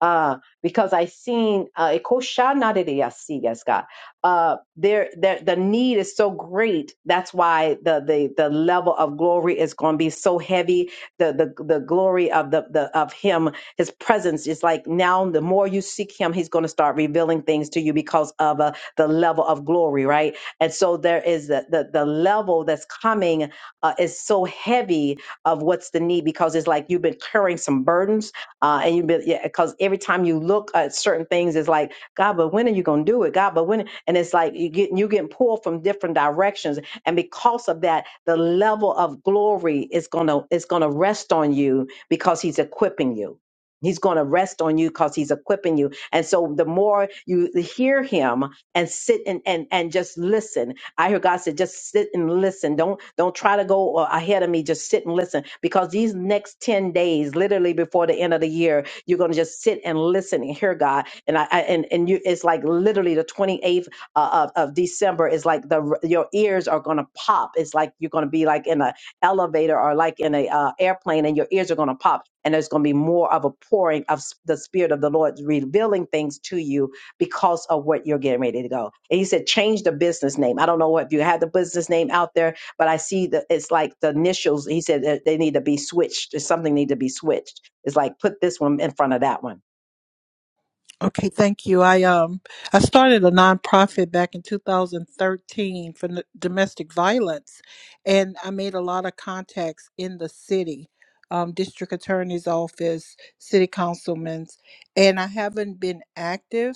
Speaker 1: uh, because I seen uh, Ekoshanadidiyasi, yes, God. Uh, there, there, the need is so great. That's why the the the level of glory is going to be so heavy. The the the glory of the the of Him, His presence is like now. The more you seek Him, He's going to start revealing things to you because of uh, the level of glory, right? And so there is the the, the level that's coming uh, is so heavy of what's the need because it's like you've been carrying some burdens uh, and you be yeah, because every time you look at certain things, it's like God, but when are you going to do it? God, but when? And it's like you get you getting pulled from different directions, and because of that, the level of glory is gonna is gonna rest on you because He's equipping you. He's going to rest on you because he's equipping you. And so the more you hear him and sit and, and, and just listen I hear God said, just sit and listen. Don't don't try to go uh, ahead of me. Just sit and listen, because these next ten days, literally before the end of the year, you're gonna just sit and listen and hear God. And I, I and and you, it's like literally the 28th uh, of, of December is like the your ears are gonna pop. It's like you're gonna be like in an elevator or like in a uh, airplane, and your ears are gonna pop. And there's going to be more of a pouring of s- the Spirit of the Lord revealing things to you because of what you're getting ready to go. And he said, change the business name. I don't know if you have the business name out there, but I see that it's like the initials. He said that they need to be switched. There's Something need to be switched. It's like put this one in front of that one.
Speaker 12: Okay, thank you. I um I started a nonprofit back in 2013 for n- domestic violence, and I made a lot of contacts in the city, um, district attorney's office, city councilmen's, and I haven't been active.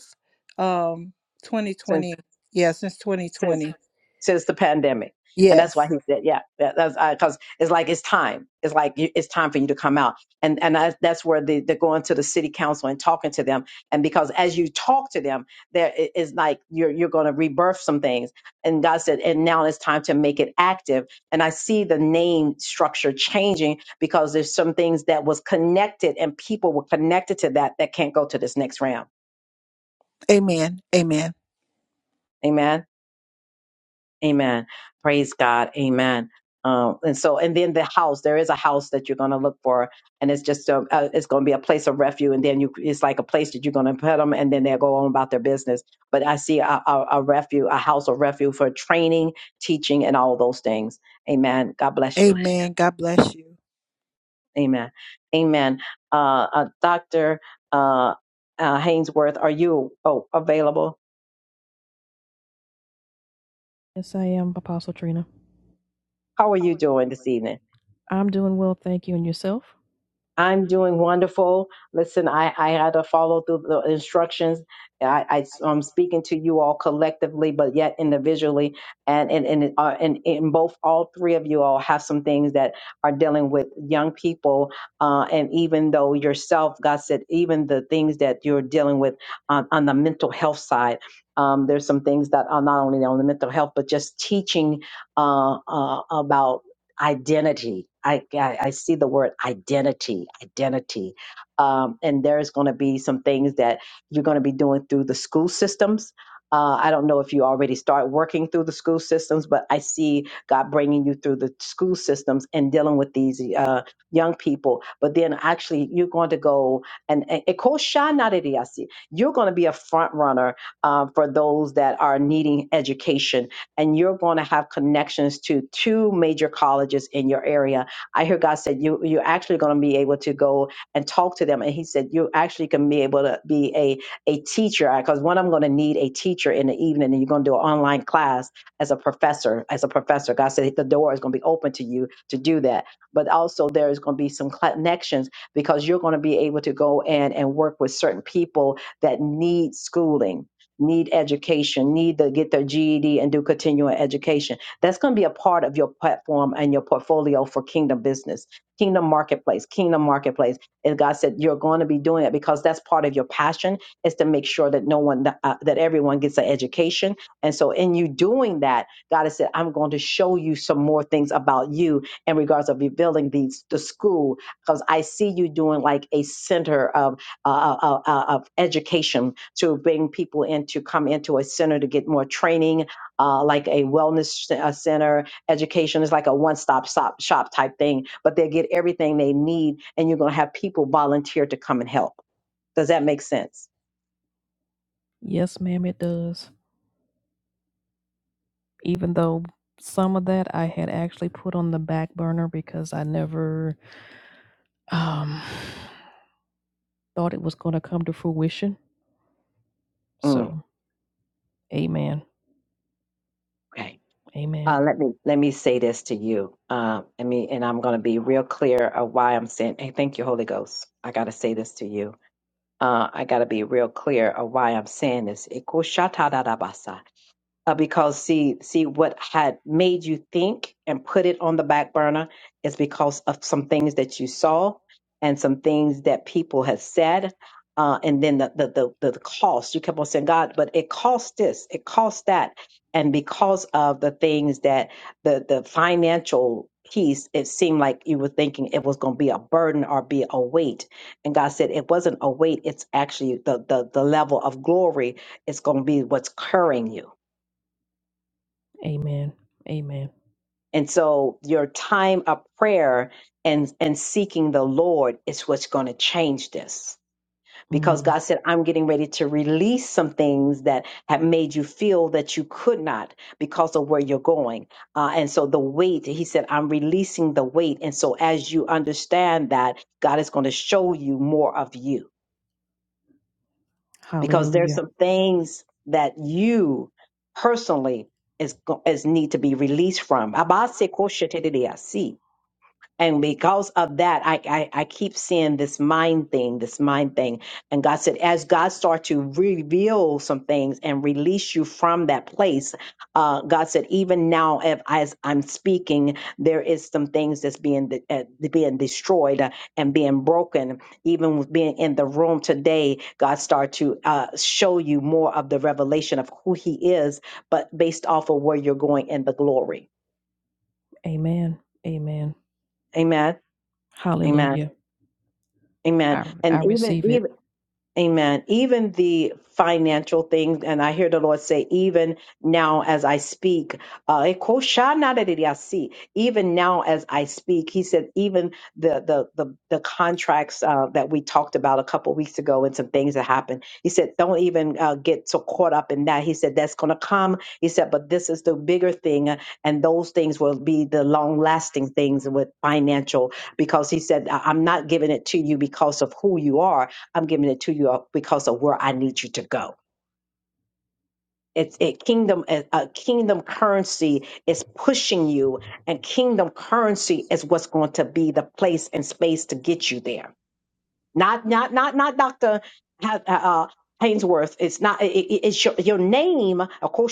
Speaker 12: Um, 2020,
Speaker 1: since
Speaker 12: yeah, since
Speaker 1: since
Speaker 12: 2020.
Speaker 1: since the pandemic. And that's why he
Speaker 12: Yes,
Speaker 1: said, yeah, that- that's because it's like it's time. It's like you, it's time for you to come out. And and I, that's where the, are going to the city council and talking to them. And because as you talk to them, there it- it's like you're you're going to rebirth some things. And God said, and now it's time to make it active. And I see the name structure changing because there's some things that was connected and people were connected to that that can't go to this next round.
Speaker 12: amen, amen.
Speaker 1: Amen. Amen. Praise God. Amen. Um, and so, and then the house, there is a house that you're going to look for, and it's just a, uh, it's going to be a place of refuge. And then you, it's like a place that you're going to put them, and then they'll go on about their business. But I see a, a, a refuge, a house of refuge for training, teaching, and all those things. Amen. God bless you.
Speaker 12: Amen. God bless you.
Speaker 1: Amen. Amen. Uh, uh Doctor uh, uh, Hainsworth, are you oh, available?
Speaker 14: Yes, I am, Apostle Trina.
Speaker 1: How are you doing this evening?
Speaker 14: I'm doing well, thank you. And yourself?
Speaker 1: I'm doing wonderful. Listen, I, I had to follow through the instructions. I, I, am speaking to you all collectively, but yet individually. And in and, and, uh, and, in both, all three of you all have some things that are dealing with young people. Uh, and even though yourself, God said, even the things that you're dealing with on, on the mental health side, um, there's some things that are not only on the mental health, but just teaching uh, uh, about identity. I, I, I see the word identity, identity. Um, and there's going to be some things that you're going to be doing through the school systems. Uh, I don't know if you already start working through the school systems, but I see God bringing you through the school systems and dealing with these uh, young people. But then actually, you're going to go and, and it calls Shine Not at EIC. you're going to be a front runner uh, for those that are needing education and you're going to have connections to two major colleges in your area. I hear God said you you're actually going to be able to go and talk to them, and He said you actually can be able to be a a teacher because when I'm going to need a teacher in the evening, and you're going to do an online class as a professor. As a professor, God said the door is going to be open to you to do that, but also there is going to be some connections because you're going to be able to go in and work with certain people that need schooling need education, need to get their GED and do continuing education. That's going to be a part of your platform and your portfolio for Kingdom Business, Kingdom Marketplace, Kingdom Marketplace. And God said you're going to be doing it because that's part of your passion is to make sure that no one, uh, that everyone gets an education. And so, in you doing that, God has said, I'm going to show you some more things about you in regards of revealing these the school because I see you doing like a center. of uh, uh, uh, uh, of education to bring people in to come into a center to get more training, uh, like a wellness c- uh, center. Education is like a one stop shop, shop type thing, but they get everything they need, and you're going to have people volunteer to come and help. Does that make sense?
Speaker 14: Yes, ma'am, it does. Even though some of that I had actually put on the back burner because I never um, thought it was going to come to fruition.
Speaker 1: Mm,
Speaker 14: So, amen,
Speaker 1: okay.
Speaker 14: amen,
Speaker 1: Uh, let me let me say this to you. Um, I mean, and I'm going to be real clear of why I'm saying. Hey, thank you, Holy Ghost. I got to say this to you. Uh, I got to be real clear of why I'm saying this. uh, because see see what had made you think and put it on the back burner is because of some things that you saw and some things that people have said uh, and then the the, the the the cost you kept on saying god but it cost this it cost that and because of the things that the the financial piece it seemed like you were thinking it was going to be a burden or be a weight and god said it wasn't a weight it's actually the the, the level of glory it's going to be what's carrying you
Speaker 14: amen, amen.
Speaker 1: And so your time of prayer and, and seeking the Lord is what's going to change this. Because
Speaker 14: Mm.
Speaker 1: God said, I'm getting ready to release some things that have made you feel that you could not because of where you're going. Uh, and so the weight, He said, I'm releasing the weight. And so as you understand that, God is going to show you more of you because there's
Speaker 14: Hallelujah.
Speaker 1: some things that you personally is, go- is need to be released from. Abase koshetediasi. And because of that, I, I, I keep seeing this mind thing, this mind thing. And God said, as God starts to reveal some things and release you from that place, uh, God said, even now, if, as I'm speaking, there is some things that's being de- uh, being destroyed uh, and being broken. Even with being in the room today, God started to uh, show you more of the revelation of who He is, but based off of where you're going in the glory.
Speaker 14: Amen. Amen.
Speaker 1: Amen. Amen.
Speaker 14: Hallelujah.
Speaker 1: Amen
Speaker 14: I, I
Speaker 1: and even
Speaker 14: receive
Speaker 1: even
Speaker 14: it.
Speaker 1: Amen. Even the financial things, and I hear the Lord say, even now as I speak, uh, even now as I speak, He said, even the the the, the contracts uh, that we talked about a couple weeks ago and some things that happened, He said, don't even uh, get so caught up in that. He said, that's going to come. He said, but this is the bigger thing, uh, and those things will be the long lasting things with financial, because He said, I- I'm not giving it to you because of who you are I'm giving it to you because of where I need you to go. It's it kingdom a a kingdom currency is pushing you, and kingdom currency is what's going to be the place and space to get you there not not not not Doctor Ha- uh, uh, Hainsworth. It's not. It, it- it's your, your name. Of course,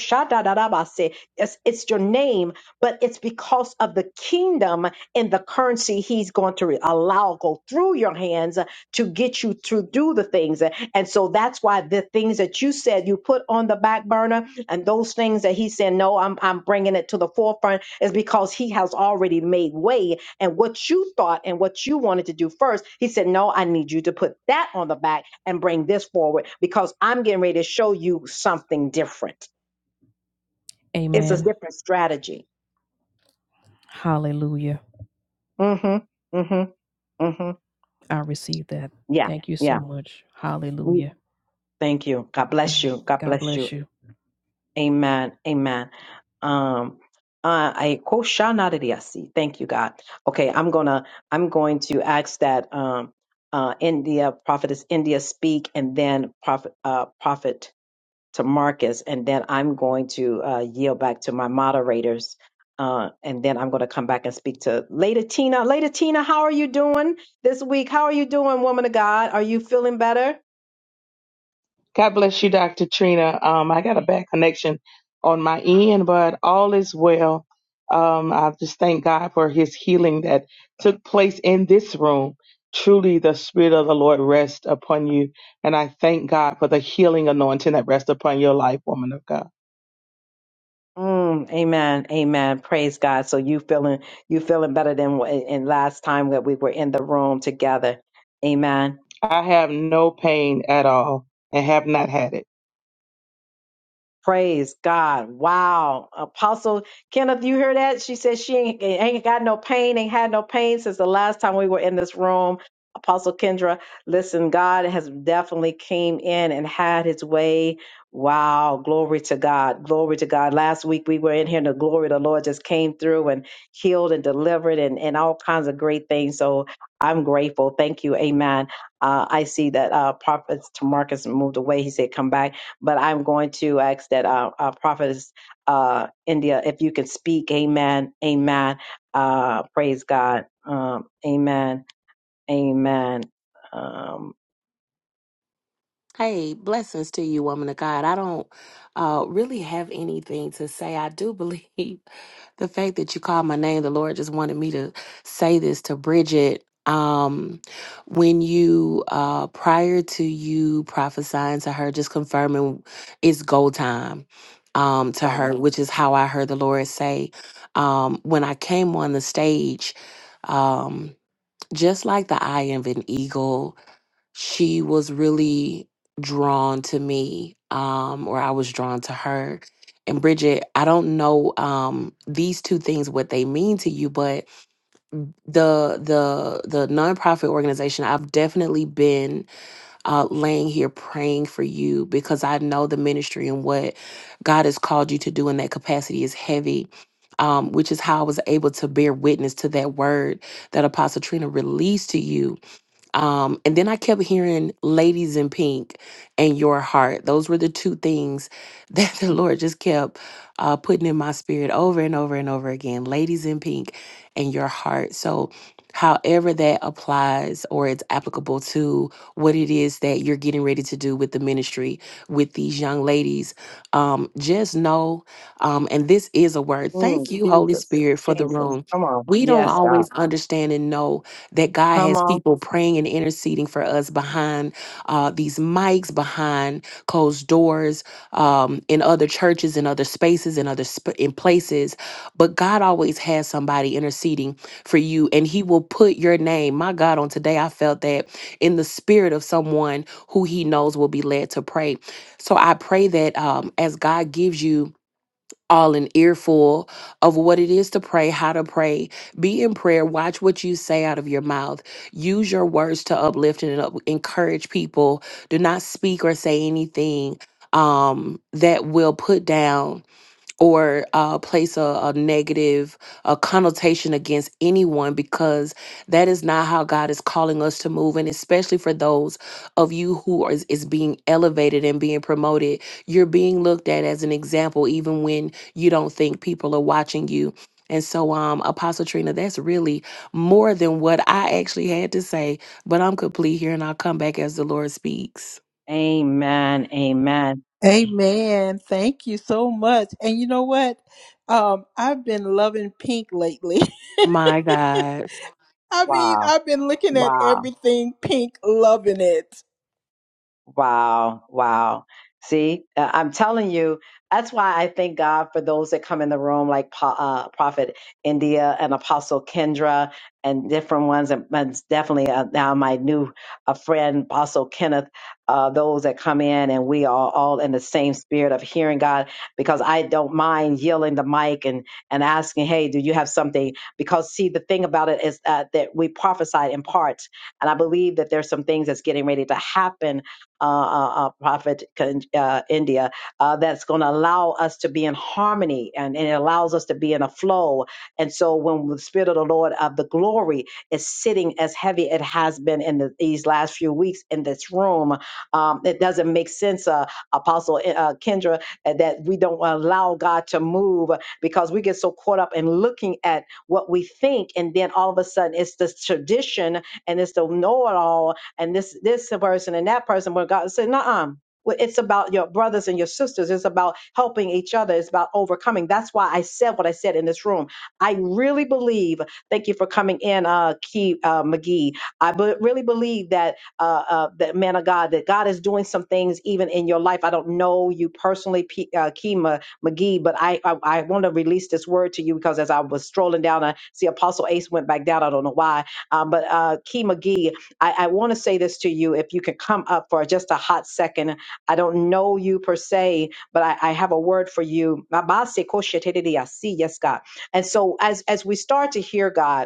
Speaker 1: It's it's your name, but it's because of the kingdom and the currency He's going to re- allow go through your hands to get you to do the things. And so that's why the things that you said you put on the back burner, and those things that He said, no, I'm I'm bringing it to the forefront, is because He has already made way and what you thought and what you wanted to do first. He said, No, I need you to put that on the back and bring this forward because I'm getting ready to show you something different. It's a
Speaker 14: Amen.
Speaker 1: different strategy.
Speaker 14: Hallelujah.
Speaker 1: Mm-hmm. Mm-hmm. Mm-hmm.
Speaker 14: I receive that.
Speaker 1: Yeah.
Speaker 14: Thank you
Speaker 1: Yeah.
Speaker 14: so much.
Speaker 1: Mm,
Speaker 14: Hallelujah.
Speaker 1: Thank you. God bless
Speaker 14: Mm.
Speaker 1: you. God
Speaker 14: God
Speaker 1: bless you.
Speaker 14: bless you.
Speaker 1: Amen. Amen. Um uh, I koshanadidiyasi. Thank you, God. Okay, I'm gonna I'm going to ask that um uh India, Prophetess India speak and then Prophet uh Prophet to Marcus, and then I'm going to uh, yield back to my moderators. Uh, and then I'm going to come back and speak to Lady Tina. Lady Tina, how are you doing this week? How are you doing, woman of God? Are you feeling better?
Speaker 15: God bless you, Dr. Trina. Um, I got a bad connection on my end, but all is well. Um, I just thank God for his healing that took place in this room. Truly, the Spirit of the Lord rests upon you. And I thank God for the healing anointing that rests upon your life, woman of God.
Speaker 1: Mm, amen, amen. Praise God. So you feeling you feeling better than wh- in last time that we were in the room together. Amen.
Speaker 15: I have no pain at all and have not had it.
Speaker 1: Praise God. Wow. Apostle Kenneth, you hear that? She said she ain't, ain't got no pain, ain't had no pain since the last time we were in this room. Apostle Kendra, listen, God has definitely came in and had his way. Wow. Glory to God. Glory to God. Last week we were in here and the glory of the Lord just came through and healed and delivered and, and all kinds of great things. So I'm grateful. Thank you. Amen. Uh, I see that uh, Prophet Tamarcus moved away. He said, come back but I'm going to ask that uh, uh, prophetess uh, India, if you can speak, Amen, Amen. Uh, praise God, um, Amen, Amen. Um,
Speaker 16: Hey, blessings to you, woman of God. I don't uh, really have anything to say. I do believe [LAUGHS] the fact that you called my name, the Lord just wanted me to say this to Bridget. Um, when you, uh, prior to you prophesying to her, just confirming it's go time um, to
Speaker 1: wow,
Speaker 16: her, which is how I heard the Lord say, um, when I came on the stage, um, just like the eye of an eagle, she was really drawn to me um or I was drawn to her and Bridget I don't know um these two things what they mean to you but the the the nonprofit organization I've definitely been uh laying here praying for you because I know the ministry and what God has called you to do in that capacity is heavy um which is how I was able to bear witness to that word that Apostle Trina released to you um, and then I kept hearing Ladies in Pink and Your Heart. Those were the two things [LAUGHS] that the Lord just kept uh, putting in my spirit over and over and over again Ladies in Pink and Your Heart. So, however that applies or it's applicable to what it is that you're getting ready to do with the ministry with these young ladies, um, just know, um, and this is a word. Thank
Speaker 1: Mm,
Speaker 16: you, Holy
Speaker 1: Jesus,
Speaker 16: Spirit, for the
Speaker 1: Jesus,
Speaker 16: room.
Speaker 1: come on,
Speaker 16: We don't
Speaker 1: yes, God,
Speaker 16: always understand and know that God
Speaker 1: come
Speaker 16: has
Speaker 1: on,
Speaker 16: people praying and interceding for us behind uh, these mics, behind closed doors, um, in other churches, in other spaces, in other sp- in places. But God always has somebody interceding for you, and He will put your name. My God, on today, I felt that in the spirit of someone who He knows will be led to pray. So I pray that um, as God gives you all an earful of what it is to pray, how to pray. Be in prayer. Watch what you say out of your mouth. Use your words to uplift and up- encourage people. Do not speak or say anything um, that will put down or uh, place a, a negative a connotation against anyone because that is not how God is calling us to move. And especially for those of you who are, is is being elevated and being promoted, you're being looked at as an example, even when you don't think people are watching you. And so, um, Apostle Trina, that's really more than what I actually had to say, but I'm complete here and I'll come back as the Lord speaks.
Speaker 1: Amen, Amen.
Speaker 12: Amen. Thank you so much. And you know what? Um, I've been loving pink lately.
Speaker 16: My
Speaker 12: [LAUGHS]
Speaker 16: God.
Speaker 12: I mean,
Speaker 1: Wow,
Speaker 12: I've been looking at
Speaker 1: wow.
Speaker 12: everything pink, loving it.
Speaker 1: Wow, wow. See, uh, I'm telling you, that's why I thank God for those that come in the room, like Po- uh, Prophet India and Apostle Kendra, and different ones, and, and definitely uh, now my new uh, friend Apostle Kenneth. Uh, those that come in, and we are all in the same spirit of hearing God, because I don't mind yielding the mic and and asking, "Hey, do you have something?" Because see, the thing about it is uh, that we prophesied in parts, and I believe that there's some things that's getting ready to happen uh, uh, uh, Prophet uh, India, uh, that's going to allow us to be in harmony and, and it allows us to be in a flow. And so when the Spirit of the Lord of the glory is sitting as heavy it has been in the, these last few weeks in this room, um, it doesn't make sense, uh, Apostle uh, uh, Kendra, uh, that we don't allow God to move because we get so caught up in looking at what we think. And then all of a sudden it's this tradition and it's the know it all and this this person and that person. But God said, "Nuh-uh." Well, It's about your brothers and your sisters. It's about helping each other. It's about overcoming. That's why I said what I said in this room. I really believe. Thank you for coming in, uh, Key uh, McGee. I be- really believe that uh, uh, that man of God, that God is doing some things even in your life. I don't know you personally, P- uh, Kima McGee, but I, I I want to release this word to you because as I was strolling down, I see Apostle Ace went back down. I don't know why, um, but uh, Key McGee. I, I want to say this to you. If you could come up for just a hot second, I don't know you per se, but I, I have a word for you. Yes, God. And so as as we start to hear God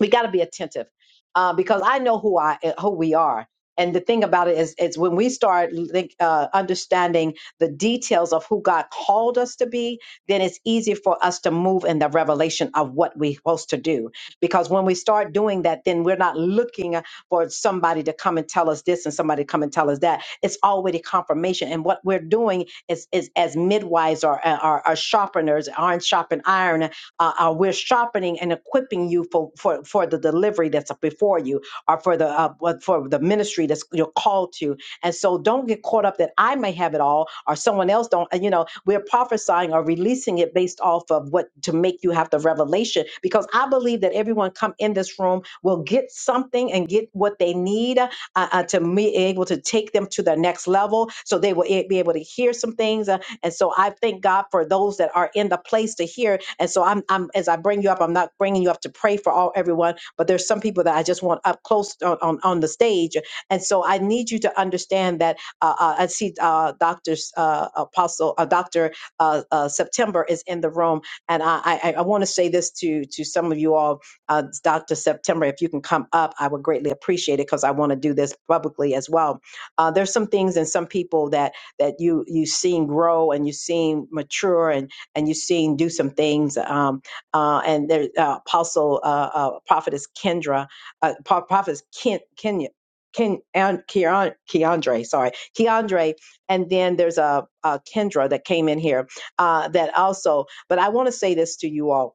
Speaker 1: we got to be attentive uh, because I know who I eh, who we are. And the thing about it is, is when we start like, uh, understanding the details of who God called us to be, then it's easy for us to move in the revelation of what we're supposed to do. Because when we start doing that, then we're not looking uh, for somebody to come and tell us this and somebody to come and tell us that. It's already confirmation. And what we're doing is, is as midwives or, uh, or, or sharpeners, iron sharpen iron, uh, uh, we're sharpening and equipping you for, for, for the delivery that's before you or for the uh, what- for the ministry that's you're called to. And so don't get caught up that I may have it all or someone else don't. And, You know, we're prophesying or releasing it based off of what to make you have the revelation because I believe that everyone come in this room will get something and get what they they need uh, uh, to be able to take them to the next level so they will eh, be able to hear some things. Uh, and so I thank God for those that are in the place to hear. And so I'm, I'm as I bring you up, I'm not bringing you up to pray for all everyone, but there's some people that I just want up close on, on, on the stage. And so I need you to understand that uh, uh, I see uh, Dr. Uh, Apostle, uh, Dr. Uh, uh, September is in the room. And I, I, I want to say this to, to some of you all uh, Dr. September, if you can come up, I would greatly appreciate it because I want to do this publicly as well. Uh, there's some things and some people that that you you seen grow and you seen mature and and you seen do some things. Um, uh, and there, uh, Apostle uh, uh, Prophetess Kendra, uh, Pro- Prophetess Ken, Kenya. Ken, and Keon- Keandre, sorry, Keandre, and then there's a, a Kendra that came in here uh, that also. But I want to say this to you all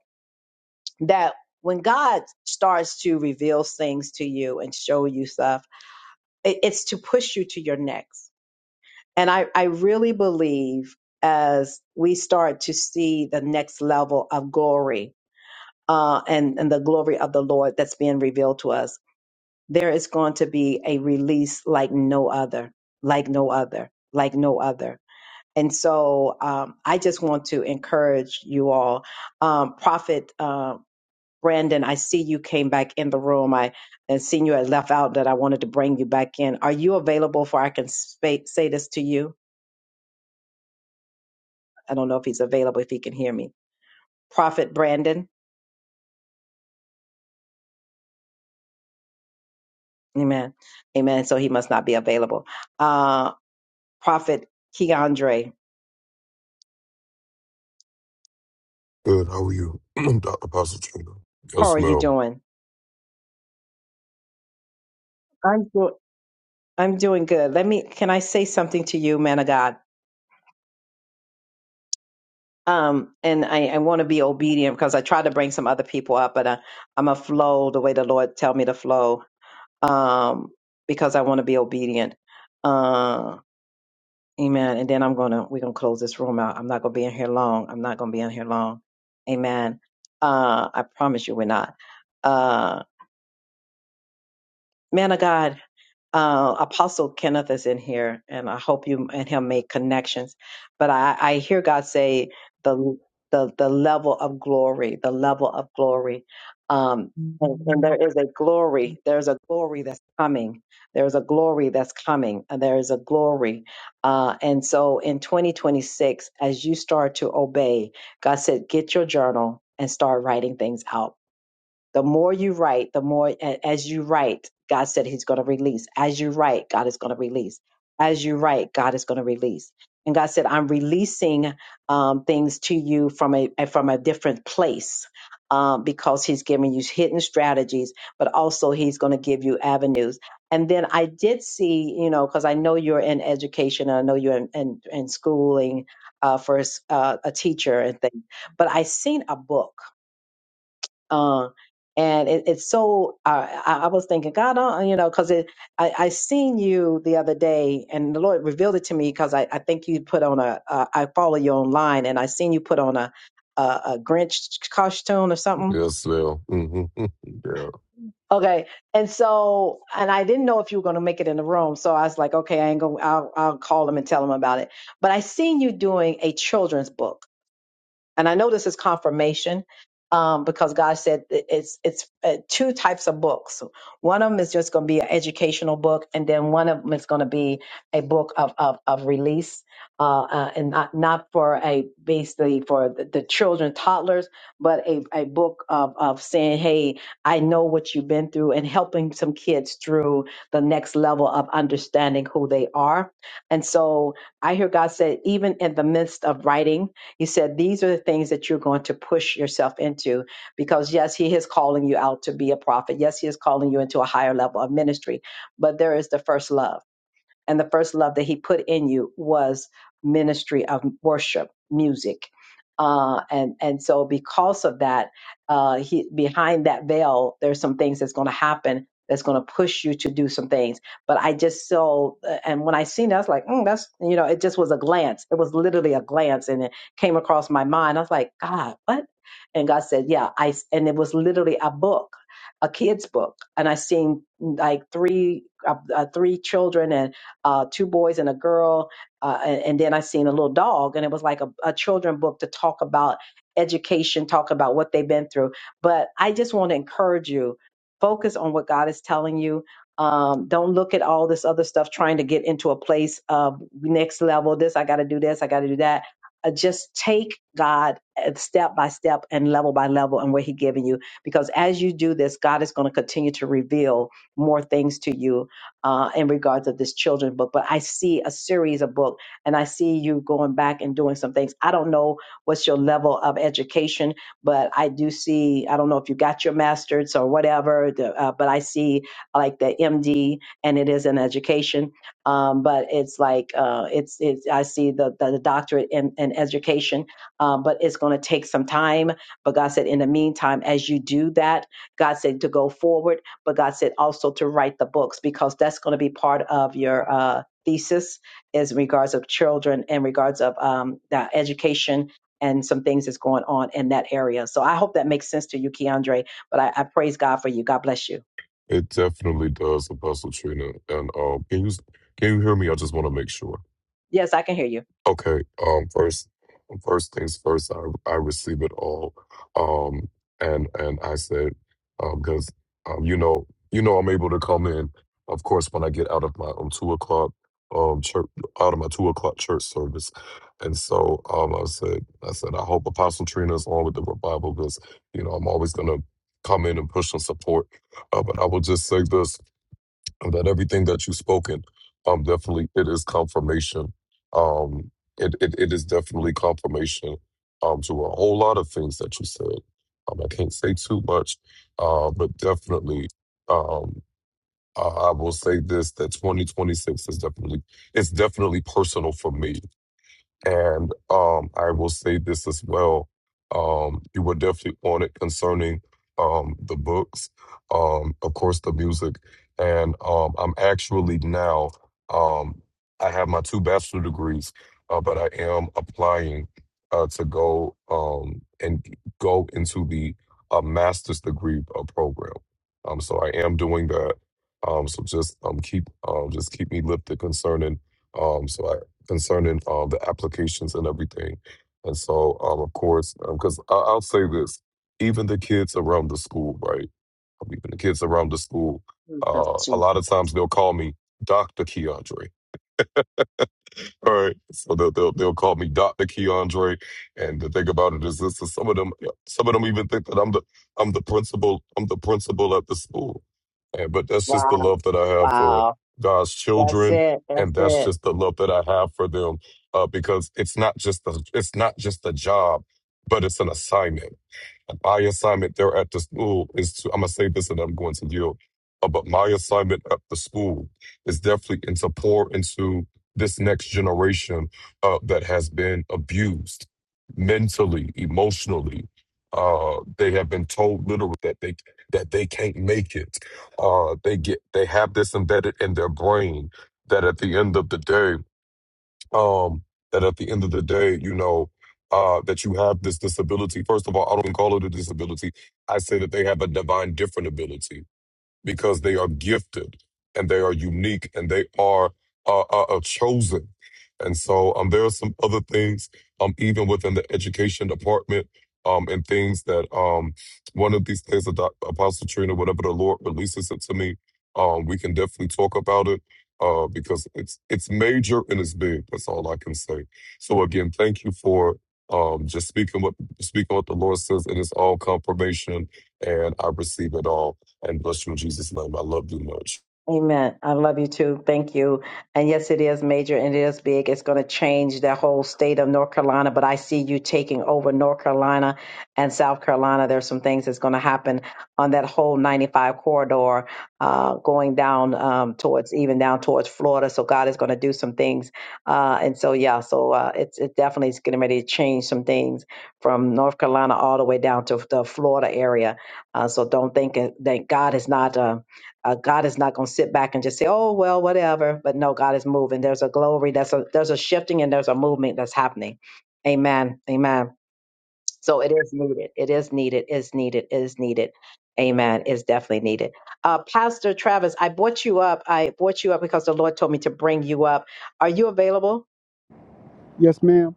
Speaker 1: that when God starts to reveal things to you and show you stuff, it- it's to push you to your next. And I, I really believe as we start to see the next level of glory uh, and, and the glory of the Lord that's being revealed to us, there is going to be a release like no other, like no other, like no other. And so um, I just want to encourage you all. Um, Prophet um, Brandon, I see you came back in the room. I and seen you had left out that I wanted to bring you back in. Are you available for I can spa say this to you? I don't know if he's available, if he can hear me. Prophet Brandon, amen. Amen. So he must not be available. Uh, Prophet Keandre,
Speaker 17: Good. How are you, [CLEARS THROAT] Dr. Apostle Yes,
Speaker 1: how are you
Speaker 17: smell.
Speaker 1: doing? I'm doing. I'm doing good. Let me, can I say something to you, man of God? Um, and I, I want to be obedient because I tried to bring some other people up, but I, I'm a flow the way the Lord tell me to flow um, because I want to be obedient. Uh, amen. And then I'm gonna we're gonna close this room out. I'm not gonna be in here long. I'm not gonna be in here long. Amen. Uh, I promise you, we're not. Uh, man of God. uh, Apostle Kenneth is in here, and I hope you and him make connections. But I, I hear God say the the the level of glory, the level of glory, um, and, and there is a glory. There's a glory that's coming. There's a glory that's coming. and There is a glory, uh, and so in 2026, as you start to obey, God said, get your journal and start writing things out the more you write, the more a- as you write, God said He's going to release. As you write, God is going to release. As you write, God is going to release. And God said, "I'm releasing um, things to you from a from a different place." Um, because he's giving you hidden strategies, but also he's going to give you avenues. And then I did see, you know, because I know you're in education, and I know you're in, in, in schooling uh, for a s- uh, a teacher and things, but I seen a book uh, and it, it's so I, I I was thinking, God, uh, you know, because I I seen you the other day, and the Lord revealed it to me because I, I think you put on a uh, I follow you online, and I seen you put on a a, a Grinch costume or something.
Speaker 17: Yes, smell. hmm [LAUGHS] Yeah,
Speaker 1: Okay, and so and I didn't know if you were going to make it in the room, so I was like, okay, I ain't gonna I'll, I'll call him and tell him about it. But I seen you doing a children's book and I know this is confirmation um, because God said it- it's it's uh, two types of books. One of them is just going to be an educational book, and then one of them is going to be a book of of, of release, uh, uh, and not not for a basically for the, the children, toddlers, but a a book of of saying, hey, I know what you've been through, and helping some kids through the next level of understanding who they are. And so I hear God said, even in the midst of writing he said, These are the things that you're going to push yourself into because, yes, He is calling you out to be a prophet. Yes, He is calling you into a higher level of ministry, but there is the first love and the first love that he put in you was ministry of worship, music. Uh, and and so because of that, uh, he, behind that veil, there's some things that's going to happen that's going to push you to do some things. But I just saw, uh, and when I seen it, I was like, mm, that's you know, it just was a glance. It was literally a glance, and it came across my mind. I was like, God, what? And God said, Yeah, I, And it was literally a book a kid's book and i seen like three uh, uh, three children and uh, two boys and a girl, uh, and, and then I seen a little dog, and it was like a, a children book to talk about education, talk about what they've been through. But I just want to encourage you: focus on what God is telling you. Um, don't look at all this other stuff trying to get into a place of next level. This I got to do this, I got to do that. Uh, just take God uh, step by step and level by level and where He giving you, because as you do this, God is going to continue to reveal more things to you uh, in regards of this children's book. But I see a series of books, and I see you going back and doing some things. I don't know what's your level of education, but I do see. I don't know if you got your master's or whatever, the, uh, but I see like the MD, and it is in education. Um, but it's like uh, it's it's. I see the the, the doctorate in, in education, um, but it's going to take some time. But God said, in the meantime, as you do that, God said to go forward but God said also to write the books because that's going to be part of your uh, thesis is in regards of children and regards of um, the education and some things that's going on in that area. So I hope that makes sense to you, Keandre. But I, I praise God for you. God bless you.
Speaker 17: it definitely does, Apostle Trina. And um, can you can you hear me? I just want to make sure.
Speaker 1: Yes, I can hear you.
Speaker 17: Okay. Um. First, first things first. I I receive it all. Um. And and I said, um, because um, you know, you know, I'm able to come in. Of course, when I get out of my um two o'clock um church, out of my two o'clock church service, and so um, I said, I said, I hope Apostle Trina is on with the revival because you know I'm always gonna come in and push and support. Uh, but I will just say this and that everything that you've spoken, um, definitely it is confirmation. Um, it, it, it is definitely confirmation um, to a whole lot of things that you said. Um, I can't say too much, uh, but definitely, um, I, I will say this: that 2026 is definitely it's definitely personal for me. And um, I will say this as well. Um, you were definitely on it concerning um, the books, um, of course, the music. And um, I'm actually now, um, I have my two bachelor degrees, uh, but I am applying uh, to go um, and go into the uh, master's degree uh, program. Um, so I am doing that. Um, so just um, keep um, just keep me lifted concerning. Um, so concerning um, the applications and everything. And so, um, of course, because I I'll say this, even the kids around the school, right? Even the kids around the school,
Speaker 1: Jesus,
Speaker 17: uh, a
Speaker 1: Jesus.
Speaker 17: lot of times they'll call me Dr. Keandre all right, so they'll, they'll they'll call me Doctor Keandre, and the thing about it is, this is some of them. Some of them even think that I'm the I'm the principal. I'm the principal at the school, and, but that's just the
Speaker 1: Wow.
Speaker 17: love that I have for
Speaker 1: Wow.
Speaker 17: God's
Speaker 1: That's
Speaker 17: children,
Speaker 1: it. That's
Speaker 17: and that's
Speaker 1: it.
Speaker 17: just the love that I have for them, uh, because it's not just a it's not just a job, but it's an assignment and My assignment there at the school is to, I'm going to say this and I'm going to yield. Uh, but my assignment at the school is definitely and to pour into this next generation uh, that has been abused mentally, emotionally. Uh, they have been told literally that they that they can't make it. Uh, they get they have this embedded in their brain that at the end of the day um, that at the end of the day, you know, uh, that you have this disability. First of all, I don't even call it a disability. I say that they have a divine different ability because they are gifted and they are unique and they are uh, uh, uh, chosen. And so um, there are some other things, um, even within the education department, um, and things that um, one of these days, Doc- Apostle Trina, whatever the Lord releases it to me, um, we can definitely talk about it uh, because it's it's major and it's big. That's all I can say. So again, thank you for um, just speaking what speaking what the Lord says, and it's all confirmation, and I receive it all and bless you in Jesus' name. I love you much.
Speaker 1: Amen. I love you too. Thank you. And yes, it is major and it is big. It's going to change the whole state of North Carolina, but I see you taking over North Carolina and South Carolina. There's some things that's going to happen on that whole 95 corridor, uh, going down um, towards even down towards Florida. So God is going to do some things. Uh, and so, yeah, so uh, it's it definitely is getting ready to change some things from North Carolina all the way down to the Florida area. Uh, so don't think, thank God is not. Uh, uh, God is not going to sit back and just say, "Oh well, whatever." But no, God is moving. There's a glory. That's a there's a shifting and there's a movement that's happening. Amen. Amen. So it is needed. It is needed. Is needed. Is needed. Amen. Is definitely needed. Uh, Pastor Travis, I brought you up. I brought you up because the Lord told me to bring you up. Are you available?
Speaker 18: Yes, ma'am.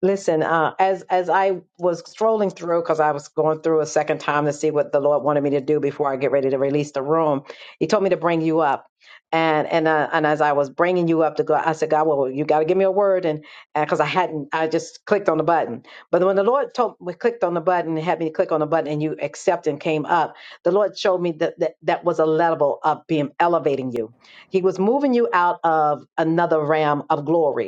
Speaker 1: Listen, uh, as as I was strolling through, because I was going through a second time to see what the Lord wanted me to do before I get ready to release the room, He told me to bring you up, and and uh, and as I was bringing you up to go, I said, God, well, you got to give me a word, and because I hadn't, I just clicked on the button. But when the Lord told me clicked on the button and had me click on the button, and you accept and came up, the Lord showed me that that, that was a level of being elevating you. He was moving you out of another realm of glory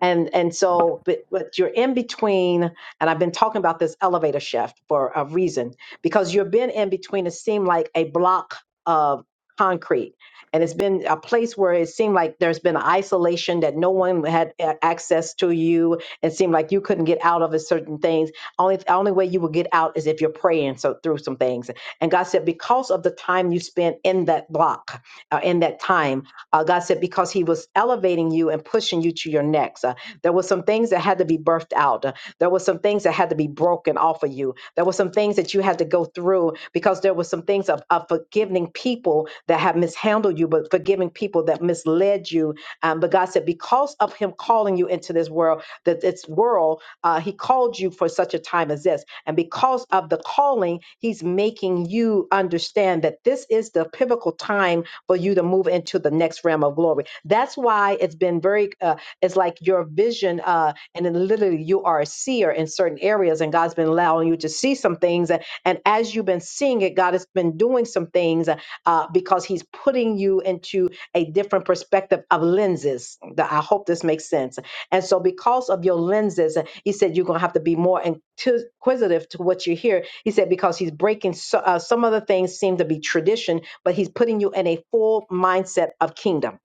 Speaker 1: and and so but, but you're in between and i've been talking about this elevator shift for a reason because you've been in between it seemed like a block of concrete and it's been a place where it seemed like there's been isolation that no one had a- access to you it seemed like you couldn't get out of a certain things only only way you would get out is if you're praying so through some things and god said because of the time you spent in that block uh, in that time uh, God said, because He was elevating you and pushing you to your next. Uh, there were some things that had to be birthed out. Uh, there were some things that had to be broken off of you. There were some things that you had to go through because there were some things of, of forgiving people that have mishandled you, but forgiving people that misled you. Um, but God said, because of Him calling you into this world, that this world, uh, He called you for such a time as this. And because of the calling, He's making you understand that this is the pivotal time for you to move into the next realm of glory. That's why it's been very, uh, it's like your vision, uh, and then literally you are a seer in certain areas, and God's been allowing you to see some things. And, and as you've been seeing it, God has been doing some things uh, because He's putting you into a different perspective of lenses. That I hope this makes sense. And so, because of your lenses, He said you're going to have to be more inquisitive to what you hear. He said because He's breaking so, uh, some of the things seem to be tradition but he's putting you in a full mindset of kingdom.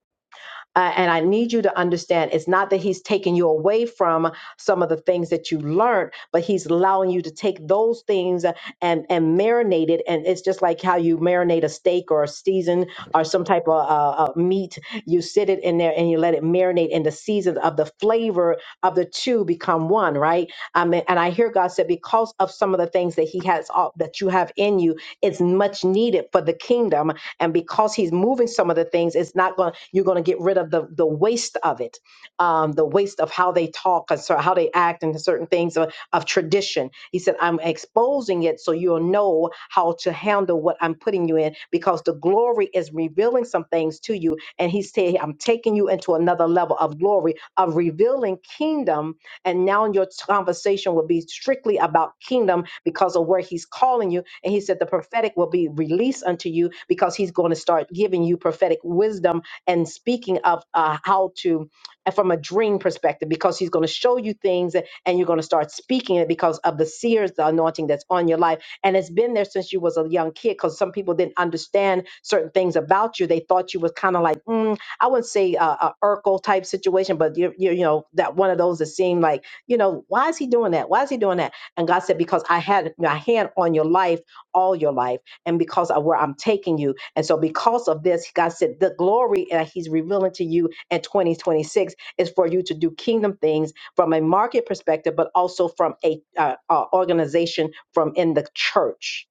Speaker 1: Uh, and I need you to understand it's not that he's taking you away from some of the things that you learned, but he's allowing you to take those things and and marinate it. And it's just like how you marinate a steak or a season or some type of uh, uh, meat. You sit it in there and you let it marinate, and the seasons of the flavor of the two become one, right? I mean, and I hear God said because of some of the things that He has uh, that you have in you, it's much needed for the kingdom. And because he's moving some of the things, it's not going to, you're going to get rid of the, the waste of it, um, the waste of how they talk and so how they act and certain things of, of tradition. He said, I'm exposing it so you'll know how to handle what I'm putting you in because the glory is revealing some things to you. And he said, I'm taking you into another level of glory, of revealing kingdom and now your conversation will be strictly about kingdom because of where he's calling you. And he said the prophetic will be released unto you because he's going to start giving you prophetic wisdom and speaking of uh, how to, uh, from a dream perspective, because he's going to show you things and you're going to start speaking it because of the seers, the anointing that's on your life. And it's been there since you was a young kid because some people didn't understand certain things about you. They thought you was kind of like, mm, I wouldn't say a, a Urkel type situation, but you, you you know that one of those that seemed like you know why is he doing that? Why is he doing that? And God said because I had my hand on your life all your life, and because of where I'm taking you, and so because of this, God said the glory that He's revealing to you in 2026 is for you to do kingdom things from a market perspective, but also from a uh, uh, organization from in the church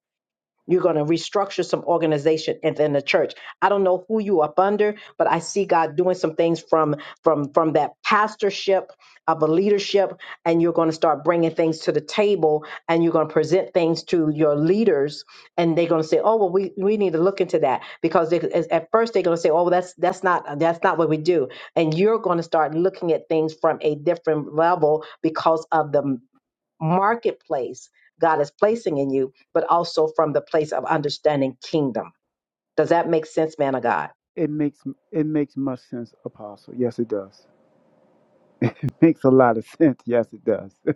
Speaker 1: you're going to restructure some organization and the church. I don't know who you up under, but I see God doing some things from from from that pastorship of a leadership, and you're going to start bringing things to the table, and you're going to present things to your leaders, and they're going to say, "Oh, well, we we need to look into that," because they, at at first they're going to say, "Oh, well, that's that's not that's not what we do," and you're going to start looking at things from a different level because of the marketplace God is placing in you, but also from the place of understanding kingdom. Does that make sense, man of God?
Speaker 18: It makes it makes much sense, Apostle. Yes, it does. It makes a lot of [LAUGHS] sense. Yes, it does. [LAUGHS]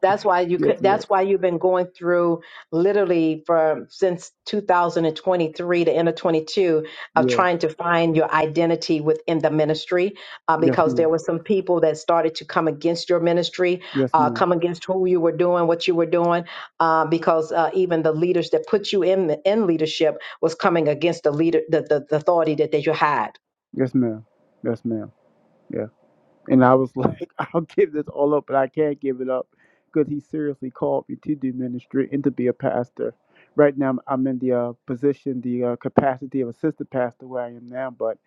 Speaker 1: that's why you
Speaker 18: yes,
Speaker 1: could
Speaker 18: ma'am.
Speaker 1: that's why you've been going through literally from since 2023 to end of 22 of
Speaker 18: Yeah.
Speaker 1: trying to find your identity within the ministry uh,
Speaker 18: Yes,
Speaker 1: because there
Speaker 18: ma'am.
Speaker 1: were some people that started to come against your ministry
Speaker 18: Yes,
Speaker 1: uh,
Speaker 18: ma'am.
Speaker 1: come against who you were doing what you were doing uh, because uh, even the leaders that put you in in leadership was coming against the leader the, the, the authority that, that you had
Speaker 18: Yes, ma'am. Yes, ma'am. And I was like, [LAUGHS] I'll give this all up, but I can't give it up because he seriously called me to do ministry and to be a pastor. Right now, I'm I'm in the uh, position, the uh, capacity of assistant pastor where I am now, but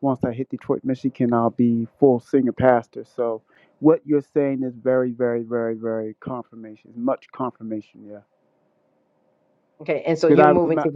Speaker 18: once I hit Detroit, Michigan, I'll be full senior pastor. So what you're saying is very, very, very, very confirmation, much confirmation, yeah.
Speaker 1: okay and so you're
Speaker 18: Because
Speaker 1: moving
Speaker 18: I,
Speaker 1: to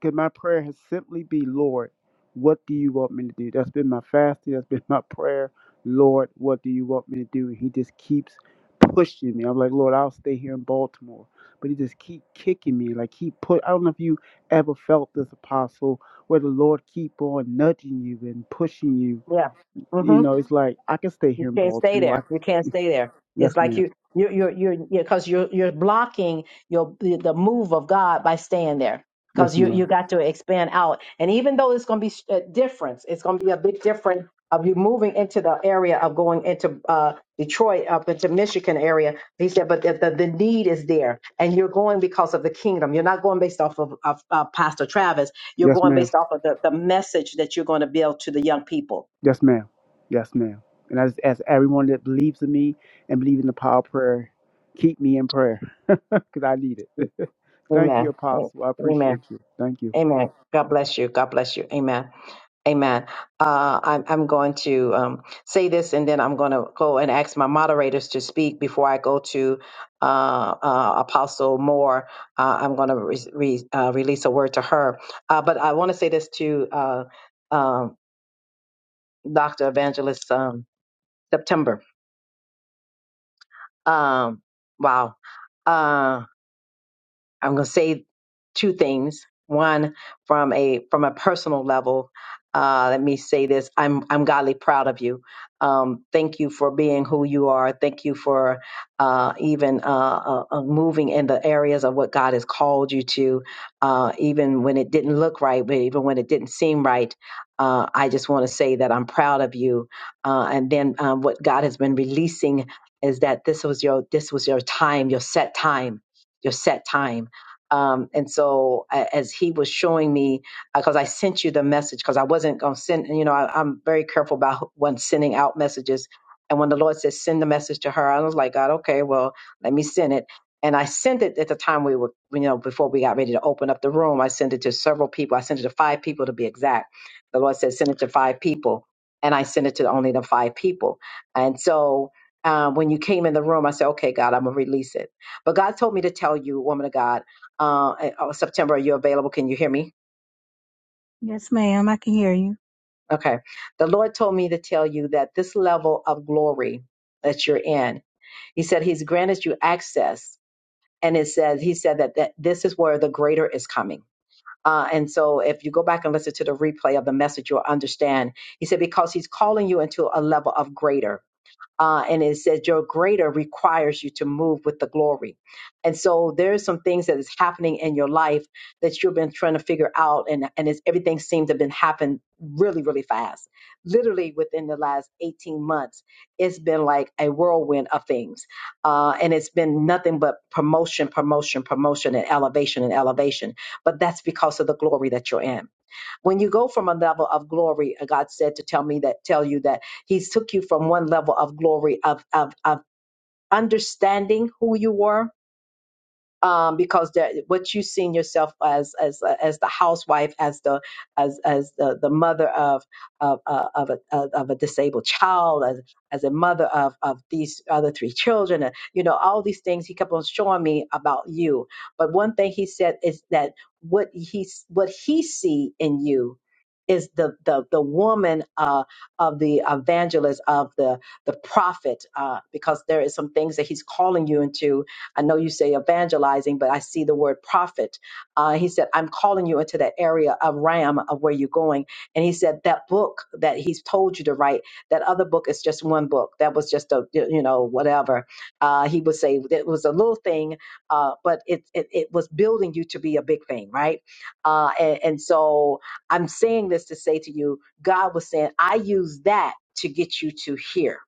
Speaker 18: because my prayer has simply be, Lord, what do you want me to do? That's been my fasting. That's been [LAUGHS] my prayer. Lord, what do you want me to do? And He just keeps pushing me. I'm like, Lord, I'll stay here in Baltimore. But he just keep kicking me. Like he put I don't know if you ever felt this apostle where the Lord keep on nudging you and pushing you.
Speaker 1: your yeah mm-hmm.
Speaker 18: You know, it's like I can stay
Speaker 1: You
Speaker 18: here in
Speaker 1: can't stay
Speaker 18: Baltimore. I,
Speaker 1: there. You can't stay there.
Speaker 18: yes,
Speaker 1: It's like
Speaker 18: ma'am.
Speaker 1: you you you you because you're you're blocking your the the move of God by staying there. Because
Speaker 18: Yes,
Speaker 1: you
Speaker 18: ma'am.
Speaker 1: you got to expand out, and even though it's going to be a difference, it's going to be a big difference of you moving into the area of going into uh, Detroit up into Michigan area. He said, but the, the the need is there, and you're going because of the kingdom. You're not going based off of, of, of Pastor Travis. You're
Speaker 18: Yes,
Speaker 1: going
Speaker 18: ma'am.
Speaker 1: based off of the, the message that you're going to build to the young people.
Speaker 18: Yes, ma'am. Yes, ma'am. And I just ask everyone that believes in me and believe in the power of prayer, keep me in prayer [LAUGHS] because I need it. [LAUGHS] thank you,
Speaker 1: Amen.
Speaker 18: Apostle. I
Speaker 1: Amen.
Speaker 18: appreciate you. Thank you.
Speaker 1: Amen. God bless you. God bless you. Amen. Amen. Uh, I'm, I'm going to um, say this and then I'm going to go and ask my moderators to speak before I go to uh, uh, Apostle Moore. Uh, I'm going to re- re- uh, release a word to her. Uh, but I want to say this to uh, um, Dr. Evangelist um, September. Um, wow. Um, I'm going to say two things. One, from a from a personal level, uh, let me say this: I'm I'm godly proud of you. Um, thank you for being who you are. Thank you for uh, even uh, uh, uh, moving in the areas of what God has called you to, uh, even when it didn't look right, but even when it didn't seem right. Uh, I just want to say that I'm proud of you. Uh, and then um, what God has been releasing is that this was your this was your time, your set time, your set time um, and so a- as he was showing me, because I sent you the message, because I wasn't going to send, you know, I, I'm very careful about when sending out messages. And when the Lord says send the message to her, I was like, God, okay, well, let me send it. And I sent it at the time we were, you know, before we got ready to open up the room. I sent it to several people. I sent it to five people to be exact. The Lord said, send it to five people. And I sent it to only the five people. And so uh, when you came in the room, I said, okay, God, I'm going to release it. But God told me to tell you, woman of God, uh, and- oh, September, are you available? Can you hear me?
Speaker 19: Yes, ma'am, I can hear you.
Speaker 1: Okay. The Lord told me to tell you that this level of glory that you're in, He said He's granted you access, and it says He said that, that this is where the greater is coming. Uh, and so, if you go back and listen to the replay of the message, you'll understand. He said because He's calling you into a level of greater. Uh, and it says your greater requires you to move with the glory. And so there's some things that is happening in your life that you've been trying to figure out, and and it's, everything seems to have been happening really, really fast. Literally within the last 18 months, it's been like a whirlwind of things, uh, and it's been nothing but promotion, promotion, promotion, and elevation and elevation. But that's because of the glory that you're in when you go from a level of glory uh, god said to tell me that tell you that He took you from one level of glory of of, of understanding who you were um, because that what you seen yourself as as as the housewife, as the as as the, the mother of of uh, of a of a disabled child, as as a mother of of these other three children, and, you know all these things he kept on showing me about you. But one thing he said is that what he what he see in you is the the the woman uh, of the evangelist of the the prophet uh, because there is some things that he's calling you into I know you say evangelizing, but I see the word prophet. Uh, he said, I'm calling you into that area of ram of where you're going. And he said, that book that he's told you to write, that other book is just one book. That was just a, you know, whatever. Uh, he would say it was a little thing, uh, but it, it, it was building you to be a big thing, right? Uh, and, and so I'm saying this to say to you, God was saying, I use that to get you to here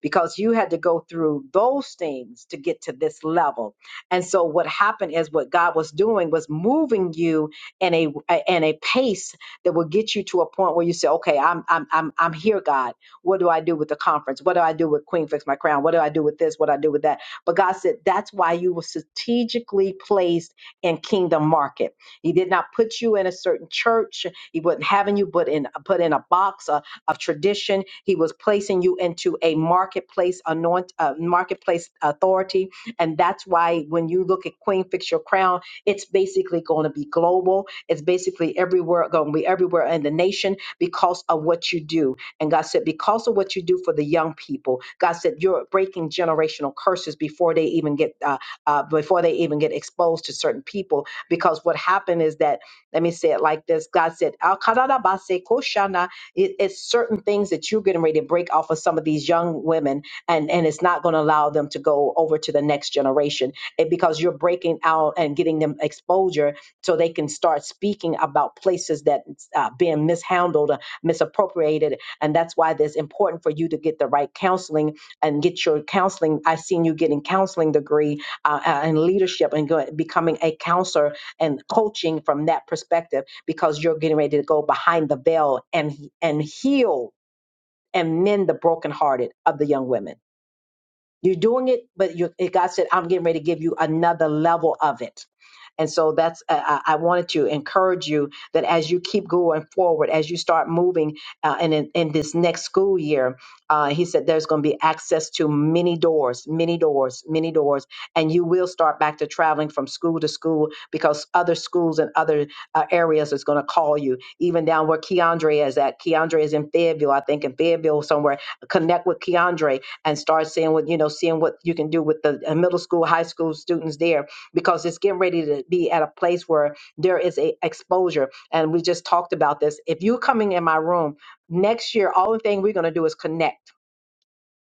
Speaker 1: because you had to go through those things to get to this level. And so what happened is what God was doing was moving you in a in a pace that will get you to a point where you say, okay, I'm I'm I'm I'm here, God. What do I do with the conference? What do I do with Queen Fix My Crown? What do I do with this? What do I do with that? But God said that's why you were strategically placed in Kingdom Market. He did not put you in a certain church. He wasn't having you put in put in a box. uh, of tradition. He was placing you into a marketplace anoint, uh, marketplace authority, and that's why when you look at Queen Fix Your Crown, it's basically going to be global. It's basically everywhere going to be everywhere in the nation because of what you do. And God said, because of what you do for the young people, God said you're breaking generational curses before they even get uh, uh, before they even get exposed to certain people. Because what happened is that let me say it like this: God said, "Al koshana." It, it's certain things that you're getting ready to break off of some of these young women, and and it's not going to allow them to go over to the next generation it, because you're breaking out and getting them exposure so they can start speaking about places that uh, being mishandled, uh, misappropriated, and that's why it's important for you to get the right counseling and get your counseling. I've seen you getting counseling degree uh, uh, and leadership and go, becoming a counselor and coaching from that perspective because you're getting ready to go behind the veil and and heal and mend the brokenhearted of the young women you're doing it, but you, it, God said, I'm getting ready to give you another level of it. And so that's, uh, I I wanted to encourage you that as you keep going forward, as you start moving uh, and in, in this next school year, uh, he said there's going to be access to many doors, many doors, many doors. And you will start back to traveling from school to school because other schools and other uh, areas is going to call you. Even down where Keandre is at, Keandre is in Fayetteville, I think in Fayetteville somewhere. Connect with Keandre and start seeing what you know seeing what you can do with the uh, middle school high school students there because it's getting ready to be at a place where there is a exposure and we just talked about this if you're coming in my room next year all the thing we're going to do is connect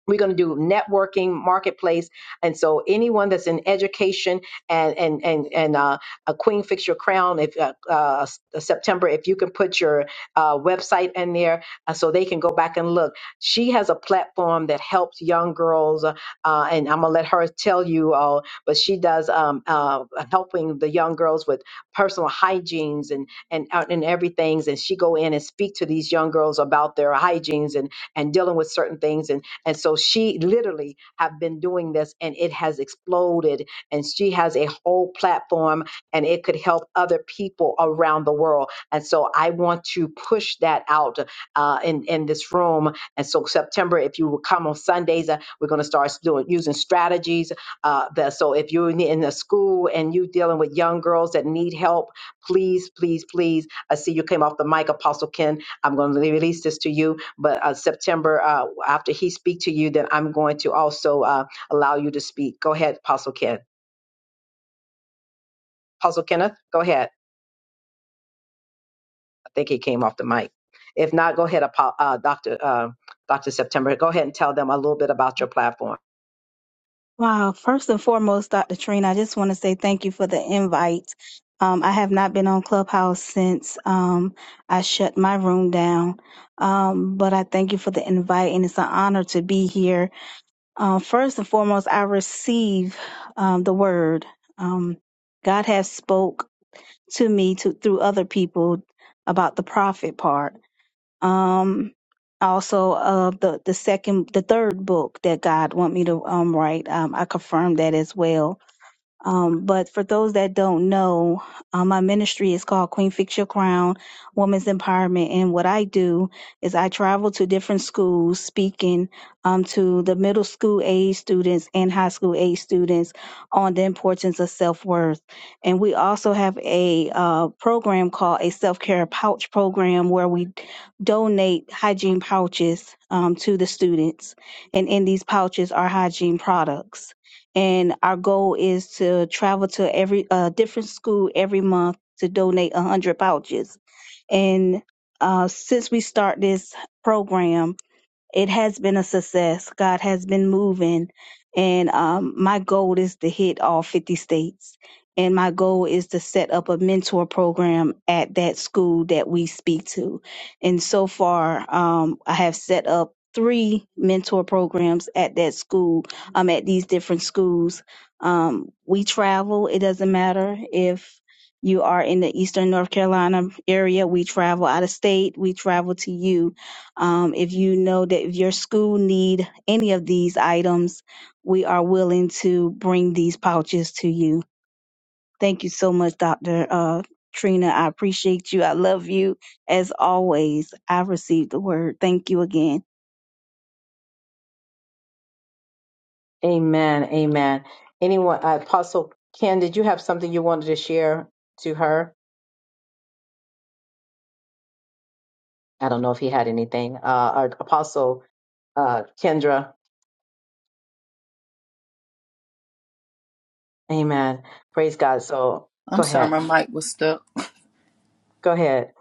Speaker 1: we're going to do networking marketplace and so anyone that's in education and and and, and uh, a queen fix your crown if uh, uh, september if you can put your uh, website in there uh, so they can go back and look she has a platform that helps young girls uh, uh, and i'm going to let her tell you all but she does um, uh, helping the young girls with personal hygienes and and uh, and everything and she go in and speak to these young girls about their hygienes and and dealing with certain things and. And so she literally have been doing this and it has exploded and she has a whole platform and it could help other people around the world. And so I want to push that out uh, in, in this room. And so September, if you will come on Sundays, uh, we're going to start doing, using strategies. Uh, that, so if you're in in a school and you dealing with young girls that need help, please, please, please, I see you came off the mic, Apostle Ken. I'm going to release this to you but uh, September, uh, after he speak to you, then I'm going to also uh, allow you to speak. Go ahead, Apostle Ken. Apostle Kenneth, go ahead. I think he came off the mic. If not, go ahead, Apo- uh, Doctor uh, Doctor September. Go ahead and tell them a little bit about your platform.
Speaker 19: Wow. First and foremost, Dr. Trina, I just want to say thank you for the invite. Um, I have not been on Clubhouse since um, I shut my room down, um, but I thank you for the invite, and it's an honor to be here. Um, first and foremost, I receive um, the word. Um, God has spoke to me to, through other people about the prophet part. Um, also, uh, the the second, the third book that God want me to um write, um, I confirmed that as well. Um, but for those that don't know, uh, my ministry is called Queen Fix Your Crown Women's Empowerment. And what I do is I travel to different schools speaking um, to the middle school age students and high school age students on the importance of self worth. And we also have a uh, program called a self care pouch program where we donate hygiene pouches um, to the students. And in these pouches are hygiene products and our goal is to travel to every uh, different school every month to donate 100 pouches and uh, since we start this program it has been a success. God has been moving, and um, my goal is to hit all 50 states. And my goal is to set up a mentor program at that school that we speak to. And so far, um, I have set up three mentor programs at that school, um, at these different schools. Um, we travel, it doesn't matter if you are in the Eastern North Carolina area, we travel out of state, we travel to you um, if you know that if your school need any of these items, we are willing to bring these pouches to you. Thank you so much, Dr. Uh, Trina. I appreciate you. I love you as always. I received the word. Thank you again.
Speaker 1: Amen. Amen. Anyone, uh, Apostle Ken, did you have something you wanted to share to her? I don't know if he had anything. Uh, or Apostle uh, Kendra. Amen. Praise God. So go
Speaker 4: I'm sorry,
Speaker 1: ahead.
Speaker 4: my mic was stuck.
Speaker 1: Go ahead.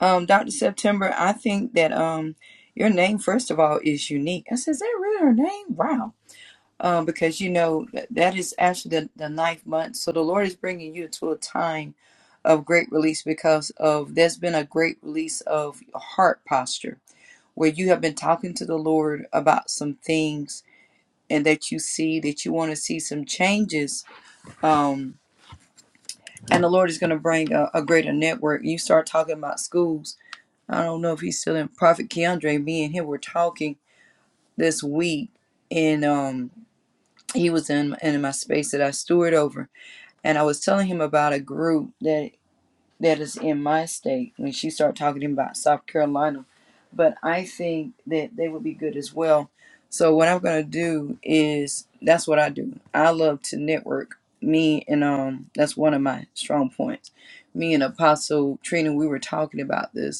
Speaker 4: um, Dr. September, I think that um, your name, first of all, is unique. I said, Is that really her name? Wow. Um, because, you know, that, that is actually the, the ninth month. So the Lord is bringing you to a time of great release because of there's been a great release of heart posture where you have been talking to the Lord about some things and that you see that you want to see some changes. Um, and the Lord is going to bring a, a greater network. You start talking about schools I don't know if he's still in Prophet Keandre. Me and him were talking this week, and um, he was in in my space that I steward over, and I was telling him about a group that that is in my state. When she started talking to him about South Carolina, but I think that they would be good as well. So what I'm gonna do is that's what I do. I love to network. Me and um, that's one of my strong points. Me and Apostle Trina, we were talking about this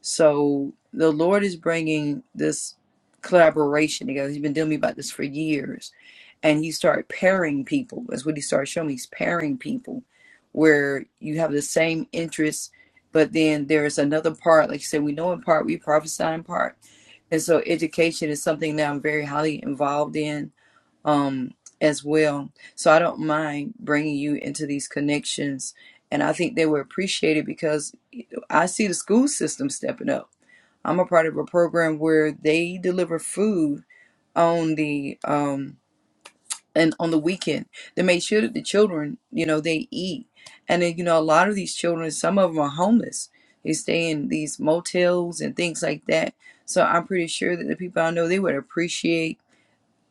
Speaker 4: so the Lord is bringing this collaboration together. He's been telling me about this for years. And he started pairing people. That's what he started showing me. He's pairing people where you have the same interests, but then there's another part. Like you said, we know in part, we prophesy in part. And so education is something that I'm very highly involved in um, as well. So I don't mind bringing you into these connections. And I think they were appreciated because I see the school system stepping up I'm a part of a program where they deliver food on the um and on the weekend. They make sure that the children, you know, they eat. And then, you know, a lot of these children, some of them are homeless. They stay in these motels and things like that. So I'm pretty sure that the people I know they would appreciate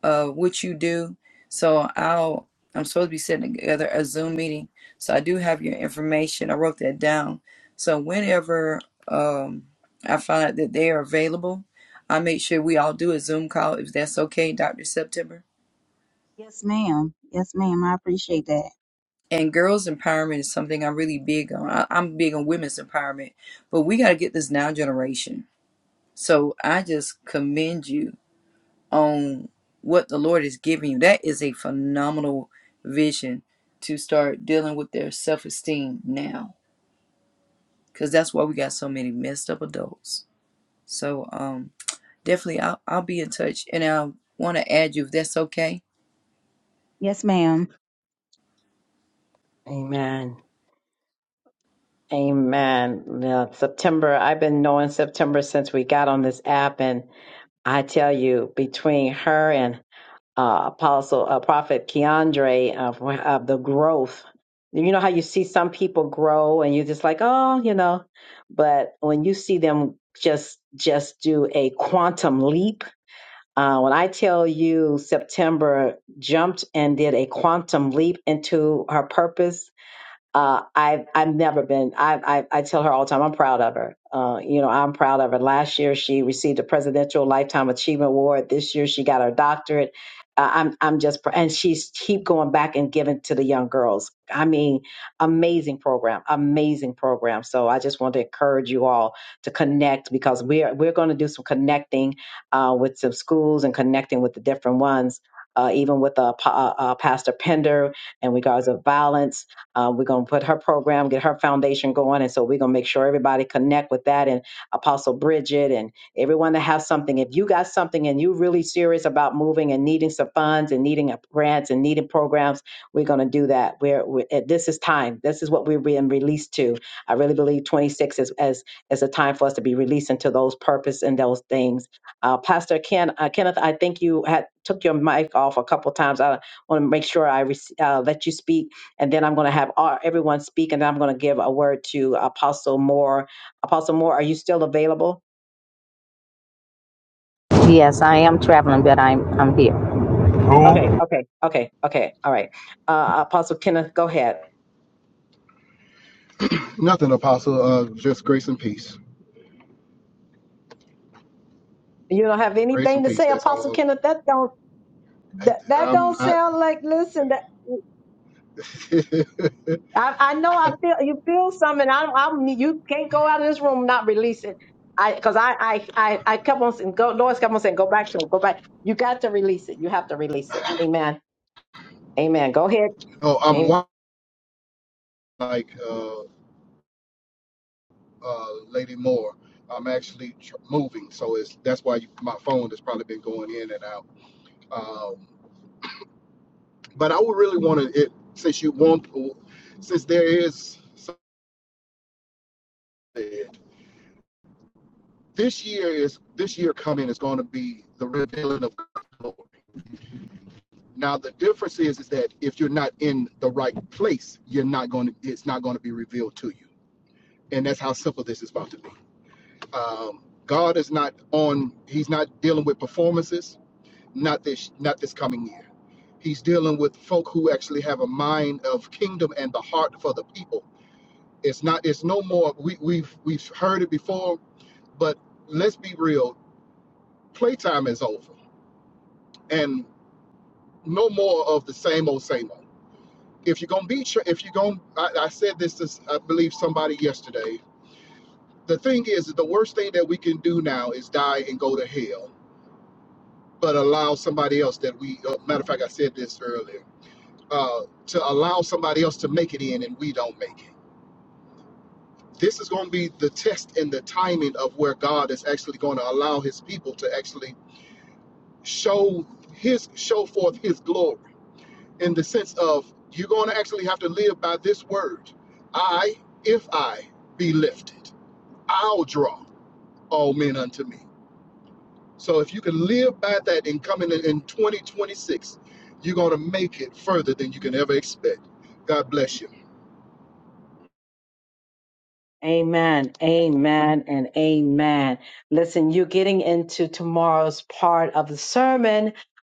Speaker 4: of what you do. So I'll I'm supposed to be setting together a Zoom meeting. So I do have your information. I wrote that down. So whenever um, I find out that they are available, I make sure we all do a Zoom call if that's okay, Dr. September.
Speaker 19: Yes, ma'am. Yes, ma'am. I appreciate that.
Speaker 4: And girls empowerment is something I'm really big on. I, I'm big on women's empowerment, but we got to get this now generation. So I just commend you on what the Lord is giving you. That is a phenomenal vision to start dealing with their self esteem now, because that's why we got so many messed up adults. So um, definitely, I'll, I'll be in touch, and I want to add you if that's okay.
Speaker 19: Yes, ma'am.
Speaker 1: Amen. Amen. Now, September, I've been knowing September since we got on this app, and I tell you, between her and uh, Apostle uh, Prophet Keandre of, of the growth, you know how you see some people grow, and you're just like, oh, you know, but when you see them just just do a quantum leap, uh, when I tell you September jumped and did a quantum leap into her purpose uh, I've I've never been. I, I I tell her all the time. I'm proud of her. Uh, you know, I'm proud of her. Last year, she received a Presidential Lifetime Achievement Award. This year, she got her doctorate. Uh, I'm I'm just pr- and she's keep going back and giving to the young girls. I mean, amazing program, amazing program. So I just want to encourage you all to connect because we're we're going to do some connecting uh, with some schools and connecting with the different ones, uh, even with uh, Pa- uh, uh, Pastor Pender in regards of violence uh, we're going to put her program, get her foundation going. And so we're going to make sure everybody connect with that and Apostle Bridget and everyone that has something. If you got something and you really serious about moving and needing some funds and needing a- grants and needing programs, we're going to do that. We're, we're, eh, this is time. This is what we're being released to. I really believe 26 is, as, is a time for us to be released into those purpose and those things. Uh, Pastor Ken, uh, Kenneth, I think you had took your mic off a couple times. I want to make sure I rec- uh, let you speak and then I'm going to have all, everyone speak, and then I'm going to give a word to Apostle Moore. Apostle Moore, are you still available?
Speaker 20: Yes, I am traveling, but I'm I'm here.
Speaker 1: Okay, okay, okay, okay. All right, uh, Apostle Kenneth, go ahead.
Speaker 6: Nothing, Apostle. Uh, just grace and peace.
Speaker 1: You don't have
Speaker 6: Grace and
Speaker 1: anything to
Speaker 6: peace.
Speaker 1: say,
Speaker 6: That's
Speaker 1: Apostle
Speaker 6: all.
Speaker 1: Kenneth? That don't
Speaker 6: I-
Speaker 1: that, that
Speaker 6: I'm
Speaker 1: don't
Speaker 6: not.
Speaker 1: sound like. Listen, that
Speaker 6: [LAUGHS]
Speaker 1: I, I know I feel you feel something. I, I'm you can't go out of this room and not release it. I because I, I I I kept on saying, go, Lord kept on saying, go back to him, go back. You got to release it. You have to release it. Amen. Amen. Go ahead.
Speaker 6: no, I'm
Speaker 1: Amen.
Speaker 6: wa- like. uh, uh, Lady Moore. I'm actually tr- moving, so it's that's why you, my phone has probably been going in and out. Um, but I would really want to, it since you want, since there is something- this year is this year coming is going to be the revealing of God's glory. Now the difference is is that if you're not in the right place, you're not going to. It's not going to be revealed to you, and that's how simple this is about to be. Um, God is not on. He's not dealing with performances. Not this. Not this coming year He's dealing with folk who actually have a mind of kingdom and the heart for the people. It's not. It's no more. We, we've we've heard it before, but let's be real. Playtime is over, and no more of the same old same old. If you're gonna be, if you're gonna, I, I said this to I believe somebody yesterday. The thing is, that the worst thing that we can do now is die and go to hell, but allow somebody else that we. Uh, matter of fact, I said this earlier. Uh, to allow somebody else to make it in, and we don't make it this is going to be the test and the timing of where God is actually going to allow his people to actually show his show forth his glory in the sense of you're going to actually have to live by this word I if I be lifted I'll draw all men unto me so if you can live by that and coming in in 2026 you're going to make it further than you can ever expect God bless you
Speaker 1: Amen, amen, and amen. Listen, you're getting into tomorrow's part of the sermon,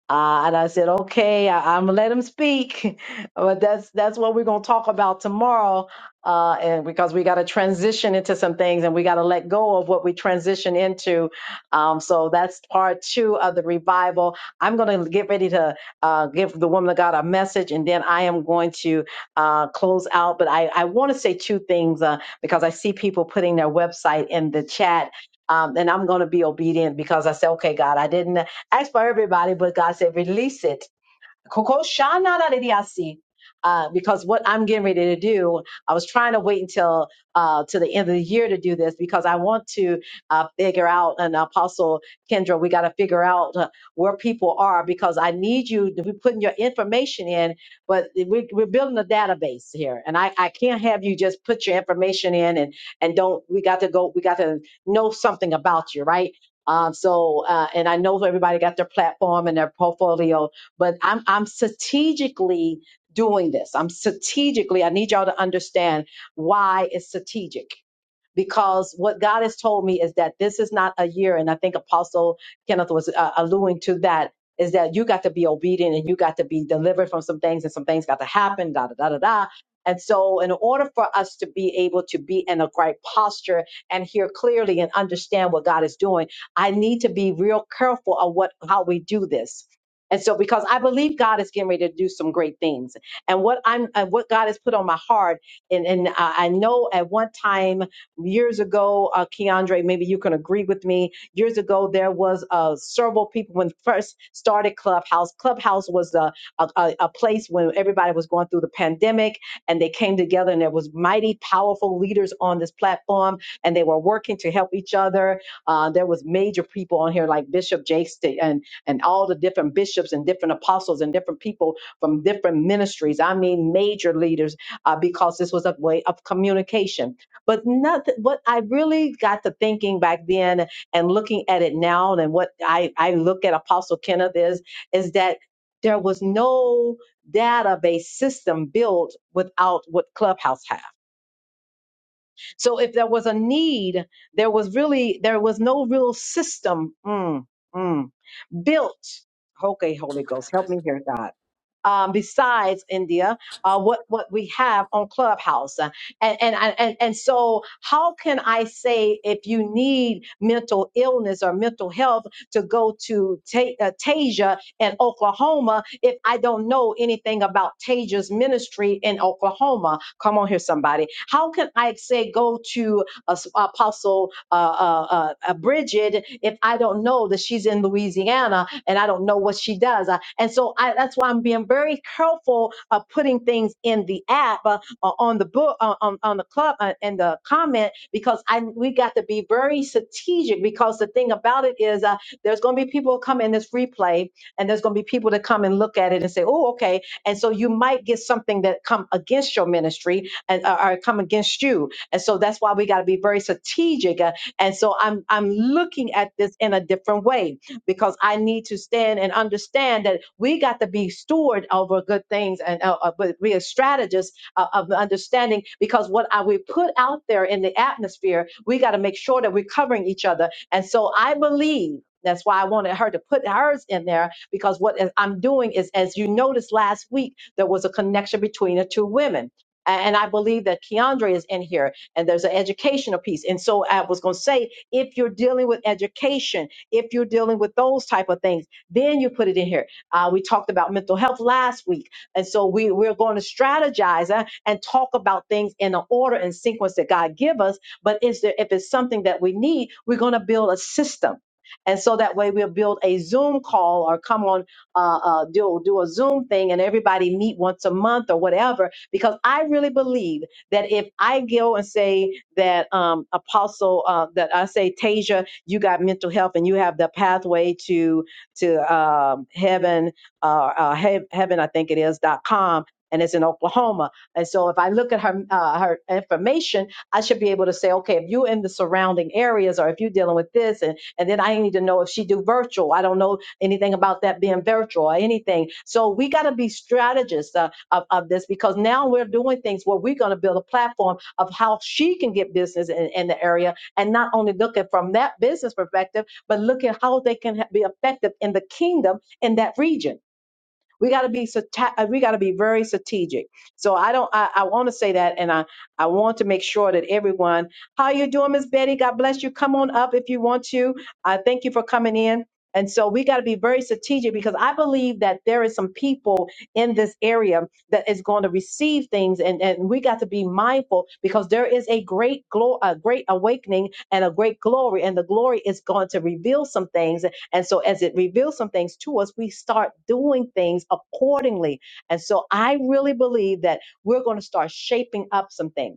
Speaker 1: uh, and I said, okay, I, I'm gonna let him speak, [LAUGHS] but that's that's what we're gonna talk about tomorrow, uh, and because we got to transition into some things, and we got to let go of what we transition into. Um, so that's part two of the revival. I'm gonna get ready to uh, give the woman of God a message, and then I am going to uh, close out. But I I want to say two things. Uh, because I see people putting their website in the chat. Um, and I'm going to be obedient because I said, okay, God, I didn't ask for everybody, but God said, release it Koko shana na de Uh, because what I'm getting ready to do, I was trying to wait until uh, to the end of the year to do this because I want to uh, figure out. And Apostle Kendra, we got to figure out uh, where people are because I need you to be putting your information in. But we, we're building a database here, and I, I can't have you just put your information in and and don't. We got to go. We got to know something about you, right? Um, so, uh, and I know everybody got their platform and their portfolio, but I'm I'm strategically doing this. I'm strategically, I need y'all to understand why it's strategic because what God has told me is that this is not a year, and I think Apostle Kenneth was uh, alluding to that, is that you got to be obedient and you got to be delivered from some things, and some things got to happen, da da da da da. And so, in order for us to be able to be in a right posture and hear clearly and understand what God is doing, I need to be real careful of what how we do this. And so, because I believe God is getting ready to do some great things, and what I'm, and what God has put on my heart, and and I I know at one time Years ago, uh, Keandre, maybe you can agree with me. Years ago, there was uh, several people when first started Clubhouse. Clubhouse was a, a, a a place when everybody was going through the pandemic and they came together and there was mighty powerful leaders on this platform and they were working to help each other. Uh, there was major people on here like Bishop Jakes to- and, and all the different bishops and different apostles and different people from different ministries. I mean, major leaders uh, because this was a way of communication. But nothing, what I really got to thinking back then and looking at it now, and what I, I look at Apostle Kenneth is, is that there was no database system built without what Clubhouse have. So if there was a need, there was really, there was no real system. Mm, mm built. Okay, Holy Ghost, help me here, God. Um, besides India, uh, what what we have on Clubhouse, Uh, and and I- and and so how can I say if you need mental illness or mental health to go to Ta- uh, Tasia in Oklahoma if I don't know anything about Tasia's ministry in Oklahoma? Come on here, somebody. How can I say go to uh, Apostle? uh, uh, uh, uh, Bridget if I don't know that she's in Louisiana and I don't know what she does. Uh, and so I, that's why I'm being very careful of putting things in the app, uh, uh, on the book, uh, on, on the club, uh, and the comment, because I we got to be very strategic. Because the thing about it is, uh, there's going to be people who come in this replay, and there's going to be people that come and look at it and say, "Oh, okay." And so you might get something that come against your ministry and uh, or come against you. And so that's why we got to be very strategic and so I'm I'm looking at this in a different way because I need to stand and understand that we got to be steward over good things and uh, uh, but we are strategists uh, of understanding because what I, we put out there in the atmosphere, we got to make sure that we're covering each other. And so I believe. That's why I wanted her to put hers in there because what I'm doing is, as you noticed last week, there was a connection between the two women. And I believe that Keandre is in here and there's an educational piece. And so I was going to say, if you're dealing with education, if you're dealing with those type of things, then you put it in here. Uh, we talked about mental health last week, and so we we're going to strategize uh, and talk about things in an order and sequence that God give us. But is there if it's something that we need, we're going to build a system. And so that way we'll build a Zoom call or come on, uh, uh, do, do a Zoom thing and everybody meet once a month or whatever, because I really believe that if I go and say that um, Apostle, uh, that I say Tasia, you got mental health and you have the pathway to to um, heaven, uh, uh, he- heaven, I think it is dot com, and it's in Oklahoma. And so if I look at her uh, her information, I should be able to say, okay, if you're in the surrounding areas or if you're dealing with this, and and then I need to know if she do virtual. I don't know anything about that being virtual or anything. So we got to be strategists. Uh, of, of this because now we're doing things where we're going to build a platform of how she can get business in, in the area and not only look at from that business perspective, but look at how they can ha- be effective in the kingdom in that region we got to be strate- uh, we got to be very strategic. So I don't I, I want to say that, and I I want to make sure that everyone, how you doing, Miss Betty? God bless you. Come on up if you want to. I thank you for coming in. And so we got to be very strategic because I believe that there is some people in this area that is going to receive things, and, and we got to be mindful because there is a great glory, a great awakening, and a great glory, and the glory is going to reveal some things and so as it reveals some things to us, we start doing things accordingly. And so I really believe that we're going to start shaping up some things.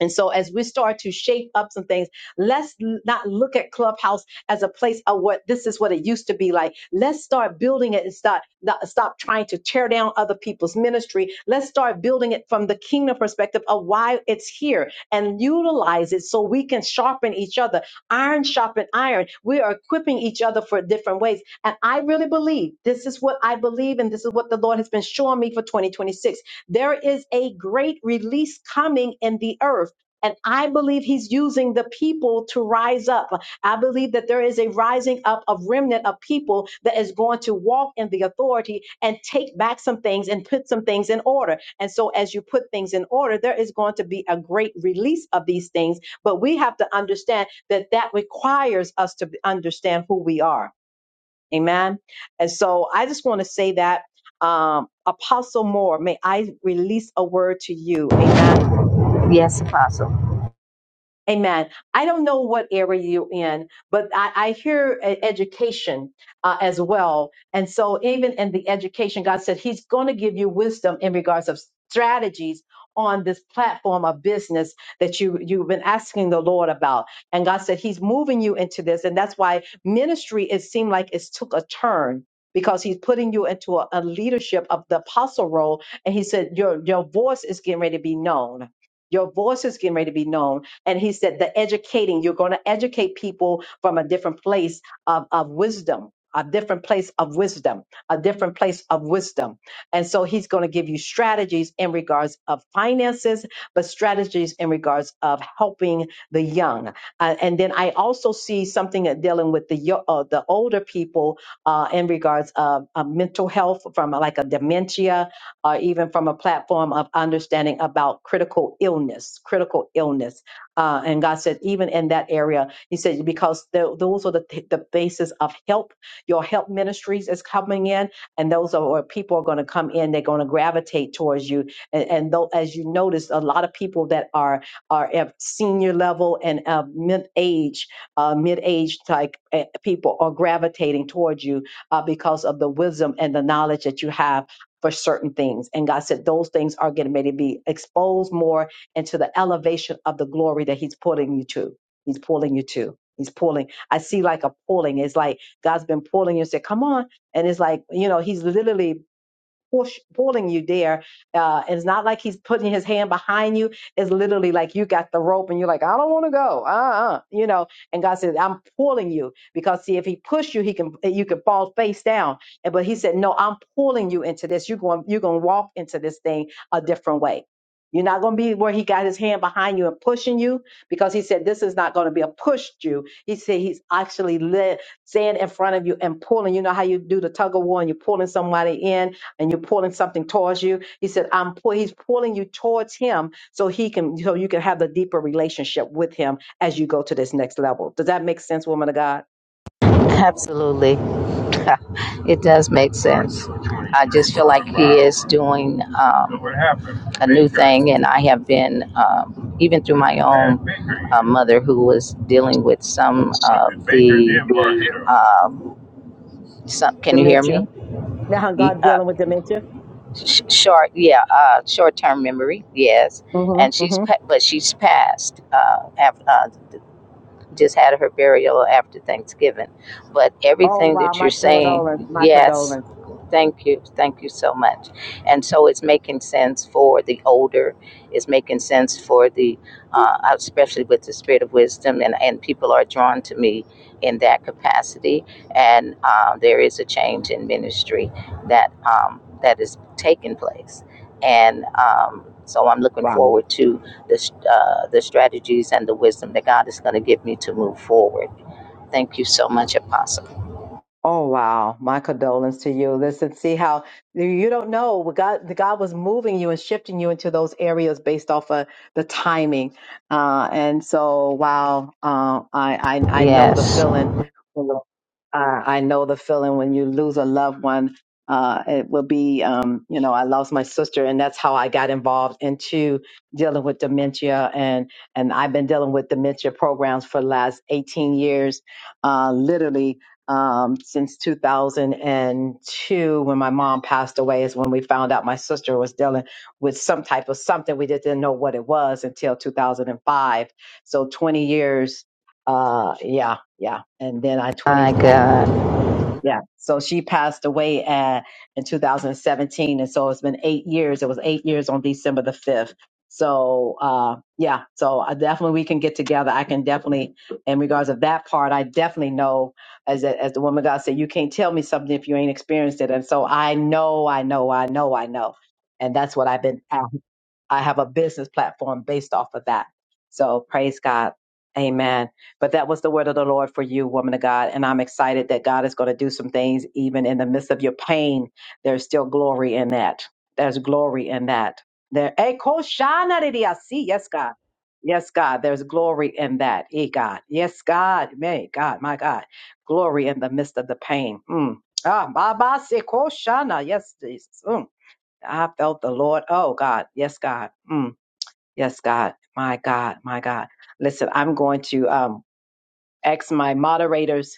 Speaker 1: And so, as we start to shape up some things, let's not look at Clubhouse as a place of what this is what it used to be like. Let's start building it and start not- stop trying to tear down other people's ministry. Let's start building it from the kingdom perspective of why it's here and utilize it so we can sharpen each other. Iron sharpen iron. We are equipping each other for different ways. And I really believe this is what I believe, and this is what the Lord has been showing me for 2026 there is a great release coming in the earth. And I believe he's using the people to rise up. I believe that there is a rising up of remnant of people that is going to walk in the authority and take back some things and put some things in order. And so, as you put things in order, there is going to be a great release of these things. But we have to understand that that requires us to understand who we are. Amen. And so I just want to say that, um, Apostle Moore, may I release a word to you. Amen.
Speaker 20: Yes, Apostle.
Speaker 1: Amen. I don't know what area you're in, but I, I hear e- education uh, as well. And so, even in the education, God said He's going to give you wisdom in regards of strategies on this platform of business that you you've been asking the Lord about. And God said He's moving you into this, and that's why ministry it seemed like it's took a turn because He's putting you into a, a leadership of the apostle role. And He said your your voice is getting ready to be known. Your voice is getting ready to be known and he said, the educating, you're going to educate people from a different place of, of wisdom. A different place of wisdom, a different place of wisdom. And so he's going to give you strategies in regards of finances, but strategies in regards of helping the young. Uh, and then I also see something that dealing with the, yo- uh, the older people uh, in regards of, of mental health from uh, like a dementia, or even from a platform of understanding about critical illness, critical illness. Uh, and God said, even in that area, He said, because tho- those are the, the basis of help. Your help ministries is coming in, and those are where people are going to come in. They're going to gravitate towards you. And, and though, as you notice, a lot of people that are are at senior level and of mid age, uh, mid age type eh, people are gravitating towards you uh, because of the wisdom and the knowledge that you have for certain things. And God said, those things are getting ready to be exposed more and to the elevation of the glory that He's pulling you to. He's pulling you to. He's pulling. I see like a pulling. It's like God's been pulling you and said, Come on. And it's like, you know, He's literally push, pulling you there. Uh, it's not like he's putting his hand behind you. It's literally like you got the rope and you're like, I don't want to go. Uh-uh. You know, and God says, I'm pulling you because see, if he pushed you, he can, you can fall face down. And, but he said, no, I'm pulling you into this. You're going, you're going to walk into this thing a different way. You're not going to be where he got his hand behind you and pushing you because he said, this is not going to be a pushed you. He said, he's actually lit, saying in front of you and pulling. You know how you do the tug of war and you're pulling somebody in and you're pulling something towards you. He said, I'm pull, he's pulling you towards him so he can so you can have the deeper relationship with him as you go to this next level. Does that make sense, woman of God?
Speaker 20: Absolutely. [LAUGHS] it does make sense. I just feel like he is doing um, a new thing, and I have been, um, even through my own uh, mother who was dealing with some of the. Um, some, can you hear
Speaker 1: Dementia.
Speaker 20: me?
Speaker 1: Now
Speaker 20: Ye-
Speaker 1: God
Speaker 20: Uh,
Speaker 1: dealing with dementia.
Speaker 20: sh- short, yeah, uh, short term memory, yes. And
Speaker 1: Mm-hmm,
Speaker 20: she's,
Speaker 1: mm-hmm.
Speaker 20: pa- but she's passed. Uh, af- uh, just had her burial after Thanksgiving. But
Speaker 1: Oh
Speaker 20: everything
Speaker 1: wow,
Speaker 20: that you're
Speaker 1: my condolence,
Speaker 20: saying,
Speaker 1: my
Speaker 20: yes,
Speaker 1: condolence.
Speaker 20: thank you, thank you so much. And so it's making sense for the older, it's making sense for the, uh, especially with the spirit of wisdom, and, and people are drawn to me in that capacity. And uh, there is a change in ministry that um, that is taking place. And um, so I'm looking forward to the, uh, the strategies and the wisdom that God is going to give me to move forward. Thank you so much, Apostle.
Speaker 1: Oh wow, my condolence to you. Listen, see how you don't know what God the God was moving you and shifting you into those areas based off of the timing. Uh, and so wow, uh, I, I I know the
Speaker 20: Yes,
Speaker 1: feeling I, I know the feeling when you lose a loved one. Uh, it will be, um, you know, I lost my sister, and that's how I got involved into dealing with dementia, and and I've been dealing with dementia programs for the last 18 years, uh, literally um, since 2002 when my mom passed away is when we found out my sister was dealing with some type of something we just didn't know what it was until 2005. So 20 years, uh, yeah, yeah, and then I
Speaker 20: my
Speaker 1: 20. uh,
Speaker 20: God.
Speaker 1: yeah. So she passed away at, in 2017. And so it's been eight years. It was eight years on December the 5th. So, uh, yeah. So I definitely, we can get together. I can definitely, in regards of that part, I definitely know as, a, as the woman of God said, you can't tell me something if you ain't experienced it. And so I know, I know, I know, I know. And that's what I've been after. I have a business platform based off of that. So praise God. Amen. But that was the word of the Lord for you, woman of God. And I'm excited that God is going to do some things even in the midst of your pain. There's still glory in that. There's glory in that. There, Eh, ko shana de dia si. yes, God. Yes, God. There's glory in that. Eh, God. Yes, God. May God, my God. Glory in the midst of the pain. Mm. Ah, Baba se ko shana. Yes, Jesus. Mm. I felt the Lord. Oh God, yes, God, mm, yes, God, my God, my God. Listen, I'm going to. um ask my moderators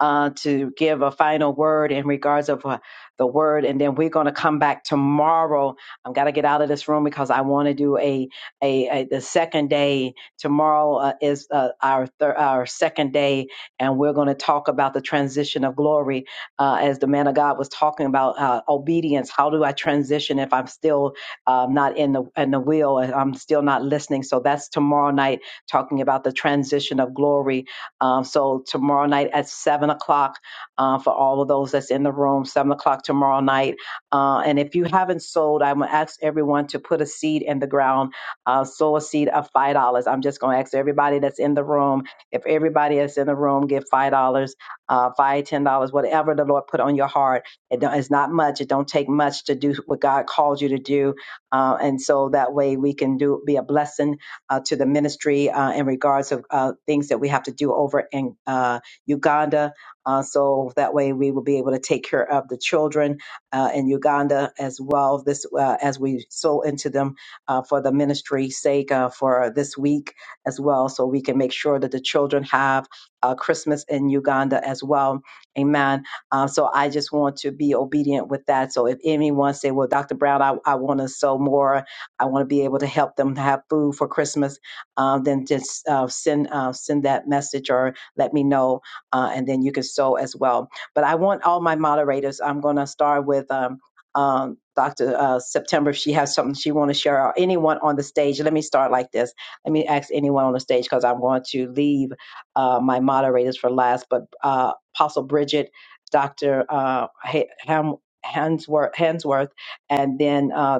Speaker 1: uh, to give a final word in regards of uh, the word, and then we're going to come back tomorrow. I'm got to get out of this room because I want to do a, a a the second day tomorrow uh, is uh, our thir- our second day, and we're going to talk about the transition of glory uh, as the man of God was talking about uh, obedience. How do I transition if I'm still um, not in the in the wheel and I'm still not listening? So that's tomorrow night talking about the transition of glory um, so tomorrow night at seven o'clock uh, for all of those that's in the room, seven o'clock tomorrow night. Uh, and if you haven't sold, I'm gonna ask everyone to put a seed in the ground, uh, sow a seed of five dollars. I'm just gonna ask everybody that's in the room. If everybody that's in the room give five dollars, uh, five ten dollars, whatever the Lord put on your heart. It don't, it's not much. It don't take much to do what God called you to do, uh, and so that way we can do be a blessing uh, to the ministry uh, in regards of uh, things that we have to do over in uh, Uganda. Uh, so that way we will be able to take care of the children uh, in Uganda as well. This uh, as we sow into them uh, for the ministry sake uh, for this week as well, so we can make sure that the children have uh, Christmas in Uganda as well. Amen. Uh, so I just want to be obedient with that. So if anyone say, "Well, Dr. Brown, I, I want to sow more," I want to be able to help them have food for Christmas. Um, then just uh, send uh, send that message or let me know, uh, and then you can sow as well. But I want all my moderators. I'm going to start with. Um, um, Dr. Uh, September, if she has something she want to share, or anyone on the stage, let me start like this. Let me ask anyone on the stage because I'm going to leave uh, my moderators for last. But uh, Apostle Bridget, Dr. Uh, Ha- Ham, Hansworth, Hansworth, and then uh,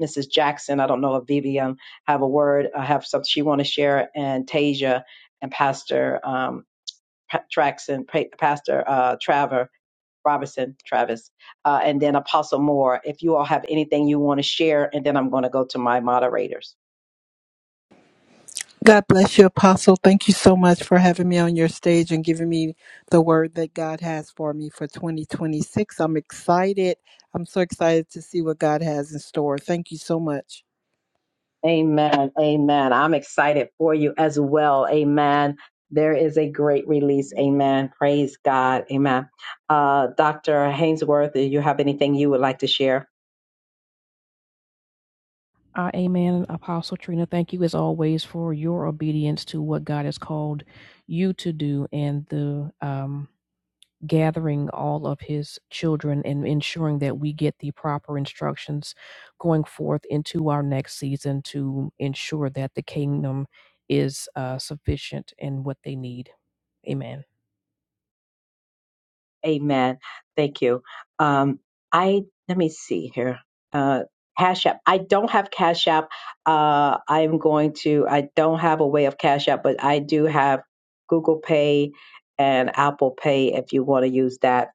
Speaker 1: Mrs. Jackson. I don't know if Vivian have a word. I have something she want to share, and Tasia and Pastor um, Pa- Traxon, Pa- Pastor uh, Traver Robertson, Travis, uh, and then Apostle Moore. If you all have anything you want to share, and then I'm going to go to my moderators.
Speaker 12: God bless you, Apostle. Thank you so much for having me on your stage and giving me the word that God has for me for 2026. I'm excited. I'm so excited to see what God has in store. Thank you so much.
Speaker 1: Amen. Amen. I'm excited for you as well. Amen. There is a great release. Amen. Praise God. Amen. Uh, Dr. Hainsworth, do you have anything you would like to share?
Speaker 14: Uh, amen. Apostle Trina, thank you as always for your obedience to what God has called you to do and the um, gathering all of his children and ensuring that we get the proper instructions going forth into our next season to ensure that the kingdom is uh, sufficient in what they need. Amen.
Speaker 1: Amen. Thank you. Um, I let me see here. Uh, Cash App. I don't have Cash App. Uh, I'm going to. I don't have a way of Cash App, but I do have Google Pay and Apple Pay. If you want to use that,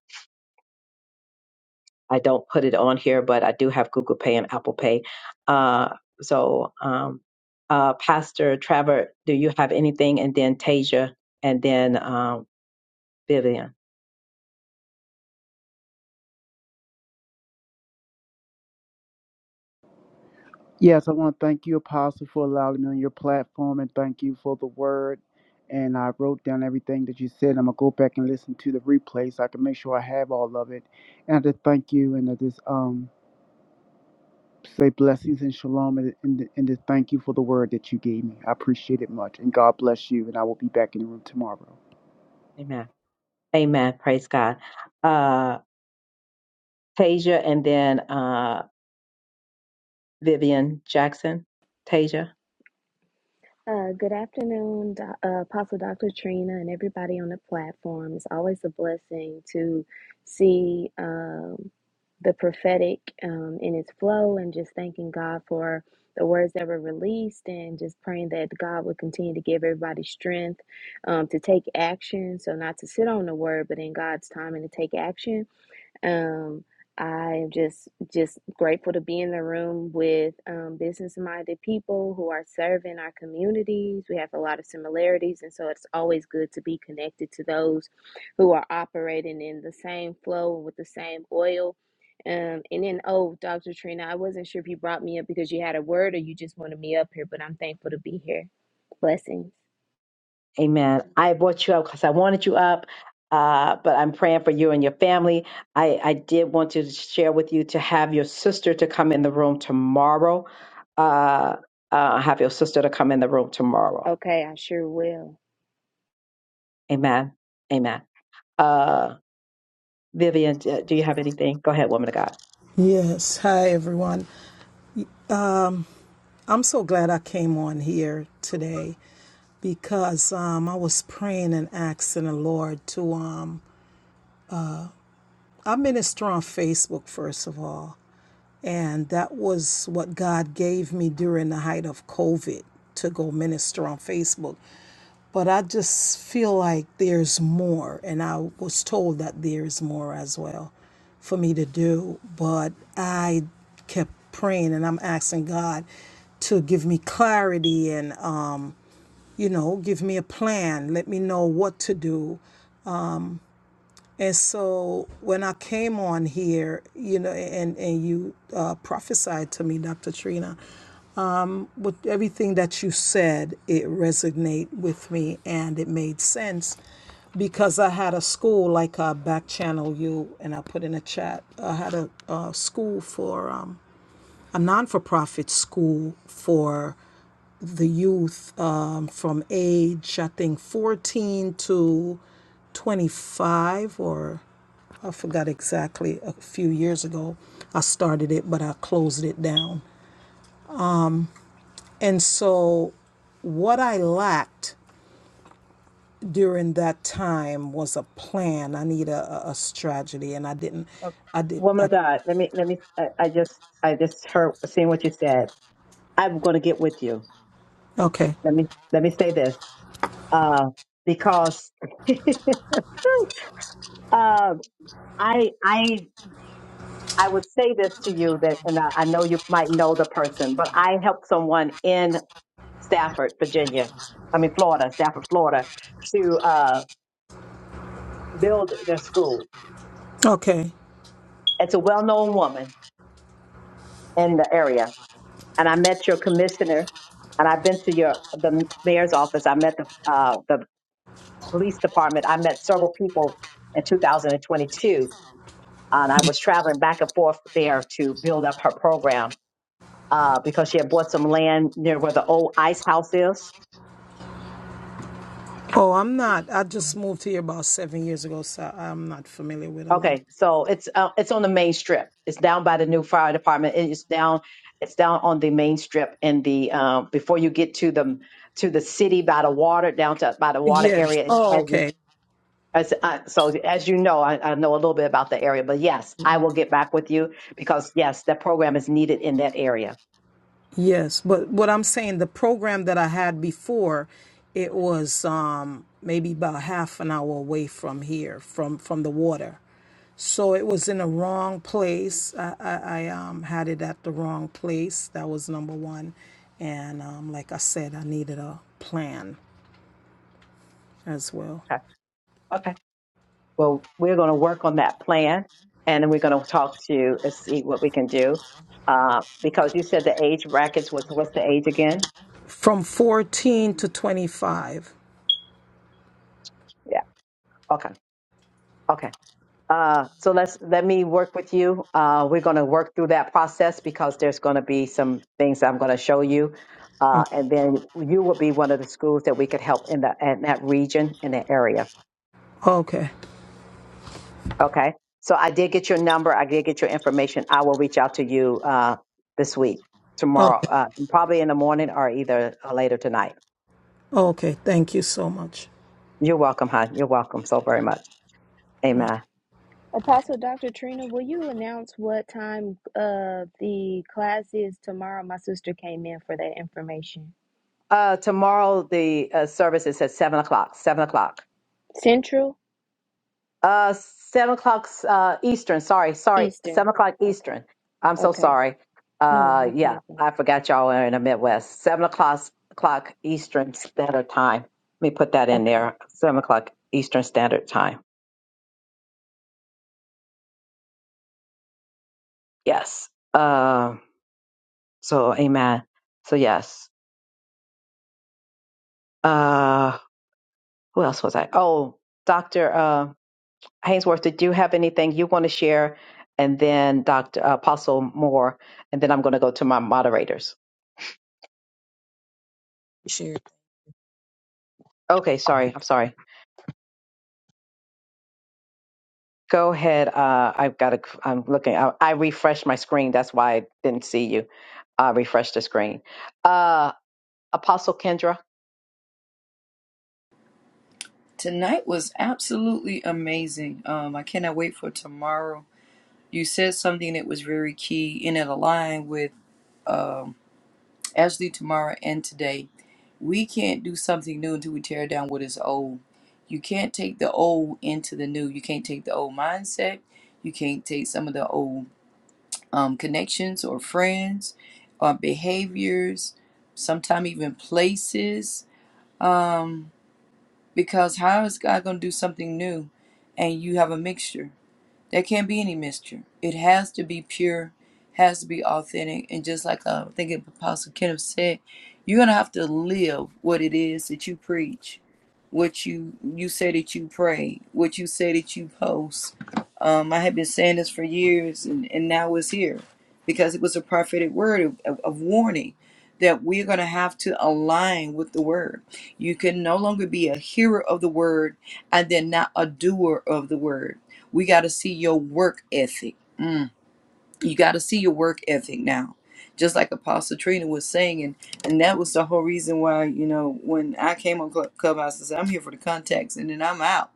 Speaker 1: I don't put it on here, but I do have Google Pay and Apple Pay. Uh, so, um, uh, Pastor Trevor, do you have anything? And then Tasia, and then um, Vivian.
Speaker 18: Yes, I want to thank you, Apostle, for allowing me on your platform and thank you for the word. And I wrote down everything that you said. I'm going to go back and listen to the replay so I can make sure I have all of it. And I just thank you and I just um, say blessings and shalom and, and, and to thank you for the word that you gave me. I appreciate it much. And God bless you. And I will be back in the room tomorrow.
Speaker 1: Amen. Amen. Praise God. Uh, Tasia, and then uh, Vivian Jackson. Tasia.
Speaker 21: Uh, good afternoon, Do- uh, Apostle Dr. Trina, and everybody on the platform. It's always a blessing to see um, the prophetic um, in its flow, and just thanking God for the words that were released, and just praying that God would continue to give everybody strength um, to take action. So, not to sit on the word, but in God's time and to take action. Um, I'm just just grateful to be in the room with um, business-minded people who are serving our communities. We have a lot of similarities, and so it's always good to be connected to those who are operating in the same flow with the same oil. Um, and then, oh, Dr. Trina, I wasn't sure if you brought me up because you had a word or you just wanted me up here, but I'm thankful to be here. Blessings.
Speaker 1: Amen. I brought you up because I wanted you up, uh, but I'm praying for you and your family. I, I did want to share with you to have your sister to come in the room tomorrow. Uh, uh, have your sister to come in the room tomorrow.
Speaker 21: Okay, I sure will.
Speaker 1: Amen. Amen. Uh, Vivian, d- do you have anything? Go ahead, woman of God.
Speaker 11: Yes, hi everyone. Um, I'm so glad I came on here today because um, I was praying and asking the Lord to. Um, I minister on Facebook first of all, And that was what God gave me during the height of COVID to go minister on Facebook. But I just feel like there's more. And I was told that there's more as well for me to do. But I kept praying and I'm asking God to give me clarity and, um, you know, give me a plan, let me know what to do. And so when I came on here, you know, and, and you uh, prophesied to me, Dr. Trina, with everything that you said, it resonated with me and it made sense because I had a school like I back channel you and I put in a chat. I had a, a school for um, a non for profit school for the youth um, from age I think 14 to 25 or I forgot exactly a few years ago I started it but I closed it down. And so what I lacked during that time was a plan. I need a, a, a strategy, and I didn't.
Speaker 1: Okay.
Speaker 11: I did.
Speaker 1: Woman
Speaker 11: I
Speaker 1: of God, let me let me. I, I just I just heard seeing what you said. I'm going to get with you.
Speaker 11: okay.
Speaker 1: Let me let me say this, uh, because [LAUGHS] um, I I I would say this to you that, and I I know you might know the person, but I helped someone in Stafford, Virginia, I mean, Florida, Stafford, Florida, to uh, build their school. It's a well known woman in the area. And I met your commissioner, and I've been to your the mayor's office. I met the, uh, the police department. I met several people in 2022, and I was traveling back and forth there to build up her program uh, because she had bought some land near where the old ice house is
Speaker 11: Oh, I'm not. I just moved here about seven years ago, so I'm not familiar with a lot of.
Speaker 1: Okay, so it's uh, it's on the main strip. It's down by the new fire department. It's down it's down on the main strip in the uh, before you get to the to the city by the water down to by the water
Speaker 11: Yes.
Speaker 1: area as
Speaker 11: Oh,
Speaker 1: as you
Speaker 11: okay.
Speaker 1: as uh, so as you know I, I know a little bit about the area, but yes, I will get back with you because yes, that program is needed in that area.
Speaker 11: Yes, but what I'm saying, the program that I had before, it was um maybe about an hour away here from from the water, so it was in the wrong place. I I, I um had it at the wrong place. That was number one, and um like I said, I needed a plan as well.
Speaker 1: Okay. Okay. Well, we're going to work on that plan and then we're going to talk to uh, see what we can do. Uh, because you said the age brackets was what's the age again?
Speaker 11: From 14 to 25.
Speaker 1: Yeah. Okay. Okay. Uh, so let's let me work with you. Uh, we're going to work through that process because there's going to be some things I'm going to show you. Uh,
Speaker 11: Okay.
Speaker 1: and then you will be one of the schools that we could help in the in that region in the area.
Speaker 11: Okay.
Speaker 1: Okay. So I did get your number. I did get your information. I will reach out to you uh, this week, tomorrow,
Speaker 11: Okay.
Speaker 1: uh, probably in the morning or either uh, later tonight.
Speaker 11: okay. Thank you so much.
Speaker 1: You're welcome, hon. You're welcome so very much. Amen.
Speaker 21: Apostle Dr. Trina, will you announce what time uh the class is tomorrow? My sister came in for that information.
Speaker 1: Uh, tomorrow, the uh, service is at 7 o'clock. 7 o'clock.
Speaker 21: Central,
Speaker 1: Uh, seven o'clock uh, Eastern. Sorry, sorry,
Speaker 21: Eastern.
Speaker 1: seven o'clock
Speaker 21: Okay.
Speaker 1: Eastern. I'm so
Speaker 21: Okay.
Speaker 1: sorry.
Speaker 21: No,
Speaker 1: Uh,
Speaker 21: no
Speaker 1: yeah,
Speaker 21: problem.
Speaker 1: I forgot y'all are in the Midwest. Seven o'clock o'clock Eastern Standard Time. Let me put that in
Speaker 21: Okay.
Speaker 1: there. Seven o'clock Eastern Standard Time. Yes. Uh, so amen. So yes. Uh, who else was I? Oh, Doctor uh, Hainsworth, did you have anything you want to share? And then Doctor Apostle Moore, and then I'm going to go to my moderators. Okay, sorry. I'm sorry. Go ahead. Uh, I've got to, I'm looking, I, I refreshed my screen. That's why I didn't see you. I refreshed the screen. Uh, Apostle Kendra.
Speaker 4: Tonight was absolutely amazing. Um, I cannot wait for tomorrow. You said something that was very key, and it aligned with um, Ashley tomorrow and today We can't do something new until we tear down what is old. You can't take the old into the new. You can't take the old mindset. You can't take some of the old um, connections or friends or behaviors, sometimes even places. Um, because how is God going to do something new and you have a mixture? There can't be any mixture. It has to be pure, has to be authentic. And just like uh, I think Apostle Kenneth said, you're going to have to live what it is that you preach, what you, you say that you pray, what you say that you post. Um, I have been saying this for years, and, and now it's here because it was a prophetic word of, of, of warning that we're going to have to align with the word. You can no longer be a hearer of the word and then not a doer of the word we got to see your work ethic. Mm. You got to see your work ethic now. Just like Apostle Trina was saying, and, and that was the whole reason why, you know, when I came on Club- Clubhouse, I said, I'm here for the contacts and then I'm out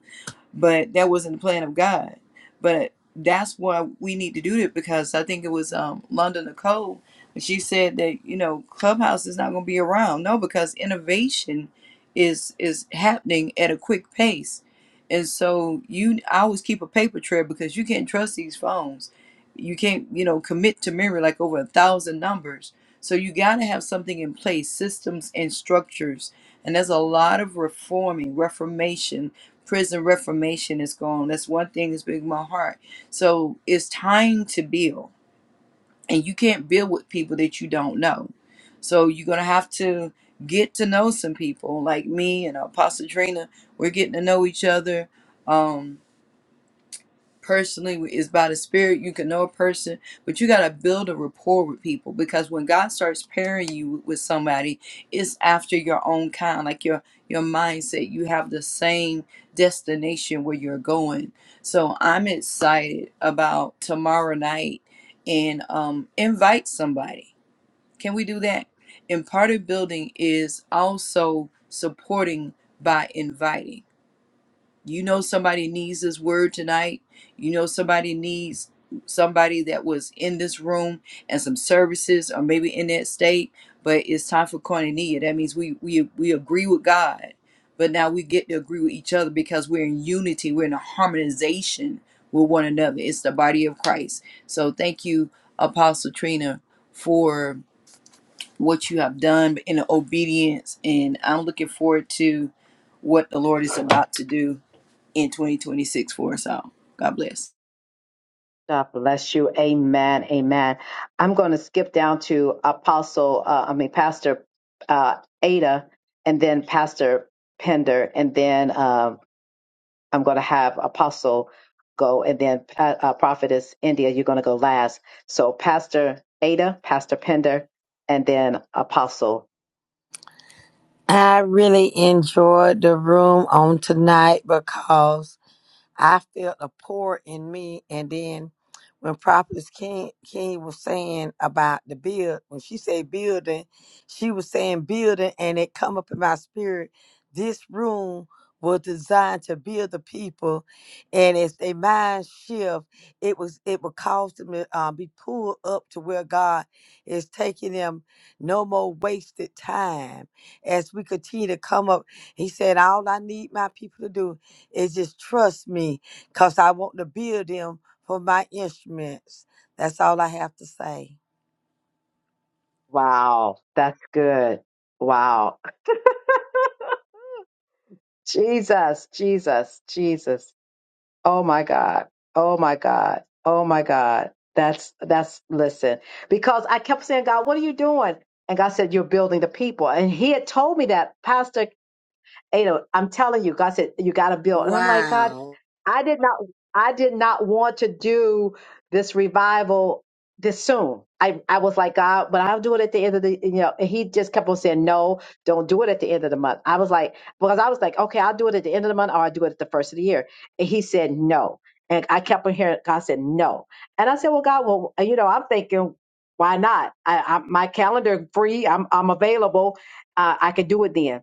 Speaker 4: but that wasn't the plan of God. But that's why we need to do it because I think it was um, London Nicole. but She said that you know Clubhouse is not going to be around. No, because innovation is is happening at a quick pace, and so you I always keep a paper trail because you can't trust these phones. You can't you know commit to memory like over a thousand numbers. So you got to have something in place, systems and structures, and there's a lot of reforming, reformation prison reformation is going. That's one thing that's big in my heart. So it's time to build, and you can't build with people that you don't know. So you're gonna have to get to know some people, like me and Apostle Trina. We're getting to know each other. Um, personally is by the spirit you can know a person but you got to build a rapport with people because when god starts pairing you with somebody it's after your own kind like your your mindset you have the same destination where you're going so i'm excited about tomorrow night and um invite somebody can we do that and part of building is also supporting by inviting you know somebody needs this word tonight. You know somebody needs somebody that was in this room and some services or maybe in that state, but it's time for koinonia. That means we we we agree with God, but now we get to agree with each other because we're in unity, we're in a harmonization with one another. It's the body of Christ. So thank you, Apostle Trina, for what you have done in obedience and I'm looking forward to what the Lord is about to do in 2026 for us all. God bless.
Speaker 1: God bless you. Amen. Amen. I'm going to skip down to Apostle, uh, I mean, Pastor uh, Ada, and then Pastor Pender, and then um I'm going to have Apostle go, and then Pa- uh, Prophetess India, you're going to go last. So Pastor Ada, Pastor Pender, and then Apostle.
Speaker 9: I really enjoyed the room on tonight because I felt a pour in me. And then when Prophetess King, King was saying about the build, when she said building, she was saying building, and it come up in my spirit. This room was designed to build the people, and as their mind shift, it was it would cause them to uh, be pulled up to where God is taking them. No more wasted time as we continue to come up. He said, "All I need my people to do." It's just trust me, cause I want to build them for my instruments. That's all I have to say.
Speaker 1: Wow, that's good. Wow. Jesus, Jesus, Jesus. Oh my God. Oh my God. Oh my God. That's, that's, listen, because I kept saying, God, what are you doing? And God said, You're building the people. And He had told me that, Pastor Ada, I'm telling you, God said, you got to build. And I'm like, God,
Speaker 9: Wow.
Speaker 1: I did not, I did not want to do this revival this soon. I, I was like, God, but I'll do it at the end of the, you know, and he just kept on saying, no, don't do it at the end of the month. I was like, because I was like, okay, I'll do it at the end of the month or I'll do it at the first of the year. And he said, no. And I kept on hearing, God said, no. And I said, well, God, well, you know, I'm thinking, why not? I, I, my calendar free. I'm, I'm available. Uh, I could do it then.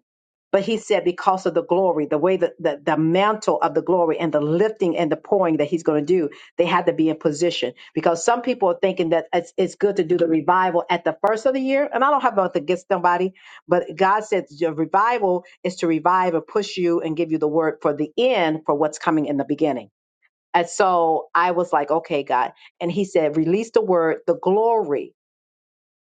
Speaker 1: But he said, because of the glory, the way that the, the mantle of the glory and the lifting and the pouring that he's going to do, they had to be in position. Because some people are thinking that it's, it's good to do the revival at the first of the year. And I don't have nothing against somebody, but God said your revival is to revive and push you and give you the word for the end for what's coming in the beginning. And so I was like, okay, God. And he said, release the word, the glory.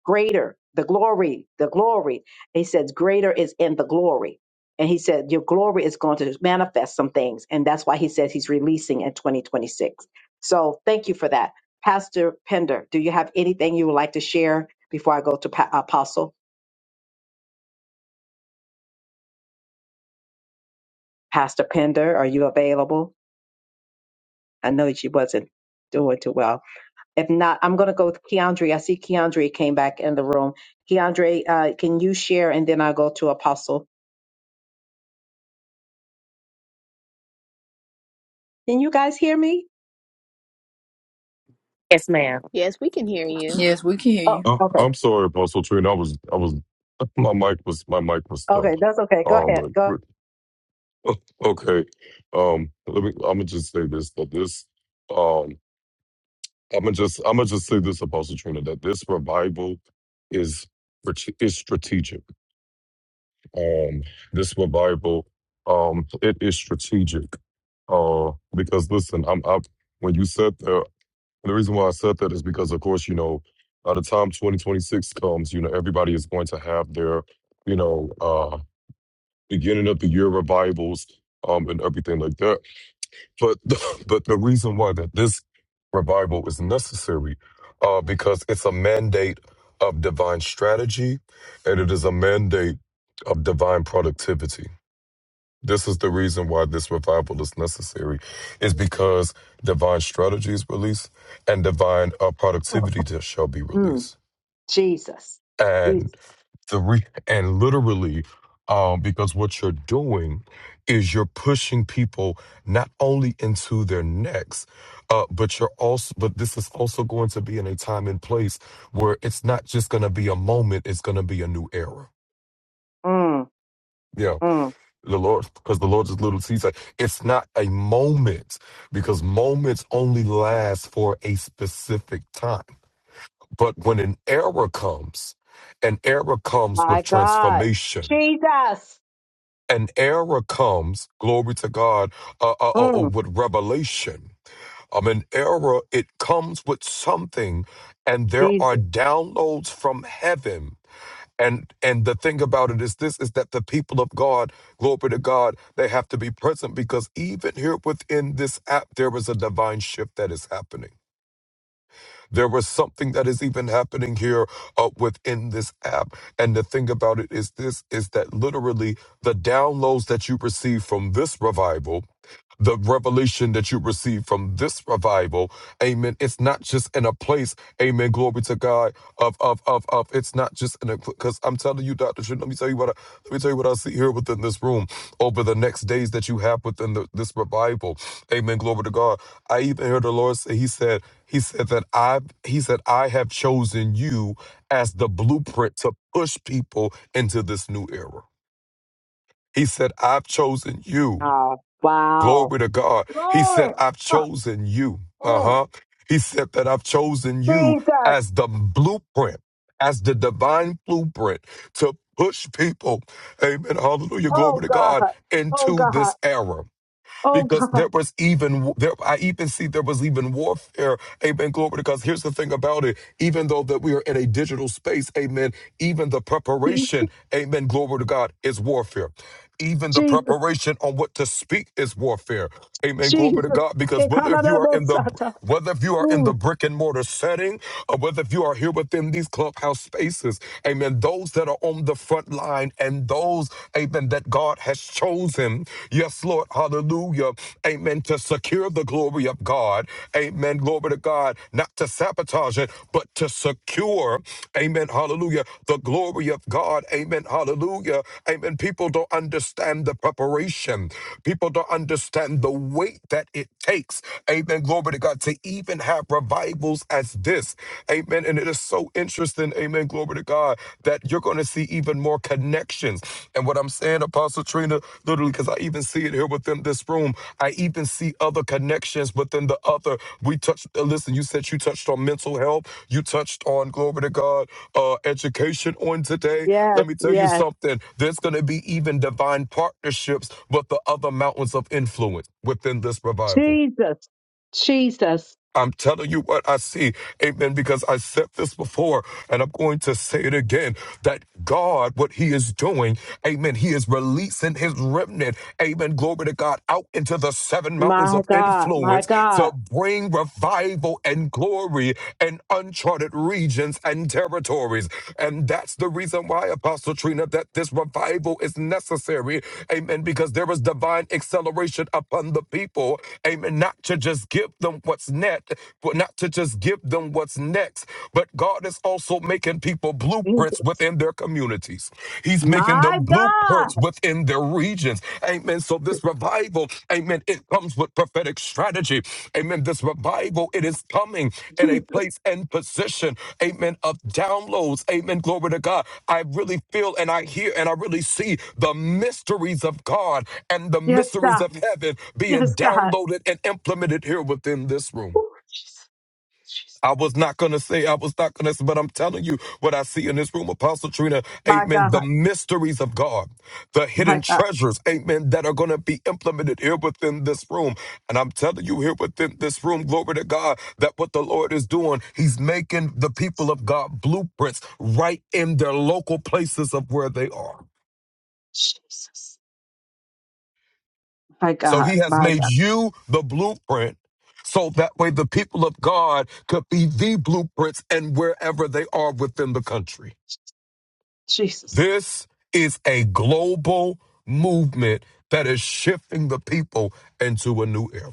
Speaker 1: Greater, the glory, the glory. He says, Greater is in the glory. And he said, Your glory is going to manifest some things. And that's why he says he's releasing in 2026. So thank you for that. Pastor Pender, do you have anything you would like to share before I go to pa- Apostle? Pastor Pender, are you available? I know she wasn't doing too well. If not, I'm going to go with Keandre. I see Keandre came back in the room. Keandre, uh, can you share? And then I'll go to Apostle. Can you guys hear me?
Speaker 16: Yes, ma'am.
Speaker 21: Yes, we can hear you.
Speaker 4: Yes, we can hear you.
Speaker 17: Oh,
Speaker 1: Oh,
Speaker 17: I'm sorry, Apostle Trina. I was, I was, [LAUGHS] my mic was, my mic was stuck.
Speaker 1: Okay, that's okay. Go
Speaker 17: Um,
Speaker 1: ahead.
Speaker 17: but
Speaker 1: Go.
Speaker 17: [LAUGHS] okay. Um, let me. I'm gonna just say this that this. Um, I'm gonna just, I'm gonna just say this, Apostle Trina, that this revival is strate- is strategic. Um, this revival, um, it is strategic. Uh, because listen, I'm, I when you said that. the reason why I said that is because, of course, you know, by the time 2026 comes, you know, everybody is going to have their, you know, uh, beginning of the year revivals um, and everything like that. But [LAUGHS] but the reason why that this revival is necessary uh, because it's a mandate of divine strategy and it is a mandate of divine productivity this is the reason why this revival is necessary, is because divine strategy is released and divine uh, productivity just shall be
Speaker 1: Mm,
Speaker 17: released.
Speaker 1: Jesus.
Speaker 17: And
Speaker 1: Jesus.
Speaker 17: the re- and literally, um, because what you're doing is you're pushing people not only into their necks, uh, but you're also but this is also going to be in a time and place where it's not just going to be a moment; it's going to be a new era.
Speaker 1: Mm,
Speaker 17: Yeah.
Speaker 1: mm,
Speaker 17: The Lord, because the Lord is little sees. It's not a moment, because moments only last for a specific time. But when an error comes, an error comes with
Speaker 1: my God.
Speaker 17: transformation.
Speaker 1: Jesus.
Speaker 17: An error comes, glory to God, uh, uh, uh, uh,
Speaker 1: Mm,
Speaker 17: with revelation. Um, an error, it comes with something, and there are
Speaker 1: Jesus.
Speaker 17: downloads from heaven and and the thing about it is this is that the people of God, glory to God, they have to be present because even here within this app, there is a divine shift that is happening there was something that is even happening here uh, within this app. And the thing about it is this is that literally the downloads that you receive from this revival the revelation that you receive from this revival. Amen. It's not just in a place, amen. Glory to God. Of of of of it's not just in a because I'm telling you, Dr. Shin, let me tell you what I let me tell you what I see here within this room over the next days that you have within the, this revival. Amen. Glory to God. I even heard the Lord say, He said. He said that I he said I have chosen you as the blueprint to push people into this new era. He said I've chosen you. Glory to God. He said I've chosen you. Uh-huh. He said that I've chosen you as the blueprint, as the divine blueprint to push people. Amen. Hallelujah. Glory to God into this era because there was even there I even see there was even warfare. Amen. Glory because here's the thing about it. Even though that we are in a digital space, amen, even the preparation, amen, glory to God, is warfare. Even the preparation on what to speak is warfare. Amen. Glory to God. Because whether if you are in the whether if you are in the brick and mortar setting, or whether if you are here within these clubhouse spaces, amen. Those that are on the front line and those, amen, that God has chosen. Yes, Lord, hallelujah. Amen. To secure the glory of God. Amen. Glory glory to God, not to sabotage it, but to secure, amen, hallelujah, the glory of God, amen, hallelujah, amen. People don't understand the preparation, people don't understand the weight that it takes, amen, glory to God, to even have revivals as this, amen. And it is so interesting, amen, glory to God, that you're going to see even more our connections. And what I'm saying, Apostle Trina, literally, because I even see it here within this room, I even see other connections within the other. We touched, uh, listen, you said you touched on mental health, you touched on, glory to God, uh, education on today. Let me tell you something, there's going to be even divine partnerships with the other mountains of influence within this revival. I'm telling you what I see. Amen. Because I said this before and I'm going to say it again that God, what He is doing, Amen. He is releasing His remnant, Amen. Glory to God out into the seven mountains of influence to bring revival and glory and uncharted regions and territories. And that's the reason why, Apostle Trina, that this revival is necessary. Amen. Because there is divine acceleration upon the people. Amen. Not to just give them what's next had, but not to just give them what's next, but God is also making people blueprints
Speaker 1: Jesus.
Speaker 17: within their communities. He's making
Speaker 1: My
Speaker 17: them blueprints
Speaker 1: God.
Speaker 17: within their regions. Amen. So this revival, amen, it comes with prophetic strategy. Amen. This revival, it is coming in a
Speaker 1: Jesus.
Speaker 17: place and position, amen, of downloads. Amen. Glory to God. I really feel and I hear and I really see the mysteries of God and the
Speaker 1: Yes,
Speaker 17: mysteries
Speaker 1: God.
Speaker 17: of heaven being
Speaker 1: Yes, God.
Speaker 17: downloaded and implemented here within this room.
Speaker 1: Ooh, Jesus. Jesus.
Speaker 17: I was not going to say, I was not going to say, but I'm telling you what I see in this room, Apostle Trina,
Speaker 1: My
Speaker 17: amen,
Speaker 1: God.
Speaker 17: the mysteries of God, the
Speaker 1: My
Speaker 17: hidden
Speaker 1: God.
Speaker 17: treasures, amen, that are going to be implemented here within this room. And I'm telling you here within this room, glory to God, that what the Lord is doing, he's making the people of God blueprints right in their local places of where they are.
Speaker 1: Jesus. My,
Speaker 17: So he has
Speaker 1: God.
Speaker 17: made you the blueprint so that way the people of God could be the blueprints and wherever they are within the country.
Speaker 1: Jesus.
Speaker 17: This is a global movement that is shifting the people into a new era.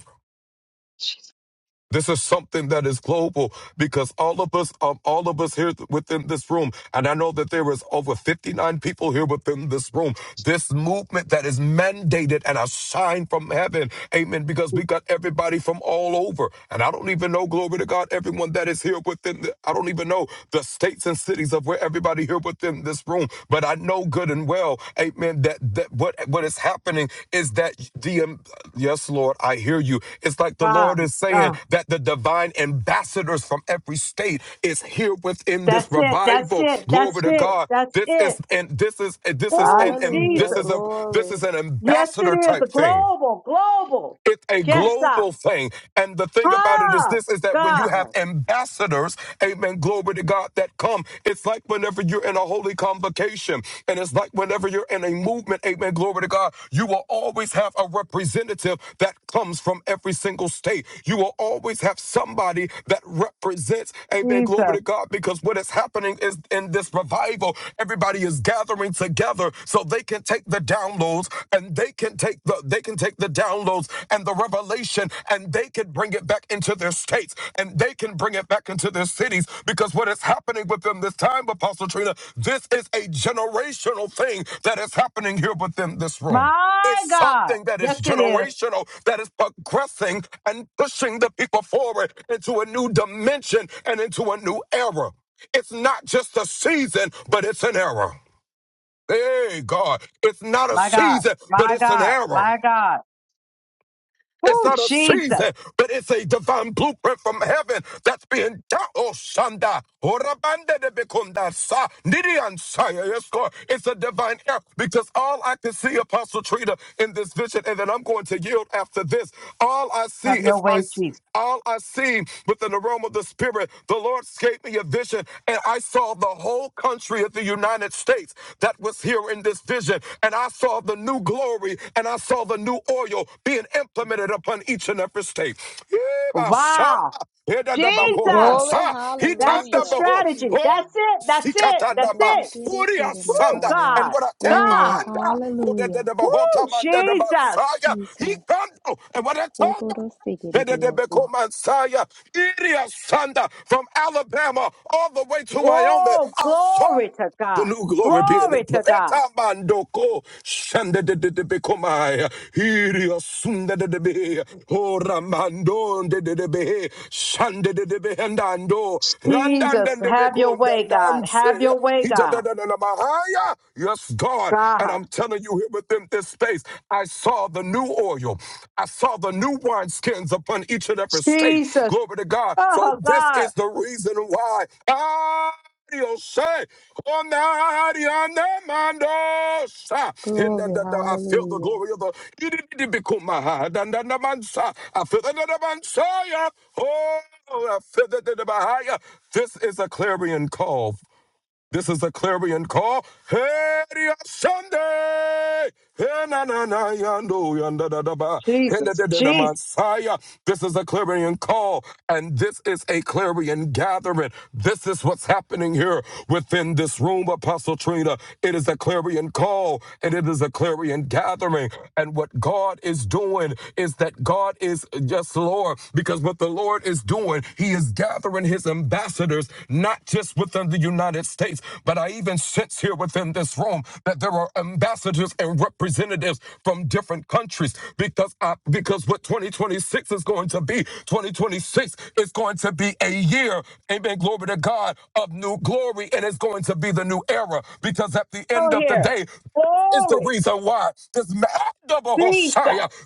Speaker 17: This is something that is global because all of us, um, all of us here within this room, and I know that there is over 59 people here within this room. This movement that is mandated and a sign from heaven. Amen. Because we got everybody from all over. And I don't even know, glory to God, everyone that is here within the, I don't even know the states and cities of where everybody here within within this room. But I know good and well, amen, that, that what, what is happening is that the, um, yes, Lord, I hear you. It's like the Lord
Speaker 1: God.
Speaker 17: is saying
Speaker 1: God.
Speaker 17: that the divine ambassadors from every state is here within this
Speaker 1: That's it. That's
Speaker 17: revival.
Speaker 1: it.
Speaker 17: Glory
Speaker 1: That's
Speaker 17: to
Speaker 1: it.
Speaker 17: God.
Speaker 1: That's
Speaker 17: This
Speaker 1: it.
Speaker 17: is, and this is, this is, and,
Speaker 1: Oh,
Speaker 17: and this
Speaker 21: Hallelujah.
Speaker 17: is a,
Speaker 1: Jesus.
Speaker 17: this is
Speaker 21: Glory.
Speaker 17: an
Speaker 1: Yes, it
Speaker 17: ambassador
Speaker 1: is.
Speaker 17: type thing.
Speaker 1: Global. Global.
Speaker 17: It's a
Speaker 1: Yes, God.
Speaker 17: global thing. And the thing about it is
Speaker 1: Ah,
Speaker 17: this is that when you have
Speaker 1: God,
Speaker 17: ambassadors, amen, glory to God, that come, it's like whenever you're in a holy convocation and it's like whenever you're in a movement, amen, glory to God, you will always have a representative that comes from every single state. You will always have somebody that represents, amen, glory
Speaker 1: Jesus,
Speaker 17: to God, because because what is happening is in this revival, everybody is gathering together so they can take the downloads and they can take the they can take the downloads and the revelation and they can bring it back into their states and they can bring it back into their cities because what is happening with them this time, Apostle Trina, this is a generational thing that is happening here within this room is
Speaker 1: my God.
Speaker 17: something that is
Speaker 1: Yes, it is.
Speaker 17: generational, that is progressing and pushing the people forward into a new dimension and into a new era. It's not just a season, but it's an era. Hey, God, it's not a
Speaker 1: My God,
Speaker 17: season, but
Speaker 1: my
Speaker 17: it's an
Speaker 1: God,
Speaker 17: era.
Speaker 1: my God.
Speaker 17: It's
Speaker 1: Oh,
Speaker 17: not a
Speaker 1: Jesus,
Speaker 17: season, but it's a divine blueprint from heaven that's being done. Oh, Shanda. Orabande de Bekunda Sa. Nidian Saya. Yes, Lord. It's a divine error because all I can see, Apostle Trina, in this vision, and then I'm going to yield after this, all I see
Speaker 1: have your
Speaker 17: is
Speaker 1: way,
Speaker 17: I
Speaker 1: Jesus.
Speaker 17: all I seen with an aroma of the Spirit, the Lord gave me a vision, and I saw the whole country of the United States that was here in this vision. And I saw the new glory and I saw the new oil being implemented upon each and every state.
Speaker 1: Wow,
Speaker 17: Yebashanda, edadabaho
Speaker 1: Jesus.
Speaker 21: Glory.
Speaker 17: mansa,
Speaker 1: That's the
Speaker 21: Hallelujah.
Speaker 17: hitandabaho.
Speaker 1: strategy.
Speaker 21: Praise
Speaker 17: Oh,
Speaker 1: That's
Speaker 21: God.
Speaker 1: it. That's it. That's
Speaker 17: Sikatandaba,
Speaker 1: it. Woo,
Speaker 17: Uriasanda, and
Speaker 1: God,
Speaker 17: what a
Speaker 21: Glory.
Speaker 1: God.
Speaker 17: tamanda, who did the
Speaker 21: Hallelujah.
Speaker 1: Woo,
Speaker 17: Bahota Manda the
Speaker 1: Jesus.
Speaker 17: Basaya, he
Speaker 21: Jesus.
Speaker 17: can't, and what a Tonda. Messiah, Iria Sanda from Alabama all the way to Wyoming.
Speaker 1: Oh,
Speaker 17: I saw
Speaker 1: glory to
Speaker 17: the
Speaker 1: God.
Speaker 17: new glory being
Speaker 1: Glory to
Speaker 17: implemented.
Speaker 1: God.
Speaker 17: Etamandoko shandededebekomai, iriasundededebe, oramandondededebe, shandededebehendando,
Speaker 1: Jesus, have your way, God. Have
Speaker 17: randandedebekondandamse,
Speaker 1: your way, God.
Speaker 17: itadadadadamahaya. Yes, God. And
Speaker 1: God.
Speaker 17: I'm telling you, here within this space, I saw the new oil. I saw the new wineskins upon each and every state.
Speaker 1: Jesus,
Speaker 17: Glory to God. So
Speaker 1: Oh
Speaker 17: this
Speaker 1: God,
Speaker 17: is the reason why. I say, on the Ariana Mandosa. In the-
Speaker 21: Glory.
Speaker 17: the- the- I feel the
Speaker 21: Hallelujah.
Speaker 17: glory of the Idibikumaha, dan- dan- dan- mansa. I feel the the- the Mansaya. Oh, I feel the the- the Bahaya. This is a clarion call. This is a clarion call. Hey, Sunday. Hey, na na na yando yanda da da ba. Hey, da da
Speaker 1: Jesus,
Speaker 17: da
Speaker 1: Jesus,
Speaker 17: Messiah. This is a clarion call, and this is a clarion gathering. This is what's happening here within this room, Apostle Trina. It is a clarion call, and it is a clarion gathering. And what God is doing is that God is yes, Lord, because what the Lord is is doing. He is gathering his ambassadors, not just within the United States, but I even sense here within this room that there are ambassadors and representatives from different countries because I, because what 2026 is going to be, 2026 is going to be a year, amen, glory to God, of new glory, and it's going to be the new era because at the
Speaker 1: oh
Speaker 17: end of the
Speaker 1: here,
Speaker 17: day, is the
Speaker 1: glory,
Speaker 17: reason why this man, double Hosea.
Speaker 1: Jesus,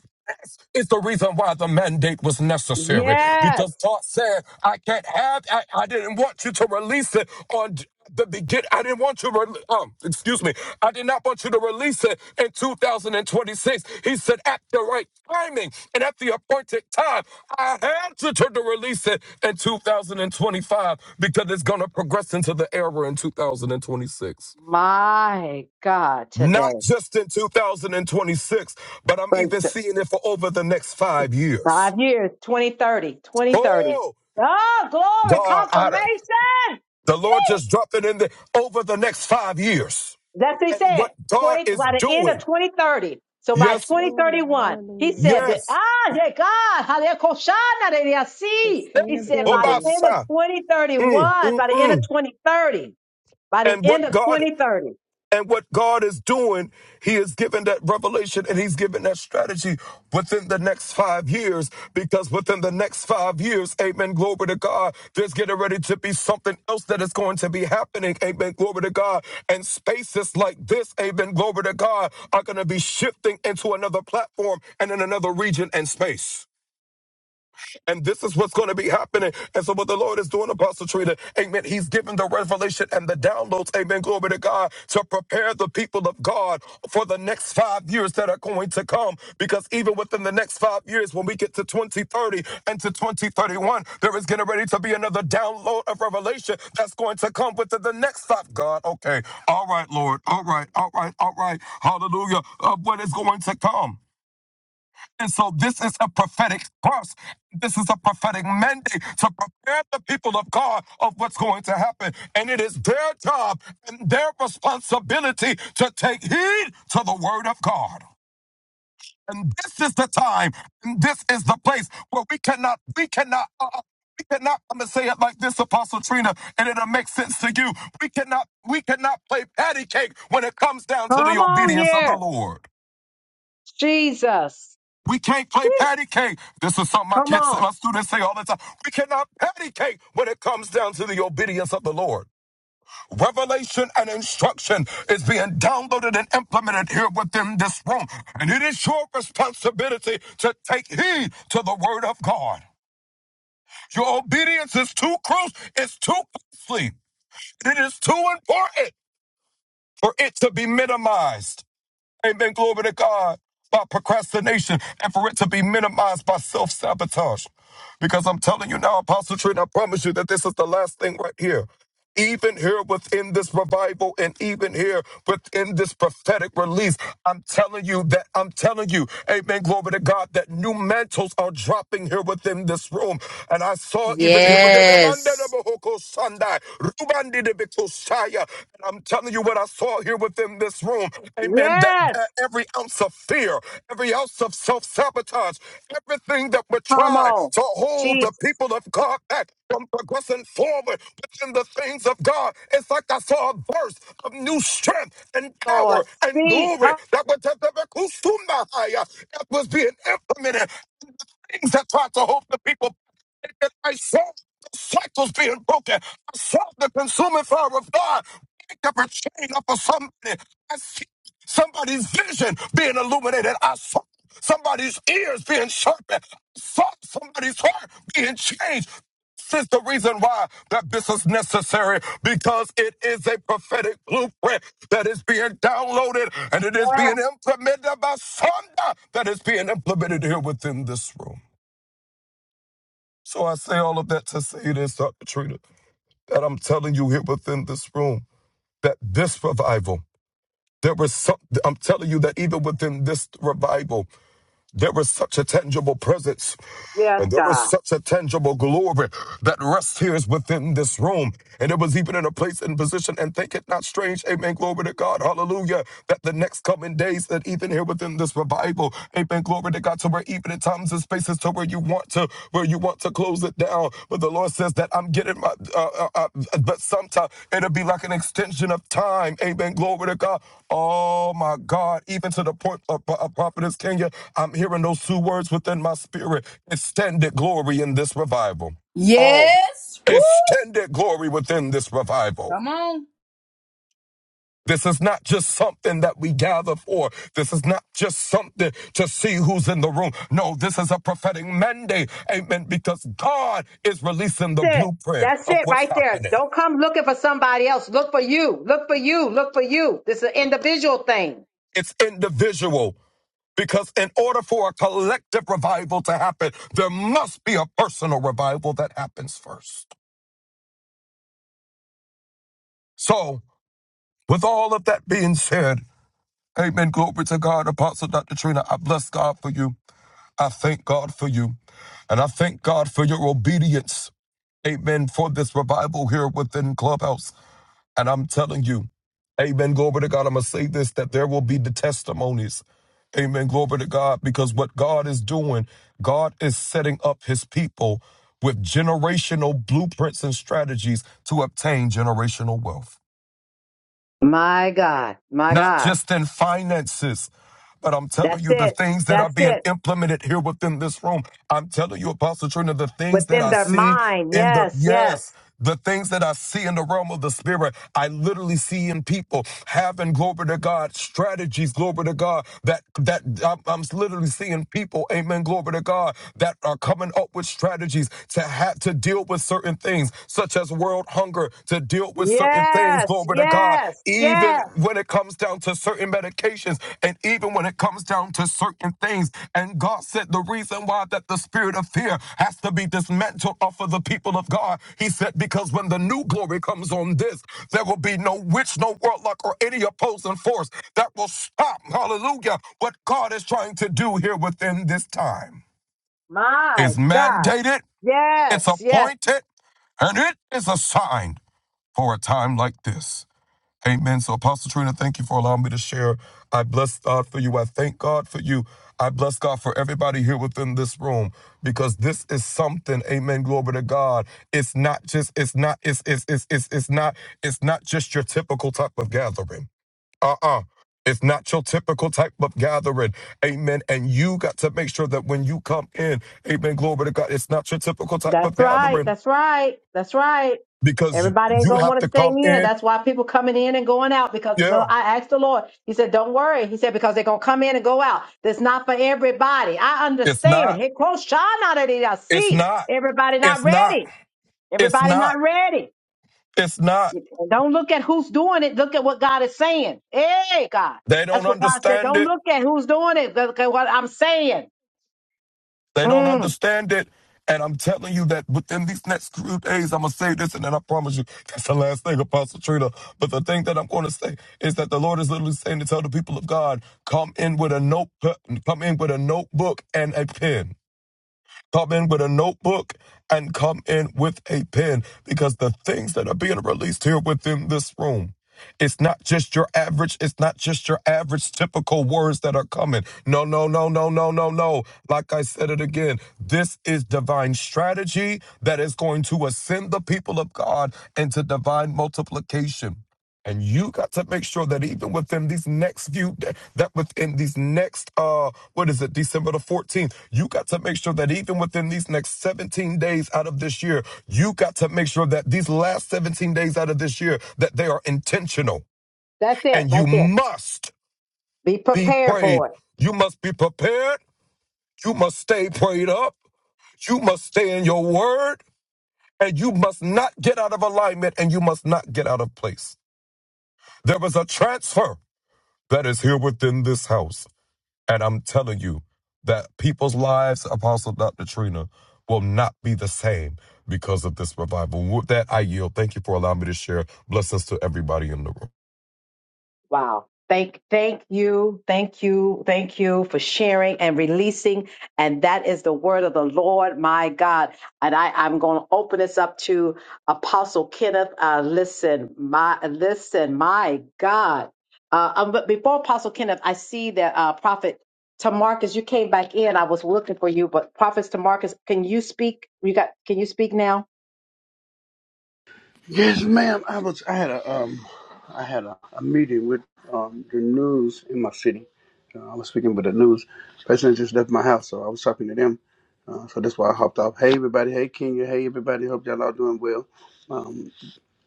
Speaker 17: It's the reason why the mandate was necessary
Speaker 1: yes,
Speaker 17: because God said, I can't have, I, I didn't want you to release it on the begin. I didn't want you, re- um, excuse me, I did not want you to release it in 2026. He said, at the right timing and at the appointed time, I had to, to, to release it in 2025 because it's going to progress into the era in 2026
Speaker 1: my God,
Speaker 17: not
Speaker 1: today,
Speaker 17: just in 2026, but I'm
Speaker 1: but
Speaker 17: even seeing it for over the next five years.
Speaker 1: five years, twenty thirty, twenty thirty, 2030.
Speaker 17: Oh,
Speaker 1: Oh, glory,
Speaker 17: God, I,
Speaker 1: confirmation.
Speaker 17: the Lord just dropped it in there over the next five years.
Speaker 1: That's what he
Speaker 17: And what
Speaker 1: said.
Speaker 17: God
Speaker 1: 20
Speaker 17: is
Speaker 1: by the end of
Speaker 17: doing,
Speaker 1: 2030. So by
Speaker 17: yes,
Speaker 21: Glory.
Speaker 1: 2031, he
Speaker 21: Hallelujah.
Speaker 1: said that
Speaker 17: yes,
Speaker 1: ah yeah God, hallelujah, Koshana de Yasi. He
Speaker 17: Hey,
Speaker 1: said by the
Speaker 21: Sustainability.
Speaker 1: end of
Speaker 17: Obasa, mm,
Speaker 1: 2031,
Speaker 17: mm,
Speaker 1: by the end of
Speaker 17: mm.
Speaker 1: 2030. by the
Speaker 17: and
Speaker 1: end
Speaker 17: what
Speaker 1: of
Speaker 17: God
Speaker 1: 2030.
Speaker 17: And what God is doing, He is giving that revelation and He's giving that strategy within the next five years. Because within the next five years, amen, glory to God, there's getting ready to be something else that is going to be happening, amen, glory to God. And spaces like this, amen, glory to God, are going to be shifting into another platform and in another region and space. And this is what's going to be happening. And so, what the Lord is doing, Apostle Trina, amen, He's giving the revelation and the downloads, amen, glory to God, to prepare the people of God for the next five years that are going to come. Because even within the next five years, when we get to 2030 and to 2031, there is getting ready to be another download of revelation that's going to come within the next five. God, okay. All right, Lord. All right. All right. All right. Hallelujah. Of what is going to come. And so this is a prophetic curse. This is a prophetic mandate to prepare the people of God of what's going to happen. And it is their job and their responsibility to take heed to the word of God. And this is the time, and this is the place where we cannot, we cannot, uh, uh, we cannot, I'm gonna say it like this, Apostle Trina, and it'll make sense to you. We cannot, we cannot play patty cake when it comes down to
Speaker 1: Come
Speaker 17: the
Speaker 1: on
Speaker 17: obedience of the
Speaker 1: here,
Speaker 17: Lord.
Speaker 1: Jesus.
Speaker 17: We can't play
Speaker 1: Whew,
Speaker 17: patty cake. This is something my
Speaker 1: Come
Speaker 17: kids,
Speaker 1: on.
Speaker 17: my students say all the time. We cannot patty cake when it comes down to the obedience of the Lord. Revelation and instruction is being downloaded and implemented here within this room. And it is your responsibility to take heed to the word of God. Your obedience is too close, it's too costly, it is too important for it to be minimized. Amen. Glory to God. By procrastination and for it to be minimized by self sabotage. Because I'm telling you now, Apostle Trent, I promise you that this is the last thing right here. Even here within this revival and even here within this prophetic release, I'm telling you that I'm telling you, amen, glory to God, that new mantles are dropping here within this room. And I saw even here,
Speaker 16: Yes.
Speaker 17: Ruban did it And I'm telling you what I saw here within this room. Amen. That,
Speaker 1: Yes.
Speaker 17: that every ounce of fear, every ounce of self sabotage, everything that would
Speaker 1: Come
Speaker 17: try
Speaker 1: on.
Speaker 17: to hold the
Speaker 1: Jesus,
Speaker 17: people of God back from progressing forward within the things of God. It's like I saw a burst of new strength and power
Speaker 1: Lord.
Speaker 17: and
Speaker 1: Speak.
Speaker 17: glory
Speaker 1: Come.
Speaker 17: that was, that that was being implemented. Things that tried to hold the people back. I saw. Cycles being broken. I saw the consuming fire of God pick up a chain up for somebody. I see somebody's vision being illuminated. I saw somebody's ears being sharpened. I saw somebody's heart being changed. This is the reason why that this is necessary because it is a prophetic blueprint that is being downloaded and it is being
Speaker 1: Yes.
Speaker 17: implemented by Sonda that is being implemented here within this room. So I say all of that to say this, Dr. Trina that I'm telling you here within this room, that this revival, there was some, I'm telling you that even within this revival, there was such a tangible presence
Speaker 1: Yes,
Speaker 17: and there was
Speaker 1: God.
Speaker 17: such a tangible glory that rests here is within this room. And it was even in a place and position, and think it not strange, amen, glory to God, hallelujah, that the next coming days, that even here within this revival, amen, glory to God, to where even in times and spaces to where you you want to where you want to close it down. But the Lord says that I'm getting my. Uh, uh, uh, but sometimes it'll be like an extension of time. Amen. Glory to God. Oh my God. Even to the point of, of prophetess Kenya, I'm hearing those two words within my spirit: extended glory in this revival. Oh,
Speaker 4: Yes. Woo!
Speaker 17: extended glory within this revival.
Speaker 4: Come on.
Speaker 17: This is not just something that we gather for. This is not just something to see who's in the room. No, this is a prophetic mandate. Amen. Because God is releasing the
Speaker 1: That's it.
Speaker 17: blueprint
Speaker 1: That's
Speaker 17: of
Speaker 1: it
Speaker 17: what's
Speaker 1: right there.
Speaker 17: happening.
Speaker 1: Don't come looking for somebody else. Look for you. Look for you. Look for you. This is an individual thing.
Speaker 17: It's individual. Because in order for a collective revival to happen, there must be a personal revival that happens first. So, with all of that being said, amen. Glory to God, Apostle Dr. Trina. I bless God for you. I thank God for you. And I thank God for your obedience. Amen. For this revival here within Clubhouse. And I'm telling you, Amen. Glory to God. I'm going to say this that there will be the testimonies. Amen. Glory to God. Because what God is doing, God is setting up his people with generational blueprints and strategies to obtain generational wealth.
Speaker 1: My God. My
Speaker 17: not
Speaker 1: God.
Speaker 17: just in finances. But I'm telling
Speaker 1: That's
Speaker 17: you, the
Speaker 1: it.
Speaker 17: things that are
Speaker 1: That's
Speaker 17: being
Speaker 1: it.
Speaker 17: implemented here within this room, I'm telling you, Apostle Trina, the things that
Speaker 1: Within
Speaker 17: I
Speaker 1: their
Speaker 17: see
Speaker 1: mind.
Speaker 17: in the,
Speaker 1: Yes.
Speaker 17: yes,
Speaker 1: Yes.
Speaker 17: the things that I see in the realm of the spirit, I literally see in people having, glory to God, strategies, glory to God, that, that I'm, I'm literally seeing people, amen, glory to God, that are coming up with strategies to have, to deal with certain things, such as there's world hunger to deal with certain things,
Speaker 1: Yes.
Speaker 17: glory to God,
Speaker 1: Yes. Yes.
Speaker 17: even when it comes down to certain medications and even when it comes down to certain things. And God said the reason why that the spirit of fear has to be dismantled off of the people of God, He said, because when the new glory comes on this, there will be no witch, no warlock, or any opposing force that will stop, hallelujah, what God is trying to do here within this time.
Speaker 1: My
Speaker 17: It's
Speaker 1: God.
Speaker 17: mandated, it's
Speaker 1: Yes, yes.
Speaker 17: appointed, and it is assigned for a time like this. Amen. So, Apostle Trina, thank you for allowing me to share. I bless God for you. I thank God for you. I bless God for everybody here within this room because this is something. Amen. Glory to God. It's not just. It's not. It's it's it's it's, it's not. It's not just your typical type of gathering. Uh uh It's not your typical type of gathering. Amen. And you got to make sure that when you come in, amen, glory to God, it's not your typical type of
Speaker 1: That's right.
Speaker 17: gathering
Speaker 1: That's right. That's right.
Speaker 17: because
Speaker 1: Everybody ain't
Speaker 17: you
Speaker 1: gonna
Speaker 17: have
Speaker 1: want
Speaker 17: to
Speaker 1: to stay
Speaker 17: come
Speaker 1: in.
Speaker 17: in.
Speaker 1: That's why people coming in and going out because the,
Speaker 17: Yeah.
Speaker 1: I asked the Lord. He said, "Don't worry." He said, "Because they're gonna come in and go out. That's not for everybody. I
Speaker 17: It's
Speaker 1: understand."
Speaker 17: not.
Speaker 1: He quotes Shana that he- I
Speaker 17: It's
Speaker 1: see.
Speaker 17: not.
Speaker 1: Everybody not
Speaker 17: It's not.
Speaker 1: ready.
Speaker 17: It's
Speaker 1: Everybody
Speaker 17: not.
Speaker 1: not ready.
Speaker 17: It's not.
Speaker 1: Don't look at who's doing it. Look at what God is saying. Hey, God.
Speaker 17: They
Speaker 1: That's
Speaker 17: don't
Speaker 1: what God said.
Speaker 17: understand
Speaker 1: Don't
Speaker 17: it.
Speaker 1: look at who's doing it. Look at what I'm saying.
Speaker 17: They don't
Speaker 1: Mm.
Speaker 17: understand it. And I'm telling you that within these next few days, I'm going to say this, and then I promise you, [LAUGHS] that's the last thing, Apostle Trina. But the thing that I'm going to say is that the Lord is literally saying to tell the people of God, come in with a notebook, come in with a notebook and a pen. come in with a notebook and come in with a pen because the things that are being released here within this room it's not just your average it's not just your average typical words that are coming no no no no no no no like i said it again this is divine strategy that is going to ascend the people of god into divine multiplication and you got to make sure that even within these next few, that within these next, uh, what is it, December the 14th, you got to make sure that even within these next 17 days out of this year, you got to make sure that these last 17 days out of this year, that they are intentional.
Speaker 1: That's it
Speaker 17: And
Speaker 1: right
Speaker 17: you
Speaker 1: there.
Speaker 17: must
Speaker 1: Be
Speaker 17: be
Speaker 1: prepared
Speaker 17: prayed.
Speaker 1: for it.
Speaker 17: You must be prepared. You must stay prayed up. You must stay in your word. And you must not get out of alignment and you must not get out of place. There was a transfer. that is here within this house. And I'm telling you that people's lives, Apostle Dr. Trina, will not be the same because of this revival. With that, I yield. Thank you for allowing me to share. Blessings to everybody in the room.
Speaker 1: Wow. Thank, thank you, thank you, thank you for sharing and releasing. And that is the word of the Lord, my God. And I, I'm going to open this up to Apostle Kenneth. Uh, listen, my, listen, my God. Uh, um, but before Apostle Kenneth, I see that uh, Prophet Tamarcus, you came back in. I was looking for you, but Prophet Tamarcus, can you speak? You got? Can you speak now?
Speaker 22: Yes, ma'am. I was. I had a. Um, I had a, a meeting with um, the news in my city. Uh, I was speaking with the news. President just left my house, so I was talking to them. Uh, so that's why I hopped off. Hey, everybody. Hey, Kenya. Hey, everybody. Hope y'all all doing well. Um,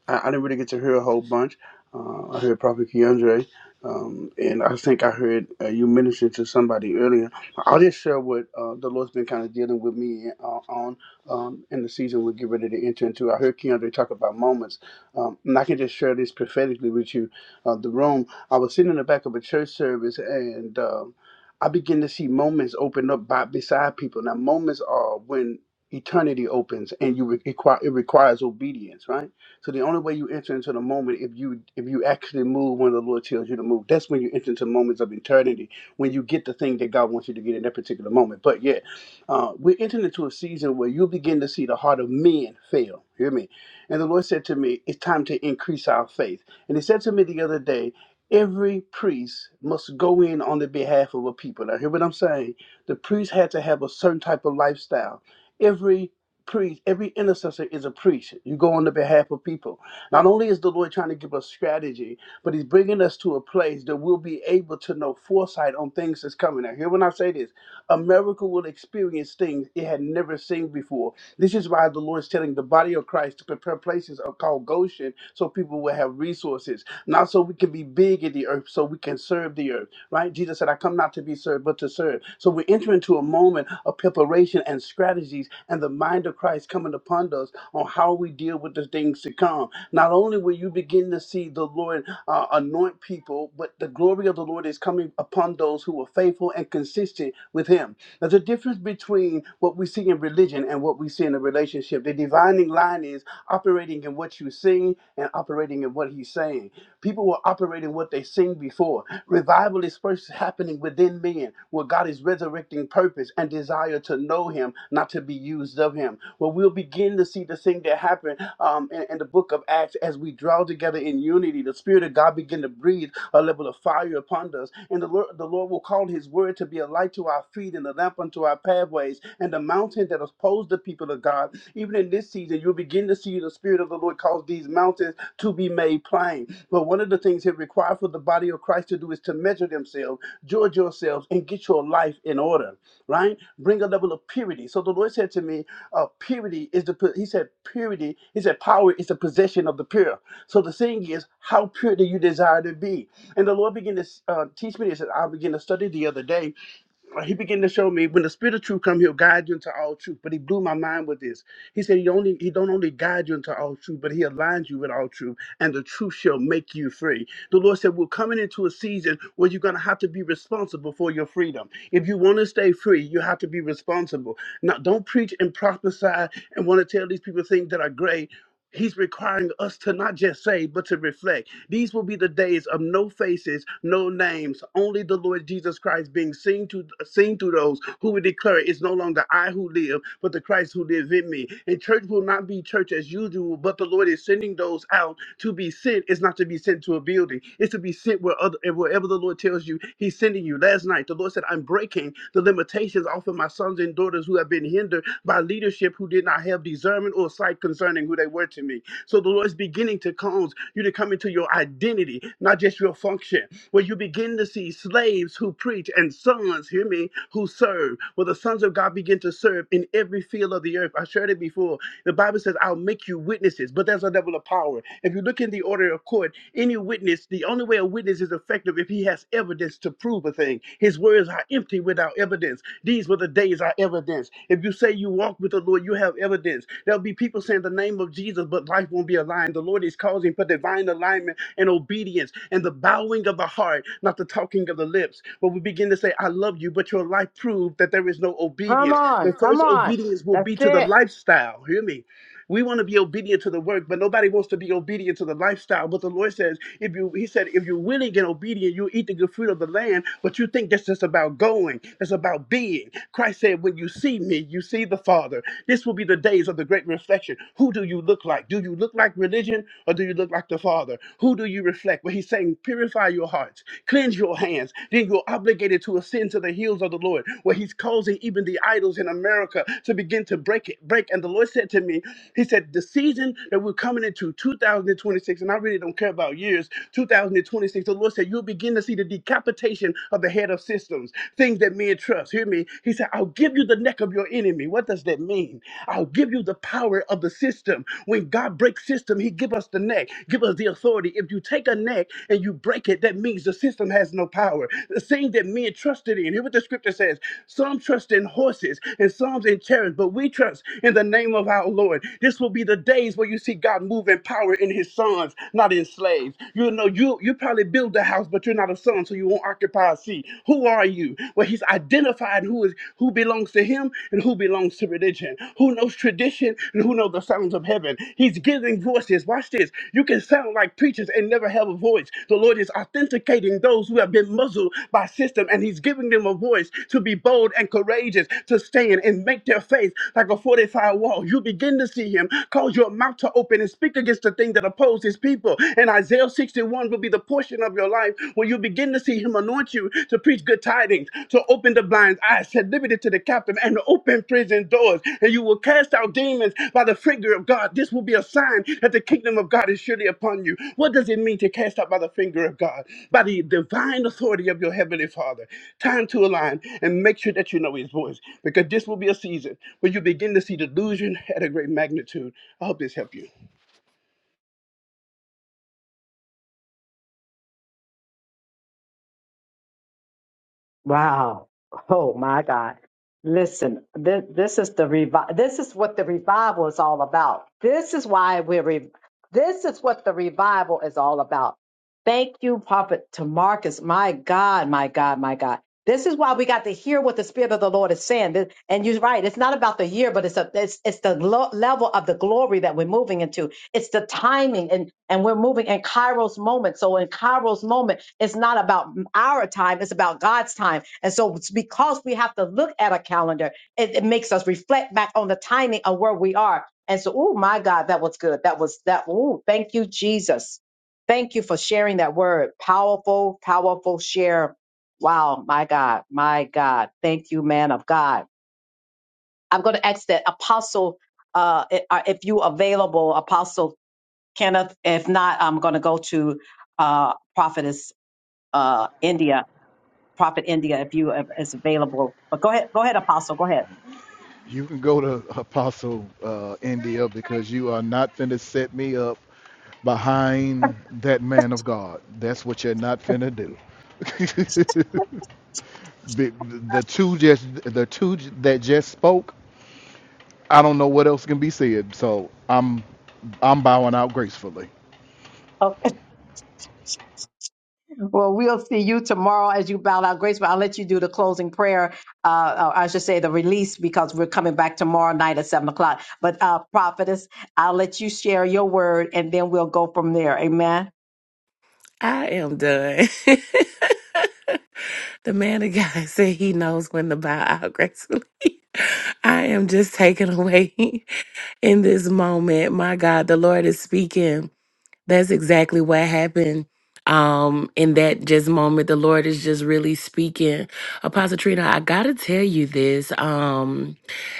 Speaker 22: I, I didn't really get to hear a whole bunch. Uh, I heard Prophet Keandre, um, and I think I heard uh, you minister to somebody earlier. I'll just share what uh, the Lord's been kind of dealing with me uh, on um, in the season we're getting ready to enter into. I heard Keandre talk about moments, um, and I can just share this prophetically with you. Uh, the room, I was sitting in the back of a church service, and um, I began to see moments open up by, beside people. Now, moments are when eternity opens and you re- require it requires obedience right so the only way you enter into the moment if you if you actually move when the Lord tells you to move. That's when you enter into moments of eternity when you get the thing that God wants you to get in that particular moment. But yeah, uh, we're entering into a season where you begin to see the heart of men fail. Hear me. And the Lord said to me, "It's time to increase our faith." And He said to me the other day. Every priest must go in on the behalf of a people. Now, hear what I'm saying? The priest had to have a certain type of lifestyle. Every priest, every intercessor is a priest. You go on the behalf of people. Not only is the Lord trying to give us strategy, but He's bringing us to a place that we'll be able to know foresight on things that's coming. Now, hear when I say this America will experience things it had never seen before. This is why the Lord's telling the body of Christ to prepare places called Goshen so people will have resources, not so we can be big in the earth, so we can serve the earth right? Jesus said, I come not to be served, but to serve. So we enter into a moment of preparation and strategies and the mind of Christ coming upon us on how we deal with the things to come. Not only will you begin to see the Lord uh, anoint people, but the glory of the Lord is coming upon those who are faithful and consistent with Him. There's a difference between what we see in religion and what we see in a relationship. The dividing line is operating in what you sing and operating in what he's saying. People were operating what they sing before. Revival is first happening within men, where God is resurrecting purpose and desire to know him, not to be used of him. Where we'll begin to to see the thing that happened um, in, in the book of Acts as we draw together in unity. The Spirit of God began to breathe a level of fire upon us. And the Lord, the Lord will call His word to be a light to our feet and a lamp unto our pathways. And the mountain that opposed the people of God, even in this season, you'll begin to see the Spirit of the Lord cause these mountains to be made plain. But one of the things He requires for the body of Christ to do is to measure themselves, judge yourselves, and get your life in order, right? Bring a level of purity. So the Lord said to me, uh, purity is the, he said, purity, he said, power is the possession of the pure. So the thing is, how pure do you desire to be? And the Lord began to uh, teach me this, and I began to study the other day he began to show me when the spirit of truth come he'll guide you into all truth but he blew my mind with this he said he only he don't only guide you into all truth but he aligns you with all truth and the truth shall make you free the lord said we're coming into a season where you're going to have to be responsible for your freedom if you want to stay free you have to be responsible now don't preach and prophesy and want to tell these people things that are great He's requiring us to not just say, but to reflect. These will be the days of no faces, no names, only the Lord Jesus Christ being seen to seen to those who will declare it's no longer I who live, but the Christ who lives in me. And church will not be church as usual, but the Lord is sending those out to be sent. It's not to be sent to a building. It's to be sent where other wherever the Lord tells you He's sending you. Last night the Lord said, "I'm breaking the limitations." sins off of my sons and daughters who have been hindered by leadership who did not have discernment or sight concerning who they were to me. So the Lord is beginning to cause you to come into your identity, not just your function, where you begin to see slaves who preach and sons, hear me, who serve. Where the sons of God begin to serve in every field of the earth. I shared it before. The Bible says, I'll make you witnesses, but there's a level of power. If you look in the order of court, any witness, the only way a witness is effective if he has evidence to prove a thing. His words are empty without evidence. These were the days of evidence. If you say you walk with the Lord, you have evidence. There'll be people saying the name of Jesus, but life won't be aligned. The Lord is causing for divine alignment and obedience and the bowing of the heart, not the talking of the lips. But we begin to say, I love you, but your life proved that there is no
Speaker 1: Come
Speaker 22: obedience. The
Speaker 1: on, come
Speaker 22: first
Speaker 1: on.
Speaker 22: obedience will
Speaker 1: That's
Speaker 22: be to the
Speaker 1: it.
Speaker 22: lifestyle. Hear me we want to be obedient to the work, but nobody wants to be obedient to the lifestyle. But the Lord says, if you, He said, if you're willing and obedient, you'll eat the good fruit of the land. But you think that's just about going, that's about being. Christ said, when you see me, you see the Father. This will be the days of the great reflection. Who do you look like? Do you look like religion or do you look like the Father? Who do you reflect? Well, He's saying, purify your hearts, cleanse your hands. Then you're obligated to ascend to the hill heels of the Lord, where He's causing even the idols in America to begin to break it, break. And the Lord said to me, He said, the season that we're coming into, 2026, and I really don't care about years, 2026, the Lord said, you'll begin to see the decapitation of the head of systems, things that men trust. Hear me? He said, I'll give you the neck of your enemy. What does that mean? I'll give you the power of the system. When God breaks system, He give us the neck, give us the authority authority. If you take a neck and you break it, that means the system has no power. The thing that men trusted in, hear what the scripture says some trust in horses and some in chariots, but we trust in the name of our Lord. This will be the days where you see God move in power in his sons, not in slaves. You know, you you probably build a house, but you're not a son, so you won't occupy a seat. Who are you? Well, he's identified who is who belongs to him and who belongs to religion, who knows tradition, and who knows the sounds of heaven. He's giving voices. Watch this. You can sound like preachers and never have a voice. The Lord is authenticating those who have been muzzled by system, and He's giving them a voice to be bold and courageous, to stand and make their faith like a fortified wall. You begin to see Him cause your mouth to open and speak against the thing that opposes His people. And Isaiah 61 will be the portion of your life where you begin to see see him anoint you to preach good tidings, to open the blind eyes, set liberty to the captive, and to open prison doors. And you will cast out demons by the finger of God. This will be a sign that the kingdom of God is surely upon you. What does it mean to cast out by the finger of God? By the divine authority of your heavenly Father. Time to align and make sure that you know his voice, because this will be a season where you begin to see delusion at a great magnitude. I hope this helped you.
Speaker 1: Wow. Oh my God. Listen, this, this is the revi- this is what the revival is all about. This is why we're re- this is what the revival is all about. Thank you, Prophet to Marcus. My God, my God, my God. This is why we got to hear what the Spirit of the Lord is saying. Th- And you're right. It's not about the year, but it's a, it's, it's the lo- level of the glory that we're moving into. It's the timing, and and we're moving in Cairo's moment. So in Cairo's moment. It's not about our time, it's about God's time. And so, it's because we have to look at a calendar, it, it makes us reflect back on the timing of where we are. And so, oh my God, that was good. That was that. Oh, thank you, Jesus. Thank you for sharing that word. Powerful, powerful share. Wow, my God, my God. Thank you, man of God. I'm going to ask that Apostle, uh, i- uh, if you available, Apostle Kenneth. If not, I'm going to go to uh, Prophetess uh, India. Prophet India, if you if is available. But go ahead, go ahead, Apostle. Go ahead.
Speaker 6: You can go to Apostle uh, India because you are not finna set me up behind that man of God. That's what you're not finna do. Be- The two just the two that just spoke. I don't know what else can be said. So I'm I'm bowing out gracefully.
Speaker 1: Okay. Well, we'll see you tomorrow as you bow out grace, but I'll let you do the closing prayer. Uh, or I should say the release because we're coming back tomorrow night at seven o'clock. But uh, prophetess, I'll let you share your word and then we'll go from there. Amen.
Speaker 16: I am done. [LAUGHS] the man of God said he knows when to bow out gracefully. [LAUGHS] I am just taken away [LAUGHS] in this moment. My God, the Lord is speaking. That's exactly what happened. Um, in that just moment, the Lord is just really speaking. Apostle Trina, I gotta tell you this. Um,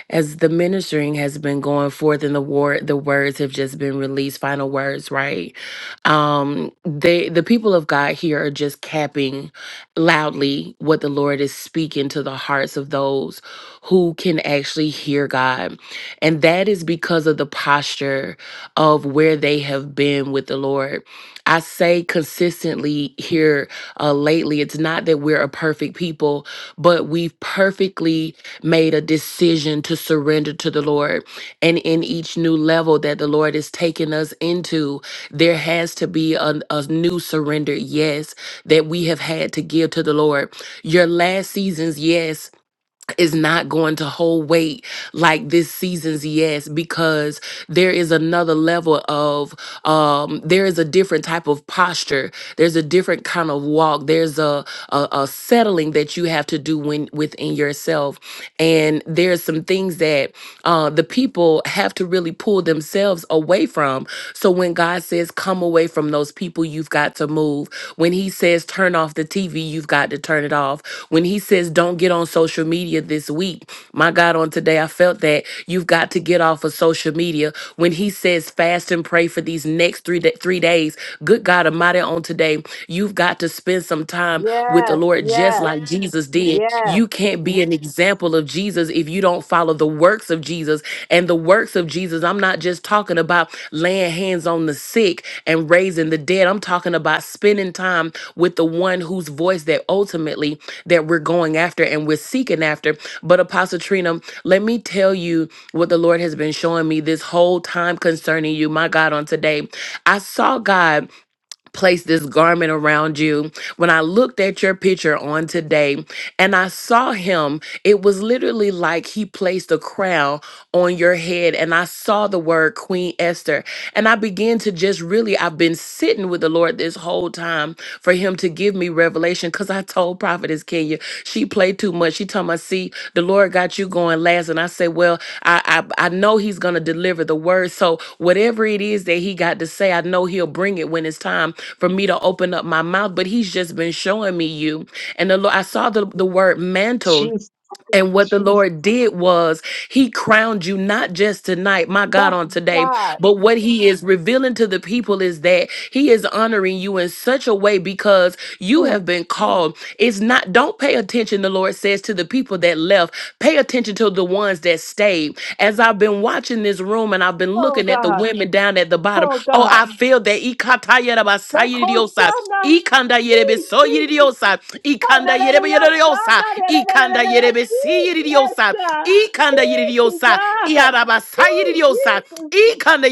Speaker 16: as the ministering has been going forth and the word the words have just been released final words right um they the people of god here are just capping loudly what the lord is speaking to the hearts of those who can actually hear god and that is because of the posture of where they have been with the lord i say consistently here uh, lately it's not that we're a perfect people but we've perfectly made a decision to surrender to the Lord. And in each new level that the Lord is taking us into, there has to be a, a new surrender, yes, that we have had to give to the Lord. Your last season's yes is not going to hold weight like this season's yes because there is another level of um there is a different type of posture there's a different kind of walk there's a a, a settling that you have to do when within yourself and there's some things that that uh, the people have to really pull themselves away from. So when God says, come away from those people, you've got to move. When He says, turn off the TV, you've got to turn it off. When He says, don't get on social media this week, my God, on today, I felt that you've got to get off of social media. When He says, fast and pray for these next three, da- three days, good God Almighty, on today, you've got to spend some time with the
Speaker 1: Yes,
Speaker 16: Lord just
Speaker 1: yes,
Speaker 16: like like Jesus did. You
Speaker 1: yes.
Speaker 16: can't be an example of Jesus if you don't follow the works of Jesus. And the works of Jesus, I'm not just talking about laying hands on the sick and raising the dead. I'm talking about spending time with the one whose voice that ultimately that we're going after and we're seeking after. But Apostle Trina, let me tell you what the Lord has been showing me this whole time concerning you, my God, on today. I saw God place this garment around you. When I looked at your picture on today and I saw him, it was literally like he placed a crown on your head and I saw the word Queen Esther and I began to just really I've been sitting with the Lord this whole time for him him to give me revelation because I told Prophetess Kenya she played too much. She told me, see, the Lord got you going last. And I said, well, I, I, I know he's going to deliver the word. So whatever it is that he got to say, I know he'll bring it when it's time for me to open up my mouth. But he's just been showing me you. And the Lord, I saw the, the word mantle
Speaker 1: She's
Speaker 16: and what the Lord did was he crowned you not just tonight, my
Speaker 1: oh
Speaker 16: God, on today,
Speaker 1: God.
Speaker 16: but what he is revealing to the people is that he is honoring you in such a way because you
Speaker 1: Mm.
Speaker 16: have been called. It's not, don't pay attention, the Lord says to the people that left. Pay attention to the ones that stayed. As I've been watching this room and I've been
Speaker 1: Oh
Speaker 16: looking at the
Speaker 1: God.
Speaker 16: women down at the bottom,
Speaker 1: Oh
Speaker 16: oh,
Speaker 1: God.
Speaker 16: I feel that
Speaker 1: Like
Speaker 16: ikatayarabasayiridiosa,
Speaker 1: Hosanna.
Speaker 16: ikandayerebesoyiridiosa, ikandayerebeyoridiosa,
Speaker 1: Yes,
Speaker 16: ikandayerebesiyidiosa,
Speaker 1: God. Thank you,
Speaker 16: ikandayiridiosa,
Speaker 1: God. Ooh,
Speaker 16: iarabasayiridiosa,
Speaker 1: Jesus.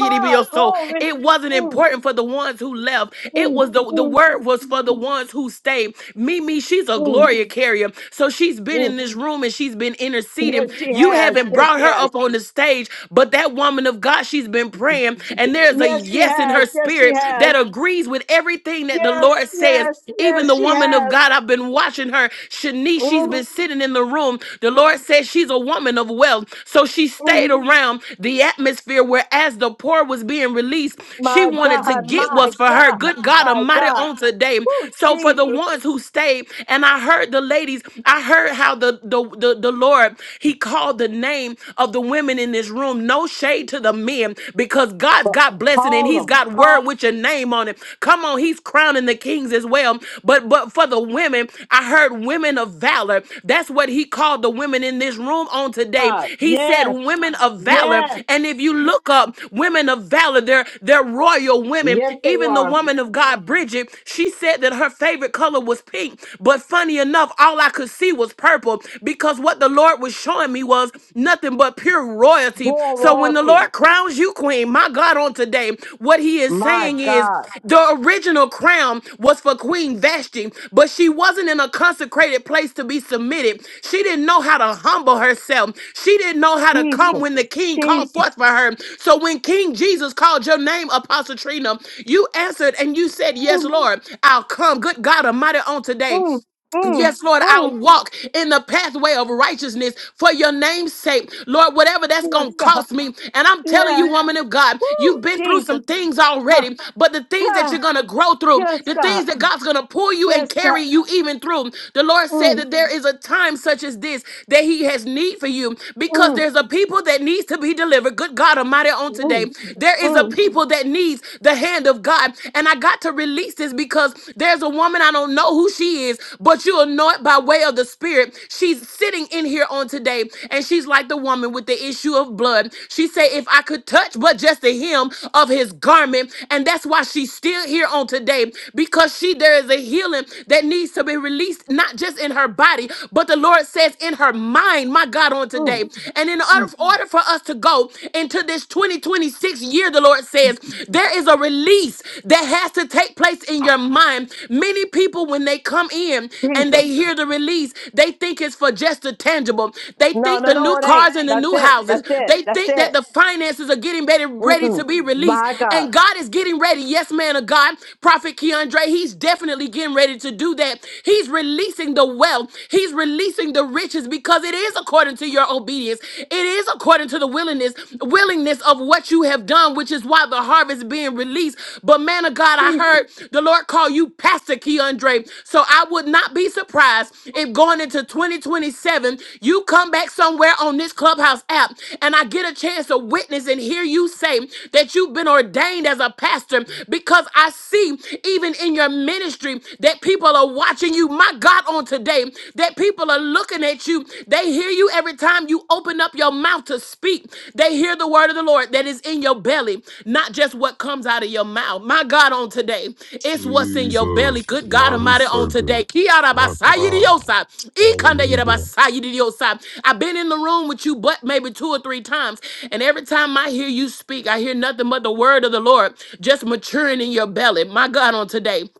Speaker 1: Oh, glory.
Speaker 16: It wasn't
Speaker 1: Mm,
Speaker 16: important for the ones who left. It
Speaker 1: mm,
Speaker 16: was the, the
Speaker 1: mm,
Speaker 16: word was for the ones who stayed. Mimi, she's a
Speaker 1: mm,
Speaker 16: glory carrier. So she's been in
Speaker 1: mm.
Speaker 16: this room and she's been
Speaker 1: Yes,
Speaker 16: interceding.
Speaker 1: she
Speaker 16: You
Speaker 1: has.
Speaker 16: haven't
Speaker 1: Yes,
Speaker 16: brought her
Speaker 1: yes.
Speaker 16: up on the stage, but that woman of God, she's been praying, and there's a
Speaker 1: Yes, she
Speaker 16: yes in
Speaker 1: has.
Speaker 16: her
Speaker 1: Yes, she
Speaker 16: spirit that
Speaker 1: has.
Speaker 16: agrees with everything that the
Speaker 1: Yes,
Speaker 16: Lord says.
Speaker 1: yes,
Speaker 16: Even
Speaker 1: yes,
Speaker 16: the
Speaker 1: she
Speaker 16: woman of
Speaker 1: has.
Speaker 16: God, I've been watching her. Shanice, she's
Speaker 1: Mm,
Speaker 16: been sitting in the room. The Lord says she's a woman of wealth. So she stayed
Speaker 1: mm.
Speaker 16: around the atmosphere where as the poor was being released, she
Speaker 1: My
Speaker 16: wanted to
Speaker 1: God,
Speaker 16: get
Speaker 1: my
Speaker 16: what's for her.
Speaker 1: God,
Speaker 16: Good God
Speaker 1: my
Speaker 16: Almighty
Speaker 1: God.
Speaker 16: on today.
Speaker 1: Oh,
Speaker 16: So for the
Speaker 1: Jesus.
Speaker 16: ones who stayed, and I heard the ladies, I heard how the, the, the, the Lord, he called the name of the women in this room. No shade to the men because God's
Speaker 1: But
Speaker 16: got blessing and
Speaker 1: call
Speaker 16: he's
Speaker 1: them.
Speaker 16: got word
Speaker 1: Call
Speaker 16: with your name on it. Come on, he's crowning the kings as well. But but for the women, I heard women of valor. That's what he called the women in this room on today.
Speaker 1: God.
Speaker 16: He said
Speaker 1: Yes,
Speaker 16: women of valor.
Speaker 1: yes.
Speaker 16: And if you look up women of valor, they're they're royal women.
Speaker 1: Yes, they
Speaker 16: Even the
Speaker 1: were.
Speaker 16: woman of God, Bridget, she said that her favorite color was pink. But funny enough, all I could sea was purple because what the Lord was showing me was nothing but pure royalty. So when the
Speaker 1: Dorothy,
Speaker 16: Lord crowns you queen, my God, on today, what he is
Speaker 1: my
Speaker 16: saying is
Speaker 1: God,
Speaker 16: the original crown was for Queen Vashti, but she wasn't in a consecrated place to be submitted. She didn't know how to humble herself. She didn't know how to come
Speaker 1: Jesus,
Speaker 16: when the king called
Speaker 1: Jesus,
Speaker 16: forth for her. So when King Jesus called your name, Apostle Trina, you answered and you said, Yes,
Speaker 1: mm,
Speaker 16: Lord, I'll come. Good God Almighty, on today.
Speaker 1: mm, mm,
Speaker 16: Yes, Lord,
Speaker 1: mm.
Speaker 16: I'll walk in the pathway of righteousness for your name's sake. Lord, whatever that's going
Speaker 1: yes,
Speaker 16: to
Speaker 1: God,
Speaker 16: cost me. And I'm telling
Speaker 1: yes,
Speaker 16: you, woman of God, you've
Speaker 1: woo,
Speaker 16: been through
Speaker 1: Jesus,
Speaker 16: some things
Speaker 1: ah,
Speaker 16: already, but the things that
Speaker 1: ah,
Speaker 16: you're going to grow through,
Speaker 1: yes,
Speaker 16: the
Speaker 1: God,
Speaker 16: things that God's going to pull you and
Speaker 1: yes, God,
Speaker 16: carry you even through. The Lord said
Speaker 1: mm,
Speaker 16: that there is a time such as this that He has need for you because
Speaker 1: mm,
Speaker 16: there's a people that needs to be delivered. Good God Almighty, on today,
Speaker 1: mm,
Speaker 16: there is a
Speaker 1: mm,
Speaker 16: people that needs the hand of God. And I got to release this because there's a woman, I don't know who she is, but you'll know it by way of the Spirit. She's sitting in here on today, and she's like the woman with the issue of blood. She said, If I could touch but just the hem of his garment, and that's why she's still here on today because she there is a healing that needs to be released, not just in her body, but the Lord says in her mind, my God, on
Speaker 1: mm,
Speaker 16: today. And in
Speaker 1: mm.
Speaker 16: order, order for us to go into this 2026 sixth year, the Lord says, there is a release that has to take place in your mind. Many people, when they come in and
Speaker 1: Jesus,
Speaker 16: they hear the release, they think it's for just the tangible. They
Speaker 1: no,
Speaker 16: think
Speaker 1: no,
Speaker 16: the
Speaker 1: no,
Speaker 16: new
Speaker 1: it ain't.
Speaker 16: cars and the
Speaker 1: That's
Speaker 16: new
Speaker 1: it,
Speaker 16: houses.
Speaker 1: that's it,
Speaker 16: They
Speaker 1: that's
Speaker 16: think that
Speaker 1: it.
Speaker 16: the finances are getting ready, ready
Speaker 1: Mm-mm.
Speaker 16: to be released.
Speaker 1: My God,
Speaker 16: And God is getting ready. Yes, man of God, Prophet Keandre, he's definitely getting ready to do that. He's releasing the wealth. He's releasing the riches because it is according to your obedience is. It is according to the willingness, willingness of what you have done, which is why the harvest being released. But man of God, I
Speaker 1: Jesus,
Speaker 16: heard the Lord call you Pastor Keandre. So I would not be surprised if going into 2027, you come back somewhere on this clubhouse app and I get a chance to witness and hear you say that you've been ordained as a pastor because I see even in your ministry that people are watching you. My God, on today, you, that people are looking at you. They hear you every time you open up your mouth to speak. They hear the word of the Lord that is in your belly, not just what comes out of your mouth. My God, on today, it's what's in your belly.
Speaker 17: Jesus,
Speaker 16: Good God
Speaker 17: mighty
Speaker 16: Almighty, on
Speaker 17: Savior,
Speaker 16: today. Kiara
Speaker 17: my God,
Speaker 16: basayidiosa, ikanda yera
Speaker 17: hallelujah.
Speaker 16: basayidiosa. I've been in the room with you, but maybe two or three times, and every time I hear you speak, I hear nothing but the word of the Lord just maturing in your belly. My God, on today.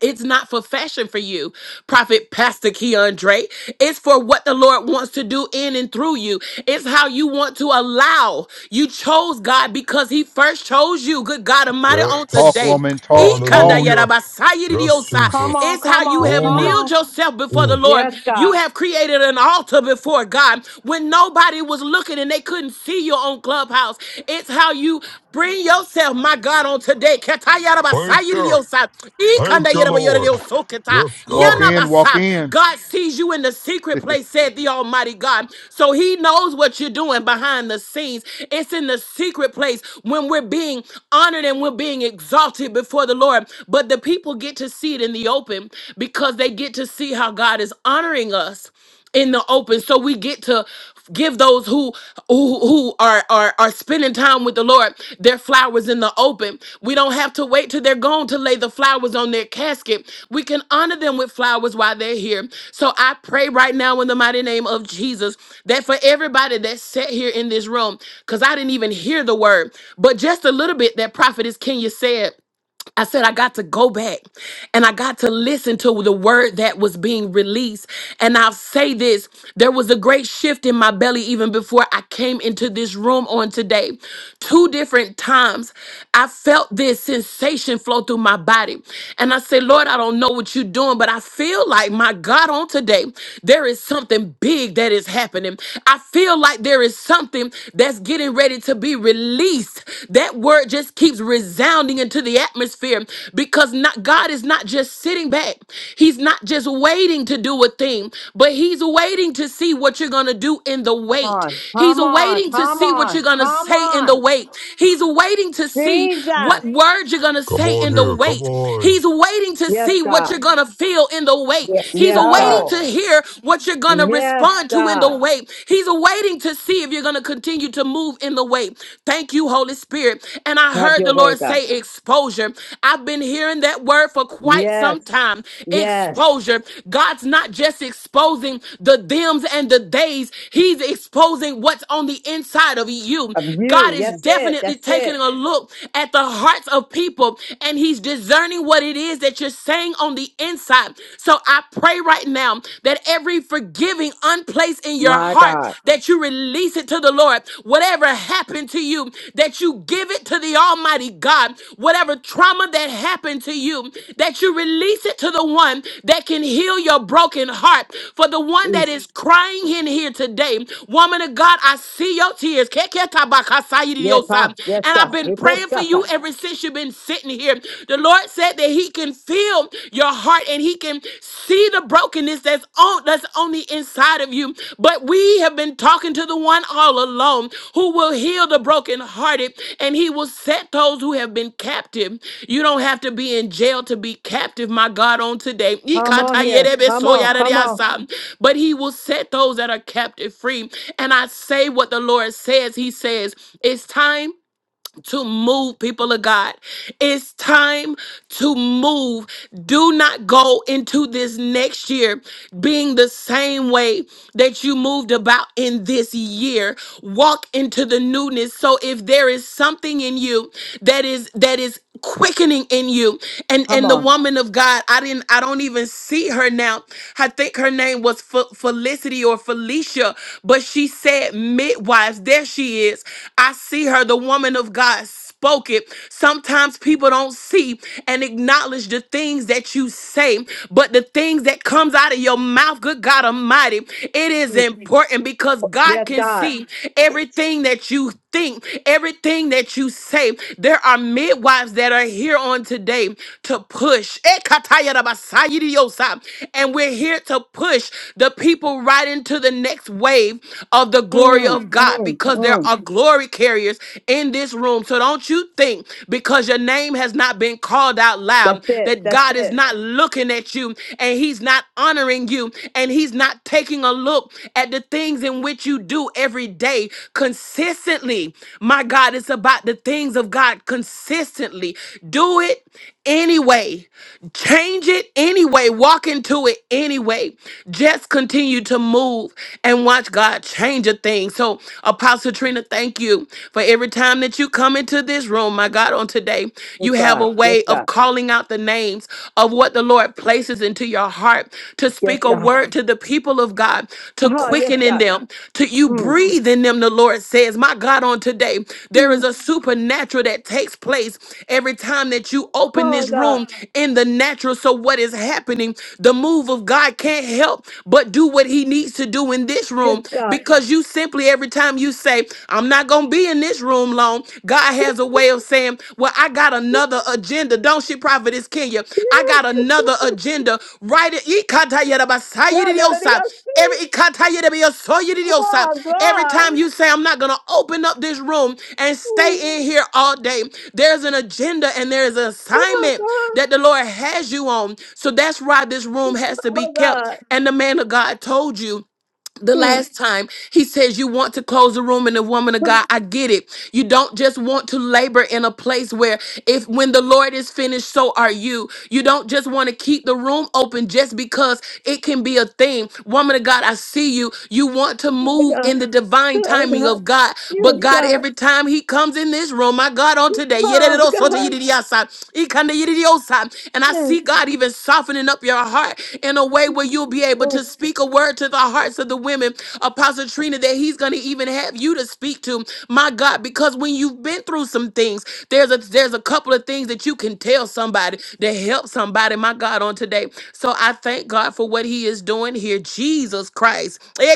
Speaker 16: It's not for fashion for you, Prophet Pastor Keandre. It's for what the Lord wants to do in and through you. It's how you want to allow. You chose God because He first chose you. Good God Almighty, on
Speaker 6: Talk,
Speaker 17: Yes.
Speaker 16: today.
Speaker 6: woman. Talk,
Speaker 16: Ikanda
Speaker 6: talk.
Speaker 17: Hallelujah.
Speaker 16: yarabasaya
Speaker 17: Yes,
Speaker 1: oh,
Speaker 16: didiosa.
Speaker 1: come
Speaker 17: Jesus.
Speaker 1: on,
Speaker 16: It's how
Speaker 1: come
Speaker 16: you
Speaker 1: on,
Speaker 16: have
Speaker 1: come
Speaker 17: Glory.
Speaker 16: kneeled
Speaker 1: on,
Speaker 16: yourself before the
Speaker 17: Mm.
Speaker 1: yes,
Speaker 16: Lord. You
Speaker 1: God,
Speaker 16: have created an altar before God when nobody was looking and they couldn't see you on Clubhouse. It's how you Bring yourself, my God, on today. Ketaya raba
Speaker 17: Thank
Speaker 16: sayi di
Speaker 17: you.
Speaker 16: yosa.
Speaker 17: Thank
Speaker 16: Ikanda
Speaker 17: you,
Speaker 16: yeraba yore di
Speaker 17: Lord.
Speaker 16: yoso keta.
Speaker 17: Yes,
Speaker 6: Walk
Speaker 17: God.
Speaker 16: Yana
Speaker 6: in, walk
Speaker 16: basa.
Speaker 6: in.
Speaker 16: God sees you in the secret
Speaker 6: [LAUGHS]
Speaker 16: place, said the Almighty God. So He knows what you're doing behind the scenes. It's in the secret place when we're being honored and we're being exalted before the Lord. But the people get to see it in the open because they get to see how God is honoring us in the open so we get to give those who who, who are, are are spending time with the lord their flowers in the open we don't have to wait till they're gone to lay the flowers on their casket we can honor them with flowers while they're here so i pray right now in the mighty name of jesus that for everybody that sat here in this room because i didn't even hear the word but just a little bit that prophetess kenya said I said, I got to go back and I got to listen to the word that was being released. And I'll say this there was a great shift in my belly even before I came into this room on today. Two different times, I felt this sensation flow through my body. And I said, Lord, I don't know what you're doing, but I feel like, my God, on today, there is something big that is happening. I feel like there is something that's getting ready to be released release. That word just keeps resounding into the atmosphere because not God is not just sitting back. He's not just waiting to do a thing, but he's waiting to see what you're going to do in the
Speaker 1: come
Speaker 16: wait.
Speaker 1: on,
Speaker 16: He's
Speaker 1: come on,
Speaker 16: waiting to
Speaker 1: come
Speaker 16: see what you're
Speaker 1: on,
Speaker 16: going to
Speaker 1: come
Speaker 16: say in the
Speaker 1: on.
Speaker 16: wait. He's waiting to see
Speaker 1: Jesus.
Speaker 16: what word you're going to
Speaker 17: Come
Speaker 16: say
Speaker 17: on
Speaker 16: in the
Speaker 17: here, come
Speaker 16: wait.
Speaker 17: on.
Speaker 16: He's waiting to
Speaker 1: Yes,
Speaker 16: see what you're
Speaker 1: God.
Speaker 16: going to feel in the wait. He's
Speaker 1: Yes, God.
Speaker 16: waiting to hear what you're going to
Speaker 1: Yes,
Speaker 16: respond to in the
Speaker 1: God.
Speaker 16: wait way. He's waiting to see if you're going to continue to move in the way. Thank you, Holy Spirit. And I
Speaker 1: Have
Speaker 16: heard
Speaker 1: your
Speaker 16: the
Speaker 1: way,
Speaker 16: Lord
Speaker 1: God.
Speaker 16: say exposure. I've been hearing that word for quite some
Speaker 1: Yes.
Speaker 16: time.
Speaker 1: Yes.
Speaker 16: Exposure. God's not just exposing the thems and the days, He's exposing what's on the inside of you.
Speaker 1: Of
Speaker 16: God
Speaker 1: you.
Speaker 16: is
Speaker 1: That's it.
Speaker 16: definitely
Speaker 1: That's
Speaker 16: taking
Speaker 1: it.
Speaker 16: a look at the hearts of people and He's discerning what it is that you're saying on the inside. So I pray pray right now that every forgiving unplaced in your
Speaker 1: My
Speaker 16: heart,
Speaker 1: God.
Speaker 16: that you release it to the Lord. Whatever happened to you, that you give it to the Almighty God. Whatever trauma that happened to you, that you release it to the one that can heal your broken heart. For the one that
Speaker 1: Please.
Speaker 16: is crying in here today, woman of God, I see your tears.
Speaker 1: Yes,
Speaker 16: Keketabakasayidiyosa.
Speaker 1: huh?
Speaker 16: And
Speaker 1: Yes,
Speaker 16: I've
Speaker 1: God.
Speaker 16: been
Speaker 1: Here goes
Speaker 16: praying for you
Speaker 1: Sata.
Speaker 16: ever since you've been sitting here. The Lord Lord said that He can feel your heart and He can see the brokenness that's on that's on the inside of you. But we have been talking to the one all alone who will heal the brokenhearted and He will set those who have been captive. You don't have to be in jail to be captive, my God, on today.
Speaker 1: Come on here. Come on. Come on.
Speaker 16: But He will set those that are captive free. And I say what the Lord says. He says, It's time to move, people of God. It's time to move. Do not go into this next year being the same way that you moved about in this year. Walk into the newness. So if there is something in you that is that is quickening in you and
Speaker 1: Come
Speaker 16: and the
Speaker 1: on.
Speaker 16: woman of god i didn't i don't even see her now i think her name was Fe- felicity or felicia but she said midwives there she is i see her the woman of god spoke it sometimes people don't see and acknowledge the things that you say but the things that comes out of your mouth good god almighty it is
Speaker 1: Please.
Speaker 16: important because god
Speaker 1: Yes,
Speaker 16: can
Speaker 1: God.
Speaker 16: see everything that you think, everything that you say. There are midwives that are here on today to push. Ekatayarabasayiriyosa. And we're here to push the people right into the next wave of the glory
Speaker 1: Mm,
Speaker 16: of God
Speaker 1: mm,
Speaker 16: because there
Speaker 1: mm.
Speaker 16: are glory carriers in this room. So don't you think because your name has not been called out loud
Speaker 1: That's it.
Speaker 16: that
Speaker 1: That's
Speaker 16: God is
Speaker 1: it.
Speaker 16: not looking at you and he's not honoring you and he's not Start taking a look at the things in which you do every day consistently. My God, it's about the things of God consistently. Do it anyway. Change it anyway. Walk into it anyway. Just continue to move and watch God change a thing. So, Apostle Trina, thank you for every time that you come into this room, my God, on today.
Speaker 1: Yes,
Speaker 16: You have
Speaker 1: God.
Speaker 16: a
Speaker 1: Yes,
Speaker 16: way
Speaker 1: God.
Speaker 16: of calling out the the names of what the Lord places into your heart to
Speaker 1: Yes,
Speaker 16: speak a Yes,
Speaker 1: God.
Speaker 16: word God. to the people of God, to
Speaker 1: Oh, yes,
Speaker 16: quicken in
Speaker 1: God.
Speaker 16: them, to you
Speaker 1: Mm,
Speaker 16: breathe in them, the Lord says. My God, on today, there is
Speaker 1: mm.
Speaker 16: a supernatural that takes place every time that you open
Speaker 1: Oh,
Speaker 16: this
Speaker 1: God.
Speaker 16: room in the natural. So, what is happening? The move of God can't help but do what He needs to do in this
Speaker 1: Yes,
Speaker 16: room
Speaker 1: God.
Speaker 16: because you simply, every time you say, I'm not going to be in this room room long, God has a way of saying, Well, I got another agenda. Don't she, Prophetess Kenya? I
Speaker 1: Yes.
Speaker 16: got
Speaker 1: [LAUGHS]
Speaker 16: another agenda. Right?
Speaker 1: Yeah, that
Speaker 16: Every
Speaker 1: Oh
Speaker 16: every
Speaker 1: God.
Speaker 16: time you say, I'm not gonna open up this room and stay
Speaker 1: Mm.
Speaker 16: in here all day, there's an agenda and there is an
Speaker 1: Oh
Speaker 16: assignment
Speaker 1: God.
Speaker 16: that the Lord has you on. So that's why this room has to be
Speaker 1: Oh
Speaker 16: kept.
Speaker 1: God.
Speaker 16: And the man of God told you the
Speaker 1: Mm.
Speaker 16: last time he says you want to close the room and the woman of god i get it you don't just want to labor in a place where if when the lord is finished so are you you don't just want to keep the room open just because it can be a thing woman of god i see you you want to
Speaker 1: Oh
Speaker 16: move
Speaker 1: God.
Speaker 16: in the divine
Speaker 1: Oh
Speaker 16: timing
Speaker 1: God.
Speaker 16: of god but
Speaker 1: Yes,
Speaker 16: god
Speaker 1: God.
Speaker 16: every time he comes in this room my god on today
Speaker 1: Oh
Speaker 16: and
Speaker 1: God.
Speaker 16: i
Speaker 1: Mm.
Speaker 16: see god even softening up your heart in a way where you'll be able to speak
Speaker 1: Mm.
Speaker 16: a word word to the hearts of the women, Apostle Trina, that He's going to even have you to speak to, my God, because when you've been through some things, there's a there's a couple of things that you can tell somebody to help somebody, my God, on today. So I thank God for what He is doing here. Jesus Christ, Eh,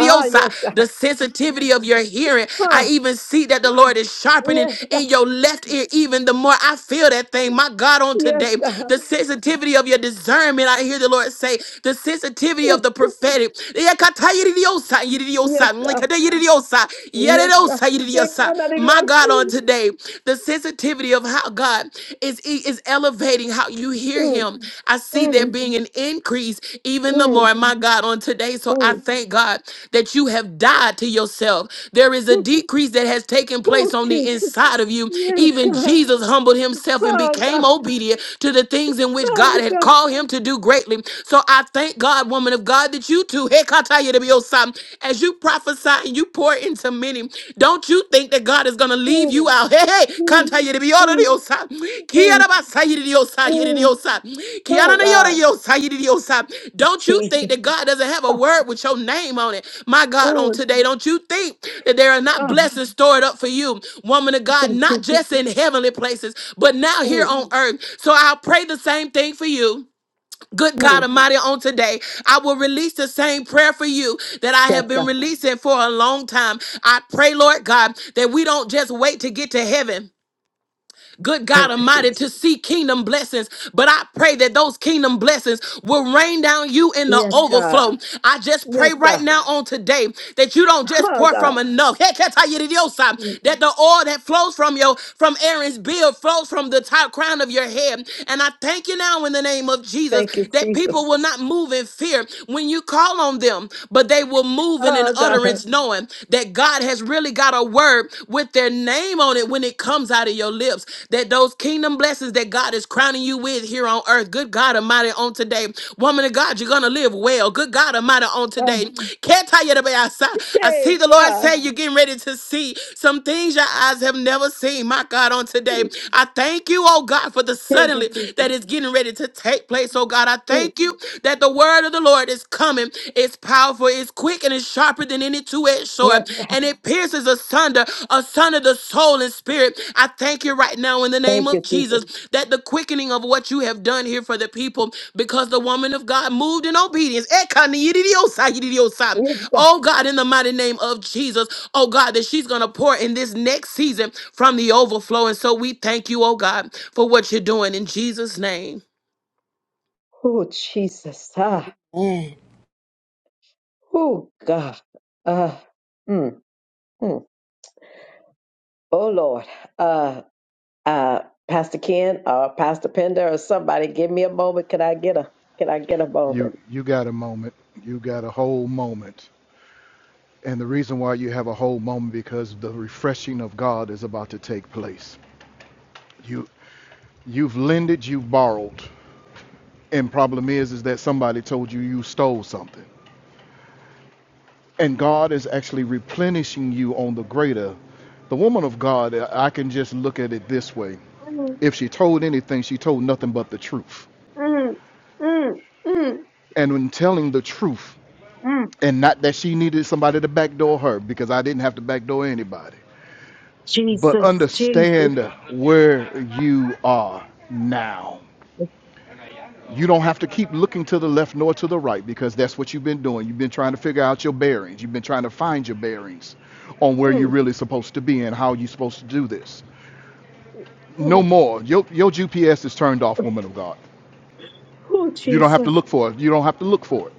Speaker 1: Ah, yes, God.
Speaker 16: the sensitivity of your hearing. I
Speaker 1: Ah,
Speaker 16: even see that the Lord is sharpening
Speaker 1: yes, God.
Speaker 16: in your left ear. Even the more I feel that thing, my God, on
Speaker 1: Yes,
Speaker 16: today,
Speaker 1: God.
Speaker 16: the sensitivity of your discernment. I hear the Lord say the sensitivity sensitivity
Speaker 1: Yes,
Speaker 16: of the
Speaker 1: God.
Speaker 16: prophetic. Yakatayiridiyosa,
Speaker 1: Yes,
Speaker 16: yiridiyosa,
Speaker 1: God.
Speaker 16: mlikadayiridiyosa,
Speaker 1: Yes, God.
Speaker 16: yeridosa,
Speaker 1: Yes,
Speaker 16: yiridiyosa.
Speaker 1: God. Not even
Speaker 16: My
Speaker 1: else
Speaker 16: God, on
Speaker 1: see.
Speaker 16: today, the sensitivity of how God is, is elevating how you hear
Speaker 1: Mm,
Speaker 16: Him. I see there
Speaker 1: mm,
Speaker 16: being an increase even the
Speaker 1: mm,
Speaker 16: more, my God, on today. So I
Speaker 1: mm.
Speaker 16: thank God that you have died to yourself. There is a
Speaker 1: Mm.
Speaker 16: decrease that has taken place
Speaker 1: Oh,
Speaker 16: on the
Speaker 1: Jesus.
Speaker 16: inside of you.
Speaker 1: Yes,
Speaker 16: Even
Speaker 1: God.
Speaker 16: Jesus humbled himself and
Speaker 1: Oh,
Speaker 16: became
Speaker 1: God.
Speaker 16: obedient to the things in which
Speaker 1: Oh,
Speaker 16: God had
Speaker 1: God.
Speaker 16: called him to do greatly him. So I thank God, woman of God, that you too, Hekataya de Biosa, as you prophesy and you pour into many, don't you think that God is going to leave you
Speaker 1: Mm,
Speaker 16: out? Hey, hey,
Speaker 1: mm,
Speaker 16: Kantaya de Biosa,
Speaker 1: mm,
Speaker 16: Diosa,
Speaker 1: mm,
Speaker 16: Kiara Basaya de Diosa, Yere
Speaker 1: mm.
Speaker 16: Diosa, Kiana
Speaker 1: Oh,
Speaker 16: de
Speaker 1: God.
Speaker 16: Yore Diosa, Yere Diosa. Don't you think
Speaker 1: Jesus.
Speaker 16: that God doesn't have a
Speaker 1: Oh,
Speaker 16: word with your name on it? My God, on
Speaker 1: mm,
Speaker 16: today, don't you think that there are not
Speaker 1: oh,
Speaker 16: blessings stored up for you, woman of God,
Speaker 1: thank you,
Speaker 16: not
Speaker 1: Jesus.
Speaker 16: just in heavenly places, but now here
Speaker 1: Mm,
Speaker 16: on earth. So I'll pray the same thing for you Good God
Speaker 1: mm.
Speaker 16: Almighty, on today, I will release the same prayer for you that I
Speaker 1: Yes,
Speaker 16: have been
Speaker 1: God.
Speaker 16: releasing for a long time. I pray, Lord God, that we don't just wait to get to heaven good God
Speaker 1: Thank you,
Speaker 16: Almighty,
Speaker 1: Jesus.
Speaker 16: to see kingdom blessings. But I pray that those kingdom blessings will rain down you in the
Speaker 1: Yes, God.
Speaker 16: overflow. I just pray
Speaker 1: Yes,
Speaker 16: right
Speaker 1: God.
Speaker 16: now on today that you don't just
Speaker 1: Oh,
Speaker 16: pour
Speaker 1: God.
Speaker 16: from enough. Hey, can I tell you the deal, son?
Speaker 1: Mm,
Speaker 16: That the oil that flows from your from Aaron's beard flows from the top crown of your head. And I thank you now in the name of Jesus
Speaker 1: Thank you,
Speaker 16: that people
Speaker 1: Jesus.
Speaker 16: will not move in fear when you call on them, but they will move in an
Speaker 1: Oh, God.
Speaker 16: utterance knowing that God has that's really got a word with their name on it when it comes out of your lips. That those kingdom blessings that God is crowning you with here on earth, good God Almighty, on today. Woman of God, you're going to live well. Good God Almighty, on
Speaker 1: Oh,
Speaker 16: today. Can't tell you the way I saw. I
Speaker 1: hey,
Speaker 16: see the Lord
Speaker 1: God.
Speaker 16: say you're getting ready to see some things your eyes have never seen. My God, on today. I thank you, oh God, for the
Speaker 1: Thank
Speaker 16: suddenly
Speaker 1: you, Jesus.
Speaker 16: that is getting ready to take place. Oh God, I
Speaker 1: Mm,
Speaker 16: thank you that the word of the Lord is coming it's powerful, it's quick, and it's sharper than any two-edged
Speaker 1: Yes,
Speaker 16: sword,
Speaker 1: God.
Speaker 16: and it pierces asunder, asunder the soul and spirit. I thank you right now in the
Speaker 1: Thank
Speaker 16: name of
Speaker 1: you, Jesus.
Speaker 16: Jesus that the quickening of what you have done here for the people, because the woman of God moved in obedience. Ekaniyidiyosa,
Speaker 1: Yes,
Speaker 16: yidiyosa.
Speaker 1: God.
Speaker 16: Oh God, in the mighty name of Jesus, oh God, that she's gonna pour in this next season from the overflow. And so we thank you, oh God, for what you're doing in Jesus' name.
Speaker 1: Oh, Jesus. Ah.
Speaker 21: Amen.
Speaker 1: Oh, God. Uh, mm, mm. Oh, Lord. Uh, uh, Pastor Ken or Pastor Pender or somebody, give me a moment. Can I get a, can I get a
Speaker 6: you
Speaker 1: moment?
Speaker 6: you got a moment. You got a whole moment. And the reason why you have a whole moment because the refreshing of God is about to take place. You you've lended, you've borrowed. And problem is is that somebody told you you stole something. And God is actually replenishing you on the greater. The woman of God, I can just look at it this way. If she told anything, she told nothing but the truth.
Speaker 1: Mm, mm, mm,
Speaker 6: And when telling the truth,
Speaker 1: mm.
Speaker 6: and not that she needed somebody to backdoor her because I didn't have to backdoor anybody. But
Speaker 1: Jesus, Jesus.
Speaker 6: understand where you are now You don't have to keep looking to the left nor to the right because that's what you've been doing. You've been trying to figure out your bearings. You've been trying to find your bearings on where you're
Speaker 1: Mm,
Speaker 6: really supposed to be and how you're supposed to do this. No
Speaker 1: mm.
Speaker 6: more. Your, your GPS is turned off, woman of God.
Speaker 1: Oh,
Speaker 6: You don't have to
Speaker 1: Jesus.
Speaker 6: look for it. You don't have to look for it.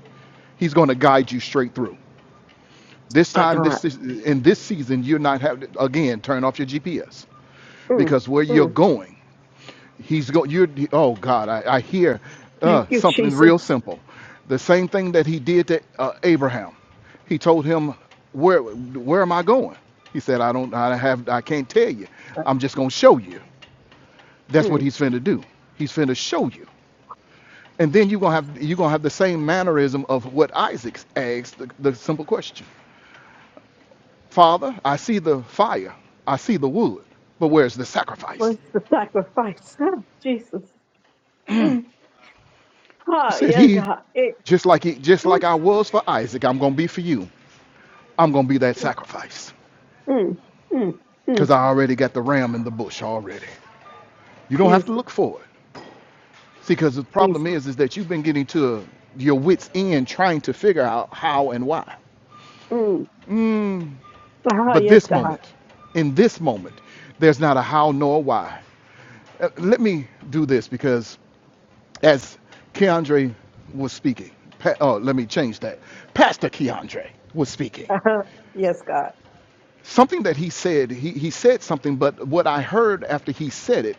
Speaker 6: He's going to guide you straight through. This
Speaker 1: My
Speaker 6: time,
Speaker 1: God.
Speaker 6: this is, in this season, you're not having again turn off your GPS
Speaker 1: Mm,
Speaker 6: because where you're
Speaker 1: mm.
Speaker 6: going He's go. You're. Oh God, I, I hear
Speaker 1: Thank
Speaker 6: uh,
Speaker 1: you,
Speaker 6: something
Speaker 1: Jesus.
Speaker 6: real simple. The same thing that he did to uh, Abraham. He told him, "Where, where am I going?" He said, "I don't. I have. I can't tell you. I'm just gonna show you." That's what
Speaker 1: Mm.
Speaker 6: he's finna do. He's finna show you. And then you're gonna have you're gonna have the same mannerism of what Isaac asked the, the simple question. Father, I see the fire, I see the wood, but where's the sacrifice?
Speaker 1: What's the sacrifice? Oh, Jesus. Mm.
Speaker 6: He
Speaker 1: Ah,
Speaker 6: said,
Speaker 1: yeah,
Speaker 6: He
Speaker 1: God. It,
Speaker 6: just like he, just
Speaker 1: oh,
Speaker 6: like I was for Isaac, I'm gonna be for you. I'm gonna be that sacrifice.
Speaker 1: mm, mm,
Speaker 6: Cause
Speaker 1: mm.
Speaker 6: I already got the ram in the bush already. You don't have to
Speaker 1: Jesus,
Speaker 6: look for it. See, because the
Speaker 1: Jesus.
Speaker 6: problem is is that you've been getting to your wits end trying to figure out how and why.
Speaker 1: Mm. Ah,
Speaker 6: But
Speaker 1: yes,
Speaker 6: this
Speaker 1: God.
Speaker 6: moment, in this moment, there's not a how nor a why. Uh, let me do this because as Keandre was speaking, pa- oh, let me change that. Pastor Keandre was speaking.
Speaker 1: Uh-huh. Yes, God.
Speaker 6: something that he said he, he said something but what i heard after he said it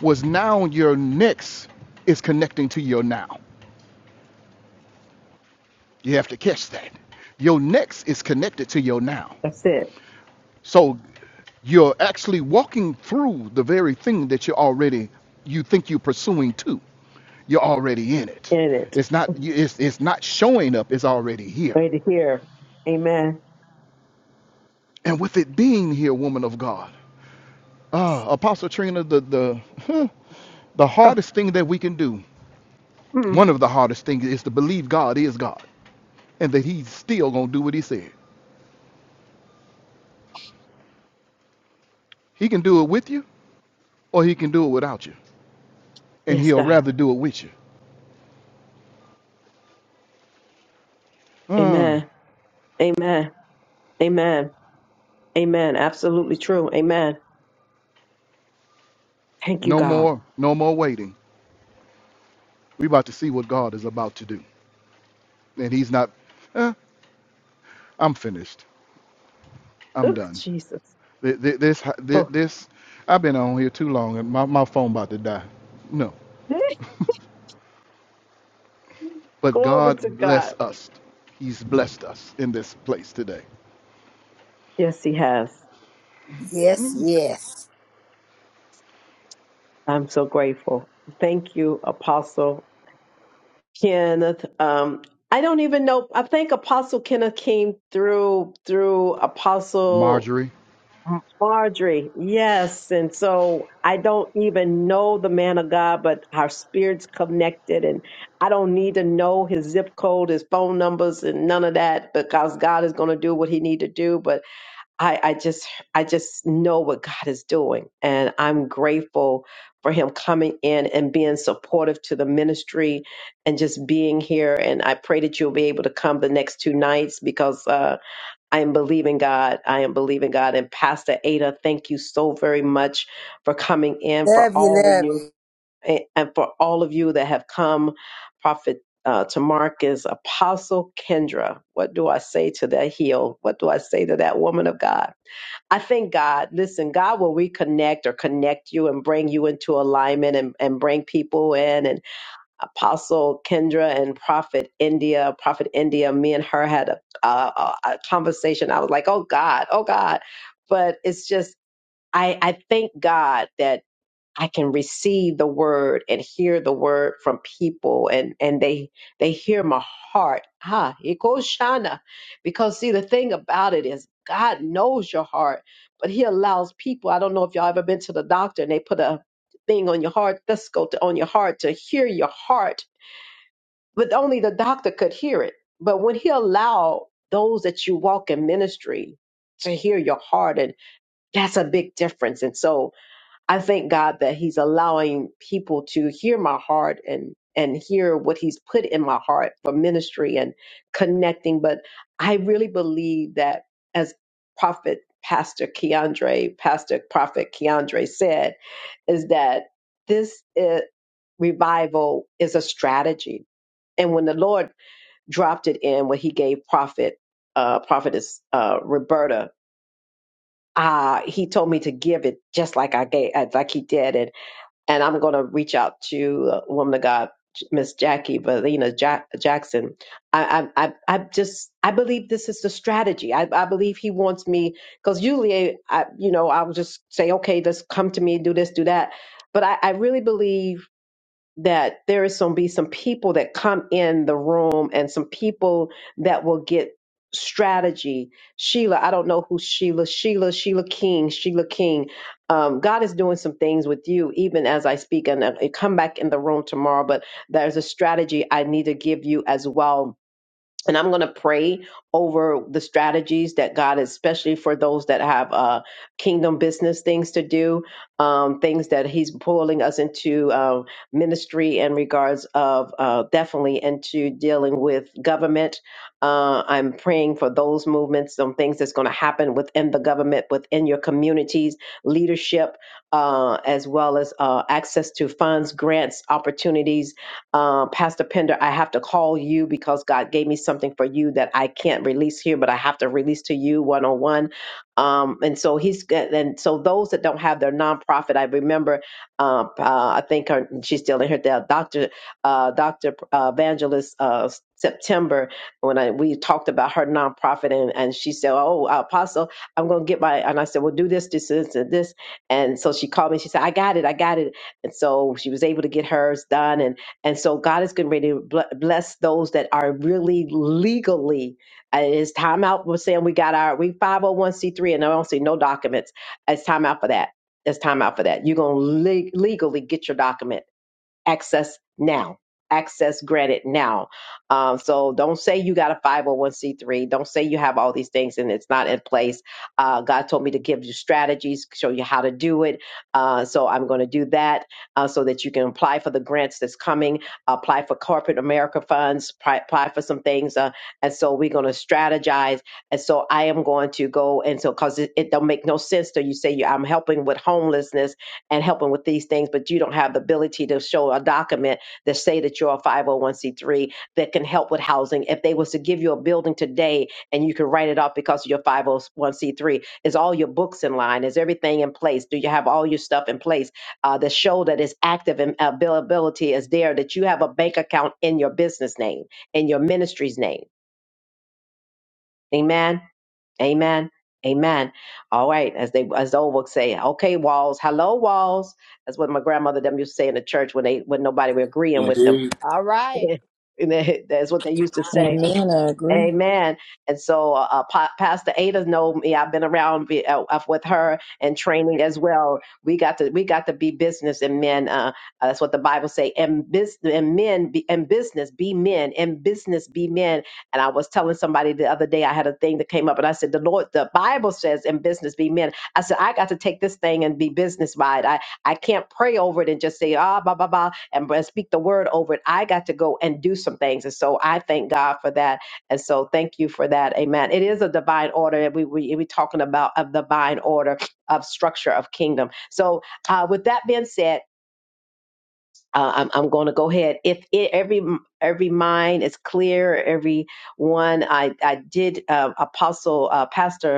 Speaker 6: was now your next is connecting to your now you have to catch that your next is connected to your now
Speaker 1: That's it.
Speaker 6: so you're actually walking through the very thing that you're already you think you're pursuing Too, you're already in it
Speaker 1: In it.
Speaker 6: it's not it's, it's not showing up it's already here
Speaker 1: Right here. Amen.
Speaker 6: and with it being here woman of god ah apostle trina the the [LAUGHS] The
Speaker 1: Oh,
Speaker 6: hardest thing that we can do,
Speaker 1: mm.
Speaker 6: one of the hardest things, is to believe God is God and that He's still going to do what He said. He can do it with you or He can do it without you. And
Speaker 1: Yes,
Speaker 6: He'll
Speaker 1: God.
Speaker 6: rather do it with you. Uh,
Speaker 1: Amen. Amen. Amen. Amen. Absolutely true. Amen. Thank you,
Speaker 6: no
Speaker 1: God.
Speaker 6: more, no more waiting. we about to see what God is about to do. And He's not, eh, I'm finished. I'm
Speaker 1: Oh,
Speaker 6: done.
Speaker 1: Jesus.
Speaker 6: Th- th- This, th-
Speaker 1: Oh,
Speaker 6: this, I've been on here too long and my, my phone about to die. No.
Speaker 1: [LAUGHS]
Speaker 6: But
Speaker 1: glory
Speaker 6: God
Speaker 1: to God.
Speaker 6: bless us. He's blessed us in this place today.
Speaker 1: Yes, He has.
Speaker 9: Yes, yes.
Speaker 1: I'm so grateful. Thank you, Apostle Kenneth. Um, I don't even know. I think Apostle Kenneth came through through Apostle.
Speaker 6: Marjorie.
Speaker 1: Marjorie, yes. And so I don't even know the man of God, but our spirits connected and I don't need to know his zip code, his phone numbers and none of that because God is going to do what he need to do. But I, I just, I just know what God is doing and I'm grateful for him coming in and being supportive to the ministry and just being here. And I pray that you'll be able to come the next two nights because, uh, I am believing God. I am believing God. And Pastor Ada, thank you so very much for coming in for
Speaker 9: Love you,
Speaker 1: all of
Speaker 9: love
Speaker 1: you
Speaker 9: you.
Speaker 1: and and for all of you that have come. Prophet uh, to Marcus, Apostle Kendra. What do I say to that heel? What do I say to that woman of God? I thank God. Listen, God will reconnect or connect you and bring you into alignment and, and bring people in. Apostle Kendra and Prophet India. Prophet India, me and her had a, a, a a conversation. I was like, oh God, oh God. But it's just, I, I thank God that I can receive the word and hear the word from people and, and they, they hear my heart. Ah, it goes Shana. Because see, the thing about it is God knows your heart, but he allows people. I don't know if y'all ever been to the doctor and they put a thing on your heart, let's go to on your heart to hear your heart but only the doctor could hear it. But when he allowed those that you walk in ministry to hear your heart, and that's a big difference. And so I thank God that He's allowing people to hear my heart and and hear what He's put in my heart for ministry and connecting. But I really believe that as Prophet Pastor Keandre, Pastor Prophet Keandre said, is that this is, revival is a strategy. And when the Lord dropped it in when he gave prophet uh prophetess uh roberta uh he told me to give it just like i gave uh, like he did and and i'm going to reach out to uh, woman of god miss jackie Valina Jack- jackson I, I i i just i believe this is the strategy i, I believe he wants me because usually i you know i'll just say okay let's come to me do this do that but i, I really believe that there is going to be some people that come in the room and some people that will get strategy. Sheila, I don't know who Sheila, Sheila, Sheila King, Sheila King. Um, God is doing some things with you, even as I speak, and I come back in the room tomorrow. But there's a strategy I need to give you as well and I'm going to pray over the strategies that God, especially for those that have uh, kingdom business things to do, um, things that He's pulling us into uh, ministry in regards of uh, definitely into dealing with government. Uh, I'm praying for those movements, some things that's going to happen within the government, within your communities, leadership, uh, as well as uh, access to funds, grants, opportunities uh, Pastor Pender, I have to call you because God gave me something for you that I can't release here, but I have to release to you one on one. Um, and so he's and so those that don't have their nonprofit, I remember, uh, uh, I think her, she's still in her death, Doctor uh, Doctor uh, Evangelist uh, September when I we talked about her nonprofit and and she said, oh Apostle, I'm gonna get my and I said, well do this this this and this and so she called me. She said, I got it, I got it. And so she was able to get hers done. And and so God is getting ready to bl- bless those that are really legally. uh, It's time out. We're saying we got our we 501c3 and I don't see no documents. It's time out for that. It's time out for that. You're gonna legally get your document access now access granted now um, so don't say you got a 501c3 don't say you have all these things and it's not in place uh, god told me to give you strategies show you how to do it uh, so i'm going to do that uh, so that you can apply for the grants that's coming apply for corporate america funds pri- apply for some things uh, and so we're going to strategize and so i am going to go and so because it, it don't make no sense to you say you i'm helping with homelessness and helping with these things, but you don't have the ability to show a document that say that you're a 501c3 that can help with housing. If they was to give you a building today and you can write it off because you're 501c3, is all your books in line? Is everything in place? Do you have all your stuff in place uh, that show that it's active and availability is there, that you have a bank account in your business name, in your ministry's name? Amen. Amen. Amen. All right, as they as the old folks say, okay, walls, hello walls. That's what my grandmother them used to say in the church when they when nobody were agreeing with them.
Speaker 2: indeed.
Speaker 21: All
Speaker 1: [LAUGHS]
Speaker 21: right.
Speaker 1: and that- that's what they used to say.
Speaker 4: Amen. I agree.
Speaker 1: Amen. And so, uh, uh, Pa- Pastor Ada know me. I've been around be- uh, uh, with her and training as well. We got to we got to be business and men. Uh, uh, that's what the Bible say. And business and men be, and business be men and business be men. And I was telling somebody the other day I had a thing that came up and I said the Lord the Bible says and business be men. I said I got to take this thing and be business by it. I I can't pray over it and just say ah blah blah blah and, and speak the word over it. I got to go and do some things. And so I thank God for that and so thank you for that. Amen. It is a divine order. We, we, we're talking about a divine order of structure of kingdom. So uh, with that being said, uh, I'm, I'm going to go ahead. If it, every every mind is clear, every one I I did uh, Apostle uh, Pastor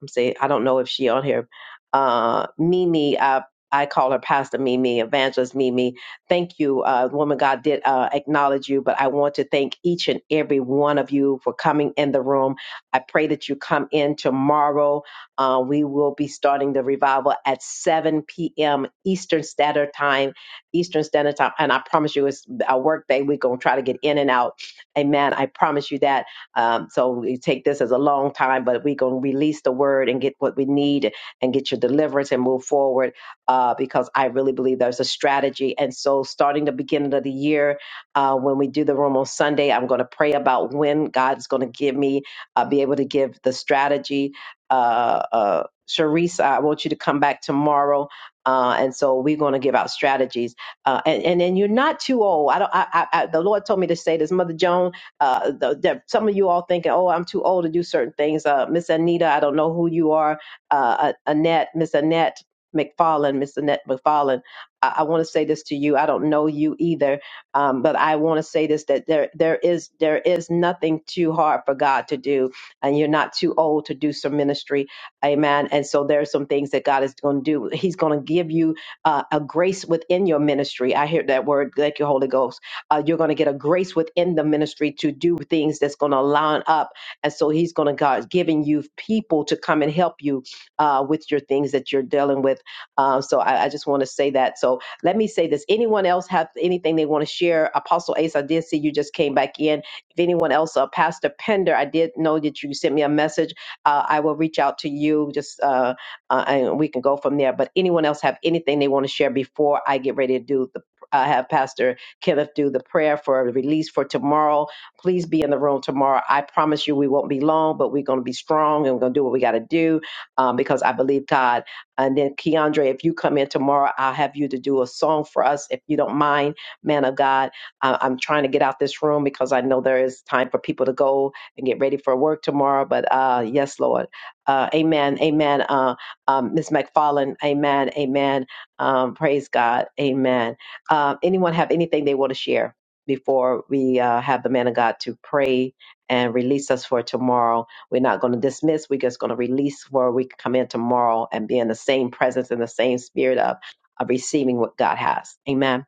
Speaker 1: I'm saying I don't know if she on here. Uh, Mimi, I I call her Pastor Mimi, Evangelist Mimi. Thank you, uh, woman. God did uh, acknowledge you, but I want to thank each and every one of you for coming in the room. I pray that you come in tomorrow. Uh, we will be starting the revival at 7 p.m. Eastern Standard Time. Eastern Standard Time, and I promise you, it's a work day. We're gonna try to get in and out. Amen. I promise you that. Um, so we take this as a long time, but we're going to release the word and get what we need and get your deliverance and move forward uh, because I really believe there's a strategy. And so, starting the beginning of the year, uh, when we do the room on Sunday, I'm going to pray about when God is going to give me, uh, be able to give the strategy. Uh, uh, Sharice, I want you to come back tomorrow. Uh, and so we're going to give out strategies, uh, and and and you're not too old. I don't. I, I, I the Lord told me to say this, Mother Joan uh, the, that some of you all thinking, oh, I'm too old to do certain things. Uh, Miss Anita, I don't know who you are. Uh, A- Annette, Miss Annette McFarlane, Miss Annette McFarlane. I, I want to say this to you. I don't know you either, um, but I want to say this that there there is there is nothing too hard for God to do, and you're not too old to do some ministry, Amen. And so there are some things that God is going to do. He's going to give you uh, a grace within your ministry. I hear that word. Thank you, Holy Ghost uh, you're going to get a grace within the ministry to do things that's going to line up. And so he's going to God giving you people to come and help you uh, with your things that you're dealing with. Uh, so I, I just want to say that. So let me say this. Anyone else have anything they want to share? Apostle Ace, I did see you just came back in. If anyone else, uh, Pastor Pender, I did know that you sent me a message. Uh, I will reach out to you just uh, uh, and we can go from there. But anyone else have anything they want to share before I get ready to do the uh, have Pastor Kenneth do the prayer for release for tomorrow. Please be in the room tomorrow. I promise you we won't be long, but we're going to be strong and we're going to do what we got to do um, because I believe God. And then, Keandre, if you come in tomorrow, I'll have you to do a song for us, if you don't mind, man of God. I- I'm trying to get out this room because I know there is time for people to go and get ready for work tomorrow. But uh, yes, Lord. Uh, amen. Amen. Uh, um, Ms. McFarlane, amen. Amen. Um, praise God. Amen. Uh, anyone have anything they want to share before we uh, have the man of God to pray and release us for tomorrow? We're not going to dismiss. We're just going to release where we can come in tomorrow and be in the same presence and the same spirit of, of receiving what God has. Amen.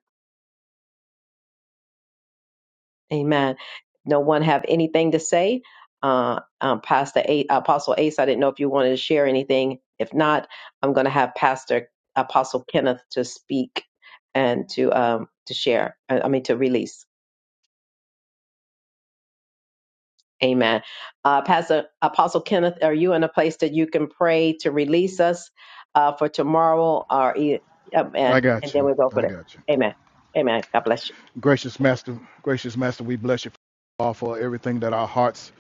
Speaker 1: Amen. No one have anything to say? Uh, um, Pastor A- Apostle Ace, I didn't know if you wanted to share anything. If not, I'm going to have Pastor Apostle Kenneth to speak and to um, to share. I I mean to release. Amen. Uh, Pastor Apostle Kenneth, are you in a place that you can pray to release us uh, for tomorrow, or e- um,
Speaker 6: I
Speaker 1: and and
Speaker 6: got
Speaker 1: then
Speaker 6: you.
Speaker 1: we'll go
Speaker 6: I
Speaker 1: for it.
Speaker 6: got you.
Speaker 1: Amen. Amen. God bless you.
Speaker 6: Gracious Master, gracious Master, we bless you all for everything that our hearts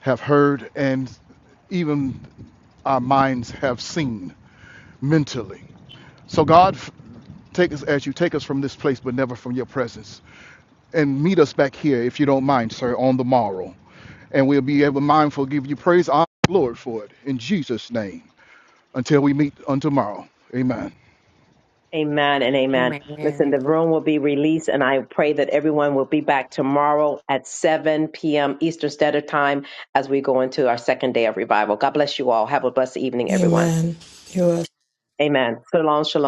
Speaker 6: have heard and even our minds have seen mentally. So, God, take us as you take us from this place, but never from your presence. And meet us back here, if you don't mind, sir, on the morrow. And we'll be ever mindful, give you praise, honor, glory for it. In Jesus' name. Until we meet on tomorrow. Amen.
Speaker 1: Amen and amen. Listen, the room will be released, and I pray that everyone will be back tomorrow at 7 p.m. Eastern Standard Time as we go into our second day of revival. God bless you all. Have a blessed evening, everyone.
Speaker 11: You're
Speaker 1: Amen. Shalom, shalom.